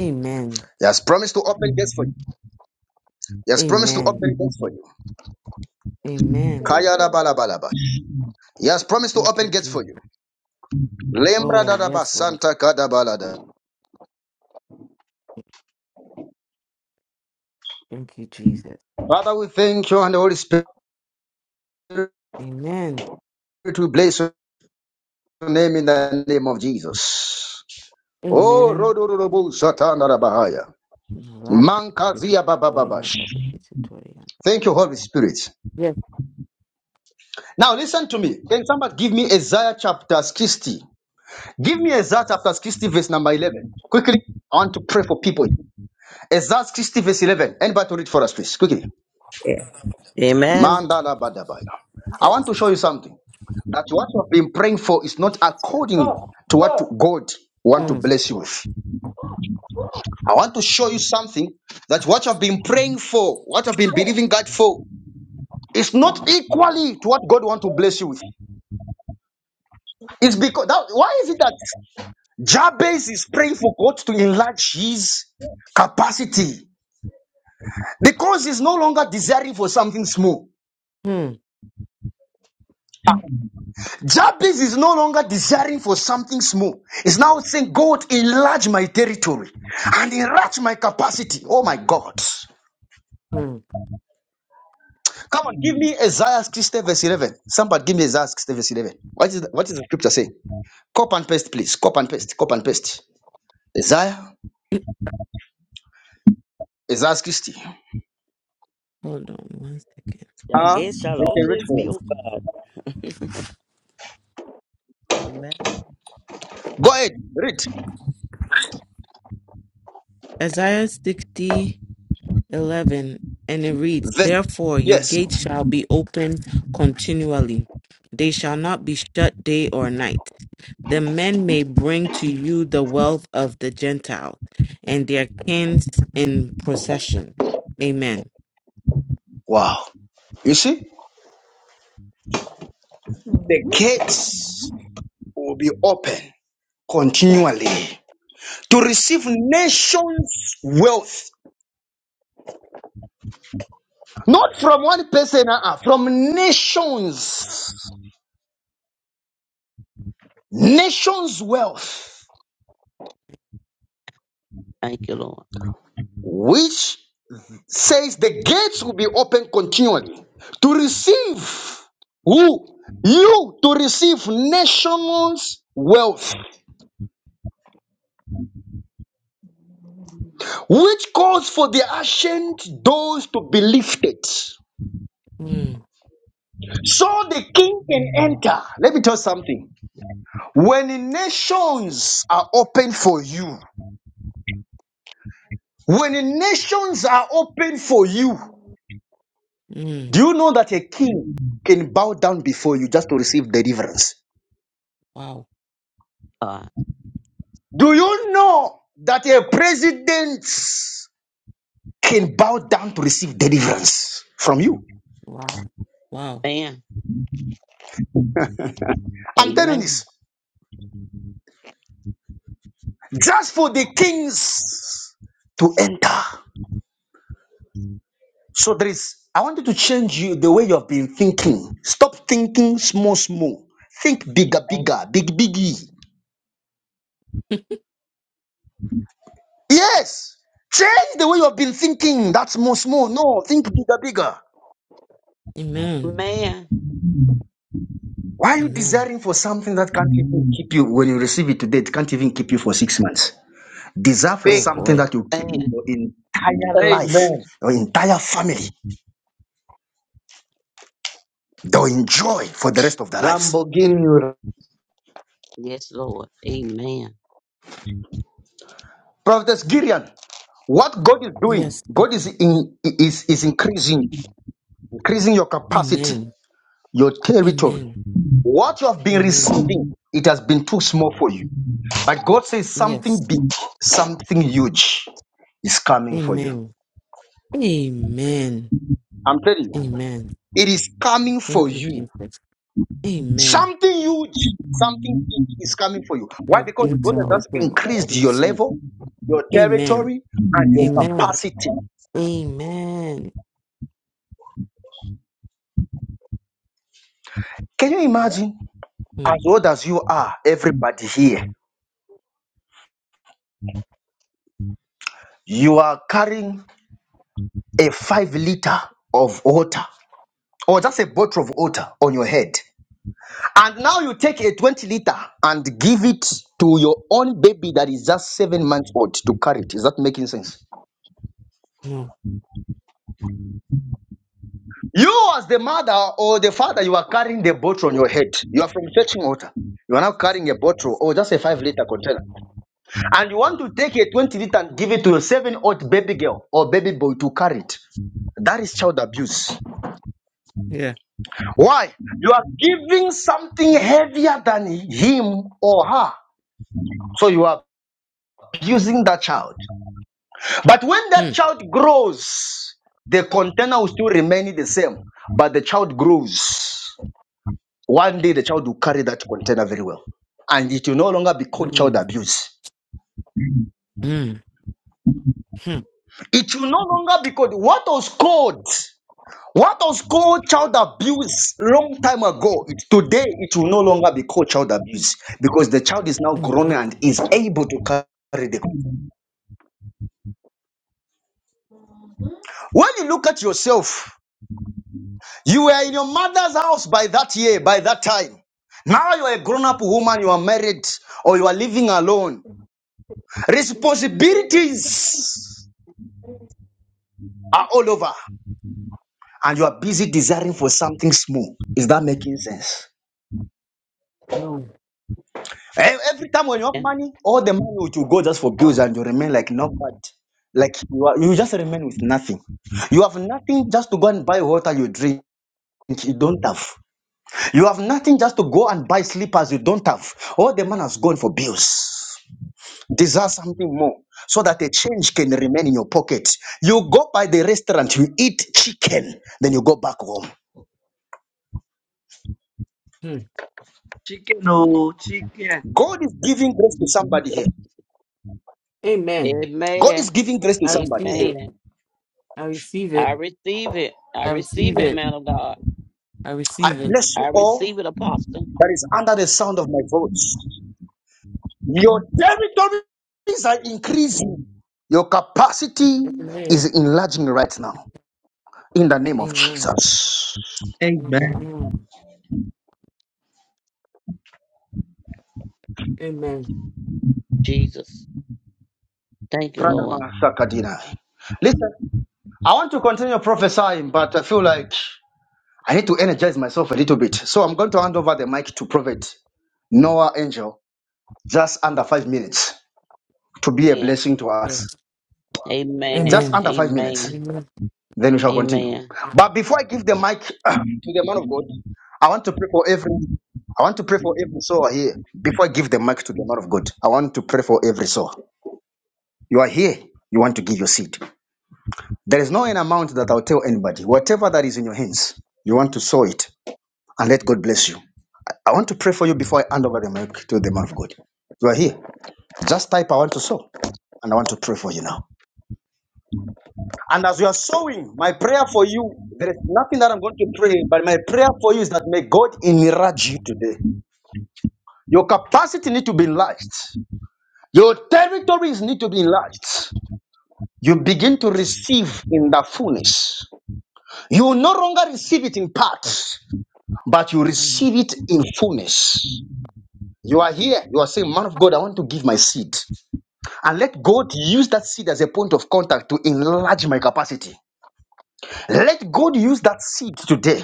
[SPEAKER 14] Amen.
[SPEAKER 1] He has promised to open gates for you. He has promised to
[SPEAKER 14] Amen.
[SPEAKER 1] open gates for you.
[SPEAKER 14] Amen.
[SPEAKER 1] Kaya da
[SPEAKER 13] Amen.
[SPEAKER 1] ba la ba la ba. He has promised to
[SPEAKER 14] Thank you,
[SPEAKER 1] open gates
[SPEAKER 14] Jesus.
[SPEAKER 1] for you. Lembra
[SPEAKER 14] Oh,
[SPEAKER 1] da da ba
[SPEAKER 14] yes, Lord.
[SPEAKER 1] santa ka da ba la da.
[SPEAKER 14] Thank you, Jesus.
[SPEAKER 1] Father, we thank you and the Holy Spirit
[SPEAKER 14] Amen.
[SPEAKER 1] we bless your name in the name of Jesus. Oh,
[SPEAKER 14] Amen.
[SPEAKER 1] Rodorobu Satana Bahaya.
[SPEAKER 14] Yes.
[SPEAKER 1] Mankazia Bababash. Thank you, Holy Spirit. Now listen to me. Can somebody give me Isaiah chapter 60? Give me Isaiah chapter 60, verse number 11. Quickly, I want to pray for people. Isaiah 60, verse 11. Anybody to read for us, please? Quickly.
[SPEAKER 18] Yeah. Amen.
[SPEAKER 1] Mandala badabaya. I want
[SPEAKER 18] Yes.
[SPEAKER 1] to show you something. That what you have been praying for is not
[SPEAKER 18] Shall-
[SPEAKER 1] according
[SPEAKER 13] Pop,
[SPEAKER 1] to what
[SPEAKER 13] love,
[SPEAKER 1] God want to
[SPEAKER 13] pop.
[SPEAKER 14] Mm,
[SPEAKER 1] bless you with. I want to show you something that what you have been praying for, what you have been believing God for, is not equally to what God want to bless you with. It's because that, why is it that? Jabez is praying for God to enlarge his capacity because he's no longer desiring for something small.
[SPEAKER 14] mm,
[SPEAKER 1] Jabez is no longer desiring for something small. He's now saying, God, enlarge my territory and enlarge my capacity. Oh my God.
[SPEAKER 14] mm.
[SPEAKER 1] Come on, give me Isaiah 60 verse 11. Somebody give me Isaiah 60 verse 11. What is the, what is the scripture saying? Copy and paste, please. Copy and paste. Copy and paste. Isaiah. Isaiah 60.
[SPEAKER 14] Hold on one second.
[SPEAKER 18] Your
[SPEAKER 1] Ah, Uh,
[SPEAKER 18] gates shall
[SPEAKER 1] you can read
[SPEAKER 18] always
[SPEAKER 1] for
[SPEAKER 18] be
[SPEAKER 1] us.
[SPEAKER 18] open. Amen.
[SPEAKER 1] Go ahead. Read.
[SPEAKER 14] Isaiah 60. 11 and it reads
[SPEAKER 1] Verse.
[SPEAKER 14] therefore your
[SPEAKER 1] Yes.
[SPEAKER 14] gates shall be open continually they shall not be shut day or night the men may bring to you the wealth of the gentiles and their kings in procession amen
[SPEAKER 1] Wow. You see, the
[SPEAKER 13] Mm-hmm.
[SPEAKER 1] gates will be open continually to receive nations' wealth. Not from one person, uh-uh, from nations. Nations' wealth,
[SPEAKER 9] Thank you, Lord.
[SPEAKER 1] which says the gates will be open continually to receive who? You to receive nations' wealth, which calls for the ancient doors to be lifted
[SPEAKER 14] mm,
[SPEAKER 1] So the king can enter. Let me tell you something. When the nations are open for you, when the nations are open for you,
[SPEAKER 14] mm,
[SPEAKER 1] do you know that a king can bow down before you just to receive deliverance?
[SPEAKER 14] wow
[SPEAKER 9] God.
[SPEAKER 1] Do you know that a president can bow down to receive deliverance from you?
[SPEAKER 14] wow wow
[SPEAKER 9] Amen.
[SPEAKER 1] I'm telling you
[SPEAKER 9] Amen.
[SPEAKER 1] this just for the kings to enter. So there is, I want you to change you the way you have been thinking. Stop thinking small, small. Think bigger, bigger, big, biggie. Yes. Change the way you have been thinking. That's small, small. No, think bigger, bigger.
[SPEAKER 14] amen
[SPEAKER 9] Amen.
[SPEAKER 1] Why are you
[SPEAKER 14] amen
[SPEAKER 1] desiring for something that can't even keep you when you receive it today? It can't even keep you for six months. Desire for
[SPEAKER 14] oh
[SPEAKER 12] big
[SPEAKER 1] something
[SPEAKER 14] boy
[SPEAKER 1] that will keep
[SPEAKER 9] Amen.
[SPEAKER 1] your entire life,
[SPEAKER 12] Amen.
[SPEAKER 1] your entire family. They'll enjoy for the rest of their lives.
[SPEAKER 12] Lamborghini Urus.
[SPEAKER 9] Yes, Lord. Amen.
[SPEAKER 1] Prophetess Gideon, what God is doing,
[SPEAKER 14] yes
[SPEAKER 1] God
[SPEAKER 14] Papa.
[SPEAKER 1] is in, is, is increasing, increasing your capacity,
[SPEAKER 14] amen
[SPEAKER 1] your territory.
[SPEAKER 14] amen
[SPEAKER 1] What you have been
[SPEAKER 14] amen
[SPEAKER 1] receiving, it has been too small for you. But God says
[SPEAKER 14] yes
[SPEAKER 1] something big, something huge is coming for you.
[SPEAKER 14] amen amen
[SPEAKER 1] I'm telling you,
[SPEAKER 14] amen
[SPEAKER 1] it is coming for
[SPEAKER 14] Thank you,
[SPEAKER 1] you.
[SPEAKER 14] Jesus. Amen.
[SPEAKER 1] Something huge, something big is coming for you. Why?
[SPEAKER 14] My
[SPEAKER 1] Because
[SPEAKER 14] gates
[SPEAKER 1] God
[SPEAKER 14] are
[SPEAKER 1] has just
[SPEAKER 14] open
[SPEAKER 1] increased
[SPEAKER 14] to
[SPEAKER 1] your
[SPEAKER 14] receive.
[SPEAKER 1] level, your
[SPEAKER 14] Amen.
[SPEAKER 1] territory, and your
[SPEAKER 14] Amen.
[SPEAKER 1] capacity.
[SPEAKER 14] Amen.
[SPEAKER 1] Can you imagine?
[SPEAKER 14] Hmm.
[SPEAKER 1] As old as you are, everybody here, you are carrying a five liter of water or just a bottle of water on your head. And now you take a 20 liter and give it to your own baby that is just seven months old to carry it. Is that making sense?
[SPEAKER 14] No.
[SPEAKER 1] You, as the mother or the father, you are carrying the bottle on your head. You are from fetching water. You are now carrying a bottle or just a five liter container and you want to take a 20 liter and give it to a seven old baby girl or baby boy to carry it that is child abuse
[SPEAKER 14] Yeah.
[SPEAKER 1] why you are giving something heavier than him or her so you are abusing that child but when that
[SPEAKER 14] Hmm.
[SPEAKER 1] child grows the container will still remain the same but the child grows one day the child will carry that container very well and it will no longer be called child
[SPEAKER 14] Mm.
[SPEAKER 1] abuse
[SPEAKER 14] Mm. Hmm.
[SPEAKER 1] it will no longer be called what was called What was called child abuse long time ago, it, today it will no longer be called child abuse because the child is now grown
[SPEAKER 14] Mm.
[SPEAKER 1] and is able to carry the.
[SPEAKER 13] Mm-hmm.
[SPEAKER 1] When you look at yourself, you were in your mother's house by that year, by that time. Now you are a grown up woman, you are married, or you are living alone.
[SPEAKER 13] We just say amen.
[SPEAKER 1] Responsibilities are all over, and you are busy desiring for something small. Is that making sense?
[SPEAKER 14] No.
[SPEAKER 1] E- Every time when you have
[SPEAKER 9] Yeah.
[SPEAKER 1] money, all the money which you go just for bills and you remain like nobody. Like you are, you just remain with nothing. You have nothing just to go and buy water you drink. You don't have. You have nothing just to go and buy slippers. You don't have. All the money has gone for bills. Desire something more so that a change can remain in your pocket. You go by the restaurant, you eat chicken, then you go back home.
[SPEAKER 14] Hmm.
[SPEAKER 12] chicken, oh chicken.
[SPEAKER 1] God is giving grace to somebody here.
[SPEAKER 14] Amen.
[SPEAKER 1] God is
[SPEAKER 9] Amen.
[SPEAKER 1] giving grace to
[SPEAKER 14] I
[SPEAKER 1] somebody
[SPEAKER 14] receive
[SPEAKER 1] here.
[SPEAKER 14] it.
[SPEAKER 9] Amen.
[SPEAKER 14] I receive
[SPEAKER 9] I
[SPEAKER 14] it.
[SPEAKER 9] receive it. I
[SPEAKER 14] I
[SPEAKER 9] receive
[SPEAKER 14] receive
[SPEAKER 9] it,
[SPEAKER 14] it.
[SPEAKER 9] man of God.
[SPEAKER 14] I
[SPEAKER 1] I
[SPEAKER 14] receive it.
[SPEAKER 1] bless you
[SPEAKER 9] I
[SPEAKER 1] all.
[SPEAKER 9] receive it, apostle.
[SPEAKER 1] that is under the sound of my voice. Your territories are increasing. Your capacity
[SPEAKER 14] Amen.
[SPEAKER 1] is enlarging right now in the name of
[SPEAKER 14] Amen.
[SPEAKER 1] Jesus.
[SPEAKER 9] Amen.
[SPEAKER 12] Amen.
[SPEAKER 14] Amen. Amen.
[SPEAKER 9] Jesus. Thank you, Lord.
[SPEAKER 1] Pradama Sakadina. Listen, I want to continue prophesying, but I feel like I need to energize myself a little bit. So I'm going to hand over the mic to Prophet Noah Angel just under five minutes to be a
[SPEAKER 9] Amen.
[SPEAKER 1] blessing to us.
[SPEAKER 14] Yes.
[SPEAKER 9] Amen.
[SPEAKER 1] Just
[SPEAKER 14] Amen.
[SPEAKER 1] under five minutes.
[SPEAKER 9] Amen.
[SPEAKER 14] Amen.
[SPEAKER 1] Then we shall continue.
[SPEAKER 9] Amen.
[SPEAKER 1] But before I give the mic to the man of God, I want to pray for every I want to pray for every soul here. Before I give the mic to the man of God, I want to pray for every soul. You are here, you want to give your seed. There is no an amount that I'll tell anybody. Whatever that is in your hands, you want to sow it and let God bless you. I want to pray for you before I hand over the mic to the man of God. You are here. Just type I want to sow and I want to pray for you now. And as you are sowing, my prayer for you, there is nothing that I'm going to pray, but my prayer for you is that may God enlarge you today. Your capacity need to be enlarged. Your territories need to be enlarged. You begin to receive in the fullness. You no longer receive it in parts, but you
[SPEAKER 14] Amen.
[SPEAKER 1] receive it in fullness. You are here. You are saying, Man of God, I want to give my seed. And let God use that seed as a point of contact to enlarge my capacity. Let God use that seed today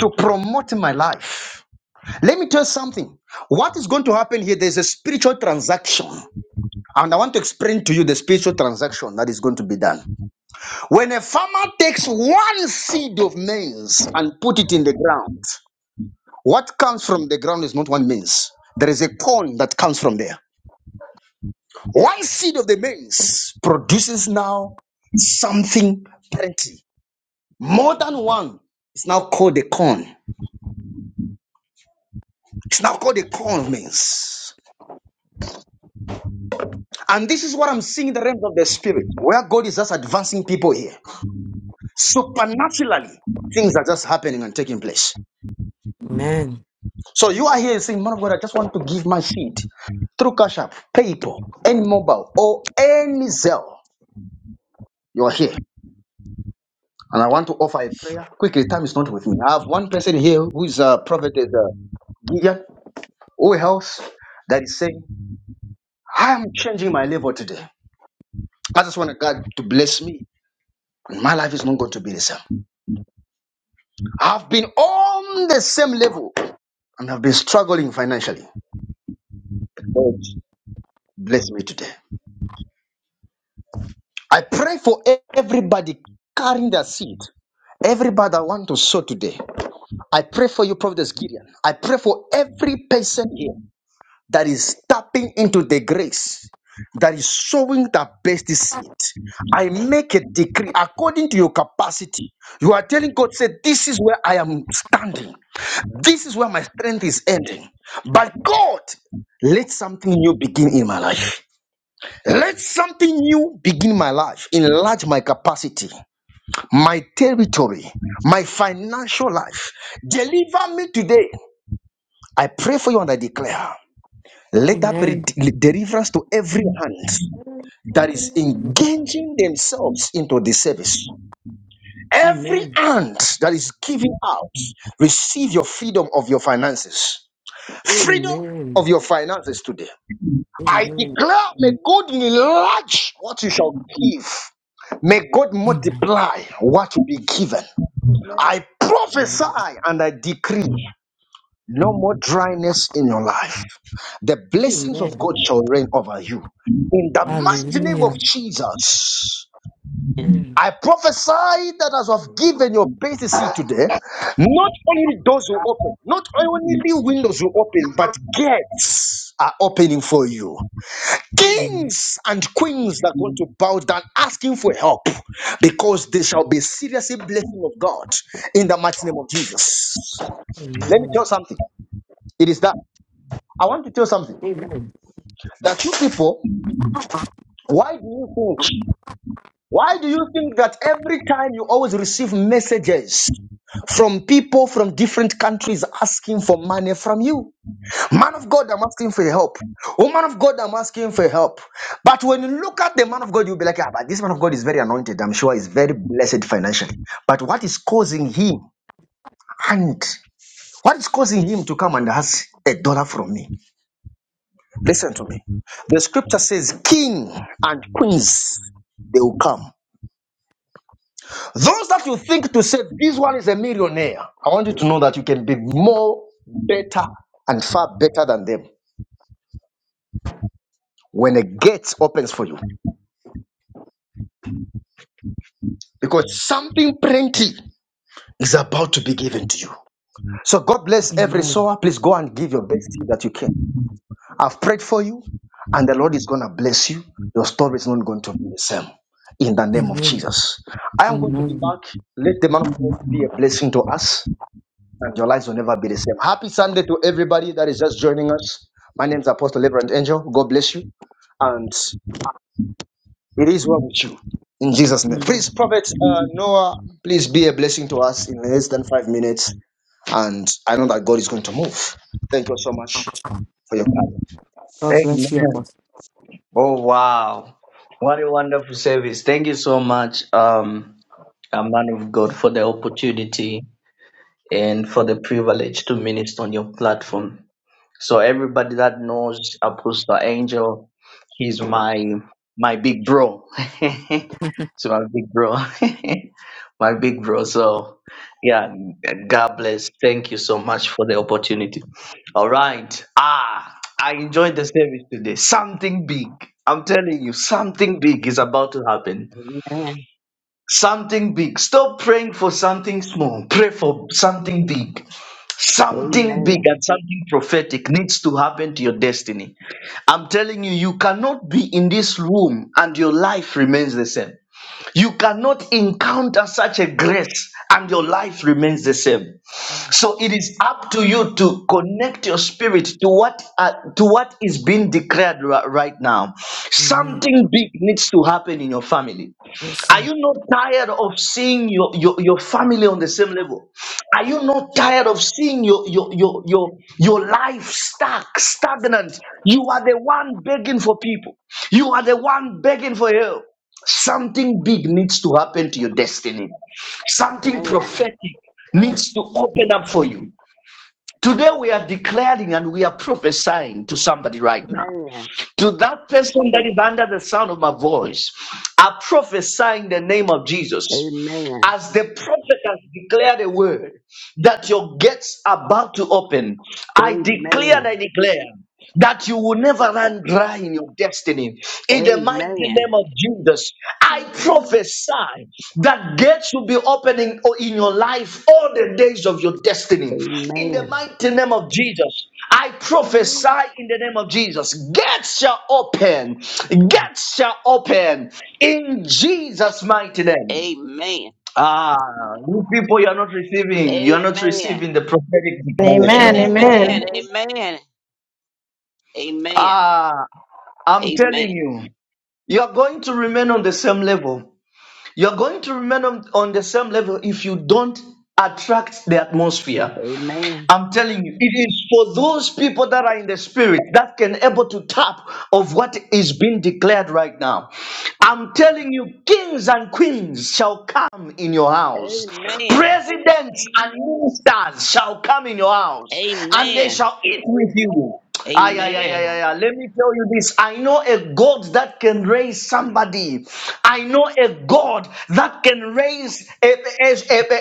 [SPEAKER 1] to promote my life. Let me tell you something. What is going to happen here? There's a spiritual transaction. And I want to explain to you the spiritual transaction that is going to be done. When a farmer takes one seed of maize and put it in the ground, what comes from the ground is not one maize. There is a corn that comes from there. One seed of the maize produces now something plenty. More than one. It's now called a corn. It's now called a corn maize. And this is what I'm seeing in the realms of the spirit, where God is just advancing people here. Supernaturally, things are just happening and taking place.
[SPEAKER 14] Amen.
[SPEAKER 1] So you are here
[SPEAKER 13] Amen.
[SPEAKER 1] saying, Man of God, I just want to give my seed through Cash App, PayPal, any mobile, or any Zelle. You are here. And I want to offer a prayer. Quickly, time is not with me. I have one person here who is a prophet, is a Gideon, who else that is saying, I am changing my level today. I just want God to bless me, and my life is not going to be the same. I've been on the same level and I've been struggling financially. God bless me today. I pray for everybody carrying their seed, everybody that want to sow today. I pray for you, Prophet Gideon. I pray for every person here. that is tapping into the grace that is sowing the best seed. I make a decree according to your capacity. You are telling God, say, This is where I am standing. This is where my strength is ending. But God, let something new begin in my life. Let something new begin my life, enlarge my capacity, my territory, my financial life. Deliver me today. I pray for you and I declare. Let that be
[SPEAKER 14] Amen.
[SPEAKER 1] de- deliverance to every hand
[SPEAKER 13] Amen. And
[SPEAKER 1] that is
[SPEAKER 13] amen.
[SPEAKER 1] engaging themselves into the service. Every
[SPEAKER 14] Amen.
[SPEAKER 1] hand that is giving out, receive your freedom of your finances. Freedom
[SPEAKER 14] Amen.
[SPEAKER 1] of your finances today. I
[SPEAKER 14] Amen.
[SPEAKER 1] declare, may God enlarge what you shall give. May God
[SPEAKER 14] Amen.
[SPEAKER 1] multiply what will be given.
[SPEAKER 13] Amen.
[SPEAKER 1] I prophesy and I decree. No more dryness in your life. The blessings
[SPEAKER 13] Amen.
[SPEAKER 1] of
[SPEAKER 14] Amen.
[SPEAKER 1] God shall reign over you. In the mighty name of
[SPEAKER 14] Hallelujah.
[SPEAKER 1] Jesus.
[SPEAKER 14] Amen.
[SPEAKER 1] I prophesy that as I've
[SPEAKER 13] Amen.
[SPEAKER 1] given your basic seed today, not only doors will open, not only windows will open, but gates are opening for you.
[SPEAKER 14] Amen.
[SPEAKER 1] Kings and queens are going to bow down asking for help because they shall be seriously blessing of God in the mighty name of Jesus. Let me
[SPEAKER 14] Amen.
[SPEAKER 1] tell you something. It is that. I want to tell something.
[SPEAKER 14] Amen.
[SPEAKER 1] That you people, why do you think? Why do you think that every time you always receive messages from people from different countries asking for money from you? Man of God, I'm asking for your help. Woman of God, I'm asking for your help. But when you look at the man of God, you'll be like, Ah, but this man of God is very anointed. I'm sure he's very blessed financially. But what is causing him and what is causing him to come and ask a dollar from me? Listen to me. The scripture says, King and queens, they will come. Those that you think to say, this one is a millionaire, I want you to know that you can be more better and far better than them when a gate opens for you because something plenty is about to be given to you. So God bless every
[SPEAKER 14] Amen.
[SPEAKER 1] sower. Please go and give your best thing that you can. I've prayed for you, and the Lord is going to bless you. Your story is not going to be the same. In the name of Jesus, I am going to be
[SPEAKER 14] Amen.
[SPEAKER 1] back. Let the man of God be a blessing to us, and your lives will never be the same. Happy Sunday to everybody that is just joining us. My name is Apostle Reverend Angel. God bless you, and it is well with you. In Jesus' name, please,
[SPEAKER 14] Amen.
[SPEAKER 1] Prophet uh, Noah, please be a blessing to us in less than five minutes, and I know that God is going to move. Thank you so much for your.
[SPEAKER 14] God bless you,
[SPEAKER 12] Amen.
[SPEAKER 14] Apostle.
[SPEAKER 12] Oh wow, what a wonderful service! Thank you so much. Um. a man of God, for the opportunity and for the privilege to minister on your platform. So everybody that knows Apostle Angel, he's my my big bro. so my big bro, my big bro. So yeah, God bless. Thank you so much for the opportunity. All right. Ah, I enjoyed the service today. Something big. I'm telling you, something big is about to happen
[SPEAKER 9] Amen.
[SPEAKER 12] something big. Stop praying for something small. Pray for something big. Something big and
[SPEAKER 9] Amen.
[SPEAKER 12] something prophetic needs to happen to your destiny. I'm telling you, you cannot be in this room and your life remains the same. You cannot encounter such a grace and your life remains the same. So it is up to you to connect your spirit to what uh, to what is being declared ri- right now.
[SPEAKER 14] Amen.
[SPEAKER 12] Something big needs to happen in your family. Are
[SPEAKER 14] Amen.
[SPEAKER 12] you not tired of seeing your, your, your family on the same level? Are you not tired of seeing your, your, your, your, your life stuck, stagnant? You are the one begging for people, you are the one begging for help. Something big needs to happen to your destiny, something
[SPEAKER 9] Amen.
[SPEAKER 12] prophetic
[SPEAKER 13] Amen.
[SPEAKER 12] needs to open up for you. Today, we are declaring and we are prophesying to somebody right now.
[SPEAKER 9] Amen.
[SPEAKER 12] To that person that is under the sound of my voice, I prophesy in the name of
[SPEAKER 9] Amen. Amen. Amen.
[SPEAKER 12] Jesus. As the prophet has declared a word that your gates are about to open, I
[SPEAKER 9] Amen.
[SPEAKER 12] declare
[SPEAKER 9] Amen.
[SPEAKER 12] and I declare that you will never run dry in your destiny. In the mighty
[SPEAKER 9] Amen.
[SPEAKER 12] name of Jesus, I prophesy that gates will be opening in your life all the days of your destiny. In
[SPEAKER 9] Amen.
[SPEAKER 12] the mighty name of Jesus, I
[SPEAKER 13] Amen. Amen. Amen.
[SPEAKER 12] prophesy in the name of Jesus. Gates shall open. Gates shall open in Jesus' mighty name. Ah, you people, you are not receiving. You are not receiving the prophetic
[SPEAKER 13] Amen. Amen. Amen. Amen.
[SPEAKER 19] Amen.
[SPEAKER 12] declaration.
[SPEAKER 13] Amen.
[SPEAKER 19] Amen.
[SPEAKER 9] Amen. Amen.
[SPEAKER 12] Ah, I'm telling
[SPEAKER 9] Amen.
[SPEAKER 12] you, you are going to remain on the same level. You are going to remain on, on the same level if you don't attract the atmosphere.
[SPEAKER 9] Amen.
[SPEAKER 12] I'm telling you, it is for those people that are in the spirit that can able to tap of what is being declared right now. I'm telling you, kings and queens shall come in your house,
[SPEAKER 9] Amen.
[SPEAKER 12] presidents and ministers shall come in your house, and they
[SPEAKER 9] Amen.
[SPEAKER 12] shall eat with you. Ay, ay, ay, ay,
[SPEAKER 9] Amen.
[SPEAKER 12] ay, ay. Let me tell you this. I know a God that can can raise somebody. I know a God that can raise a, a, a,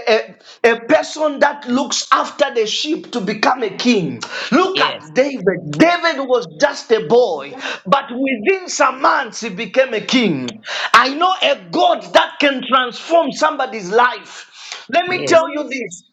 [SPEAKER 12] a, a person that looks after the sheep to become a king. Look
[SPEAKER 9] Yes.
[SPEAKER 12] at David. David was just a boy, but within some months he became a king. I know a God that can transform somebody's life. Let me tell
[SPEAKER 9] Yes.
[SPEAKER 12] you this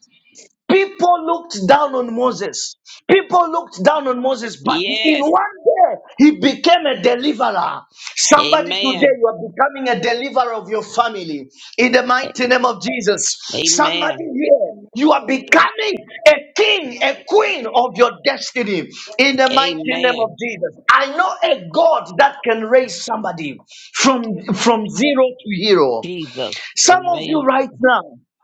[SPEAKER 12] People looked down on Moses. People looked down on Moses, but in one
[SPEAKER 9] Yes.
[SPEAKER 12] day he became a deliverer. Somebody today,
[SPEAKER 9] Amen.
[SPEAKER 12] you are becoming a deliverer of your family in the
[SPEAKER 9] A-
[SPEAKER 12] mighty name of Jesus. Somebody
[SPEAKER 9] Amen.
[SPEAKER 12] here, you are becoming a king, a queen of your destiny in the mighty name of
[SPEAKER 9] Amen.
[SPEAKER 12] Jesus. I know a God that can raise somebody from, from zero to hero.
[SPEAKER 9] Jesus.
[SPEAKER 12] Some of you
[SPEAKER 9] Amen.
[SPEAKER 12] right now,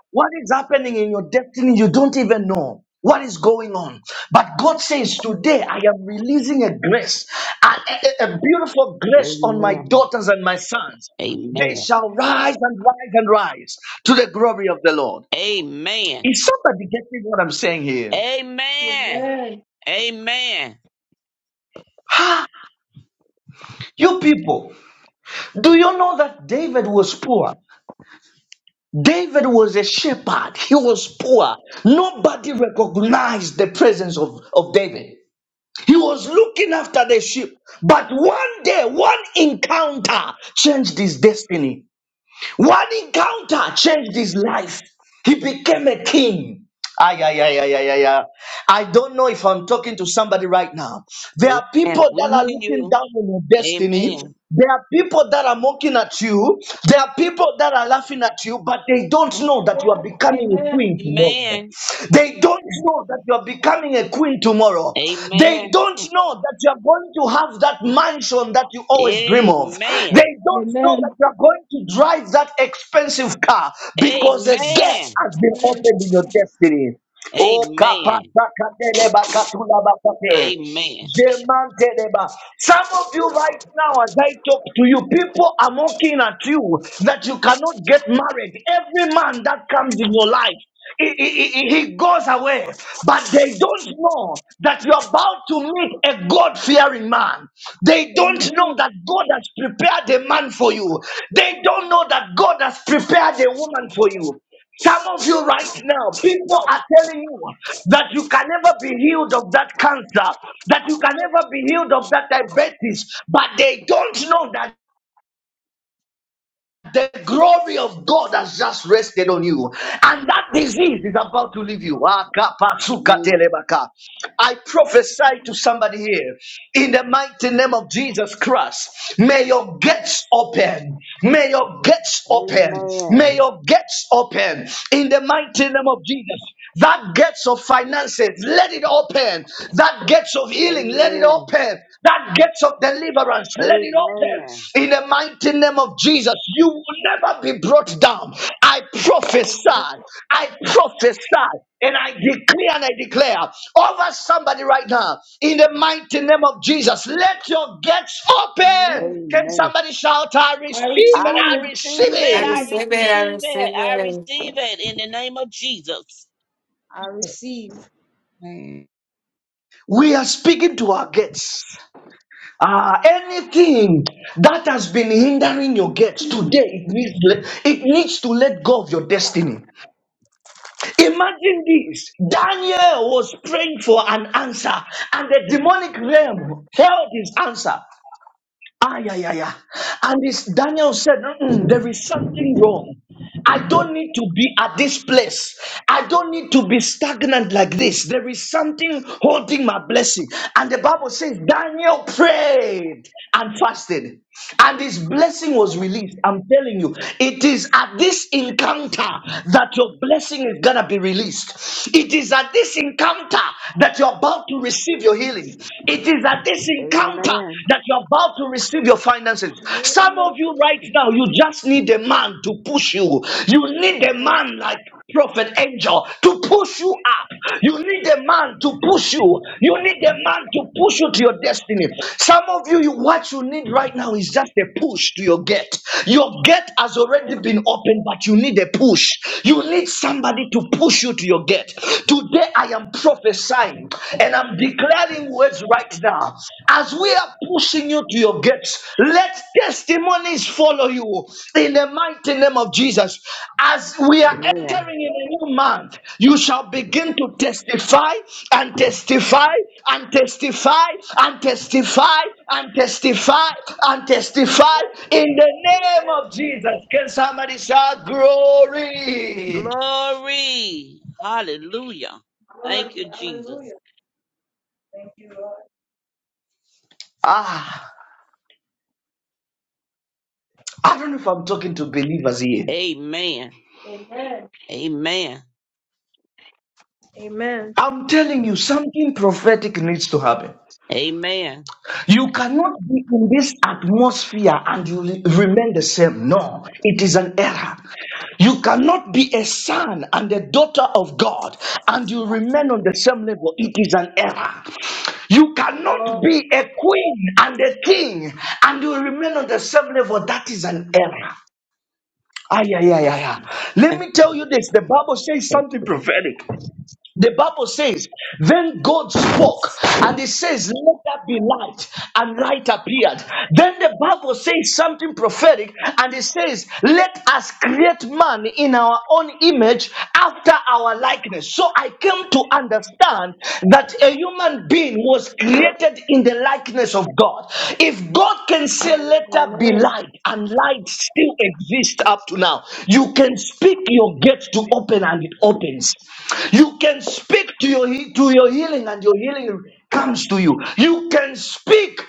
[SPEAKER 12] what is happening in your destiny, you don't even know what is going on. But God says, Today I am releasing a grace, a, a- a- beautiful grace on my
[SPEAKER 9] Amen.
[SPEAKER 12] daughters and my sons. They
[SPEAKER 9] Amen.
[SPEAKER 12] shall
[SPEAKER 13] Amen.
[SPEAKER 12] rise and rise and rise to the glory of the Lord.
[SPEAKER 9] Amen.
[SPEAKER 12] Is somebody getting what I'm saying here?
[SPEAKER 13] Amen.
[SPEAKER 9] Amen. Amen.
[SPEAKER 12] You people, do you know that David was poor? David was a shepherd. He was poor. Nobody recognized the presence of, of David. He was looking after the sheep. But one day, one encounter changed his destiny. One encounter changed his life. He became a king. Ay, ay, ay, ay, ay, ay, ay. I don't know if I'm talking to somebody right now. There are
[SPEAKER 9] Amen.
[SPEAKER 12] people
[SPEAKER 9] We
[SPEAKER 12] that are
[SPEAKER 9] hear
[SPEAKER 12] looking
[SPEAKER 9] you.
[SPEAKER 12] down on your destiny.
[SPEAKER 9] Amen.
[SPEAKER 12] There are people that are mocking at you. There are people that are laughing at you, but they don't know that you are
[SPEAKER 13] Amen. Amen.
[SPEAKER 12] becoming a
[SPEAKER 13] Amen.
[SPEAKER 12] queen tomorrow.
[SPEAKER 9] Amen.
[SPEAKER 12] They don't know that you are becoming a queen tomorrow. They
[SPEAKER 9] Amen.
[SPEAKER 12] don't know that you're going to have that mansion that you always dream of.
[SPEAKER 9] Amen.
[SPEAKER 12] They don't know
[SPEAKER 13] Amen.
[SPEAKER 12] that you're going to drive that expensive car because a gate
[SPEAKER 9] Amen.
[SPEAKER 12] has been
[SPEAKER 13] Amen.
[SPEAKER 12] opened in your destiny. Oh,
[SPEAKER 9] Amen. Amen.
[SPEAKER 12] kapasakadeleba katulabakate. Jemanteleba. Some of you right now, as I talk to you, people are mocking at you that you cannot get married. Every man that comes in your life he, he- he- he goes away, but they don't know that you're about to meet a God fearing man. They don't know
[SPEAKER 13] Amen.
[SPEAKER 12] that God has prepared a man for you. They don't know that God has prepared a woman for you. Some of you right now, people are telling you that you can never be healed of that cancer, that you can never be healed of that diabetes, but they don't know that. The glory of God has just rested on you, and that disease is about to leave you.
[SPEAKER 9] Amen.
[SPEAKER 12] I prophesy to somebody here in the mighty name of Jesus Christ. May your gates open. May your gates open.
[SPEAKER 9] Amen.
[SPEAKER 12] May your gates open in the mighty name of Jesus. That gates of finances, let it open. That gates of healing,
[SPEAKER 13] Amen.
[SPEAKER 12] let it
[SPEAKER 9] Amen.
[SPEAKER 12] open. That gates of deliverance, let it
[SPEAKER 9] Amen.
[SPEAKER 12] open. In the mighty name of Jesus, you will never be brought down. I prophesy,
[SPEAKER 13] Amen.
[SPEAKER 12] I prophesy, and I declare and I declare over somebody right now. In the mighty name of Jesus, let your gates open.
[SPEAKER 13] Amen.
[SPEAKER 12] Can
[SPEAKER 9] Amen.
[SPEAKER 12] somebody shout, I
[SPEAKER 13] I
[SPEAKER 12] receive
[SPEAKER 9] I
[SPEAKER 12] and
[SPEAKER 13] receive.
[SPEAKER 12] I
[SPEAKER 13] I
[SPEAKER 12] receive
[SPEAKER 9] receive
[SPEAKER 15] I
[SPEAKER 9] it. I
[SPEAKER 12] it?
[SPEAKER 13] receive.
[SPEAKER 15] receive it. I
[SPEAKER 9] receive it.
[SPEAKER 15] receive
[SPEAKER 9] I
[SPEAKER 15] it.
[SPEAKER 9] receive it in the name of Jesus.
[SPEAKER 13] I receive.
[SPEAKER 20] Amen.
[SPEAKER 12] We are speaking to our gates. Ah, anything that has been hindering your
[SPEAKER 13] Amen.
[SPEAKER 12] gate today, it needs, to let- it needs to let go of your destiny. Imagine this Daniel was praying for an answer, and the demonic realm held his answer. Ah, yeah, yeah, yeah. And this Daniel said, "Mm-mm, There is something wrong. I don't need to be at this place. I don't need to be stagnant like this. There is something holding my blessing. And the Bible says Daniel prayed and fasted, and his blessing was released. I'm telling you, it is at this encounter that your blessing is gonna be released. It is at this encounter that you're about to receive your healing. It is at this encounter
[SPEAKER 9] Amen.
[SPEAKER 12] that you're about to receive your finances. Some of
[SPEAKER 13] Amen.
[SPEAKER 12] you right now, you just need a man to push you. You need a man like Prophet Angel to push you up. You need a man to push you. You need a man to push you to your destiny. Some of you, you what you need right now is just a push to your gate. Your gate has already been opened, but you need a push. You need somebody to push you to your gate. Today I am prophesying. And I'm declaring words right now. As we are pushing you to your gates, let testimonies follow you in the mighty name of Jesus. As we are
[SPEAKER 9] Amen.
[SPEAKER 12] entering in a new month, you shall begin to testify and testify and testify and testify and testify and testify in the name of
[SPEAKER 13] Amen.
[SPEAKER 12] Jesus. Can somebody shout glory?
[SPEAKER 9] Glory. Hallelujah. Thank
[SPEAKER 13] Glory.
[SPEAKER 9] you,
[SPEAKER 13] Hallelujah.
[SPEAKER 9] Jesus.
[SPEAKER 13] Thank you, Lord.
[SPEAKER 12] Ah, I don't know if I'm talking to believers here.
[SPEAKER 9] Amen.
[SPEAKER 13] Amen.
[SPEAKER 9] Amen.
[SPEAKER 13] Amen.
[SPEAKER 12] I'm telling you, something prophetic needs to happen.
[SPEAKER 9] Amen.
[SPEAKER 12] You cannot be in this atmosphere and you re- remain the same. No, it is an error. You cannot be a son and a daughter of God and you remain on the same level. It is an error. You cannot
[SPEAKER 13] No.
[SPEAKER 12] be a queen and a king and you remain on the same level. That is an error. Ah, yeah, yeah, yeah, yeah. Let me tell you this. The Bible says something
[SPEAKER 9] Come
[SPEAKER 12] prophetic. The Bible says, Then God spoke, and He says, Let there be light, and light appeared. Then the Bible says something prophetic, and it says, Let us create man in our own image after our likeness. So I came to understand that a human being was created in the likeness of God. If God can say, Let there be
[SPEAKER 13] Amen.
[SPEAKER 12] light, and light still exists up to now, you can speak your gate gates to open and it opens. You can speak to your he- to your healing and your healing comes to you. You can speak.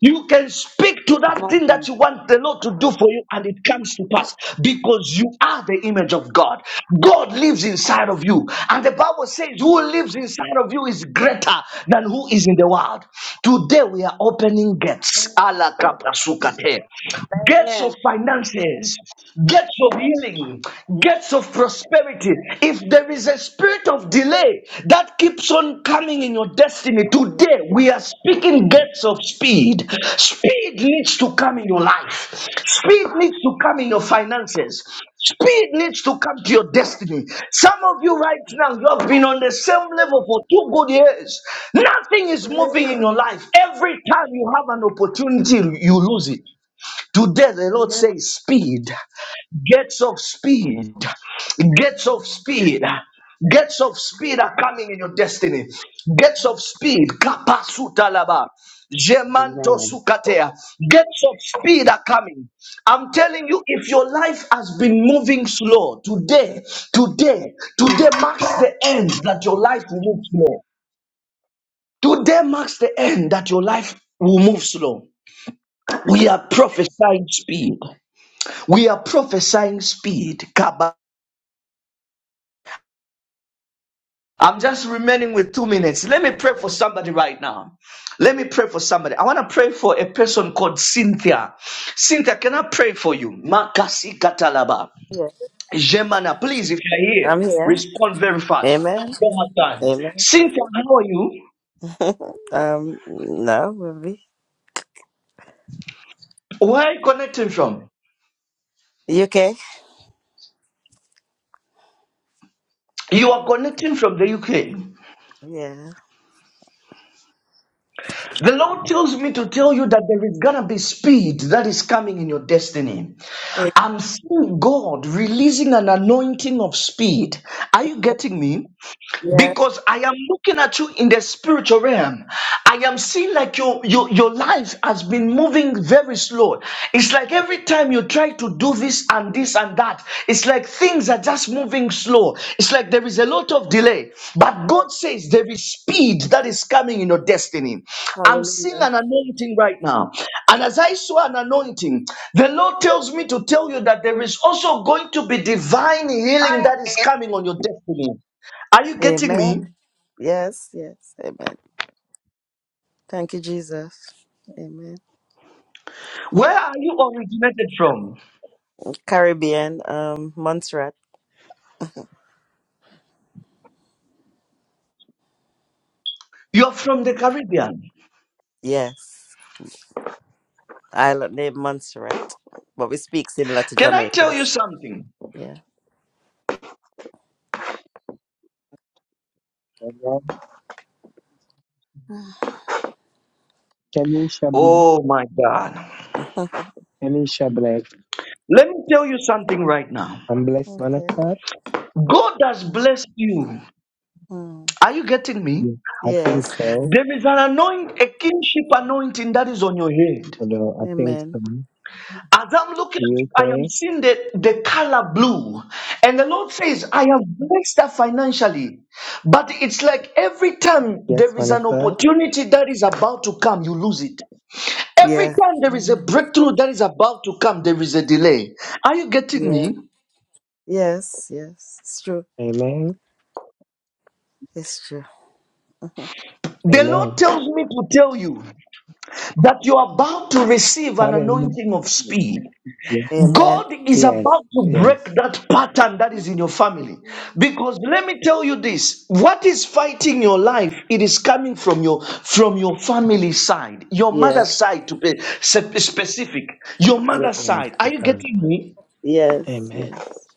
[SPEAKER 12] You can speak to that
[SPEAKER 9] on,
[SPEAKER 12] thing that you
[SPEAKER 9] Jesus.
[SPEAKER 12] want the Lord to do for you and it comes to pass because you are the image of God. God lives inside of you. And the Bible says, Who lives inside of you is greater than who is in the world. Today we are opening gates.
[SPEAKER 13] Amen.
[SPEAKER 12] Ala kapra sukate. Gates of
[SPEAKER 9] Amen.
[SPEAKER 12] finances gates of healing, gates of prosperity. If there is a spirit of delay that keeps on coming in your destiny, today we are speaking gates of speed. Speed needs to come in your life, speed needs to come in your finances, speed needs to come to your destiny. Some of you right now, you have been on the same level for two good years. Nothing is moving in your life. Every time you have an opportunity, you lose it. Today, the Lord
[SPEAKER 13] Amen.
[SPEAKER 12] says, Speed, gates of speed, gates of speed. Gates of speed are coming in your destiny. Gates of speed. Kapasutalaba. Jemanto
[SPEAKER 9] Amen.
[SPEAKER 12] sukatea. Gates of speed are coming. I'm telling you, if your life has been moving slow, today, today, today marks the end that your life will move slow. Today marks the end that your life will move slow. We are prophesying speed. We are prophesying speed. Kaba. I'm just remaining with two minutes. Let me pray for somebody right now. Let me pray for somebody. I want to pray for a person called Cynthia. Cynthia, can I pray for you? Makasi katalaba. Jemana, please, if you're here,
[SPEAKER 18] I'm here.
[SPEAKER 12] respond very fast.
[SPEAKER 18] Amen.
[SPEAKER 12] One more time.
[SPEAKER 18] Amen.
[SPEAKER 12] Cynthia, how are you?
[SPEAKER 18] um, no, maybe.
[SPEAKER 12] Where are you connecting from?
[SPEAKER 18] You okay?
[SPEAKER 12] You are connecting from the UK.
[SPEAKER 18] Yeah.
[SPEAKER 12] The Lord tells me to tell you that there is gonna be speed that is coming in your destiny.
[SPEAKER 18] A-
[SPEAKER 12] I'm seeing God releasing an anointing of speed. Are you getting me?
[SPEAKER 18] Yeah.
[SPEAKER 12] because I am looking at you in the spiritual realm. I am seeing like your, your, your life has been moving very slow. It's like every time you try to do this and this and that, it's like things are just moving slow. It's like there is a lot of delay. But God says there is speed that is coming in your destiny. I'm seeing
[SPEAKER 18] Hallelujah.
[SPEAKER 12] an anointing right now. And as I saw an anointing, the Lord tells me to tell you that there is also going to be divine healing that is coming on your destiny. Are you getting me?
[SPEAKER 18] Amen. Yes, yes. Amen. Thank you, Jesus. Amen.
[SPEAKER 12] Where are you originated from?
[SPEAKER 18] Caribbean, um, Montserrat.
[SPEAKER 12] You're from the Caribbean.
[SPEAKER 18] Yes. Island named Montserrat. But we speak similar to
[SPEAKER 12] Can I tell you
[SPEAKER 18] Jamaicans.
[SPEAKER 12] something?
[SPEAKER 18] Yeah.
[SPEAKER 21] Kanisha,
[SPEAKER 12] Oh my God.
[SPEAKER 21] Kanisha Black.
[SPEAKER 12] Let me tell you something right now.
[SPEAKER 21] I'm blessed man of
[SPEAKER 18] okay.
[SPEAKER 21] God.
[SPEAKER 12] God has blessed you.
[SPEAKER 18] Hmm.
[SPEAKER 12] Are you getting me?
[SPEAKER 21] Yeah, I think
[SPEAKER 18] Yes.
[SPEAKER 21] so.
[SPEAKER 12] There is an anointing, a kingship anointing that is on your head.
[SPEAKER 21] Although I think
[SPEAKER 18] Amen.
[SPEAKER 21] so.
[SPEAKER 12] As I'm looking at
[SPEAKER 21] You
[SPEAKER 12] you, I am
[SPEAKER 21] okay?
[SPEAKER 12] seeing the, the color blue. And the Lord says, I have blessed her financially. But it's like every time
[SPEAKER 21] Yes,
[SPEAKER 12] there
[SPEAKER 21] man
[SPEAKER 12] is
[SPEAKER 21] of
[SPEAKER 12] an
[SPEAKER 21] God.
[SPEAKER 12] opportunity that is about to come, you lose it. Every
[SPEAKER 18] Yeah.
[SPEAKER 12] time there is a
[SPEAKER 18] Mhm.
[SPEAKER 12] breakthrough that is about to come, there is a delay. Are you getting
[SPEAKER 18] Yeah.
[SPEAKER 12] me?
[SPEAKER 18] Yes. Yes. It's true.
[SPEAKER 21] Amen.
[SPEAKER 18] It's true. Mhm.
[SPEAKER 12] The Lord
[SPEAKER 21] Amen.
[SPEAKER 12] tells me to tell you that you are about to receive an
[SPEAKER 21] Pardon
[SPEAKER 12] anointing of
[SPEAKER 21] me.
[SPEAKER 12] speed.
[SPEAKER 21] Yeah.
[SPEAKER 18] Amen.
[SPEAKER 12] God is
[SPEAKER 21] Yes.
[SPEAKER 12] about to break
[SPEAKER 21] Yes.
[SPEAKER 12] that pattern that is in your family. Because let me tell you this, what is fighting your life, it is coming from your from your family side, your
[SPEAKER 18] Yeah.
[SPEAKER 12] mother's side to be spe- specific, your
[SPEAKER 18] Yeah.
[SPEAKER 12] mother's side. Are
[SPEAKER 21] Mighty
[SPEAKER 12] you
[SPEAKER 21] God.
[SPEAKER 12] getting me?
[SPEAKER 18] Yes.
[SPEAKER 21] Amen.
[SPEAKER 18] Yes.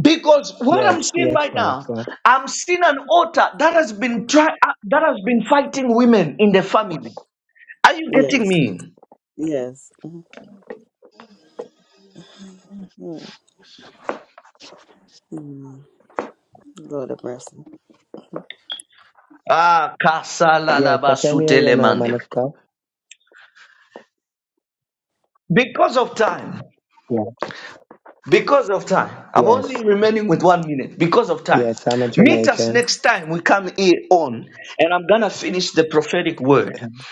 [SPEAKER 12] Because what I'm
[SPEAKER 21] Yes.
[SPEAKER 12] seeing
[SPEAKER 21] Yes,
[SPEAKER 12] right
[SPEAKER 21] man of
[SPEAKER 12] now,
[SPEAKER 21] God.
[SPEAKER 12] I'm seeing an altar that has been try uh, that has been fighting women in the family. Are you getting
[SPEAKER 18] Yes.
[SPEAKER 12] me?
[SPEAKER 18] Yes. Mm. Mm. Lord of mercy.
[SPEAKER 12] Ah,
[SPEAKER 21] Yes, I can hear you now, man
[SPEAKER 12] kasalabasutelemande.
[SPEAKER 21] of God.
[SPEAKER 12] Because of time,
[SPEAKER 21] Yeah.
[SPEAKER 12] because of time, I'm only
[SPEAKER 21] Yes.
[SPEAKER 12] remaining with one minute. Because of time,
[SPEAKER 21] Yes, I'm a
[SPEAKER 12] meet us
[SPEAKER 21] Jamaican.
[SPEAKER 12] next time we come here on, and I'm gonna finish the prophetic word.
[SPEAKER 21] Um,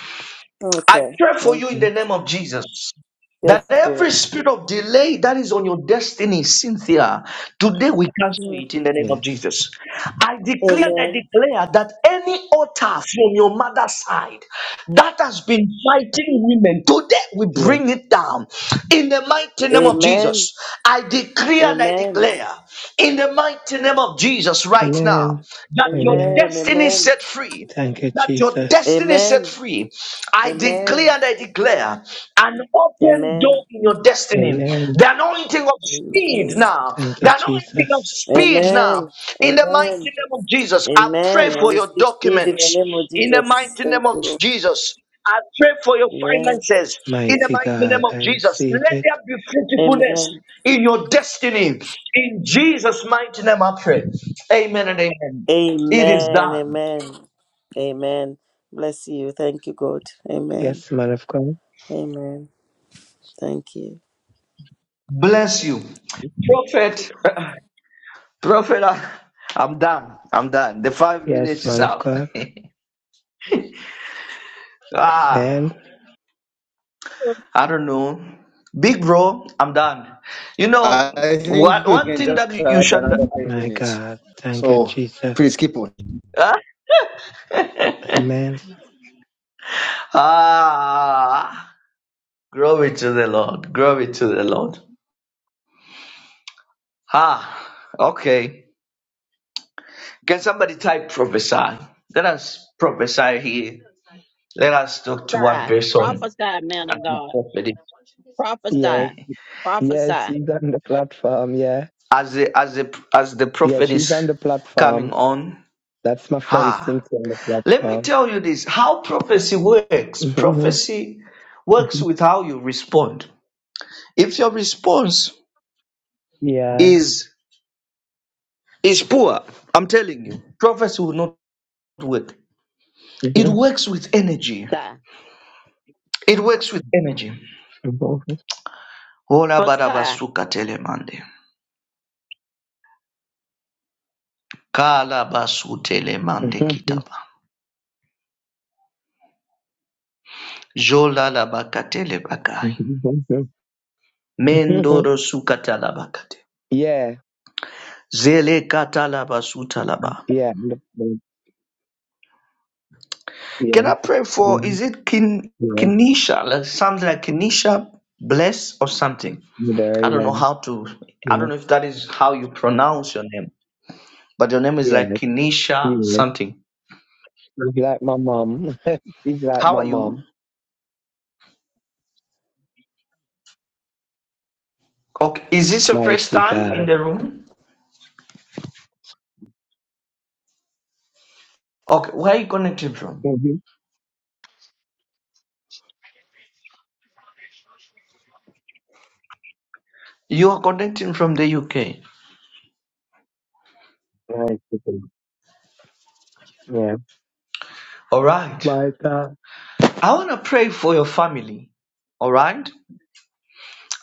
[SPEAKER 12] I
[SPEAKER 18] Okay.
[SPEAKER 12] pray for
[SPEAKER 18] Thank
[SPEAKER 12] you
[SPEAKER 18] you.
[SPEAKER 12] in the name of Jesus. That
[SPEAKER 18] Yes,
[SPEAKER 12] every
[SPEAKER 18] Lord.
[SPEAKER 12] spirit of delay that is on your destiny, Cynthia, today we cancel
[SPEAKER 18] Mm.
[SPEAKER 12] it in the name of
[SPEAKER 21] Yes.
[SPEAKER 12] Jesus. I declare and I
[SPEAKER 18] Amen.
[SPEAKER 12] declare that any altar from your mother's side that has been fighting women, today we
[SPEAKER 21] Yes.
[SPEAKER 12] bring it down in the mighty name of
[SPEAKER 18] Amen.
[SPEAKER 12] Jesus. I decree and I
[SPEAKER 18] Amen.
[SPEAKER 12] declare in the mighty name of Jesus right now
[SPEAKER 21] Amen.
[SPEAKER 12] that your
[SPEAKER 21] Amen.
[SPEAKER 18] Amen.
[SPEAKER 12] destiny is
[SPEAKER 18] Amen.
[SPEAKER 12] set free
[SPEAKER 21] Thank you,
[SPEAKER 12] that your
[SPEAKER 21] Jesus.
[SPEAKER 12] destiny is set
[SPEAKER 18] Amen.
[SPEAKER 12] free. I declare
[SPEAKER 18] Amen.
[SPEAKER 12] and I declare an open door
[SPEAKER 18] Amen.
[SPEAKER 12] in your destiny.
[SPEAKER 21] Amen.
[SPEAKER 12] The anointing of speed now.
[SPEAKER 21] Thank you,
[SPEAKER 12] The anointing of
[SPEAKER 21] Jesus.
[SPEAKER 18] Amen.
[SPEAKER 12] speed now.
[SPEAKER 18] Amen.
[SPEAKER 12] In the mighty
[SPEAKER 18] Amen.
[SPEAKER 12] name of Jesus, I pray
[SPEAKER 18] Amen. I
[SPEAKER 12] for your
[SPEAKER 18] receive speed in the
[SPEAKER 12] documents.
[SPEAKER 18] name of
[SPEAKER 12] In the
[SPEAKER 18] Jesus.
[SPEAKER 12] mighty
[SPEAKER 18] Thank
[SPEAKER 12] name of
[SPEAKER 18] you, Lord.
[SPEAKER 12] Jesus, I pray for your
[SPEAKER 18] Amen.
[SPEAKER 12] finances. In the
[SPEAKER 21] Mighty
[SPEAKER 12] mighty
[SPEAKER 21] God,
[SPEAKER 12] name of
[SPEAKER 21] I
[SPEAKER 12] Jesus,
[SPEAKER 21] receive
[SPEAKER 12] let
[SPEAKER 21] it.
[SPEAKER 12] there be fruitfulness
[SPEAKER 18] Amen.
[SPEAKER 12] in your destiny. In Jesus' mighty name, I pray. Amen and amen. It is
[SPEAKER 18] Amen.
[SPEAKER 12] done.
[SPEAKER 18] Amen. Amen. Bless you. Thank you, God. Amen.
[SPEAKER 21] Yes, man of God.
[SPEAKER 18] Amen. Thank you.
[SPEAKER 12] Bless you. Prophet, Prophet, I, I'm done. I'm done. The five
[SPEAKER 21] Yes,
[SPEAKER 12] minutes is
[SPEAKER 21] man of
[SPEAKER 12] out.
[SPEAKER 21] God.
[SPEAKER 12] Ah,
[SPEAKER 21] Amen.
[SPEAKER 12] I don't know. Big bro, I'm done. You know,
[SPEAKER 1] I think
[SPEAKER 12] what,
[SPEAKER 1] we
[SPEAKER 12] one
[SPEAKER 1] can
[SPEAKER 12] thing
[SPEAKER 1] just
[SPEAKER 12] that you
[SPEAKER 1] add
[SPEAKER 12] should,
[SPEAKER 1] another 10
[SPEAKER 21] My
[SPEAKER 1] minutes.
[SPEAKER 21] God. Thank you,
[SPEAKER 1] So
[SPEAKER 21] Jesus.
[SPEAKER 1] please keep on.
[SPEAKER 12] huh?
[SPEAKER 21] Amen.
[SPEAKER 12] ah, glory to the Lord. Glory to the Lord. Ah, okay. Can somebody type prophesy? Let us prophesy here. Let us talk to one
[SPEAKER 9] Prophesy.
[SPEAKER 12] person.
[SPEAKER 9] Prophesy, man of God.
[SPEAKER 21] Yes,
[SPEAKER 9] Prophesy.
[SPEAKER 21] yes,
[SPEAKER 9] Prophesy.
[SPEAKER 21] she's on the platform. Yeah,
[SPEAKER 12] as the as the as the
[SPEAKER 21] yeah,
[SPEAKER 12] prophet
[SPEAKER 21] she's
[SPEAKER 12] is
[SPEAKER 21] on the
[SPEAKER 12] coming
[SPEAKER 21] platform.
[SPEAKER 12] on.
[SPEAKER 21] That's my friend
[SPEAKER 12] Ah,
[SPEAKER 21] Cynthia on the
[SPEAKER 12] let me
[SPEAKER 21] platform.
[SPEAKER 12] tell you this: how prophecy works.
[SPEAKER 21] hmm
[SPEAKER 12] Prophecy works
[SPEAKER 21] hmm
[SPEAKER 12] with how you respond. If your response
[SPEAKER 21] Yeah.
[SPEAKER 12] is is poor, I'm telling you, prophecy will not work. It
[SPEAKER 21] Mhm.
[SPEAKER 12] works with energy. It works with energy. Ola
[SPEAKER 9] Prophesy.
[SPEAKER 12] barabasuka telemande. Kala basu
[SPEAKER 21] Mhm.
[SPEAKER 12] telemande kitaba. Jola la bakatele bakai. Mendoro suka talabakate.
[SPEAKER 21] yeah,
[SPEAKER 12] Zele katalaba sutalaba.
[SPEAKER 21] yeah, yeah, yeah,
[SPEAKER 12] Can I pray for,
[SPEAKER 21] mhm,
[SPEAKER 12] is it Kin,
[SPEAKER 21] yeah,
[SPEAKER 12] Kinesha, like something like Kinesha Bless or something?
[SPEAKER 21] there,
[SPEAKER 12] I don't
[SPEAKER 21] yeah,
[SPEAKER 12] know how to, I don't
[SPEAKER 21] Yes,
[SPEAKER 12] know if that is how you pronounce your name, but your name is
[SPEAKER 21] yes,
[SPEAKER 12] like Kinesha
[SPEAKER 21] yes.
[SPEAKER 12] something.
[SPEAKER 21] She's like my mom. She's like
[SPEAKER 12] How
[SPEAKER 21] my
[SPEAKER 12] are you?
[SPEAKER 21] mom.
[SPEAKER 12] Okay, is this your first
[SPEAKER 21] Mighty
[SPEAKER 12] time
[SPEAKER 21] God.
[SPEAKER 12] in the room? Okay, where are you connecting from?
[SPEAKER 21] Mm-hmm.
[SPEAKER 12] You are connecting from the UK.
[SPEAKER 21] Mighty God. Yeah.
[SPEAKER 12] All right.
[SPEAKER 21] My God.
[SPEAKER 12] I want to pray for your family. All right.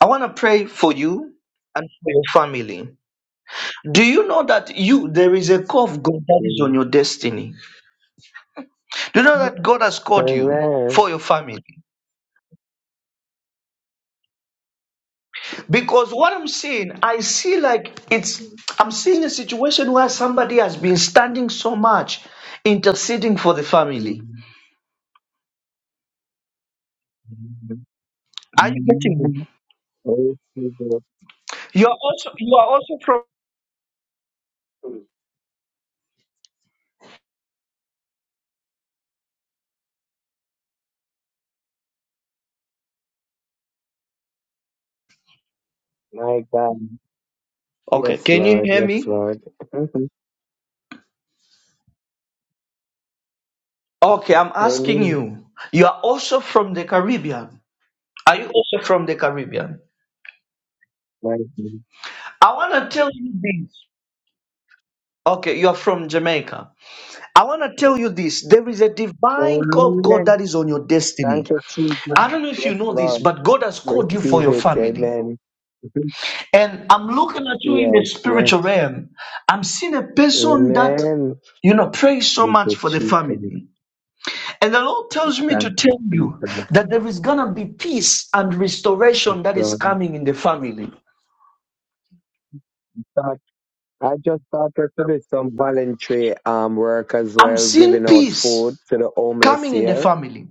[SPEAKER 12] I want to pray for you and for your family. Do you know that you there is a call of God that is
[SPEAKER 21] Yeah.
[SPEAKER 12] on your destiny? Do you know that God has called you
[SPEAKER 21] Amen.
[SPEAKER 12] for your family? Because what I'm seeing, I see like it's I'm seeing a situation where somebody has been standing so much, interceding for the family. Are you getting me?
[SPEAKER 21] Amen. Praise to
[SPEAKER 12] You are also you are also from
[SPEAKER 21] God. My God.
[SPEAKER 12] Okay,
[SPEAKER 21] Yes,
[SPEAKER 12] can you
[SPEAKER 21] Lord.
[SPEAKER 12] hear
[SPEAKER 21] Yes,
[SPEAKER 12] me?
[SPEAKER 21] Lord. Mhm.
[SPEAKER 12] Okay, I'm asking
[SPEAKER 21] Amen.
[SPEAKER 12] you. You are also from the Caribbean. Are you also from the Caribbean?
[SPEAKER 21] Mighty.
[SPEAKER 12] I want to tell you this. Okay, you are from Jamaica. I want to tell you this there is a
[SPEAKER 21] God.
[SPEAKER 12] divine call of God
[SPEAKER 21] Amen.
[SPEAKER 12] that is on your
[SPEAKER 21] Thank
[SPEAKER 12] destiny.
[SPEAKER 21] you, Jesus.
[SPEAKER 12] I don't know if you
[SPEAKER 21] Yes,
[SPEAKER 12] know this,
[SPEAKER 21] Lord.
[SPEAKER 12] but God has called you for
[SPEAKER 21] Receive
[SPEAKER 12] your
[SPEAKER 21] it.
[SPEAKER 12] family.
[SPEAKER 21] Amen.
[SPEAKER 12] And I'm looking at you in the
[SPEAKER 21] Yes, yes.
[SPEAKER 12] spiritual realm. I'm seeing a person that,
[SPEAKER 21] Amen.
[SPEAKER 12] you know, prays so
[SPEAKER 21] We
[SPEAKER 12] much
[SPEAKER 21] could
[SPEAKER 12] for the
[SPEAKER 21] cheat and
[SPEAKER 12] family. And the Lord tells me
[SPEAKER 21] thank
[SPEAKER 12] to
[SPEAKER 21] you,
[SPEAKER 12] tell you
[SPEAKER 21] people.
[SPEAKER 12] that there is going to be peace and restoration that is
[SPEAKER 21] Um,
[SPEAKER 12] coming in the family.
[SPEAKER 21] but I just started to do some voluntary um, work as
[SPEAKER 12] I'm
[SPEAKER 21] well,
[SPEAKER 12] seeing
[SPEAKER 21] giving out
[SPEAKER 12] peace
[SPEAKER 21] food to the homeless
[SPEAKER 12] coming in the
[SPEAKER 21] here.
[SPEAKER 12] family.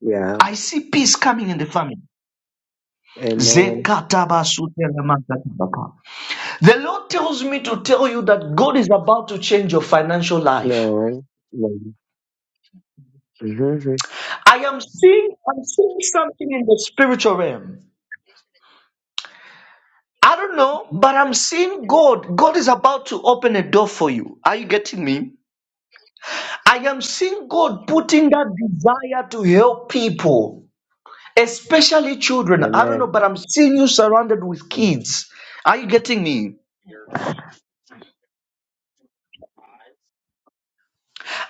[SPEAKER 21] Yeah.
[SPEAKER 12] I see peace coming in the family.
[SPEAKER 21] Amen.
[SPEAKER 12] Zekatabasu telemakataba. The Lord tells me to tell you that God is about to change your financial life.
[SPEAKER 21] No. no. hmm
[SPEAKER 12] I am seeing, I'm seeing something in the spiritual realm. I don't know, but I'm seeing God. God is about to open a door for you. Are you getting me? I am seeing God putting that desire to help people, especially children. I don't know,
[SPEAKER 21] Amen.
[SPEAKER 12] but I'm seeing you surrounded with kids. Are you getting me?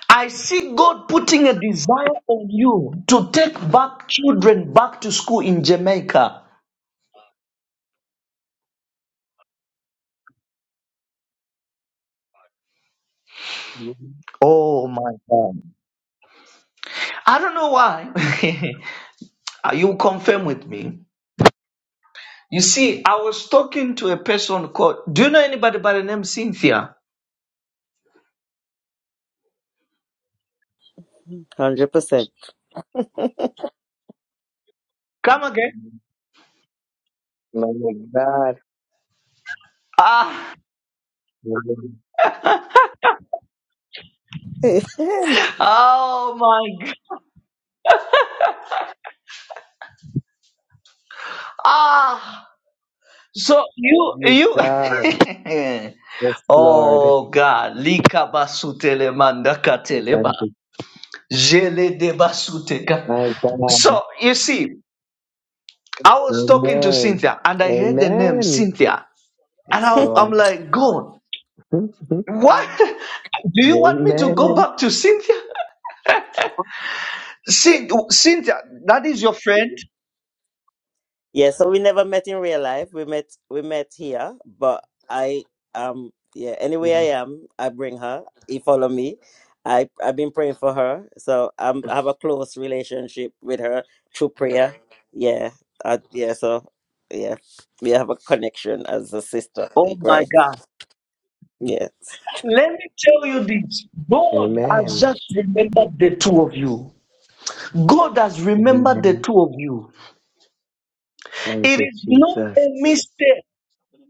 [SPEAKER 12] I see God putting a desire on you to take back children back to school in Jamaica. Oh my God. I don't know why. you confirm with me. You see, I was talking to a person called, do you know anybody by the name Cynthia?
[SPEAKER 18] 100%.
[SPEAKER 12] Come again.
[SPEAKER 21] My God.
[SPEAKER 12] Ah,
[SPEAKER 21] My
[SPEAKER 12] oh my God. Ah, so you, you,
[SPEAKER 21] God. Yes, Lord.
[SPEAKER 12] oh God, lika basutele mandaka
[SPEAKER 21] Thank you.
[SPEAKER 12] jele de
[SPEAKER 21] My God.
[SPEAKER 12] So you see, I was talking to
[SPEAKER 21] Amen.
[SPEAKER 12] Cynthia and I heard the name
[SPEAKER 21] Amen.
[SPEAKER 12] Cynthia and
[SPEAKER 21] Yes,
[SPEAKER 12] I, I'm
[SPEAKER 21] Lord.
[SPEAKER 12] like, God. What? Do you want me to go
[SPEAKER 21] Amen.
[SPEAKER 12] back to Cynthia? Cyn- Cynthia, that is your friend?
[SPEAKER 18] Yeah, so we never met in real life. We met we met here, but I um yeah, anywhere I am, I bring her. He follow me. I I've been praying for her. So I'm I have a close relationship with her through prayer. Yeah. I, yeah, so yeah. We have a connection as a sister
[SPEAKER 12] Oh
[SPEAKER 18] Right?
[SPEAKER 12] my
[SPEAKER 18] Christ.
[SPEAKER 12] God.
[SPEAKER 18] Yeah.
[SPEAKER 12] Let me tell you this God has
[SPEAKER 21] Amen.
[SPEAKER 12] just remembered the two of you. God has remembered the
[SPEAKER 21] Amen.
[SPEAKER 12] two of you.
[SPEAKER 21] Thank
[SPEAKER 12] It
[SPEAKER 21] you,
[SPEAKER 12] is not
[SPEAKER 21] Jesus.
[SPEAKER 12] a mistake.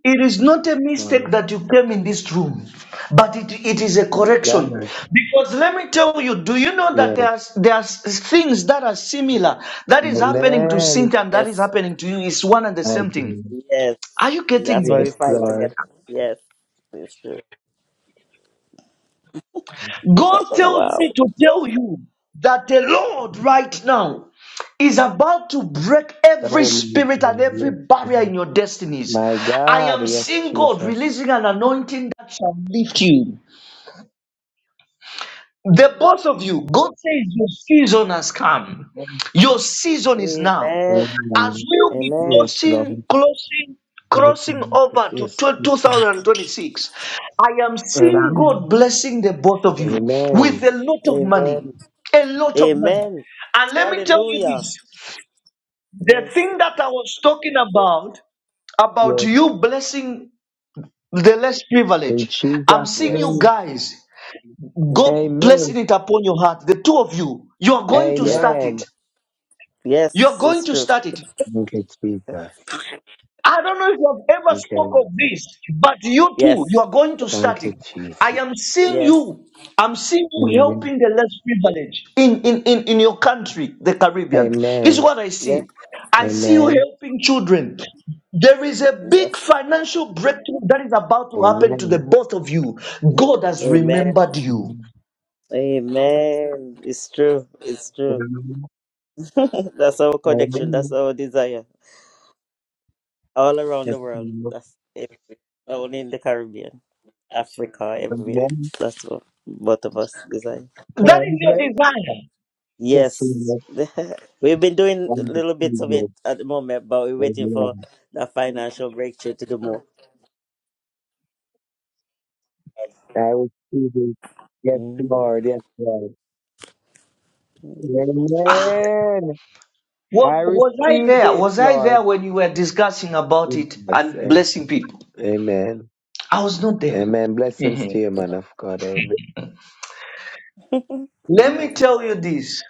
[SPEAKER 12] It is not a mistake
[SPEAKER 21] Lord.
[SPEAKER 12] that you came in this room, but it, it is a correction.
[SPEAKER 21] God,
[SPEAKER 12] Because let me tell you, do you know that
[SPEAKER 21] yes.
[SPEAKER 12] there's there's things that are similar that is happening to
[SPEAKER 21] Amen.
[SPEAKER 12] Cynthia and that is
[SPEAKER 18] Yes.
[SPEAKER 12] happening to you? It's one and the
[SPEAKER 21] Thank
[SPEAKER 12] same thing.
[SPEAKER 21] you.
[SPEAKER 18] Yes.
[SPEAKER 12] Are you getting
[SPEAKER 18] That's why
[SPEAKER 12] me?
[SPEAKER 18] we
[SPEAKER 21] Yes,
[SPEAKER 18] fight
[SPEAKER 21] Lord.
[SPEAKER 18] together. Yes, it's true.
[SPEAKER 12] God tells
[SPEAKER 18] wow.
[SPEAKER 12] me to tell you that the Lord right now is about to break every
[SPEAKER 21] Oh, my
[SPEAKER 12] spirit
[SPEAKER 21] God.
[SPEAKER 12] and every
[SPEAKER 21] Yes,
[SPEAKER 12] barrier
[SPEAKER 21] Lord.
[SPEAKER 12] in your destinies.
[SPEAKER 21] My
[SPEAKER 12] I
[SPEAKER 21] God.
[SPEAKER 12] am
[SPEAKER 21] Yes,
[SPEAKER 12] seeing God
[SPEAKER 21] Jesus.
[SPEAKER 12] releasing an anointing that shall lift you. The both of you, God says your season has come.
[SPEAKER 21] Amen.
[SPEAKER 12] Your season is now.
[SPEAKER 18] Amen.
[SPEAKER 12] As we'll be
[SPEAKER 18] Amen.
[SPEAKER 21] Yes, Lord.
[SPEAKER 12] closing, closing,
[SPEAKER 21] Yes,
[SPEAKER 12] crossing over to tw-
[SPEAKER 21] Jesus.
[SPEAKER 12] 2026, I am seeing
[SPEAKER 21] Amen.
[SPEAKER 12] God blessing the both of you with
[SPEAKER 21] Amen.
[SPEAKER 12] a lot of money.
[SPEAKER 18] Amen.
[SPEAKER 12] A lot of money.
[SPEAKER 18] Amen.
[SPEAKER 12] And let me tell you
[SPEAKER 18] Hallelujah.
[SPEAKER 12] this the
[SPEAKER 18] Yes.
[SPEAKER 12] thing that I was talking about, about
[SPEAKER 21] Yes.
[SPEAKER 12] you blessing the less
[SPEAKER 21] In
[SPEAKER 12] privileged, I'm
[SPEAKER 21] Jesus'
[SPEAKER 12] seeing you
[SPEAKER 18] Yes.
[SPEAKER 21] name.
[SPEAKER 12] guys, God
[SPEAKER 18] Mm-hmm.
[SPEAKER 12] blessing
[SPEAKER 21] Amen.
[SPEAKER 12] it upon your heart. The two of you, you are going to
[SPEAKER 18] Yes.
[SPEAKER 12] start
[SPEAKER 21] Amen.
[SPEAKER 12] it. You are
[SPEAKER 18] Yes.
[SPEAKER 12] going
[SPEAKER 18] It's
[SPEAKER 12] to
[SPEAKER 18] true.
[SPEAKER 12] start it.
[SPEAKER 21] Thank you, Jesus.
[SPEAKER 12] I don't know if you have ever
[SPEAKER 21] Thank
[SPEAKER 12] spoke
[SPEAKER 21] you.
[SPEAKER 12] of this, but you too,
[SPEAKER 18] Yes.
[SPEAKER 12] you are going to start
[SPEAKER 21] Thank you,
[SPEAKER 12] it.
[SPEAKER 21] Jesus.
[SPEAKER 12] I am seeing
[SPEAKER 18] Yes.
[SPEAKER 12] you. I'm seeing you
[SPEAKER 21] Amen.
[SPEAKER 12] helping the less privileged in, in, in, in your country, the Caribbean. This is
[SPEAKER 21] Amen.
[SPEAKER 12] what I
[SPEAKER 18] Yes.
[SPEAKER 12] see. I see you
[SPEAKER 21] Amen.
[SPEAKER 12] helping children. There is a
[SPEAKER 18] Yes.
[SPEAKER 12] big financial breakthrough that is about to happen to the
[SPEAKER 21] Amen.
[SPEAKER 12] both of you. God has
[SPEAKER 18] Amen.
[SPEAKER 12] remembered you.
[SPEAKER 18] Amen. It's true. It's true.
[SPEAKER 21] Amen.
[SPEAKER 18] That's our connection. That's
[SPEAKER 21] Amen.
[SPEAKER 18] our desire. All around the
[SPEAKER 21] Yes,
[SPEAKER 18] world.
[SPEAKER 21] Lord.
[SPEAKER 18] That's everywhere. Not Only in the Caribbean, Africa, everywhere.
[SPEAKER 21] Amen.
[SPEAKER 18] That's what both of us desire.
[SPEAKER 21] Amen.
[SPEAKER 12] That is
[SPEAKER 21] am
[SPEAKER 12] your
[SPEAKER 21] grateful
[SPEAKER 12] desire.
[SPEAKER 21] for
[SPEAKER 18] Yes.
[SPEAKER 21] you.
[SPEAKER 18] We've been doing little bits of it
[SPEAKER 21] I
[SPEAKER 18] at the moment, but we're
[SPEAKER 21] receive
[SPEAKER 18] waiting
[SPEAKER 21] it.
[SPEAKER 18] for
[SPEAKER 21] Amen.
[SPEAKER 18] the financial breakthrough to do more.
[SPEAKER 21] I receive it. Yes,
[SPEAKER 18] Mm.
[SPEAKER 21] Lord. Yes, Lord. Amen.
[SPEAKER 12] Was,
[SPEAKER 21] I
[SPEAKER 12] was I
[SPEAKER 21] receive
[SPEAKER 12] there?
[SPEAKER 21] it,
[SPEAKER 12] Was I there
[SPEAKER 21] Lord.
[SPEAKER 12] when you were discussing about it
[SPEAKER 21] Yes.
[SPEAKER 12] and
[SPEAKER 21] Amen.
[SPEAKER 12] blessing people?
[SPEAKER 21] Amen.
[SPEAKER 12] I was not there.
[SPEAKER 21] Amen. Blessings to
[SPEAKER 12] Mhm.
[SPEAKER 21] you, man of God. Amen.
[SPEAKER 18] Amen.
[SPEAKER 12] Let me tell you this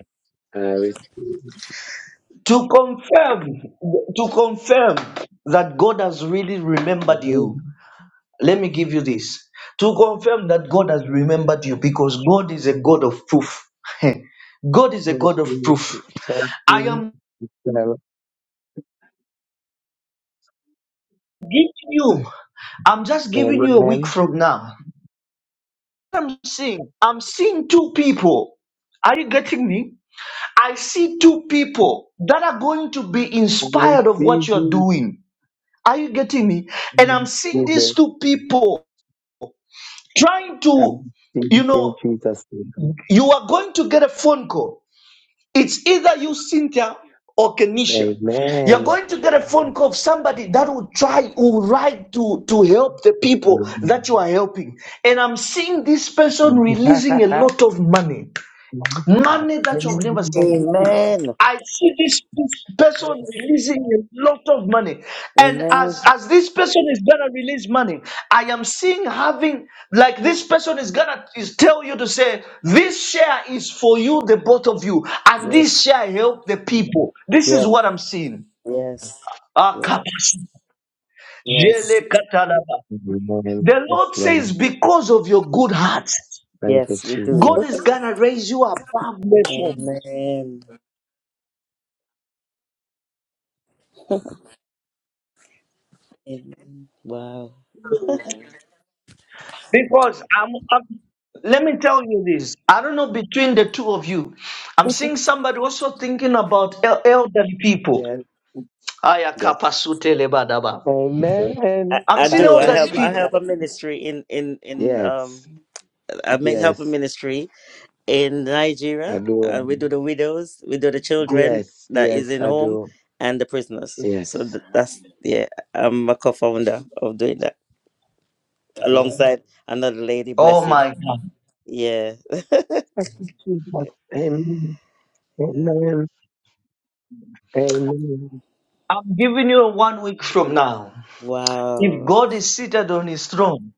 [SPEAKER 21] I receive.
[SPEAKER 12] to confirm to confirm that God has really remembered
[SPEAKER 21] it.
[SPEAKER 12] you. Let me give you this to confirm that God has remembered you because God is a God of proof. God is a God of proof. I
[SPEAKER 21] Thirteen,
[SPEAKER 12] am
[SPEAKER 21] twelve,
[SPEAKER 12] giving you, I'm just giving you a week
[SPEAKER 21] eleven,
[SPEAKER 12] from now. I'm seeing, I'm seeing two people. Are you getting me? I see two people that are going to be
[SPEAKER 21] and we will
[SPEAKER 12] inspired of what
[SPEAKER 21] receive
[SPEAKER 12] you're
[SPEAKER 21] it
[SPEAKER 12] doing. Are you getting me? And I'm seeing these two people trying
[SPEAKER 21] and
[SPEAKER 12] to,
[SPEAKER 21] receive
[SPEAKER 12] you
[SPEAKER 21] it in
[SPEAKER 12] know,
[SPEAKER 21] Jesus' name.
[SPEAKER 12] you are going to get a phone call. It's either you, Cynthia, or Kenisha. You're
[SPEAKER 21] Amen.
[SPEAKER 12] going to get a phone call of somebody that will try, will write to, to help the people
[SPEAKER 21] Amen.
[SPEAKER 12] that you are helping. And I'm seeing this person releasing a lot of money, money that you've never seen.
[SPEAKER 21] Amen.
[SPEAKER 12] I see this person
[SPEAKER 18] Yes.
[SPEAKER 12] releasing a lot of money. And
[SPEAKER 18] Amen.
[SPEAKER 12] as, as this person is gonna release money, I am seeing having like this person is gonna is tell you to say, This share is for you, the both of you, and
[SPEAKER 18] Yes.
[SPEAKER 12] this share help the people. This is
[SPEAKER 18] Yes.
[SPEAKER 12] what I'm seeing.
[SPEAKER 18] Yes.
[SPEAKER 12] Ah,
[SPEAKER 18] Yes.
[SPEAKER 12] kapas- jele
[SPEAKER 18] Yes,
[SPEAKER 12] katalaba.
[SPEAKER 21] Amen.
[SPEAKER 12] The
[SPEAKER 21] Yes,
[SPEAKER 12] Lord
[SPEAKER 21] Lord.
[SPEAKER 12] says, Because of your good heart,
[SPEAKER 21] Thank you,
[SPEAKER 18] Yes, we do.
[SPEAKER 12] God is
[SPEAKER 21] Jesus.
[SPEAKER 12] gonna raise you above nations.
[SPEAKER 18] Amen. Amen. Wow.
[SPEAKER 21] Amen.
[SPEAKER 12] Because I'm, I'm- let me tell you this. I don't know between the two of you. I'm seeing somebody also thinking about el- elderly people.
[SPEAKER 21] Yes.
[SPEAKER 12] Aya
[SPEAKER 18] Yes.
[SPEAKER 12] kapasute lebadaba.
[SPEAKER 18] I,
[SPEAKER 21] Amen.
[SPEAKER 12] I'm
[SPEAKER 18] I
[SPEAKER 12] seeing
[SPEAKER 21] Thank
[SPEAKER 18] do. I
[SPEAKER 21] you,
[SPEAKER 12] elderly
[SPEAKER 18] help I
[SPEAKER 12] people.
[SPEAKER 18] help a
[SPEAKER 21] Jesus.
[SPEAKER 18] ministry in in in um
[SPEAKER 21] Yes.
[SPEAKER 18] I make help a
[SPEAKER 21] Yes.
[SPEAKER 18] ministry in
[SPEAKER 21] I
[SPEAKER 18] Nigeria.
[SPEAKER 21] do.
[SPEAKER 18] Uh, we do the widows, we do the children
[SPEAKER 21] Yes.
[SPEAKER 18] that is
[SPEAKER 21] Yes,
[SPEAKER 18] in
[SPEAKER 21] I
[SPEAKER 18] home
[SPEAKER 21] do.
[SPEAKER 18] and the prisoners. So
[SPEAKER 21] Yes.
[SPEAKER 18] th- that's yeah, I'm a co-founder of doing that alongside another lady
[SPEAKER 12] Oh
[SPEAKER 18] blessing.
[SPEAKER 12] my God.
[SPEAKER 18] Yeah.
[SPEAKER 21] Thank you, Jesus. Amen.
[SPEAKER 18] Yeah.
[SPEAKER 21] Amen. Amen.
[SPEAKER 12] I'm giving you one week from now. If
[SPEAKER 18] Wow.
[SPEAKER 12] God is seated on his throne,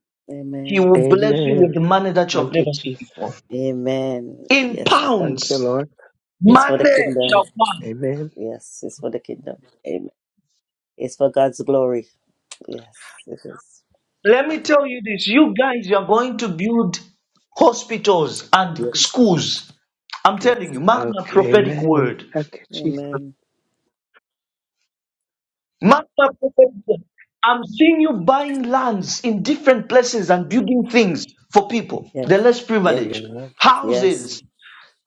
[SPEAKER 12] he
[SPEAKER 18] Amen.
[SPEAKER 12] will bless you
[SPEAKER 21] Amen.
[SPEAKER 12] with money that you've
[SPEAKER 21] Thank you,
[SPEAKER 12] never seen
[SPEAKER 21] Jesus.
[SPEAKER 12] before.
[SPEAKER 18] Amen.
[SPEAKER 12] In
[SPEAKER 18] Yes, it-
[SPEAKER 21] Thank you,
[SPEAKER 12] pounds,
[SPEAKER 21] Lord.
[SPEAKER 18] it's for the
[SPEAKER 12] money
[SPEAKER 18] kingdom.
[SPEAKER 12] shall come.
[SPEAKER 21] Amen.
[SPEAKER 18] Yes, it's for the kingdom. Amen. It's for God's glory. Yes, it is.
[SPEAKER 12] Let me tell you this you guys, you are going to build hospitals and
[SPEAKER 18] Yes,
[SPEAKER 12] schools. I'm
[SPEAKER 18] yes.
[SPEAKER 12] telling you, mark my
[SPEAKER 21] Okay.
[SPEAKER 12] prophetic
[SPEAKER 21] Amen.
[SPEAKER 12] word.
[SPEAKER 21] Thank you, Jesus.
[SPEAKER 18] Amen.
[SPEAKER 12] Mark my prophetic word. I'm seeing you buying lands in different places and building things for people,
[SPEAKER 18] Yes,
[SPEAKER 12] the less
[SPEAKER 18] yes,
[SPEAKER 12] privileged,
[SPEAKER 21] Amen.
[SPEAKER 18] yes,
[SPEAKER 12] houses,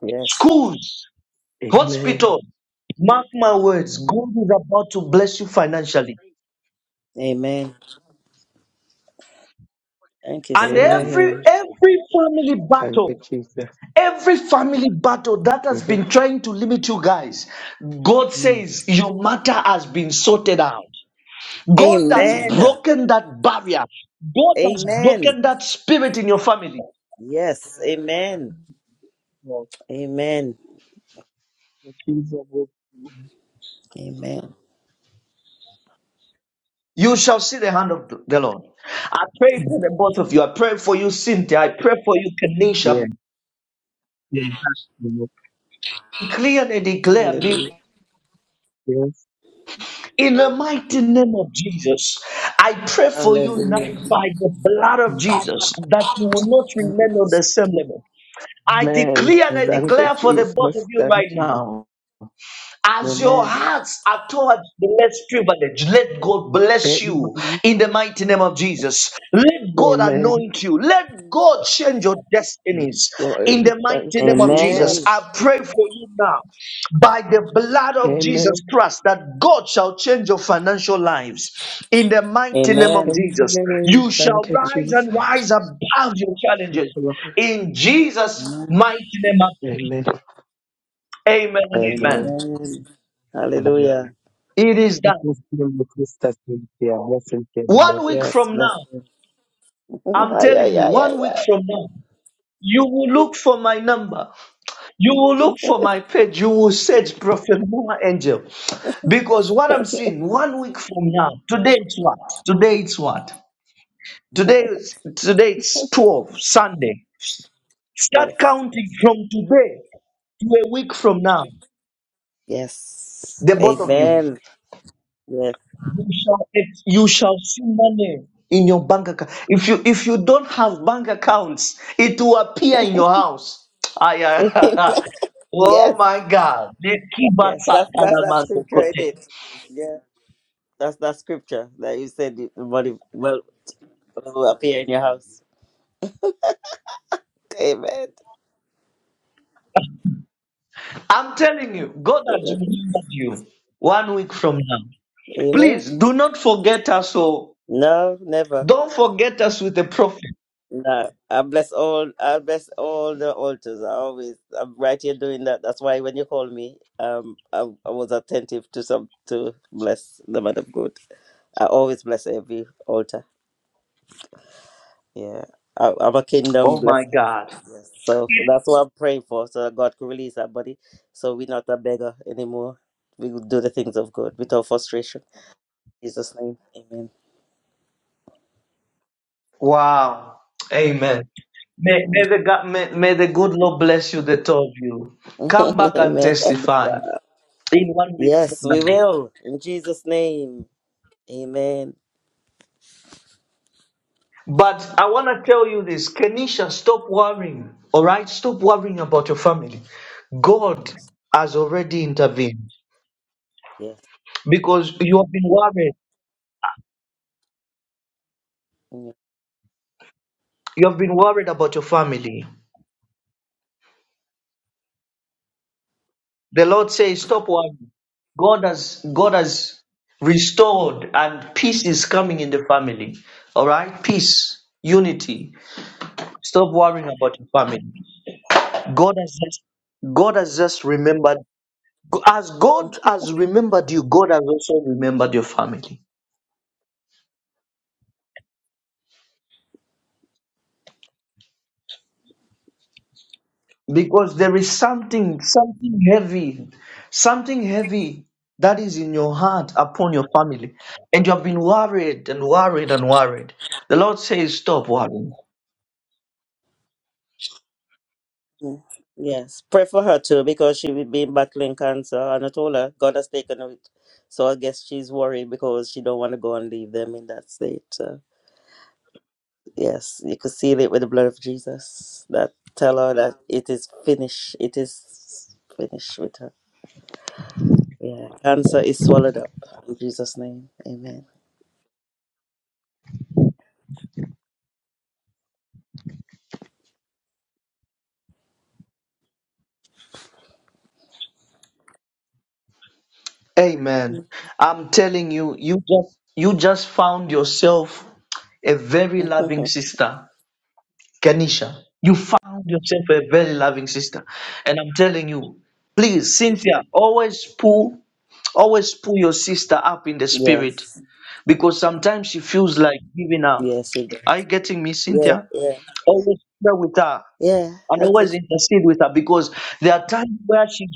[SPEAKER 18] yes.
[SPEAKER 12] schools,
[SPEAKER 21] Amen.
[SPEAKER 12] hospitals. Mark my words, God is about to bless you financially.
[SPEAKER 18] Amen. Thank you
[SPEAKER 12] And
[SPEAKER 18] so much.
[SPEAKER 12] every
[SPEAKER 21] Amen.
[SPEAKER 12] every family
[SPEAKER 21] Thank you,
[SPEAKER 12] battle
[SPEAKER 21] Jesus.
[SPEAKER 12] Every family battle that has
[SPEAKER 21] hmm
[SPEAKER 12] been trying to limit you guys, God
[SPEAKER 18] Mm.
[SPEAKER 12] says your matter has been sorted out. God has
[SPEAKER 18] Amen.
[SPEAKER 12] broken that barrier. God has
[SPEAKER 18] Amen.
[SPEAKER 12] broken that spirit in your family.
[SPEAKER 18] Yes. Amen. Amen. Amen.
[SPEAKER 12] You shall see the hand of the Lord. I pray for the both of you. I pray for you, Cynthia. I pray for you,
[SPEAKER 21] Yeah.
[SPEAKER 12] Kenisha.
[SPEAKER 21] yeah. Yeah.
[SPEAKER 12] Clearly declare, be
[SPEAKER 18] Hallelujah.
[SPEAKER 21] Yes.
[SPEAKER 12] in the mighty name of Jesus, I pray for you now
[SPEAKER 18] Hallelujah.
[SPEAKER 12] by the blood of Jesus that you will not
[SPEAKER 18] Thank you,
[SPEAKER 12] remain on
[SPEAKER 18] Jesus.
[SPEAKER 12] the same level. I
[SPEAKER 21] Amen.
[SPEAKER 12] declare and I
[SPEAKER 18] Amen.
[SPEAKER 21] Thank you,
[SPEAKER 12] declare for the both
[SPEAKER 21] Jesus.
[SPEAKER 12] of you
[SPEAKER 21] Thank
[SPEAKER 12] right
[SPEAKER 21] you.
[SPEAKER 12] now. As your
[SPEAKER 18] Amen.
[SPEAKER 12] hearts are towards the less privileged, let God bless
[SPEAKER 21] Amen.
[SPEAKER 12] you in the mighty name of Jesus. Let God
[SPEAKER 21] Amen.
[SPEAKER 12] anoint you. Let God change your destinies
[SPEAKER 21] Yes,
[SPEAKER 12] in
[SPEAKER 21] Lord.
[SPEAKER 12] the mighty
[SPEAKER 21] Thank you,
[SPEAKER 12] name of
[SPEAKER 18] Amen.
[SPEAKER 12] Jesus. I
[SPEAKER 21] Jesus.
[SPEAKER 12] pray for you now by the blood of Jesus Christ that God shall change your financial lives in the mighty name of
[SPEAKER 18] Amen.
[SPEAKER 12] Jesus.
[SPEAKER 21] Amen.
[SPEAKER 12] You
[SPEAKER 21] Thank
[SPEAKER 12] shall
[SPEAKER 21] you,
[SPEAKER 12] rise and
[SPEAKER 21] Jesus.
[SPEAKER 12] rise above your
[SPEAKER 21] Thank
[SPEAKER 12] challenges
[SPEAKER 21] you, Lord.
[SPEAKER 12] in Jesus'
[SPEAKER 18] Amen.
[SPEAKER 12] mighty name. I
[SPEAKER 21] Amen.
[SPEAKER 12] pray. Amen and
[SPEAKER 21] Amen.
[SPEAKER 12] amen.
[SPEAKER 18] Amen.
[SPEAKER 21] Amen.
[SPEAKER 18] Hallelujah.
[SPEAKER 12] It is done.
[SPEAKER 21] Blessings to you, sister Cynthia. Blessings to you, my
[SPEAKER 12] One week
[SPEAKER 18] Yes,
[SPEAKER 12] from
[SPEAKER 18] bless
[SPEAKER 12] now,
[SPEAKER 18] you.
[SPEAKER 12] I'm
[SPEAKER 18] Ay,
[SPEAKER 12] telling
[SPEAKER 18] ay,
[SPEAKER 12] you,
[SPEAKER 18] ay, ay,
[SPEAKER 12] one week
[SPEAKER 18] ay.
[SPEAKER 12] from now, you will look for my number. You will look for my page. You will search Prophet Noah Angel. Because what I'm seeing, one week from now, today it's what? Today it's what? Today, is- today it's 12, Sunday. Start
[SPEAKER 18] Yes.
[SPEAKER 12] counting from today to a week from now,
[SPEAKER 18] Yes.
[SPEAKER 12] the both of you.
[SPEAKER 18] Amen. Yes.
[SPEAKER 12] you shall you shall see money in your bank account. If you if you don't have bank accounts, it will appear in your house. Ay,
[SPEAKER 18] Amen.
[SPEAKER 12] ay, oh
[SPEAKER 18] yes.
[SPEAKER 12] my God!
[SPEAKER 18] Yes. That's that's that scripture in it. Yeah. That's that scripture that you said the the money will, will appear in your house. Amen.
[SPEAKER 12] I'm telling you, God has remembered you. One week from now,
[SPEAKER 18] Amen.
[SPEAKER 12] please do not forget us. Oh,
[SPEAKER 18] No, never.
[SPEAKER 12] don't forget us with the prophet.
[SPEAKER 18] No, I bless all. I bless all the altars. I always, I'm right here doing that. That's why when you call me, um, I, I was attentive to some to bless the man of God. I always bless every altar. Yeah, I, I'm a kingdom
[SPEAKER 12] Oh my
[SPEAKER 18] blessing.
[SPEAKER 12] God!
[SPEAKER 18] Yes. So that's what I'm praying for. So that God could release our body, so we're not a beggar anymore. We will do the things of God without frustration. In Jesus' name, Amen.
[SPEAKER 12] Wow! Amen. May, may, the, God- may, may the good Lord bless you, the two of you. Come back and
[SPEAKER 18] Amen.
[SPEAKER 12] testify
[SPEAKER 18] Wow.
[SPEAKER 12] in one week from
[SPEAKER 18] Yes, we
[SPEAKER 12] now.
[SPEAKER 18] will. In Jesus' name. Amen.
[SPEAKER 12] But I want to tell you this Kenisha, stop worrying. All right? Stop worrying about your family. God
[SPEAKER 18] Yes.
[SPEAKER 12] has already intervened
[SPEAKER 18] Yes.
[SPEAKER 12] because you have been worried.
[SPEAKER 18] Mm.
[SPEAKER 12] You have been worried about your family. The Lord says, stop worrying. God has, God has restored and peace is coming in the family. All right? Peace, unity Stop worrying about your family. God has just God has just remembered as God has remembered you, God has also remembered your family. Because there is something, something heavy, something heavy that is in your heart upon your family. And you have been worried and worried and worried. The Lord says, Stop worrying.
[SPEAKER 18] Mm. Yes. Pray for her too because she will be battling cancer. And I told her God has taken her it. So I guess she's worried because she don't want to go and leave them in that state. So yes, you could seal it with the blood of Jesus. That tell her that it is finished. It is finished with her. Yeah. Cancer is swallowed up. In Jesus' name. Amen.
[SPEAKER 12] Amen.
[SPEAKER 18] Mm.
[SPEAKER 12] I'm telling you, you just you just found yourself a very loving sister. Kenisha, you found yourself a very loving sister. And I'm telling you, please, Cynthia, always pull, always pull your sister up in the spirit
[SPEAKER 18] yes.
[SPEAKER 12] because sometimes she feels like giving up.
[SPEAKER 18] Yes. it-
[SPEAKER 12] Are you getting me,
[SPEAKER 18] Yeah.
[SPEAKER 12] Cynthia?
[SPEAKER 18] Yeah.
[SPEAKER 12] Always pray with her
[SPEAKER 18] Yeah.
[SPEAKER 12] and
[SPEAKER 18] I
[SPEAKER 12] always
[SPEAKER 18] just-
[SPEAKER 12] intercede with her because there are times where she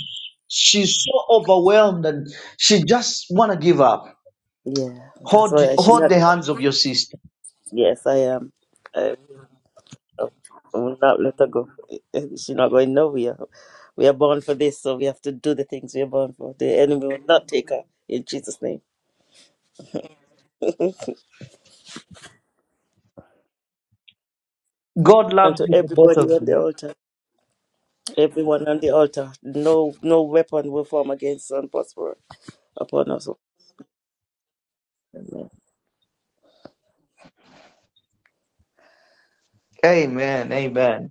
[SPEAKER 12] she's so overwhelmed and she just wanna give up.
[SPEAKER 18] yeah. That's
[SPEAKER 12] Hold
[SPEAKER 18] why I should
[SPEAKER 12] hold
[SPEAKER 18] not.
[SPEAKER 12] the hands of your sister.
[SPEAKER 18] Yes, I am. I will not let her go. She's not going nowhere. We are born for this, so we have to do the things we are born for. The enemy will not take her in Jesus' name.
[SPEAKER 12] God
[SPEAKER 18] And
[SPEAKER 12] loves
[SPEAKER 18] to
[SPEAKER 12] you the both
[SPEAKER 18] everybody
[SPEAKER 12] of
[SPEAKER 18] on
[SPEAKER 12] you.
[SPEAKER 18] the altar, everyone on the altar, no no weapon will form against us and prosper upon us. Amen.
[SPEAKER 12] Amen. Amen.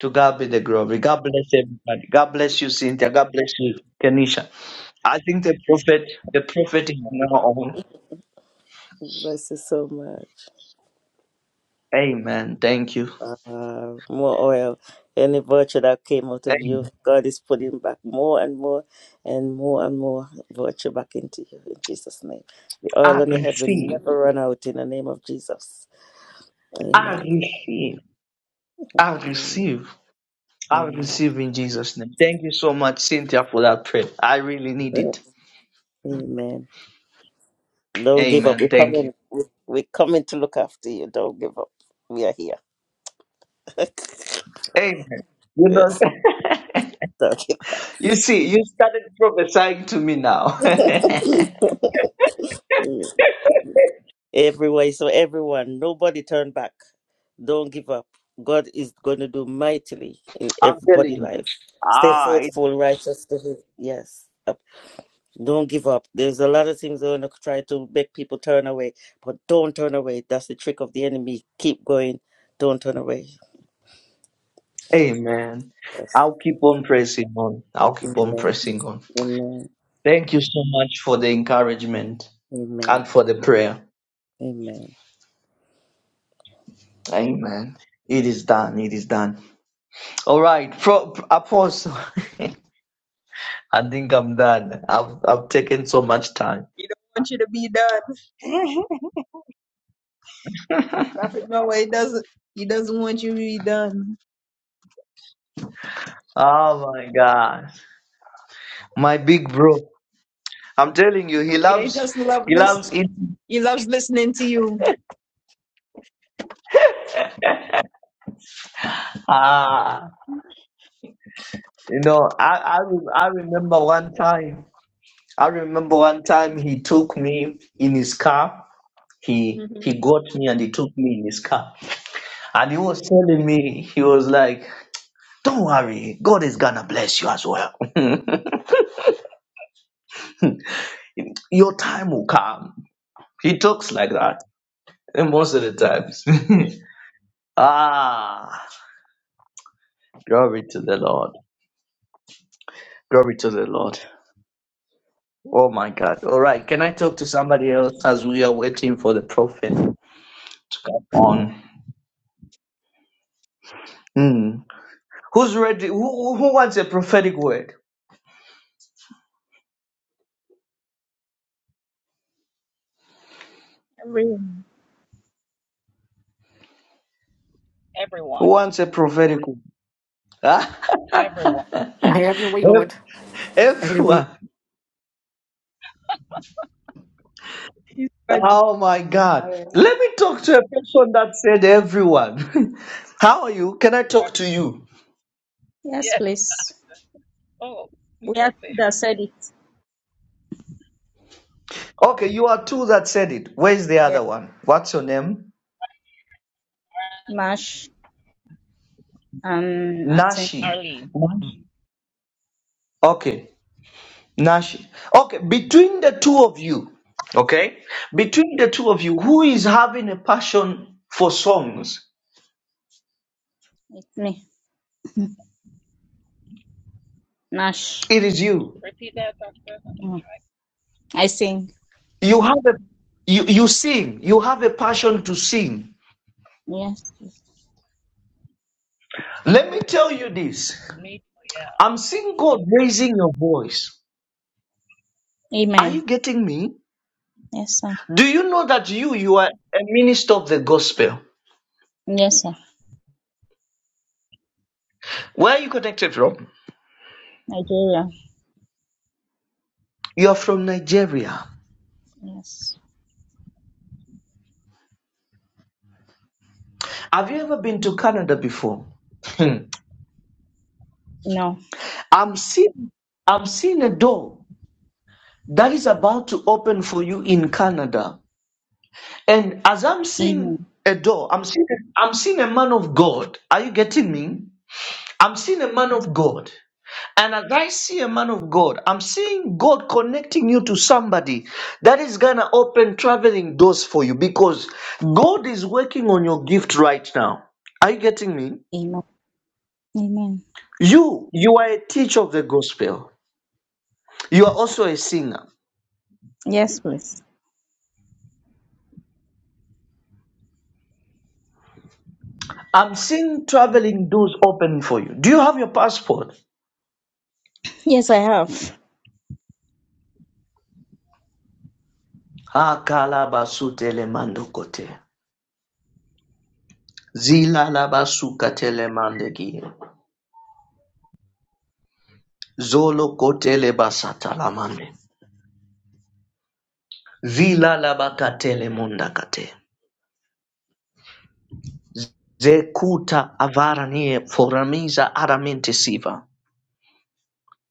[SPEAKER 12] To God be the glory. God bless everybody. God bless you, Cynthia. God bless you, Kenisha. I think the prophet, the prophet is now on.
[SPEAKER 18] Bless you so much.
[SPEAKER 12] Amen. Thank you.
[SPEAKER 18] uh, more oil. Any virtue that came out of you,
[SPEAKER 12] Amen.
[SPEAKER 18] God is putting back more and more and more and more virtue back into you in Jesus' name. The oil
[SPEAKER 12] I
[SPEAKER 18] on your head will
[SPEAKER 12] receive.
[SPEAKER 18] never run out in the name of Jesus.
[SPEAKER 12] I
[SPEAKER 18] Amen.
[SPEAKER 12] receive. I
[SPEAKER 18] Amen.
[SPEAKER 12] receive. I
[SPEAKER 18] Amen.
[SPEAKER 12] receive in Jesus' name. Thank you so much, Cynthia, for that prayer. I really need it.
[SPEAKER 18] Amen. Don't give up. We're
[SPEAKER 12] Amen. Thank you.
[SPEAKER 18] coming. We're coming to look after you. Don't give up. We are here.
[SPEAKER 12] Amen. You know,
[SPEAKER 18] yes. Don't give up.
[SPEAKER 12] you see, you started prophesying to me now. I'm
[SPEAKER 18] Everywhere. So everyone, nobody turn back. Don't give up. God is going to do mightily in everybody's
[SPEAKER 12] telling you.
[SPEAKER 18] life. Stay
[SPEAKER 12] Ah,
[SPEAKER 18] faithful, righteous to Him. Yes. Up. Don't give up. There's a lot of things that are going to try to make people turn away, but don't turn away. That's the trick of the enemy. Keep going. Don't turn away.
[SPEAKER 12] Amen.
[SPEAKER 18] Yes.
[SPEAKER 12] I'll keep on pressing on. I'll keep on
[SPEAKER 18] Amen.
[SPEAKER 12] pressing on.
[SPEAKER 18] Amen.
[SPEAKER 12] Thank you so much for the encouragement and
[SPEAKER 18] Amen.
[SPEAKER 12] for the prayer.
[SPEAKER 18] Amen.
[SPEAKER 12] Amen. It is done. It is done. All right. Pro- Apostle, I think I'm done. I've, I've taken so much time.
[SPEAKER 13] He don't want you to be done. Prophet Noah, he doesn't. He doesn't want you to be done.
[SPEAKER 12] Oh my God. My big bro. I'm telling you, he
[SPEAKER 13] Yeah, he
[SPEAKER 12] loves,
[SPEAKER 13] just loves
[SPEAKER 12] he
[SPEAKER 13] this.
[SPEAKER 12] loves it.
[SPEAKER 13] He loves listening to you.
[SPEAKER 12] Ah, you know, I, I, re- I remember one time, I remember one time he took me in his car he
[SPEAKER 13] hmm
[SPEAKER 12] he got me and he took me in his car and he was telling me he was like don't worry god is gonna bless you as well your time will come he talks like that and most of the times ah glory to the lord glory to the lord oh my god all right can i talk to somebody else as we are waiting for the prophet to come on Hmm. who's ready who, who who wants a prophetic word
[SPEAKER 22] Everyone.
[SPEAKER 12] who
[SPEAKER 23] Everyone.
[SPEAKER 12] wants a prophetic word Ev-
[SPEAKER 23] Everyone.
[SPEAKER 24] Have your way, Lord. Have your
[SPEAKER 12] everyone.
[SPEAKER 24] way.
[SPEAKER 12] Oh my
[SPEAKER 13] All
[SPEAKER 12] God.
[SPEAKER 13] right.
[SPEAKER 12] Let
[SPEAKER 13] I
[SPEAKER 12] me talk to a person that said everyone. How are you? Can I talk to you?
[SPEAKER 22] Yes,
[SPEAKER 23] Yes. Oh, we
[SPEAKER 22] we are
[SPEAKER 23] both say
[SPEAKER 22] ready.
[SPEAKER 12] Okay, you are two that said it. Where's the
[SPEAKER 22] Yeah.
[SPEAKER 12] other one? What's your name?
[SPEAKER 22] Nash and I think
[SPEAKER 12] Nashi.
[SPEAKER 23] Arlene.
[SPEAKER 12] Nashi. Okay, Nashi. Okay, between the two of you, okay, between the two of you, who is having a passion for songs?
[SPEAKER 22] it's me. Nash.
[SPEAKER 12] It is you.
[SPEAKER 23] Repeat that, Dr. Desmond.
[SPEAKER 22] Mm. I sing.
[SPEAKER 12] You have a you, you sing. You have a passion to sing.
[SPEAKER 22] Yes.
[SPEAKER 12] Let me tell you this.
[SPEAKER 23] Me too, yeah.
[SPEAKER 12] I'm seeing God raising your voice. Are
[SPEAKER 22] Amen.
[SPEAKER 12] you getting me?
[SPEAKER 22] Yes, sir.
[SPEAKER 12] Do you know that you you are a minister of the gospel?
[SPEAKER 22] Yes, sir.
[SPEAKER 12] Where are you connected from?
[SPEAKER 22] Nigeria.
[SPEAKER 12] You are from Nigeria.
[SPEAKER 22] Yes.
[SPEAKER 12] Have you ever been to Canada before? Hmm.
[SPEAKER 22] No.
[SPEAKER 12] I'm seeing I'm seeing a door that is about to open for you in Canada. And as I'm seeing
[SPEAKER 22] Amen.
[SPEAKER 12] a door, I'm seeing I'm seeing a man of God. Are you getting me? I'm seeing a man
[SPEAKER 22] Yes.
[SPEAKER 12] of God. And as I see a man of God, I'm seeing God connecting you to somebody that is going to open traveling doors for you because God is working on your gift right now. Are you getting me?
[SPEAKER 22] Amen. Amen.
[SPEAKER 12] You, you are a teacher of the gospel. You are also a singer.
[SPEAKER 22] Yes, please.
[SPEAKER 12] I'm seeing traveling doors open for you. Do you have your passport?
[SPEAKER 22] Yes, I have.
[SPEAKER 12] Akalabasu telemando kote. Vila labakatele mundakate. Zekuta avaranie foramiza aramente siva.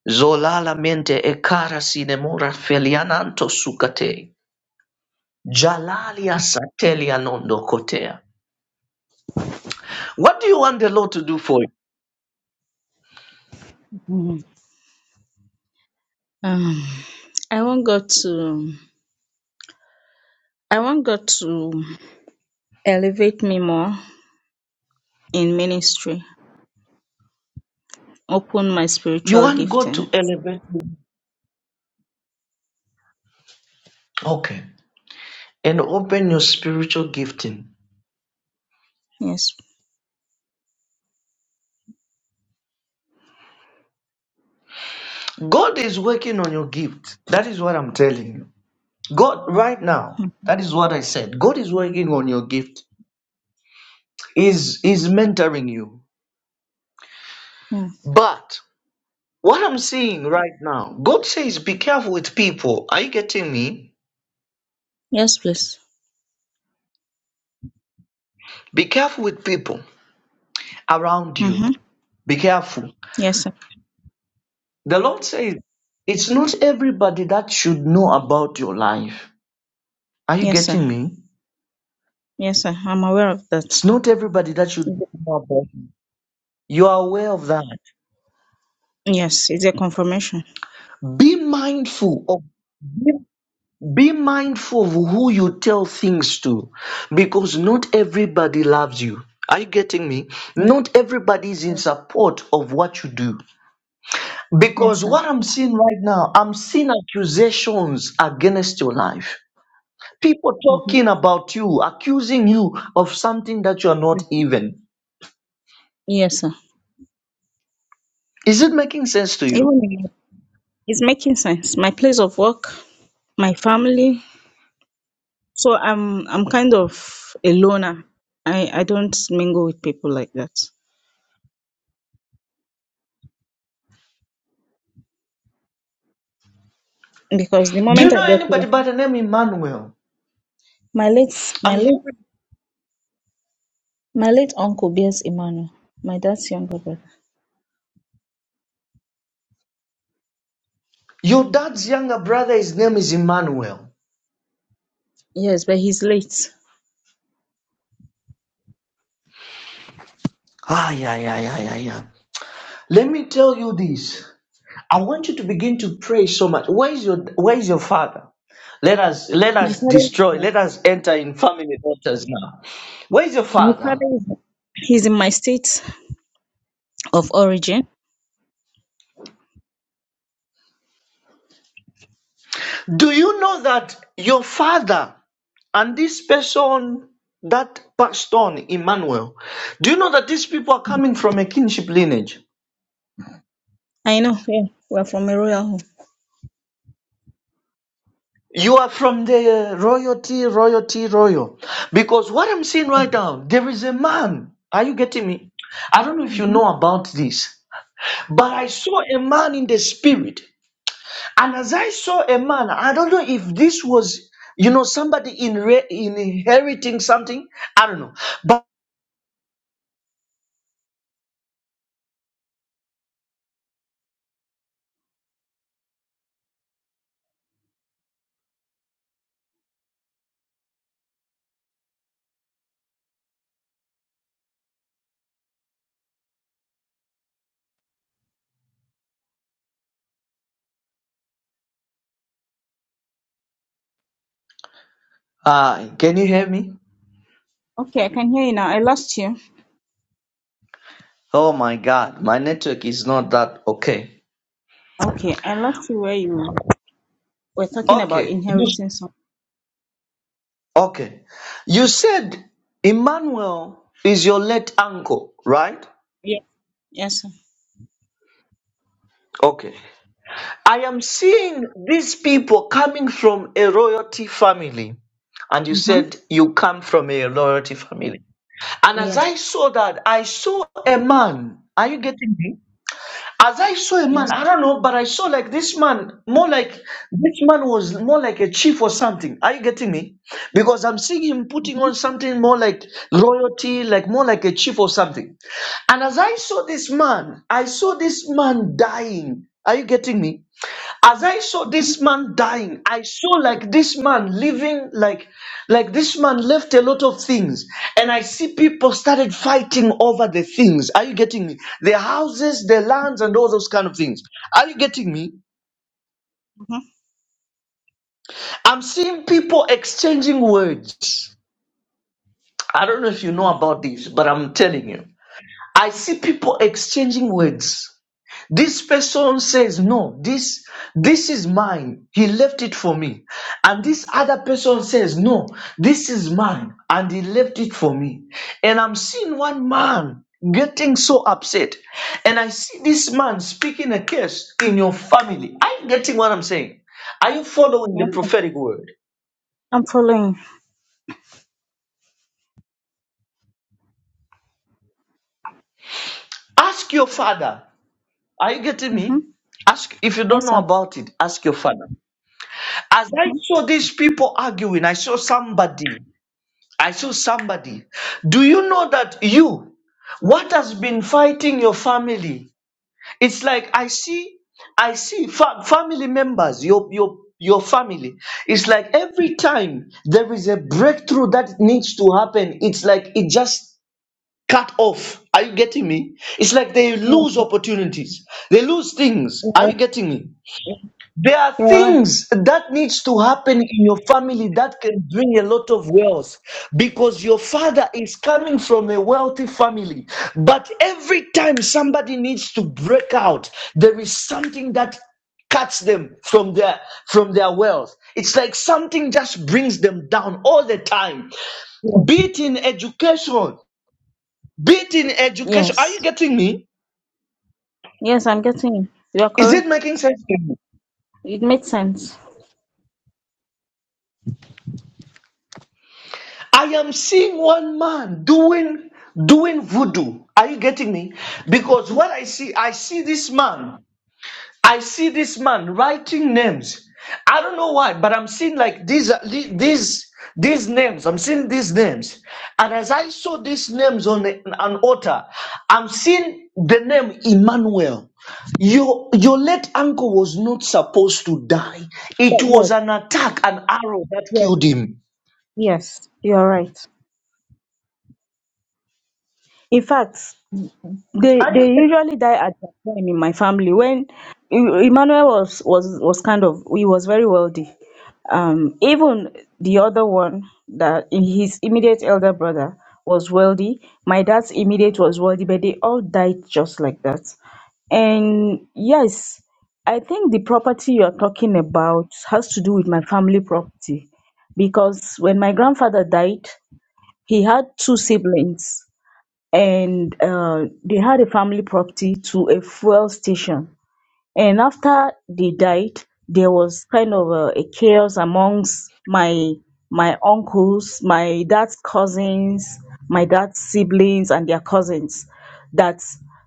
[SPEAKER 12] Zolala mente e cara sinemora feliananto sukate. Jalalia satelia nondo kotea. What do you want the Lord to do for you?
[SPEAKER 22] Mhm. Um, I want God to. I want God to elevate me more in ministry. Open my
[SPEAKER 12] You
[SPEAKER 22] spiritual
[SPEAKER 12] want God
[SPEAKER 22] gifting.
[SPEAKER 12] to elevate you. Okay. And open your spiritual gifting.
[SPEAKER 22] Yes.
[SPEAKER 12] God is working on your gift. That is what I'm telling you. God, right now, that is what I said. God is working on your gift. He's he's mentoring you.
[SPEAKER 22] Mm.
[SPEAKER 12] But what I'm seeing right now, God says, be careful with people. Are you getting me?
[SPEAKER 22] Yes, please.
[SPEAKER 12] Be careful with people around you.
[SPEAKER 22] Mm-hmm.
[SPEAKER 12] Be careful.
[SPEAKER 22] Yes, sir.
[SPEAKER 12] The Lord says, it's not everybody that should know about your life. Are you
[SPEAKER 22] Yes, sir.
[SPEAKER 12] getting me?
[SPEAKER 22] Yes, sir. I'm aware of that.
[SPEAKER 12] It's not everybody that should know about you. You are aware of that.
[SPEAKER 22] Yes, it's a confirmation.
[SPEAKER 12] Be mindful of be Be mindful of who you tell things to because not everybody loves you. Are you getting me?
[SPEAKER 22] Yes,
[SPEAKER 12] Not everybody is in
[SPEAKER 22] yes,
[SPEAKER 12] support of what you do. Because
[SPEAKER 22] yes, sir.
[SPEAKER 12] what I'm seeing right now, I'm seeing accusations against your life. People
[SPEAKER 22] Mm-hmm.
[SPEAKER 12] talking about you, accusing you of something that you are not even.
[SPEAKER 22] Yes, sir.
[SPEAKER 12] Is it making sense to
[SPEAKER 22] Even
[SPEAKER 12] you?
[SPEAKER 22] if- it's making sense. My place of work, my family. So I'm I'm kind of a loner. I I don't mingle with people like that because the
[SPEAKER 12] Do you
[SPEAKER 22] moment I
[SPEAKER 12] know
[SPEAKER 22] get
[SPEAKER 12] anybody
[SPEAKER 22] close,
[SPEAKER 12] by the name Emmanuel?
[SPEAKER 22] my late my
[SPEAKER 12] I'm
[SPEAKER 22] late
[SPEAKER 12] hearing
[SPEAKER 22] my late uncle bears Emmanuel, my dad's younger brother.
[SPEAKER 12] your dad's younger brother, his name is Emmanuel.
[SPEAKER 22] Yes, but he's late.
[SPEAKER 12] Ah, yeah, yeah, yeah, yeah, yeah. Let me tell you this. I want you to begin to pray so much. Where is your where is your father? Let us let
[SPEAKER 22] My
[SPEAKER 12] us destroy,
[SPEAKER 22] father.
[SPEAKER 12] let us enter in family waters now. Where is your
[SPEAKER 22] My
[SPEAKER 12] father?
[SPEAKER 22] father is he's in my state of origin.
[SPEAKER 12] Do you know that your father and this person that passed on, Emmanuel, do you know that these people are coming from a kinship lineage?
[SPEAKER 22] I know, yeah. We're from a royal home.
[SPEAKER 12] You are from the royalty, royalty, royal. Because what I'm seeing right now, there is a man. Are you getting me? I don't know if you
[SPEAKER 22] hmm
[SPEAKER 12] know about this. But I saw a man in the spirit. And as I saw a man, I don't know if this was, you know, somebody inre- inheriting something. I don't know. But uh, can you hear me?
[SPEAKER 22] Okay, I can hear you now. I lost you.
[SPEAKER 12] Oh my God, my network is not that okay.
[SPEAKER 22] Okay, I lost you where you were talking about
[SPEAKER 12] Okay, you,
[SPEAKER 22] inheriting something.
[SPEAKER 12] okay. You said Emmanuel is your late uncle, right?
[SPEAKER 22] Yeah. Yes, sir.
[SPEAKER 12] Okay. I am seeing these people coming from a royalty family, and you
[SPEAKER 22] Mm-hmm.
[SPEAKER 12] said you come from a royalty family. And as
[SPEAKER 22] Yes.
[SPEAKER 12] I saw that, I saw a man. Are you getting me? As I saw a man,
[SPEAKER 22] Yes.
[SPEAKER 12] I don't know, but I saw like this man, more like this man was more like a chief or something. Are you getting me? Because I'm seeing him putting
[SPEAKER 22] Mm-hmm.
[SPEAKER 12] on something more like royalty, like more like a chief or something. And as I saw this man, I saw this man dying. Are you getting me? as I saw
[SPEAKER 22] Mm-hmm.
[SPEAKER 12] this man dying, I saw like this man living like like this man left a lot of things, and I see people started fighting over the things. Are you getting me? The houses, the lands, and all those kind of things. Are you getting me?
[SPEAKER 22] Mm-hmm.
[SPEAKER 12] I'm seeing people exchanging words. I don't know if you know
[SPEAKER 22] Mm-hmm.
[SPEAKER 12] about this, but I'm telling you. I see people exchanging words. This person says, No, this, this is mine. He left it for me. And this other person says, No, this is mine. And he left it for me. And I'm seeing one man getting so upset. And I see this man speaking a curse in your family. Are you getting what I'm saying? Are you following
[SPEAKER 22] Yes,
[SPEAKER 12] the
[SPEAKER 22] sir.
[SPEAKER 12] prophetic word?
[SPEAKER 22] I'm following.
[SPEAKER 12] Ask your father. Are you getting
[SPEAKER 22] Mm-hmm.
[SPEAKER 12] me? Ask if you don't
[SPEAKER 22] Yes,
[SPEAKER 12] know
[SPEAKER 22] sir.
[SPEAKER 12] about it, ask your father. As I
[SPEAKER 22] Mm-hmm.
[SPEAKER 12] saw these people arguing, I saw somebody. I saw somebody. Do you know that you, what has been fighting your family? It's like I see, I see fa- family members, your your your family. It's like every time there is a breakthrough that needs to happen, it's like it just cut off. Are you getting me? It's like they
[SPEAKER 22] Yes.
[SPEAKER 12] lose opportunities. They lose things.
[SPEAKER 22] You're
[SPEAKER 12] Are you
[SPEAKER 22] right.
[SPEAKER 12] getting me? There are
[SPEAKER 22] you're right.
[SPEAKER 12] things that needs to happen in your family that can bring a lot of wealth because your father is coming from a wealthy family. But every time somebody needs to break out, there is something that cuts them from their from their wealth it's like something just brings them down all the time
[SPEAKER 22] Yes.
[SPEAKER 12] be it in education be it in education are you
[SPEAKER 22] Yes.
[SPEAKER 12] getting me
[SPEAKER 22] Yes, I'm getting you. You are
[SPEAKER 12] is it
[SPEAKER 22] correct.
[SPEAKER 12] making sense to you?
[SPEAKER 22] It makes sense.
[SPEAKER 12] I am seeing one man doing doing voodoo. Are you getting me? Because what I see, I see this man. I see this man writing names. I don't know why, but I'm seeing like these are- the- these these names. I'm seeing these names, and as I saw these names on the- an altar, I'm seeing the name Emmanuel. Your your late uncle was not supposed to die.
[SPEAKER 22] Yeah,
[SPEAKER 12] It was an attack, an arrow
[SPEAKER 22] Yes.
[SPEAKER 12] that
[SPEAKER 22] Yes.
[SPEAKER 12] killed him.
[SPEAKER 22] Yes. You are right. In fact, they
[SPEAKER 12] Are
[SPEAKER 22] they
[SPEAKER 12] you?
[SPEAKER 22] usually die at that time in my family when E- emmanuel was was was kind of he was very wealthy um even the other one that his immediate elder brother was wealthy my dad's immediate was wealthy but they all died just like that and yes i think the property you're talking about has to do with my family property because when my grandfather died he had two siblings and uh, they had a family property to a fuel station. And after they died, there was kind of a, a chaos amongst my my uncles, my dad's cousins, my dad's siblings, and their cousins that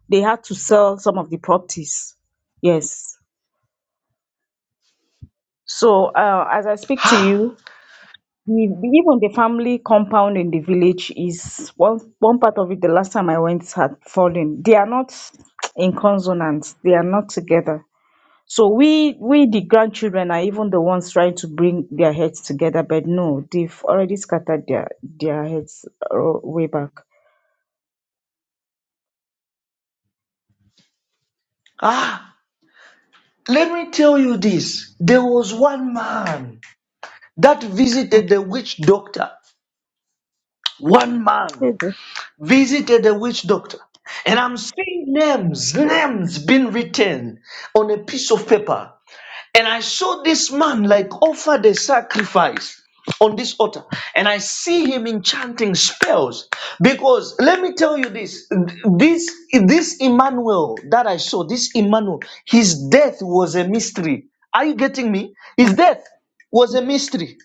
[SPEAKER 22] they had to sell some of the properties. Yes. So uh, as I speak to you, The, the- even the family compound in the village is one one part of it. The last time I went had fallen. They are not in consonance. They are not together. So we we the grandchildren are even the ones trying to bring their heads together, but no, they've already scattered their their heads uh, way back.
[SPEAKER 12] Ah, let me tell you this. There was one man that visited the witch doctor. One man
[SPEAKER 22] Mhm.
[SPEAKER 12] visited the witch doctor. And I'm seeing names, names being written on a piece of paper. And I saw this man like offer the sacrifice on this altar. And I see him enchanting spells. Because let me tell you this this, this Emmanuel that I saw, this Emmanuel, his death was a mystery. Are you getting me? His
[SPEAKER 22] Mm,
[SPEAKER 12] death was a mystery.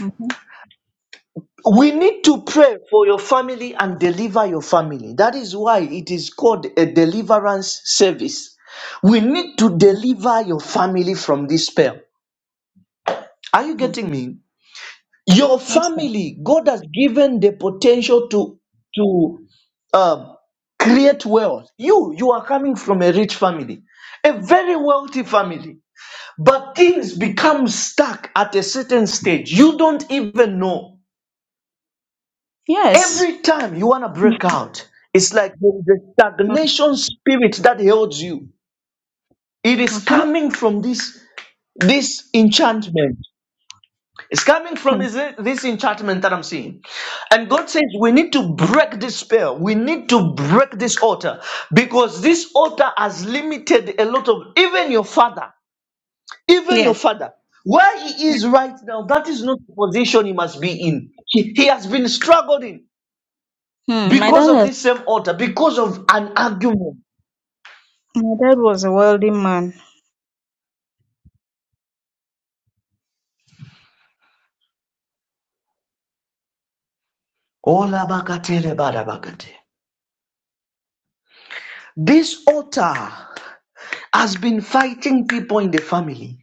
[SPEAKER 22] mhm,
[SPEAKER 12] We need to pray for your family and deliver your family. That is why it is called a deliverance service. We need to deliver your family from this spell. Are you
[SPEAKER 22] mm.
[SPEAKER 12] getting me? your
[SPEAKER 22] Yes. sir.
[SPEAKER 12] family god has given the potential to to um, create wealth you you are coming from a rich family a very wealthy family but things become stuck at a certain stage you don't even know
[SPEAKER 22] Yes.
[SPEAKER 12] every time you want to break out it's like the, the
[SPEAKER 22] Mm,
[SPEAKER 12] stagnation spirit that holds you it is
[SPEAKER 22] mhm.
[SPEAKER 12] coming from this this enchantment It's coming from is it- this enchantment that I'm seeing. And God says we need to break this spell. We need to break this altar because this altar has limited a lot of, even your father, even your
[SPEAKER 22] Yes.
[SPEAKER 12] father. Where he is right now, that is not the position he must be in. He, he has been struggling
[SPEAKER 22] Mm, My
[SPEAKER 12] because
[SPEAKER 22] dad,
[SPEAKER 12] of
[SPEAKER 22] has-
[SPEAKER 12] this same altar, because of an argument.
[SPEAKER 22] my dad was a wealthy man.
[SPEAKER 12] Olabakatele badabakate. This altar has been fighting people in the family.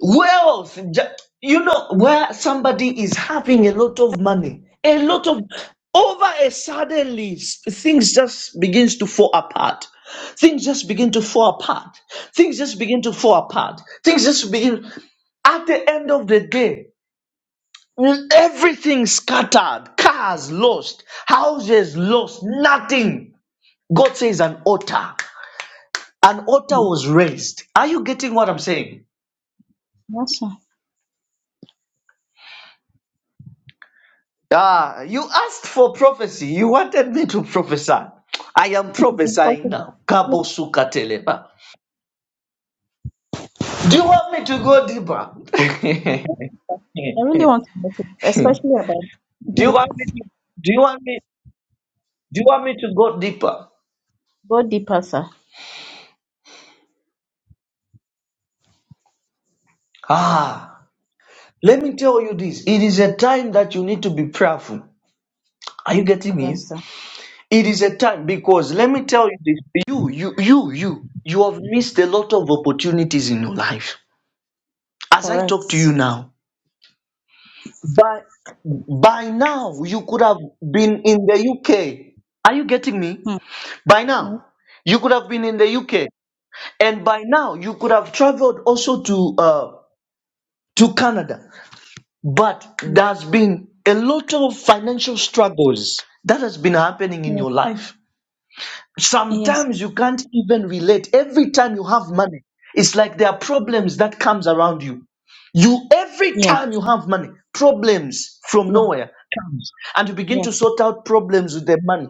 [SPEAKER 12] Wealth, ju- you know, where somebody is having a lot of money, a lot of over a suddenly s- things just begins to fall apart. Things just begin to fall apart. Things just begin to fall apart. Things just begin at the end of the day. Everything scattered, cars lost, houses lost, nothing. God says an altar. An altar
[SPEAKER 22] Mm,
[SPEAKER 12] was raised. Are you getting what I'm saying?
[SPEAKER 22] Yes,
[SPEAKER 12] Ah, you asked for prophecy. You wanted me to prophesy. I am prophesying
[SPEAKER 22] sir.
[SPEAKER 12] now. Kabo suka teleba. Do you want me to go deeper?
[SPEAKER 22] I really want to make it, especially about
[SPEAKER 12] do you want me to do you want me do you want me to go deeper?
[SPEAKER 22] body deeper,
[SPEAKER 12] Ah, let me tell you this. It is a time that you need to be prayerful. Are you getting me?
[SPEAKER 22] Yes, sir.
[SPEAKER 12] It is a time because let me tell you this. You, you, you, you, you have missed a lot of opportunities in your life. As I
[SPEAKER 22] Correct.
[SPEAKER 12] talk to you now, By, by now, you could have been in the UK. Are you getting me?
[SPEAKER 22] Hmm.
[SPEAKER 12] By now, you could have been in the UK. And by now, you could have traveled also to, uh, to Canada. But there's been a lot of financial struggles that has been happening in
[SPEAKER 22] Yes.
[SPEAKER 12] your life
[SPEAKER 22] Yes. Yes.
[SPEAKER 12] sometimes you can't even relate every time you have money it's like there are problems that comes around you you every
[SPEAKER 22] Yeah.
[SPEAKER 12] time you have money problems from
[SPEAKER 22] Yeah.
[SPEAKER 12] nowhere comes and you begin
[SPEAKER 22] Yeah.
[SPEAKER 12] to sort out problems with the money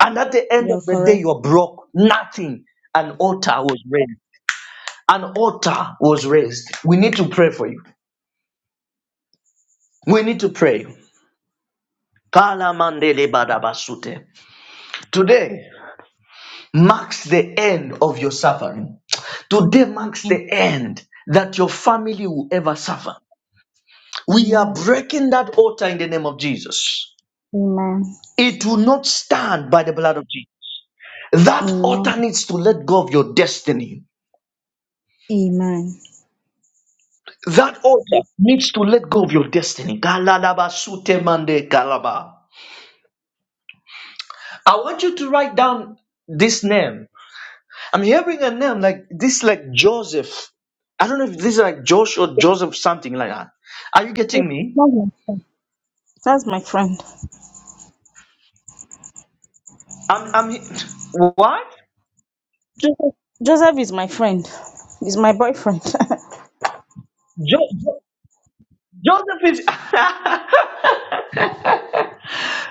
[SPEAKER 12] and at the end of
[SPEAKER 22] You're
[SPEAKER 12] the day
[SPEAKER 22] correct.
[SPEAKER 12] you are broke nothing an altar was raised an altar was raised we need to pray for you we need to pray Kala mandele badabasute. today marks the end of your suffering Today marks
[SPEAKER 22] Mm.
[SPEAKER 12] the end that your family will ever suffer. We are
[SPEAKER 22] Amen.
[SPEAKER 12] breaking that altar in the name of Jesus.
[SPEAKER 22] Amen.
[SPEAKER 12] It will not stand by the blood of Jesus. That
[SPEAKER 22] Amen.
[SPEAKER 12] altar needs to let go of your destiny.
[SPEAKER 22] Amen.
[SPEAKER 12] That altar needs to let go of your destiny. Galalaba sute mande galaba. I want you to write down this name. I'm hearing a name like this, like Joseph. I don't know if this is like Josh or Joseph, something like that. Are you
[SPEAKER 22] That's
[SPEAKER 12] getting
[SPEAKER 22] my
[SPEAKER 12] me?
[SPEAKER 22] friend. That's my friend.
[SPEAKER 12] I'm, I'm, what?
[SPEAKER 22] Joseph, Joseph is my friend. He's my boyfriend.
[SPEAKER 12] Jo- Jo- Joseph is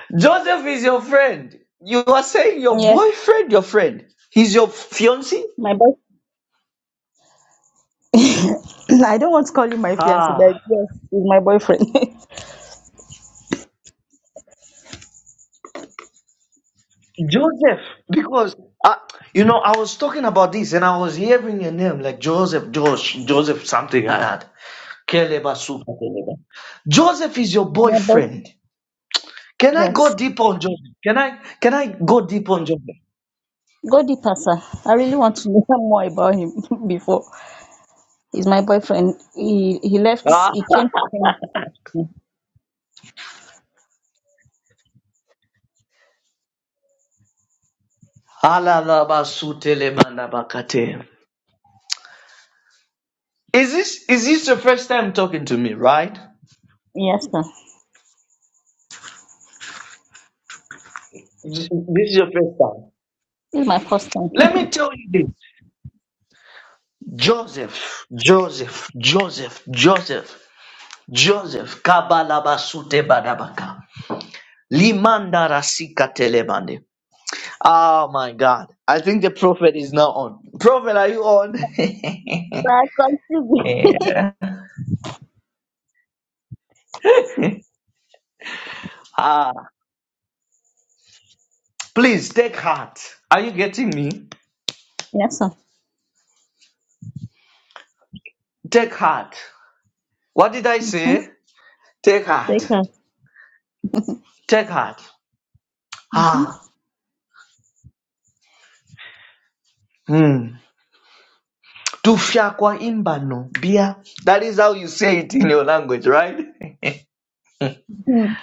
[SPEAKER 12] Joseph is your friend. You are saying your
[SPEAKER 22] yes,
[SPEAKER 12] boyfriend, your friend. He's your fiance.
[SPEAKER 22] my boy. I don't want to call him my fiance,
[SPEAKER 12] Ah,
[SPEAKER 22] but yes, he's my boyfriend. he's
[SPEAKER 12] Joseph. Because uh, you know, I was talking about this, and I was hearing a name like Joseph, Josh, Joseph, something like that. Keleba Suka Keleba. Joseph is your
[SPEAKER 22] my boy.
[SPEAKER 12] boyfriend. Can I go
[SPEAKER 22] Yes.
[SPEAKER 12] deep on Joseph? Can I can I go deep on Joseph?
[SPEAKER 22] Go deeper, sir. I really want to know more about him before. He's my boyfriend. He he
[SPEAKER 12] Ah.
[SPEAKER 22] left. He came to Senegal.
[SPEAKER 12] Alalabasutelebandabakate. Is this is this the first time talking to me, right?
[SPEAKER 22] Yes, sir.
[SPEAKER 12] This is your first time.
[SPEAKER 22] This is my first time.
[SPEAKER 12] Let
[SPEAKER 22] so
[SPEAKER 12] me tell you this Joseph, Joseph, Joseph, Joseph, Joseph, Kabalabasute Badabaka. Limanda Rasika Telemande. Oh my God. I think the prophet is now on. Prophet, are you on?
[SPEAKER 22] I contribute.
[SPEAKER 12] ah, please take heart. Are you getting me?
[SPEAKER 22] yes, sir.
[SPEAKER 12] Take heart. What did I
[SPEAKER 22] Okay.
[SPEAKER 12] say? Take heart.
[SPEAKER 22] Take care.
[SPEAKER 12] Take heart.
[SPEAKER 22] Mm-hmm.
[SPEAKER 12] Ah. Hmm. Tufya kwa imbano bia. That is how you say it in your language, right?
[SPEAKER 22] Mm.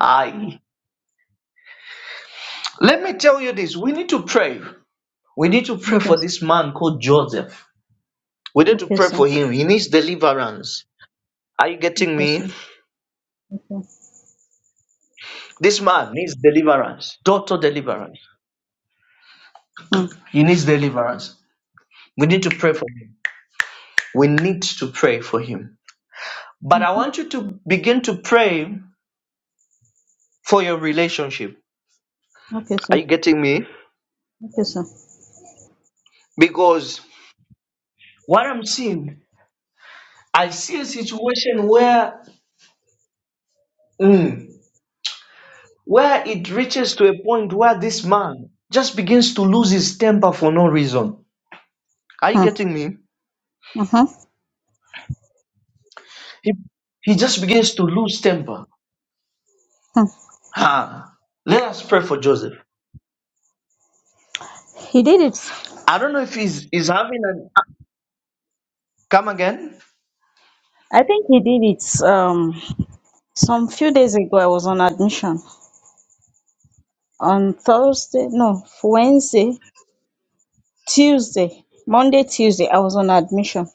[SPEAKER 12] Aye. Let me tell you this. We need to pray. We need to pray
[SPEAKER 22] Okay.
[SPEAKER 12] for
[SPEAKER 22] sir.
[SPEAKER 12] this man called Joseph. We need to
[SPEAKER 22] Okay,
[SPEAKER 12] pray
[SPEAKER 22] sir.
[SPEAKER 12] for him. He needs deliverance. Are you getting
[SPEAKER 22] Okay,
[SPEAKER 12] me?
[SPEAKER 22] sir. Okay.
[SPEAKER 12] This man needs deliverance. Total deliverance.
[SPEAKER 22] Mm.
[SPEAKER 12] He needs deliverance. We need to pray for him. We need to pray for him. But I want you to begin to pray for your relationship.
[SPEAKER 22] Okay,
[SPEAKER 12] Are
[SPEAKER 22] sir.
[SPEAKER 12] you getting me?
[SPEAKER 22] Okay, sir.
[SPEAKER 12] Because what I'm seeing I see a situation where, mm, where it reaches to a point where this man just begins to lose his temper for no reason. Are you
[SPEAKER 22] Mm.
[SPEAKER 12] getting me?
[SPEAKER 22] Uh-huh.
[SPEAKER 12] He, he just begins to lose temper.
[SPEAKER 22] Mm.
[SPEAKER 12] Ha. Let us pray for Joseph.
[SPEAKER 22] He did it.
[SPEAKER 12] I don't know if he's, he's having an. Come again?
[SPEAKER 22] I think he did it. Um, some few days ago, I was on admission on Thursday. No, Wednesday. Tuesday, Monday, Tuesday, I was on admission.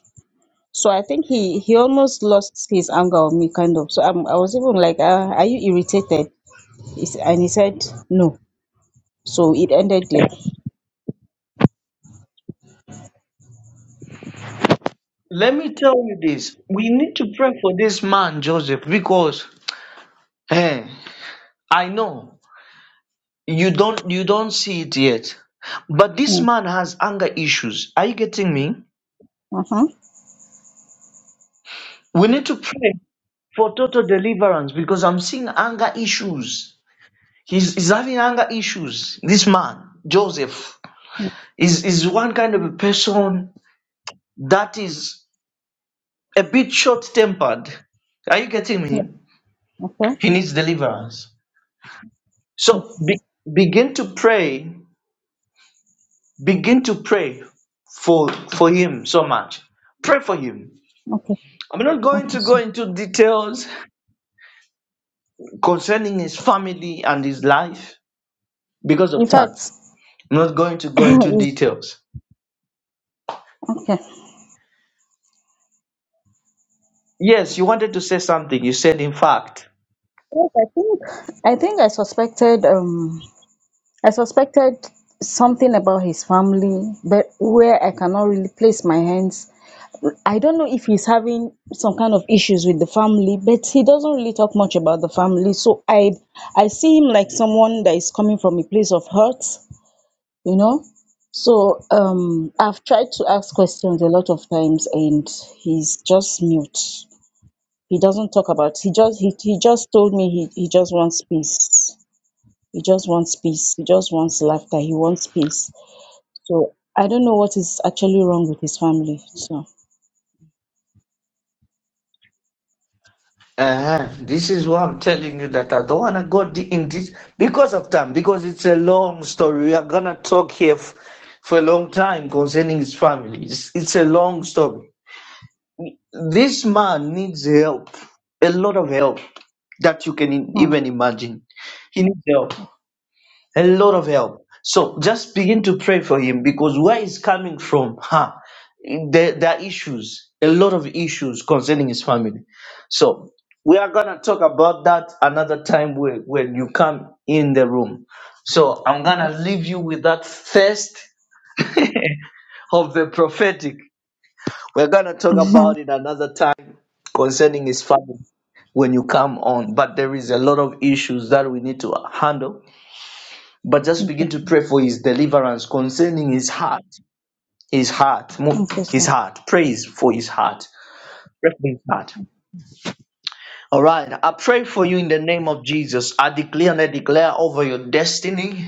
[SPEAKER 22] So I think he he almost lost his anger on me, kind of. So I'm, I was even like, uh, "Are you irritated?" He s- And he said, "No." So it ended there.
[SPEAKER 12] Let me tell you this. We need to pray for this man, Joseph, because eh, I know you don't you don't see it yet. But this
[SPEAKER 22] Mm.
[SPEAKER 12] man has anger issues. Are you getting me?
[SPEAKER 22] Uh huh.
[SPEAKER 12] We need to pray for total deliverance because I'm seeing anger issues. He's, he's having anger issues. This man, Joseph,
[SPEAKER 22] Yeah.
[SPEAKER 12] is, is one kind of a person that is a bit short tempered. Are you getting me?
[SPEAKER 22] Okay.
[SPEAKER 12] He needs deliverance. So be, begin to pray. Begin to pray for for him so much. Pray for him.
[SPEAKER 22] Okay.
[SPEAKER 12] I'm not going
[SPEAKER 22] Okay.
[SPEAKER 12] to go
[SPEAKER 22] So
[SPEAKER 12] into details concerning his family and his life because of
[SPEAKER 22] in
[SPEAKER 12] time.
[SPEAKER 22] fact,
[SPEAKER 12] I'm not going to go into
[SPEAKER 22] it's,
[SPEAKER 12] details.
[SPEAKER 22] okay.
[SPEAKER 12] Yes, you wanted to say something. You said, in fact.
[SPEAKER 22] Yes, I think I think I suspected um I suspected something about his family, but where I cannot really place my hands I don't know if he's having some kind of issues with the family, but he doesn't really talk much about the family. So I I see him like someone that is coming from a place of hurt, you know. So um I've tried to ask questions a lot of times and he's just mute. He doesn't talk about he just he, he just told me he, he just wants peace. He just wants peace. He just wants laughter. He wants peace. So I don't know what is actually wrong with his family. So
[SPEAKER 12] Uh-huh. This is why I'm telling you that I don't want to go de- in this because of time, because it's a long story. We are going to talk here f- for a long time concerning his family. It's, it's a long story. This man needs help, a lot of help that you can even imagine. He needs help. a lot of help. So just begin to pray for him because where he's coming from, huh, there, there are issues, a lot of issues concerning his family. So we are gonna talk about that another time when, when you come in the room. So I'm gonna leave you with that first of the prophetic. We're gonna talk
[SPEAKER 22] hmm.
[SPEAKER 12] about it another time concerning his family when you come on. But there is a lot of issues that we need to handle but just begin to pray for his deliverance concerning his heart, his heart, mo-
[SPEAKER 22] okay,
[SPEAKER 12] his
[SPEAKER 22] sir.
[SPEAKER 12] heart. Praise for his heart. Pray for his heart. All right. I pray for you in the name of Jesus. I declare and I declare over your destiny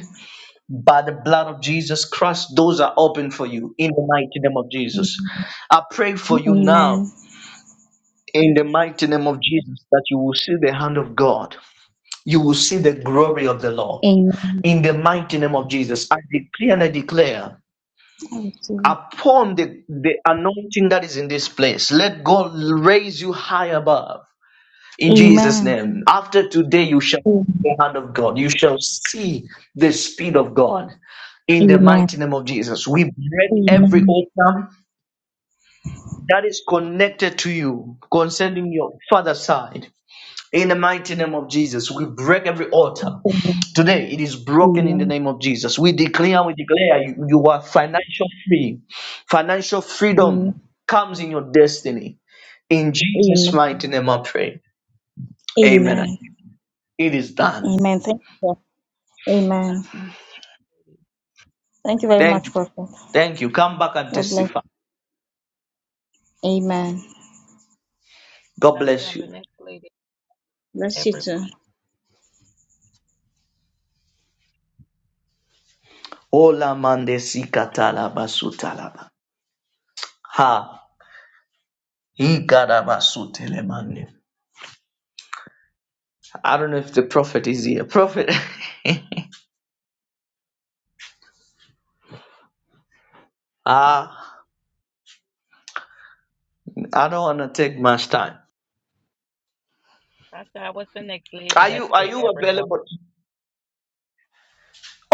[SPEAKER 12] by the blood of Jesus Christ. Doors are open for you in the mighty name of Jesus. I pray for you now
[SPEAKER 22] Amen.
[SPEAKER 12] in the mighty name of Jesus that you will see the hand of God. You will see the glory of the Lord.
[SPEAKER 22] Amen.
[SPEAKER 12] In the mighty name of Jesus, I declare and I declare
[SPEAKER 22] I receive
[SPEAKER 12] upon the, the anointing that is in this place. Let God raise you high above in
[SPEAKER 22] it.
[SPEAKER 12] Jesus' name. After today, you shall
[SPEAKER 22] Amen.
[SPEAKER 12] see the hand of God. You shall see the speed of God in the mighty
[SPEAKER 22] Amen.
[SPEAKER 12] name of Jesus. We break every
[SPEAKER 22] Amen.
[SPEAKER 12] altar that is connected to you concerning your father's side. In the mighty name of Jesus, we break every altar.
[SPEAKER 22] Amen.
[SPEAKER 12] Today, it is broken in the
[SPEAKER 22] Amen.
[SPEAKER 12] name of Jesus. We declare, we declare you, you are financial free. Financial freedom comes in your destiny. In Jesus'
[SPEAKER 22] Amen.
[SPEAKER 12] mighty name, I pray. Amen.
[SPEAKER 22] Amen.
[SPEAKER 12] It is
[SPEAKER 22] Amen.
[SPEAKER 12] done.
[SPEAKER 22] Amen. Thank you. Prophet. Amen. Thank you very
[SPEAKER 12] Thank
[SPEAKER 22] much,
[SPEAKER 12] you.
[SPEAKER 22] Prophet.
[SPEAKER 12] Thank you. Come back and
[SPEAKER 22] God bless.
[SPEAKER 12] testify.
[SPEAKER 22] Amen.
[SPEAKER 12] God
[SPEAKER 23] I
[SPEAKER 12] bless
[SPEAKER 23] I'm the
[SPEAKER 12] you.
[SPEAKER 23] next lady.
[SPEAKER 22] Bless you
[SPEAKER 23] Everyone.
[SPEAKER 22] too.
[SPEAKER 12] Ola mande si katala basu talaba. Ha. He gada basu telemande. I don't know if the prophet is here. Prophet. Ah. I don't want to take much time.
[SPEAKER 23] I I was the next lady
[SPEAKER 12] Are
[SPEAKER 23] that
[SPEAKER 12] you are
[SPEAKER 23] say
[SPEAKER 12] you
[SPEAKER 23] everyone.
[SPEAKER 12] available?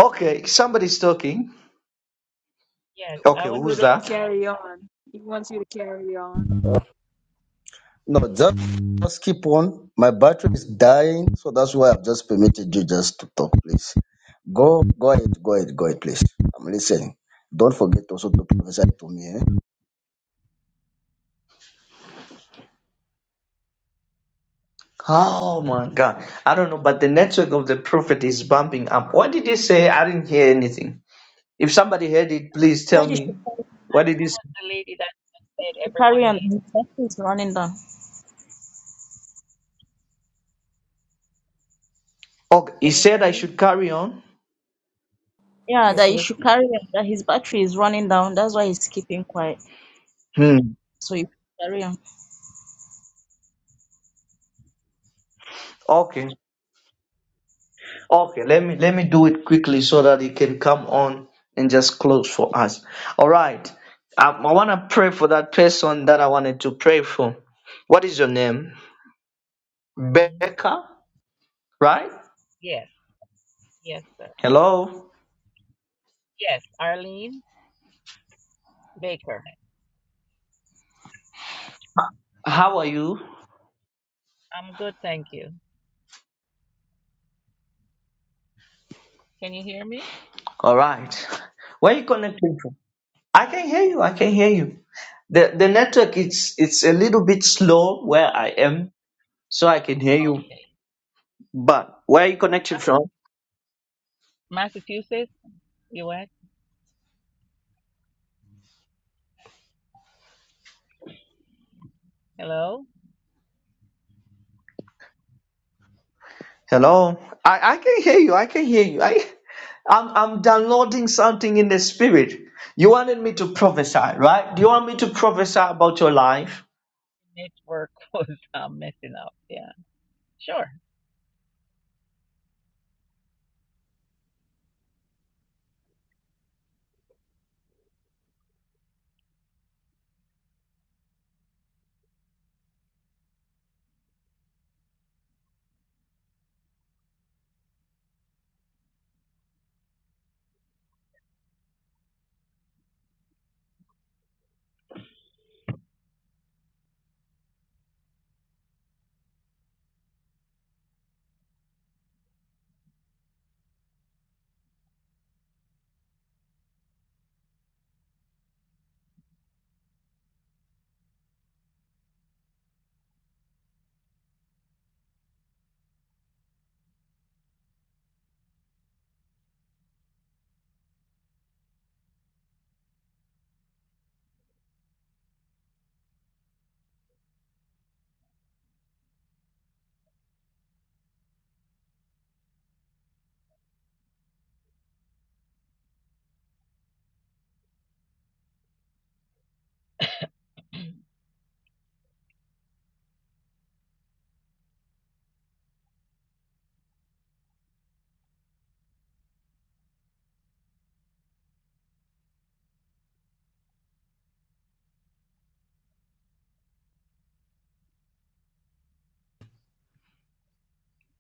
[SPEAKER 12] Okay, somebody's talking.
[SPEAKER 23] Yes,
[SPEAKER 13] want
[SPEAKER 23] I
[SPEAKER 12] Okay,
[SPEAKER 23] was the
[SPEAKER 13] You
[SPEAKER 12] who's
[SPEAKER 13] to
[SPEAKER 23] next
[SPEAKER 12] that?
[SPEAKER 23] lady.
[SPEAKER 13] carry on. He wants you to carry on.
[SPEAKER 1] No, just, just keep on. My battery is dying, so that's why I've just permitted you just to talk, please. Go, go ahead, go ahead, go ahead, please. I'm listening. Don't forget also to prophesy to me. eh?
[SPEAKER 12] Oh my god. I don't know, but the network of the prophet is bumping up. What did he say? I didn't hear anything. If somebody heard it, please tell
[SPEAKER 22] Said you should
[SPEAKER 12] me.
[SPEAKER 22] carry
[SPEAKER 12] What did he say?
[SPEAKER 23] The lady that said
[SPEAKER 22] you should
[SPEAKER 23] everyone
[SPEAKER 22] carry on.
[SPEAKER 23] needs.
[SPEAKER 22] His battery is running down.
[SPEAKER 12] Okay, he
[SPEAKER 23] Can you
[SPEAKER 12] said
[SPEAKER 23] hear
[SPEAKER 12] I
[SPEAKER 23] me?
[SPEAKER 12] should carry on.
[SPEAKER 22] Yeah,
[SPEAKER 24] Yes,
[SPEAKER 22] that you
[SPEAKER 24] sir.
[SPEAKER 22] should carry on. That his battery is running down. That's why he's keeping quiet.
[SPEAKER 12] Hmm.
[SPEAKER 22] So you carry on.
[SPEAKER 12] Okay. Okay, let me let me do it quickly so that he can come on and just close for us. All right. I, I want to pray for that person that I wanted to pray for. What is your name?
[SPEAKER 23] Arlene.
[SPEAKER 12] Becca, right?
[SPEAKER 23] Yes. Yes, sir.
[SPEAKER 12] Hello.
[SPEAKER 23] Yes, Arlene Baker.
[SPEAKER 12] How are you?
[SPEAKER 23] I'm good, thank you. Can you hear me?
[SPEAKER 12] All right. Where are you connecting from? I can hear you. I can hear you. The the network it's it's a little bit slow where I am, so I can hear you.
[SPEAKER 23] Okay.
[SPEAKER 12] But where are you connecting from?
[SPEAKER 23] Massachusetts, U.S. Hello?
[SPEAKER 12] Hello. I, I can hear you. I can hear you. I I'm I'm downloading something in the spirit. You wanted me to prophesy, right? Do you want me to prophesy about your life?
[SPEAKER 23] Network was um, messing up. Yeah. Sure.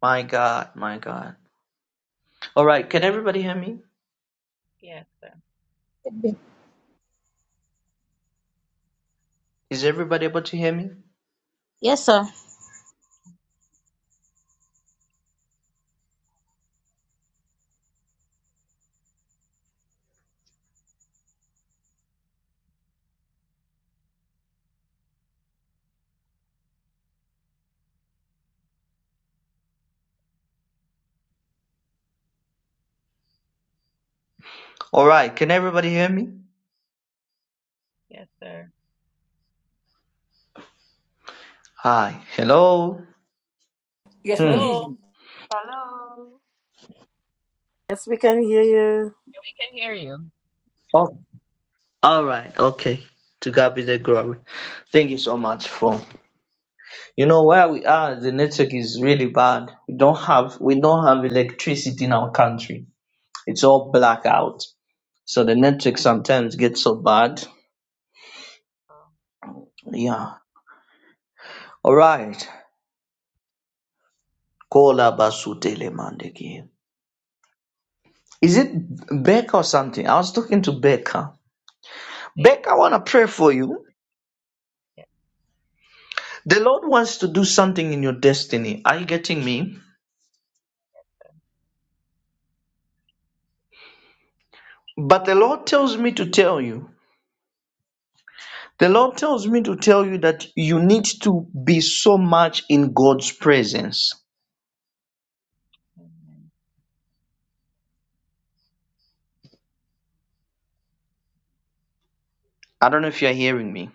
[SPEAKER 12] My God, my God. All right, can everybody hear me?
[SPEAKER 23] Yes, sir.
[SPEAKER 12] Is everybody able to hear me?
[SPEAKER 22] Yes, sir.
[SPEAKER 12] All right, can everybody hear me?
[SPEAKER 23] Yes, sir.
[SPEAKER 12] Hi, hello.
[SPEAKER 24] Yes, we can
[SPEAKER 12] Hmm.
[SPEAKER 24] hear
[SPEAKER 23] Hello.
[SPEAKER 24] you.
[SPEAKER 25] Hello.
[SPEAKER 18] Yes, we can hear you.
[SPEAKER 23] Yeah, We can hear you.
[SPEAKER 12] Oh, all right, okay. To God be the glory. Thank you so much for. You know where we are, the network is really bad. We don't have we don't have electricity in our country. It's all blackout. So the network sometimes gets so bad.
[SPEAKER 23] Um,
[SPEAKER 12] Yeah. All right. Kola basutele mandeki. Is it Becca or something? I was talking to Becca. Becca,
[SPEAKER 23] Baker.
[SPEAKER 12] I wanna
[SPEAKER 23] Oh,
[SPEAKER 12] pray for you.
[SPEAKER 23] yes.
[SPEAKER 12] The Lord wants to do something in your destiny. Are you getting me? But the Lord tells me to tell you. The Lord tells me to tell you that you need to be so much in God's presence.
[SPEAKER 23] Amen.
[SPEAKER 12] I don't know if you're hearing me.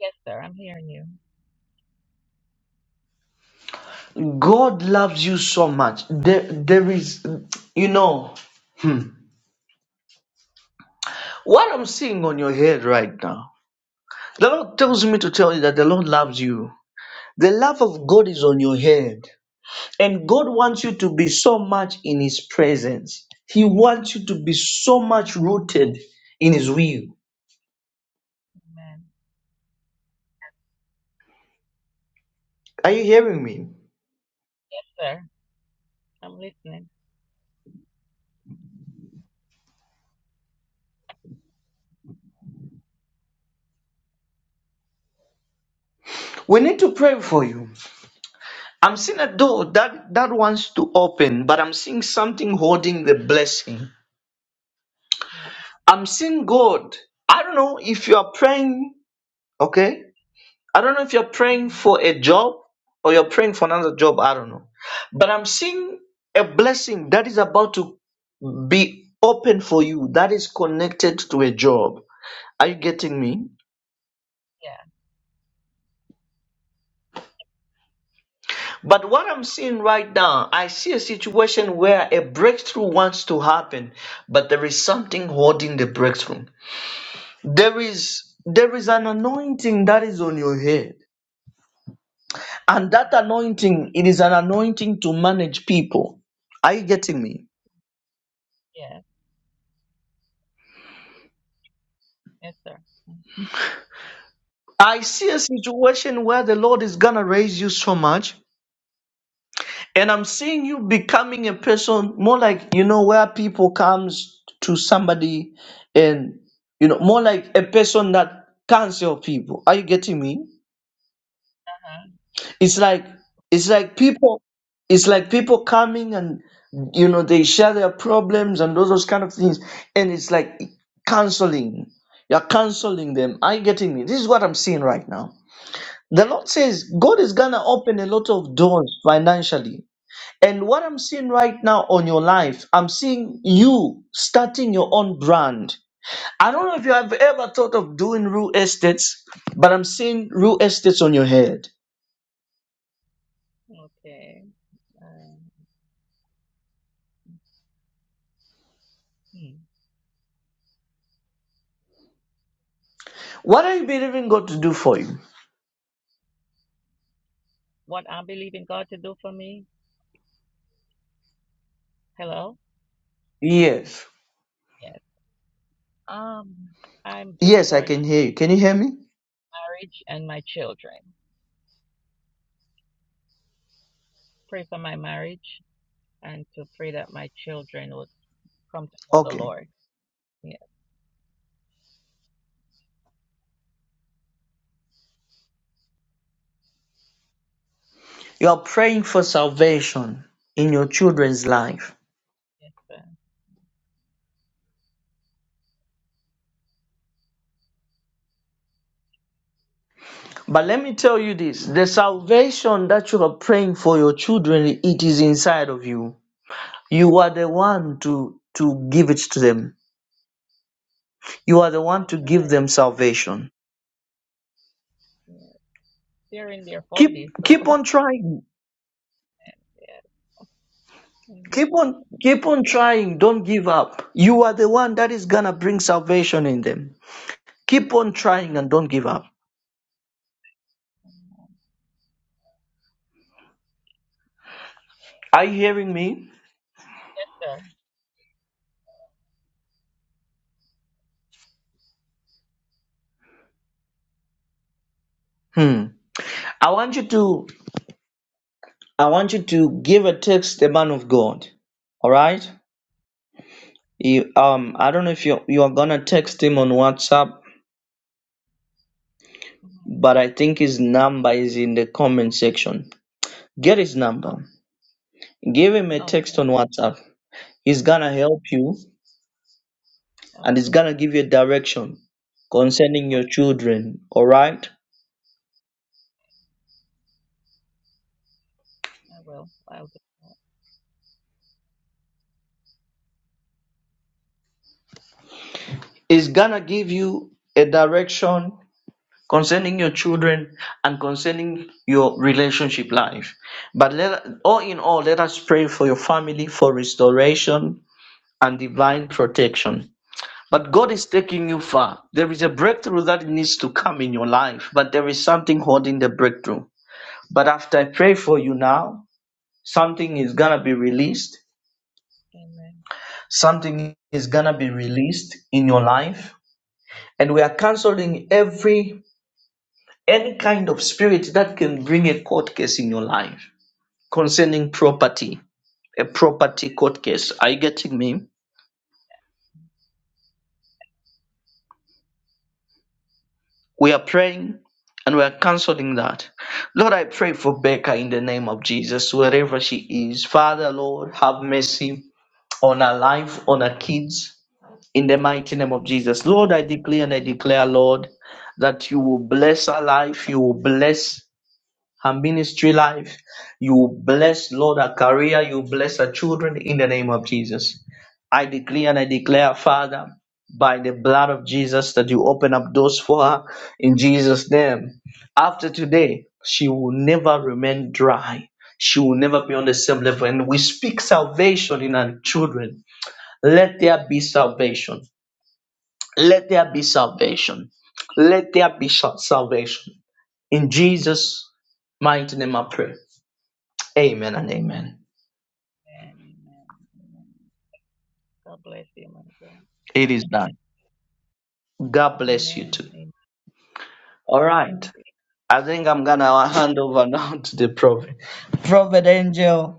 [SPEAKER 23] Yes, sir. I'm hearing you.
[SPEAKER 12] God loves you so much. There, there is, you know, hmm, what I'm seeing on your head right now. The Lord tells me to tell you that the Lord loves you. The love of God is on your head. And God wants you to be so much in His presence. He wants you to be so much rooted in His will.
[SPEAKER 23] Amen.
[SPEAKER 12] Are you hearing me?
[SPEAKER 23] Yes, sir. I'm listening.
[SPEAKER 12] We need to pray for you. I'm seeing a door that, that wants to open, but I'm seeing something holding the blessing.
[SPEAKER 23] Yeah.
[SPEAKER 12] I'm seeing God. I don't know if you are praying, okay? I don't know if you're praying
[SPEAKER 23] Mm-hmm.
[SPEAKER 12] for a job or you're praying for another job. I don't know. But I'm seeing a blessing that is about to be open for you that is connected to a job. Are you getting me?
[SPEAKER 23] Yeah.
[SPEAKER 12] But what I'm seeing right now, I see a situation where a breakthrough wants to happen, but there is something holding the breakthrough. There is there is an anointing that is on your head. And that anointing, it is an anointing to manage people. Are you getting me?
[SPEAKER 23] Yes. Yes, sir.
[SPEAKER 12] I see a situation where the Lord is gonna raise you so much, and I'm seeing you becoming a person more like you know where people comes to somebody, and you know more like a person that cancel people. Are you getting me?
[SPEAKER 23] Uh-huh.
[SPEAKER 12] It's like it's like people, it's like people coming and you know they share their problems and all those kind of things, and it's like canceling. You're canceling them. Are you getting me? This is what I'm seeing right now. The Lord says God is going to open a lot of doors financially. And what I'm seeing right now on your life, I'm seeing you starting your own brand. I don't know if you have ever thought of doing real estates, but I'm seeing real estates on your head.
[SPEAKER 23] Yeah. Okay. Um, hmm.
[SPEAKER 12] What are you believing God to do for you?
[SPEAKER 23] What I believe in God to do for me? Hello?
[SPEAKER 12] Yes.
[SPEAKER 23] Yes. Um, I'm just
[SPEAKER 12] Yes, I
[SPEAKER 23] worried
[SPEAKER 12] can
[SPEAKER 23] about
[SPEAKER 12] hear you. Can you hear me?
[SPEAKER 23] marriage and my children. Pray for my marriage and to pray that my children would come to know the
[SPEAKER 12] Okay.
[SPEAKER 23] Lord. Yes.
[SPEAKER 12] You are praying for salvation in your children's life.
[SPEAKER 23] Yes, sir.
[SPEAKER 12] But let me tell you this the salvation that you are praying for your children, it is inside of you. You are the one to, to give it to them. You are the one
[SPEAKER 23] I
[SPEAKER 12] to give
[SPEAKER 23] tried.
[SPEAKER 12] them salvation.
[SPEAKER 23] Yeah. They're in their forties,
[SPEAKER 12] Keep keep
[SPEAKER 23] so
[SPEAKER 12] on trying.
[SPEAKER 23] yes.
[SPEAKER 12] Keep
[SPEAKER 23] Amen.
[SPEAKER 12] on keep on trying. Don't give up. You are the one that is gonna bring salvation in them. Keep on trying and don't give up. Are you hearing me?
[SPEAKER 23] Yes, sir.
[SPEAKER 12] Hmm. I want you to I want you to give a text the man of God. All right? You, um, I don't know if you you are gonna text him on WhatsApp,
[SPEAKER 23] hmm
[SPEAKER 12] but I think his number is in the comment section. Get his number. Give him a
[SPEAKER 23] okay.
[SPEAKER 12] text on WhatsApp. He's gonna help you and he's
[SPEAKER 23] Okay.
[SPEAKER 12] gonna give you a direction concerning
[SPEAKER 23] Oh,
[SPEAKER 12] your children. All right?
[SPEAKER 23] I will. I'll do that.
[SPEAKER 12] He's gonna give you a direction concerning your children and concerning your relationship life. But let all in all, let us pray for your family for restoration and divine protection. But God is taking you far. There is a breakthrough that needs to come in your life, but there is something holding the breakthrough. But after I pray for you now, something is going to be released.
[SPEAKER 23] Amen.
[SPEAKER 12] Something is going to be released in your life. And we are canceling every any kind of spirit that can bring a court case in your life concerning property, a property court case. Are you getting me? We are praying and we are canceling that. Lord, I pray for Becca in the name of Jesus, wherever she is. Father, Lord, have mercy on her life, on her kids, in the mighty name of Jesus. Lord, I declare and I declare, Lord, that you will bless her life, you will bless her ministry life. You bless, Lord, her career. You bless her children in the name of Jesus. I decree and I declare, Father, by the blood of Jesus, that you open up doors for her in Jesus' name. After today, she will never remain dry. She will never be on the same level. And we speak salvation in our children. Let there be salvation. Let there be salvation. Let there be sal- salvation. In Jesus' mighty name I pray. Amen and amen.
[SPEAKER 23] Amen. Amen. Amen. God bless you, my God.
[SPEAKER 12] It is done. God bless you
[SPEAKER 23] Amen.
[SPEAKER 12] too.
[SPEAKER 23] Amen.
[SPEAKER 12] All
[SPEAKER 23] Bless
[SPEAKER 12] right. I think I'm gonna hand over now to the prophet. Prophet Angel.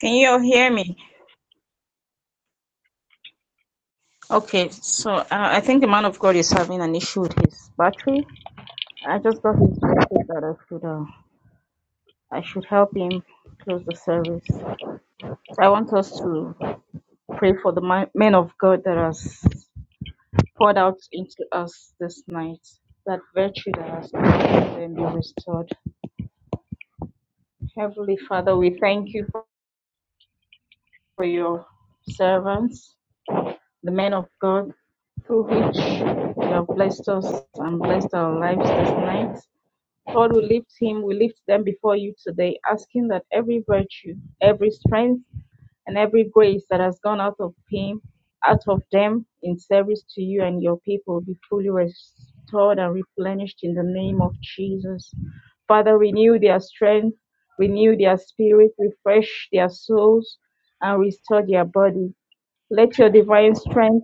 [SPEAKER 22] Can you all hear me? Okay, so uh, I think the man of God is having an issue with his battery. I just got his message that I should uh, I should help him close the service. So I want us to pray for the mi- men of God that has poured out into us this night. That virtue that has come to them be restored. Heavenly Father, we thank you for for your servants, the men of God, through which you have blessed us and blessed our lives this night. Lord, we lift him, we lift them before you today, asking that every virtue, every strength, and every grace that has gone out of him, out of them in service to you and your people be fully restored and replenished in the name of Jesus. Father, renew their strength, renew their spirit, refresh their souls, and restore their body. Let your divine strength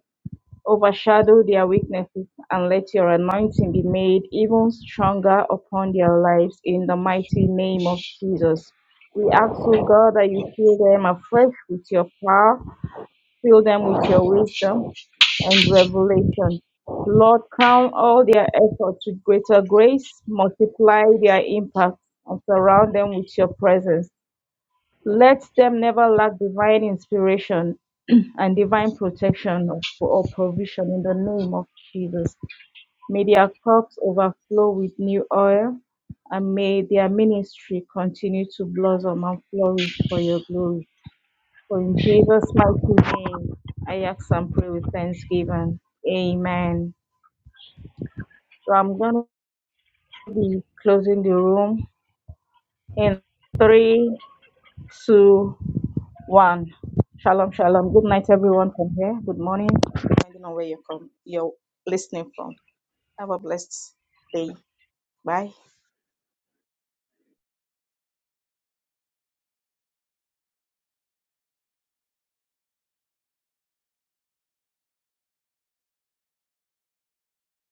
[SPEAKER 22] Overshadow their weaknesses and let your anointing be made even stronger upon their lives in the mighty name of Jesus. We ask, O God, that you fill them afresh with your power, fill them with your wisdom and revelation. Lord, crown all their efforts with greater grace, multiply their impact, and surround them with your presence. Let them never lack divine inspiration and divine protection of- or provision in the name of Jesus. May their cups overflow with new oil and may their ministry continue to blossom and flourish for your glory. For in Jesus' mighty name, I ask and pray with thanksgiving. Amen. So I'm going to be closing the room in three, two, one. Shalom, shalom. Good night, everyone from here. Good morning, depending on where you're, from, you're listening from. Have a blessed day. Bye.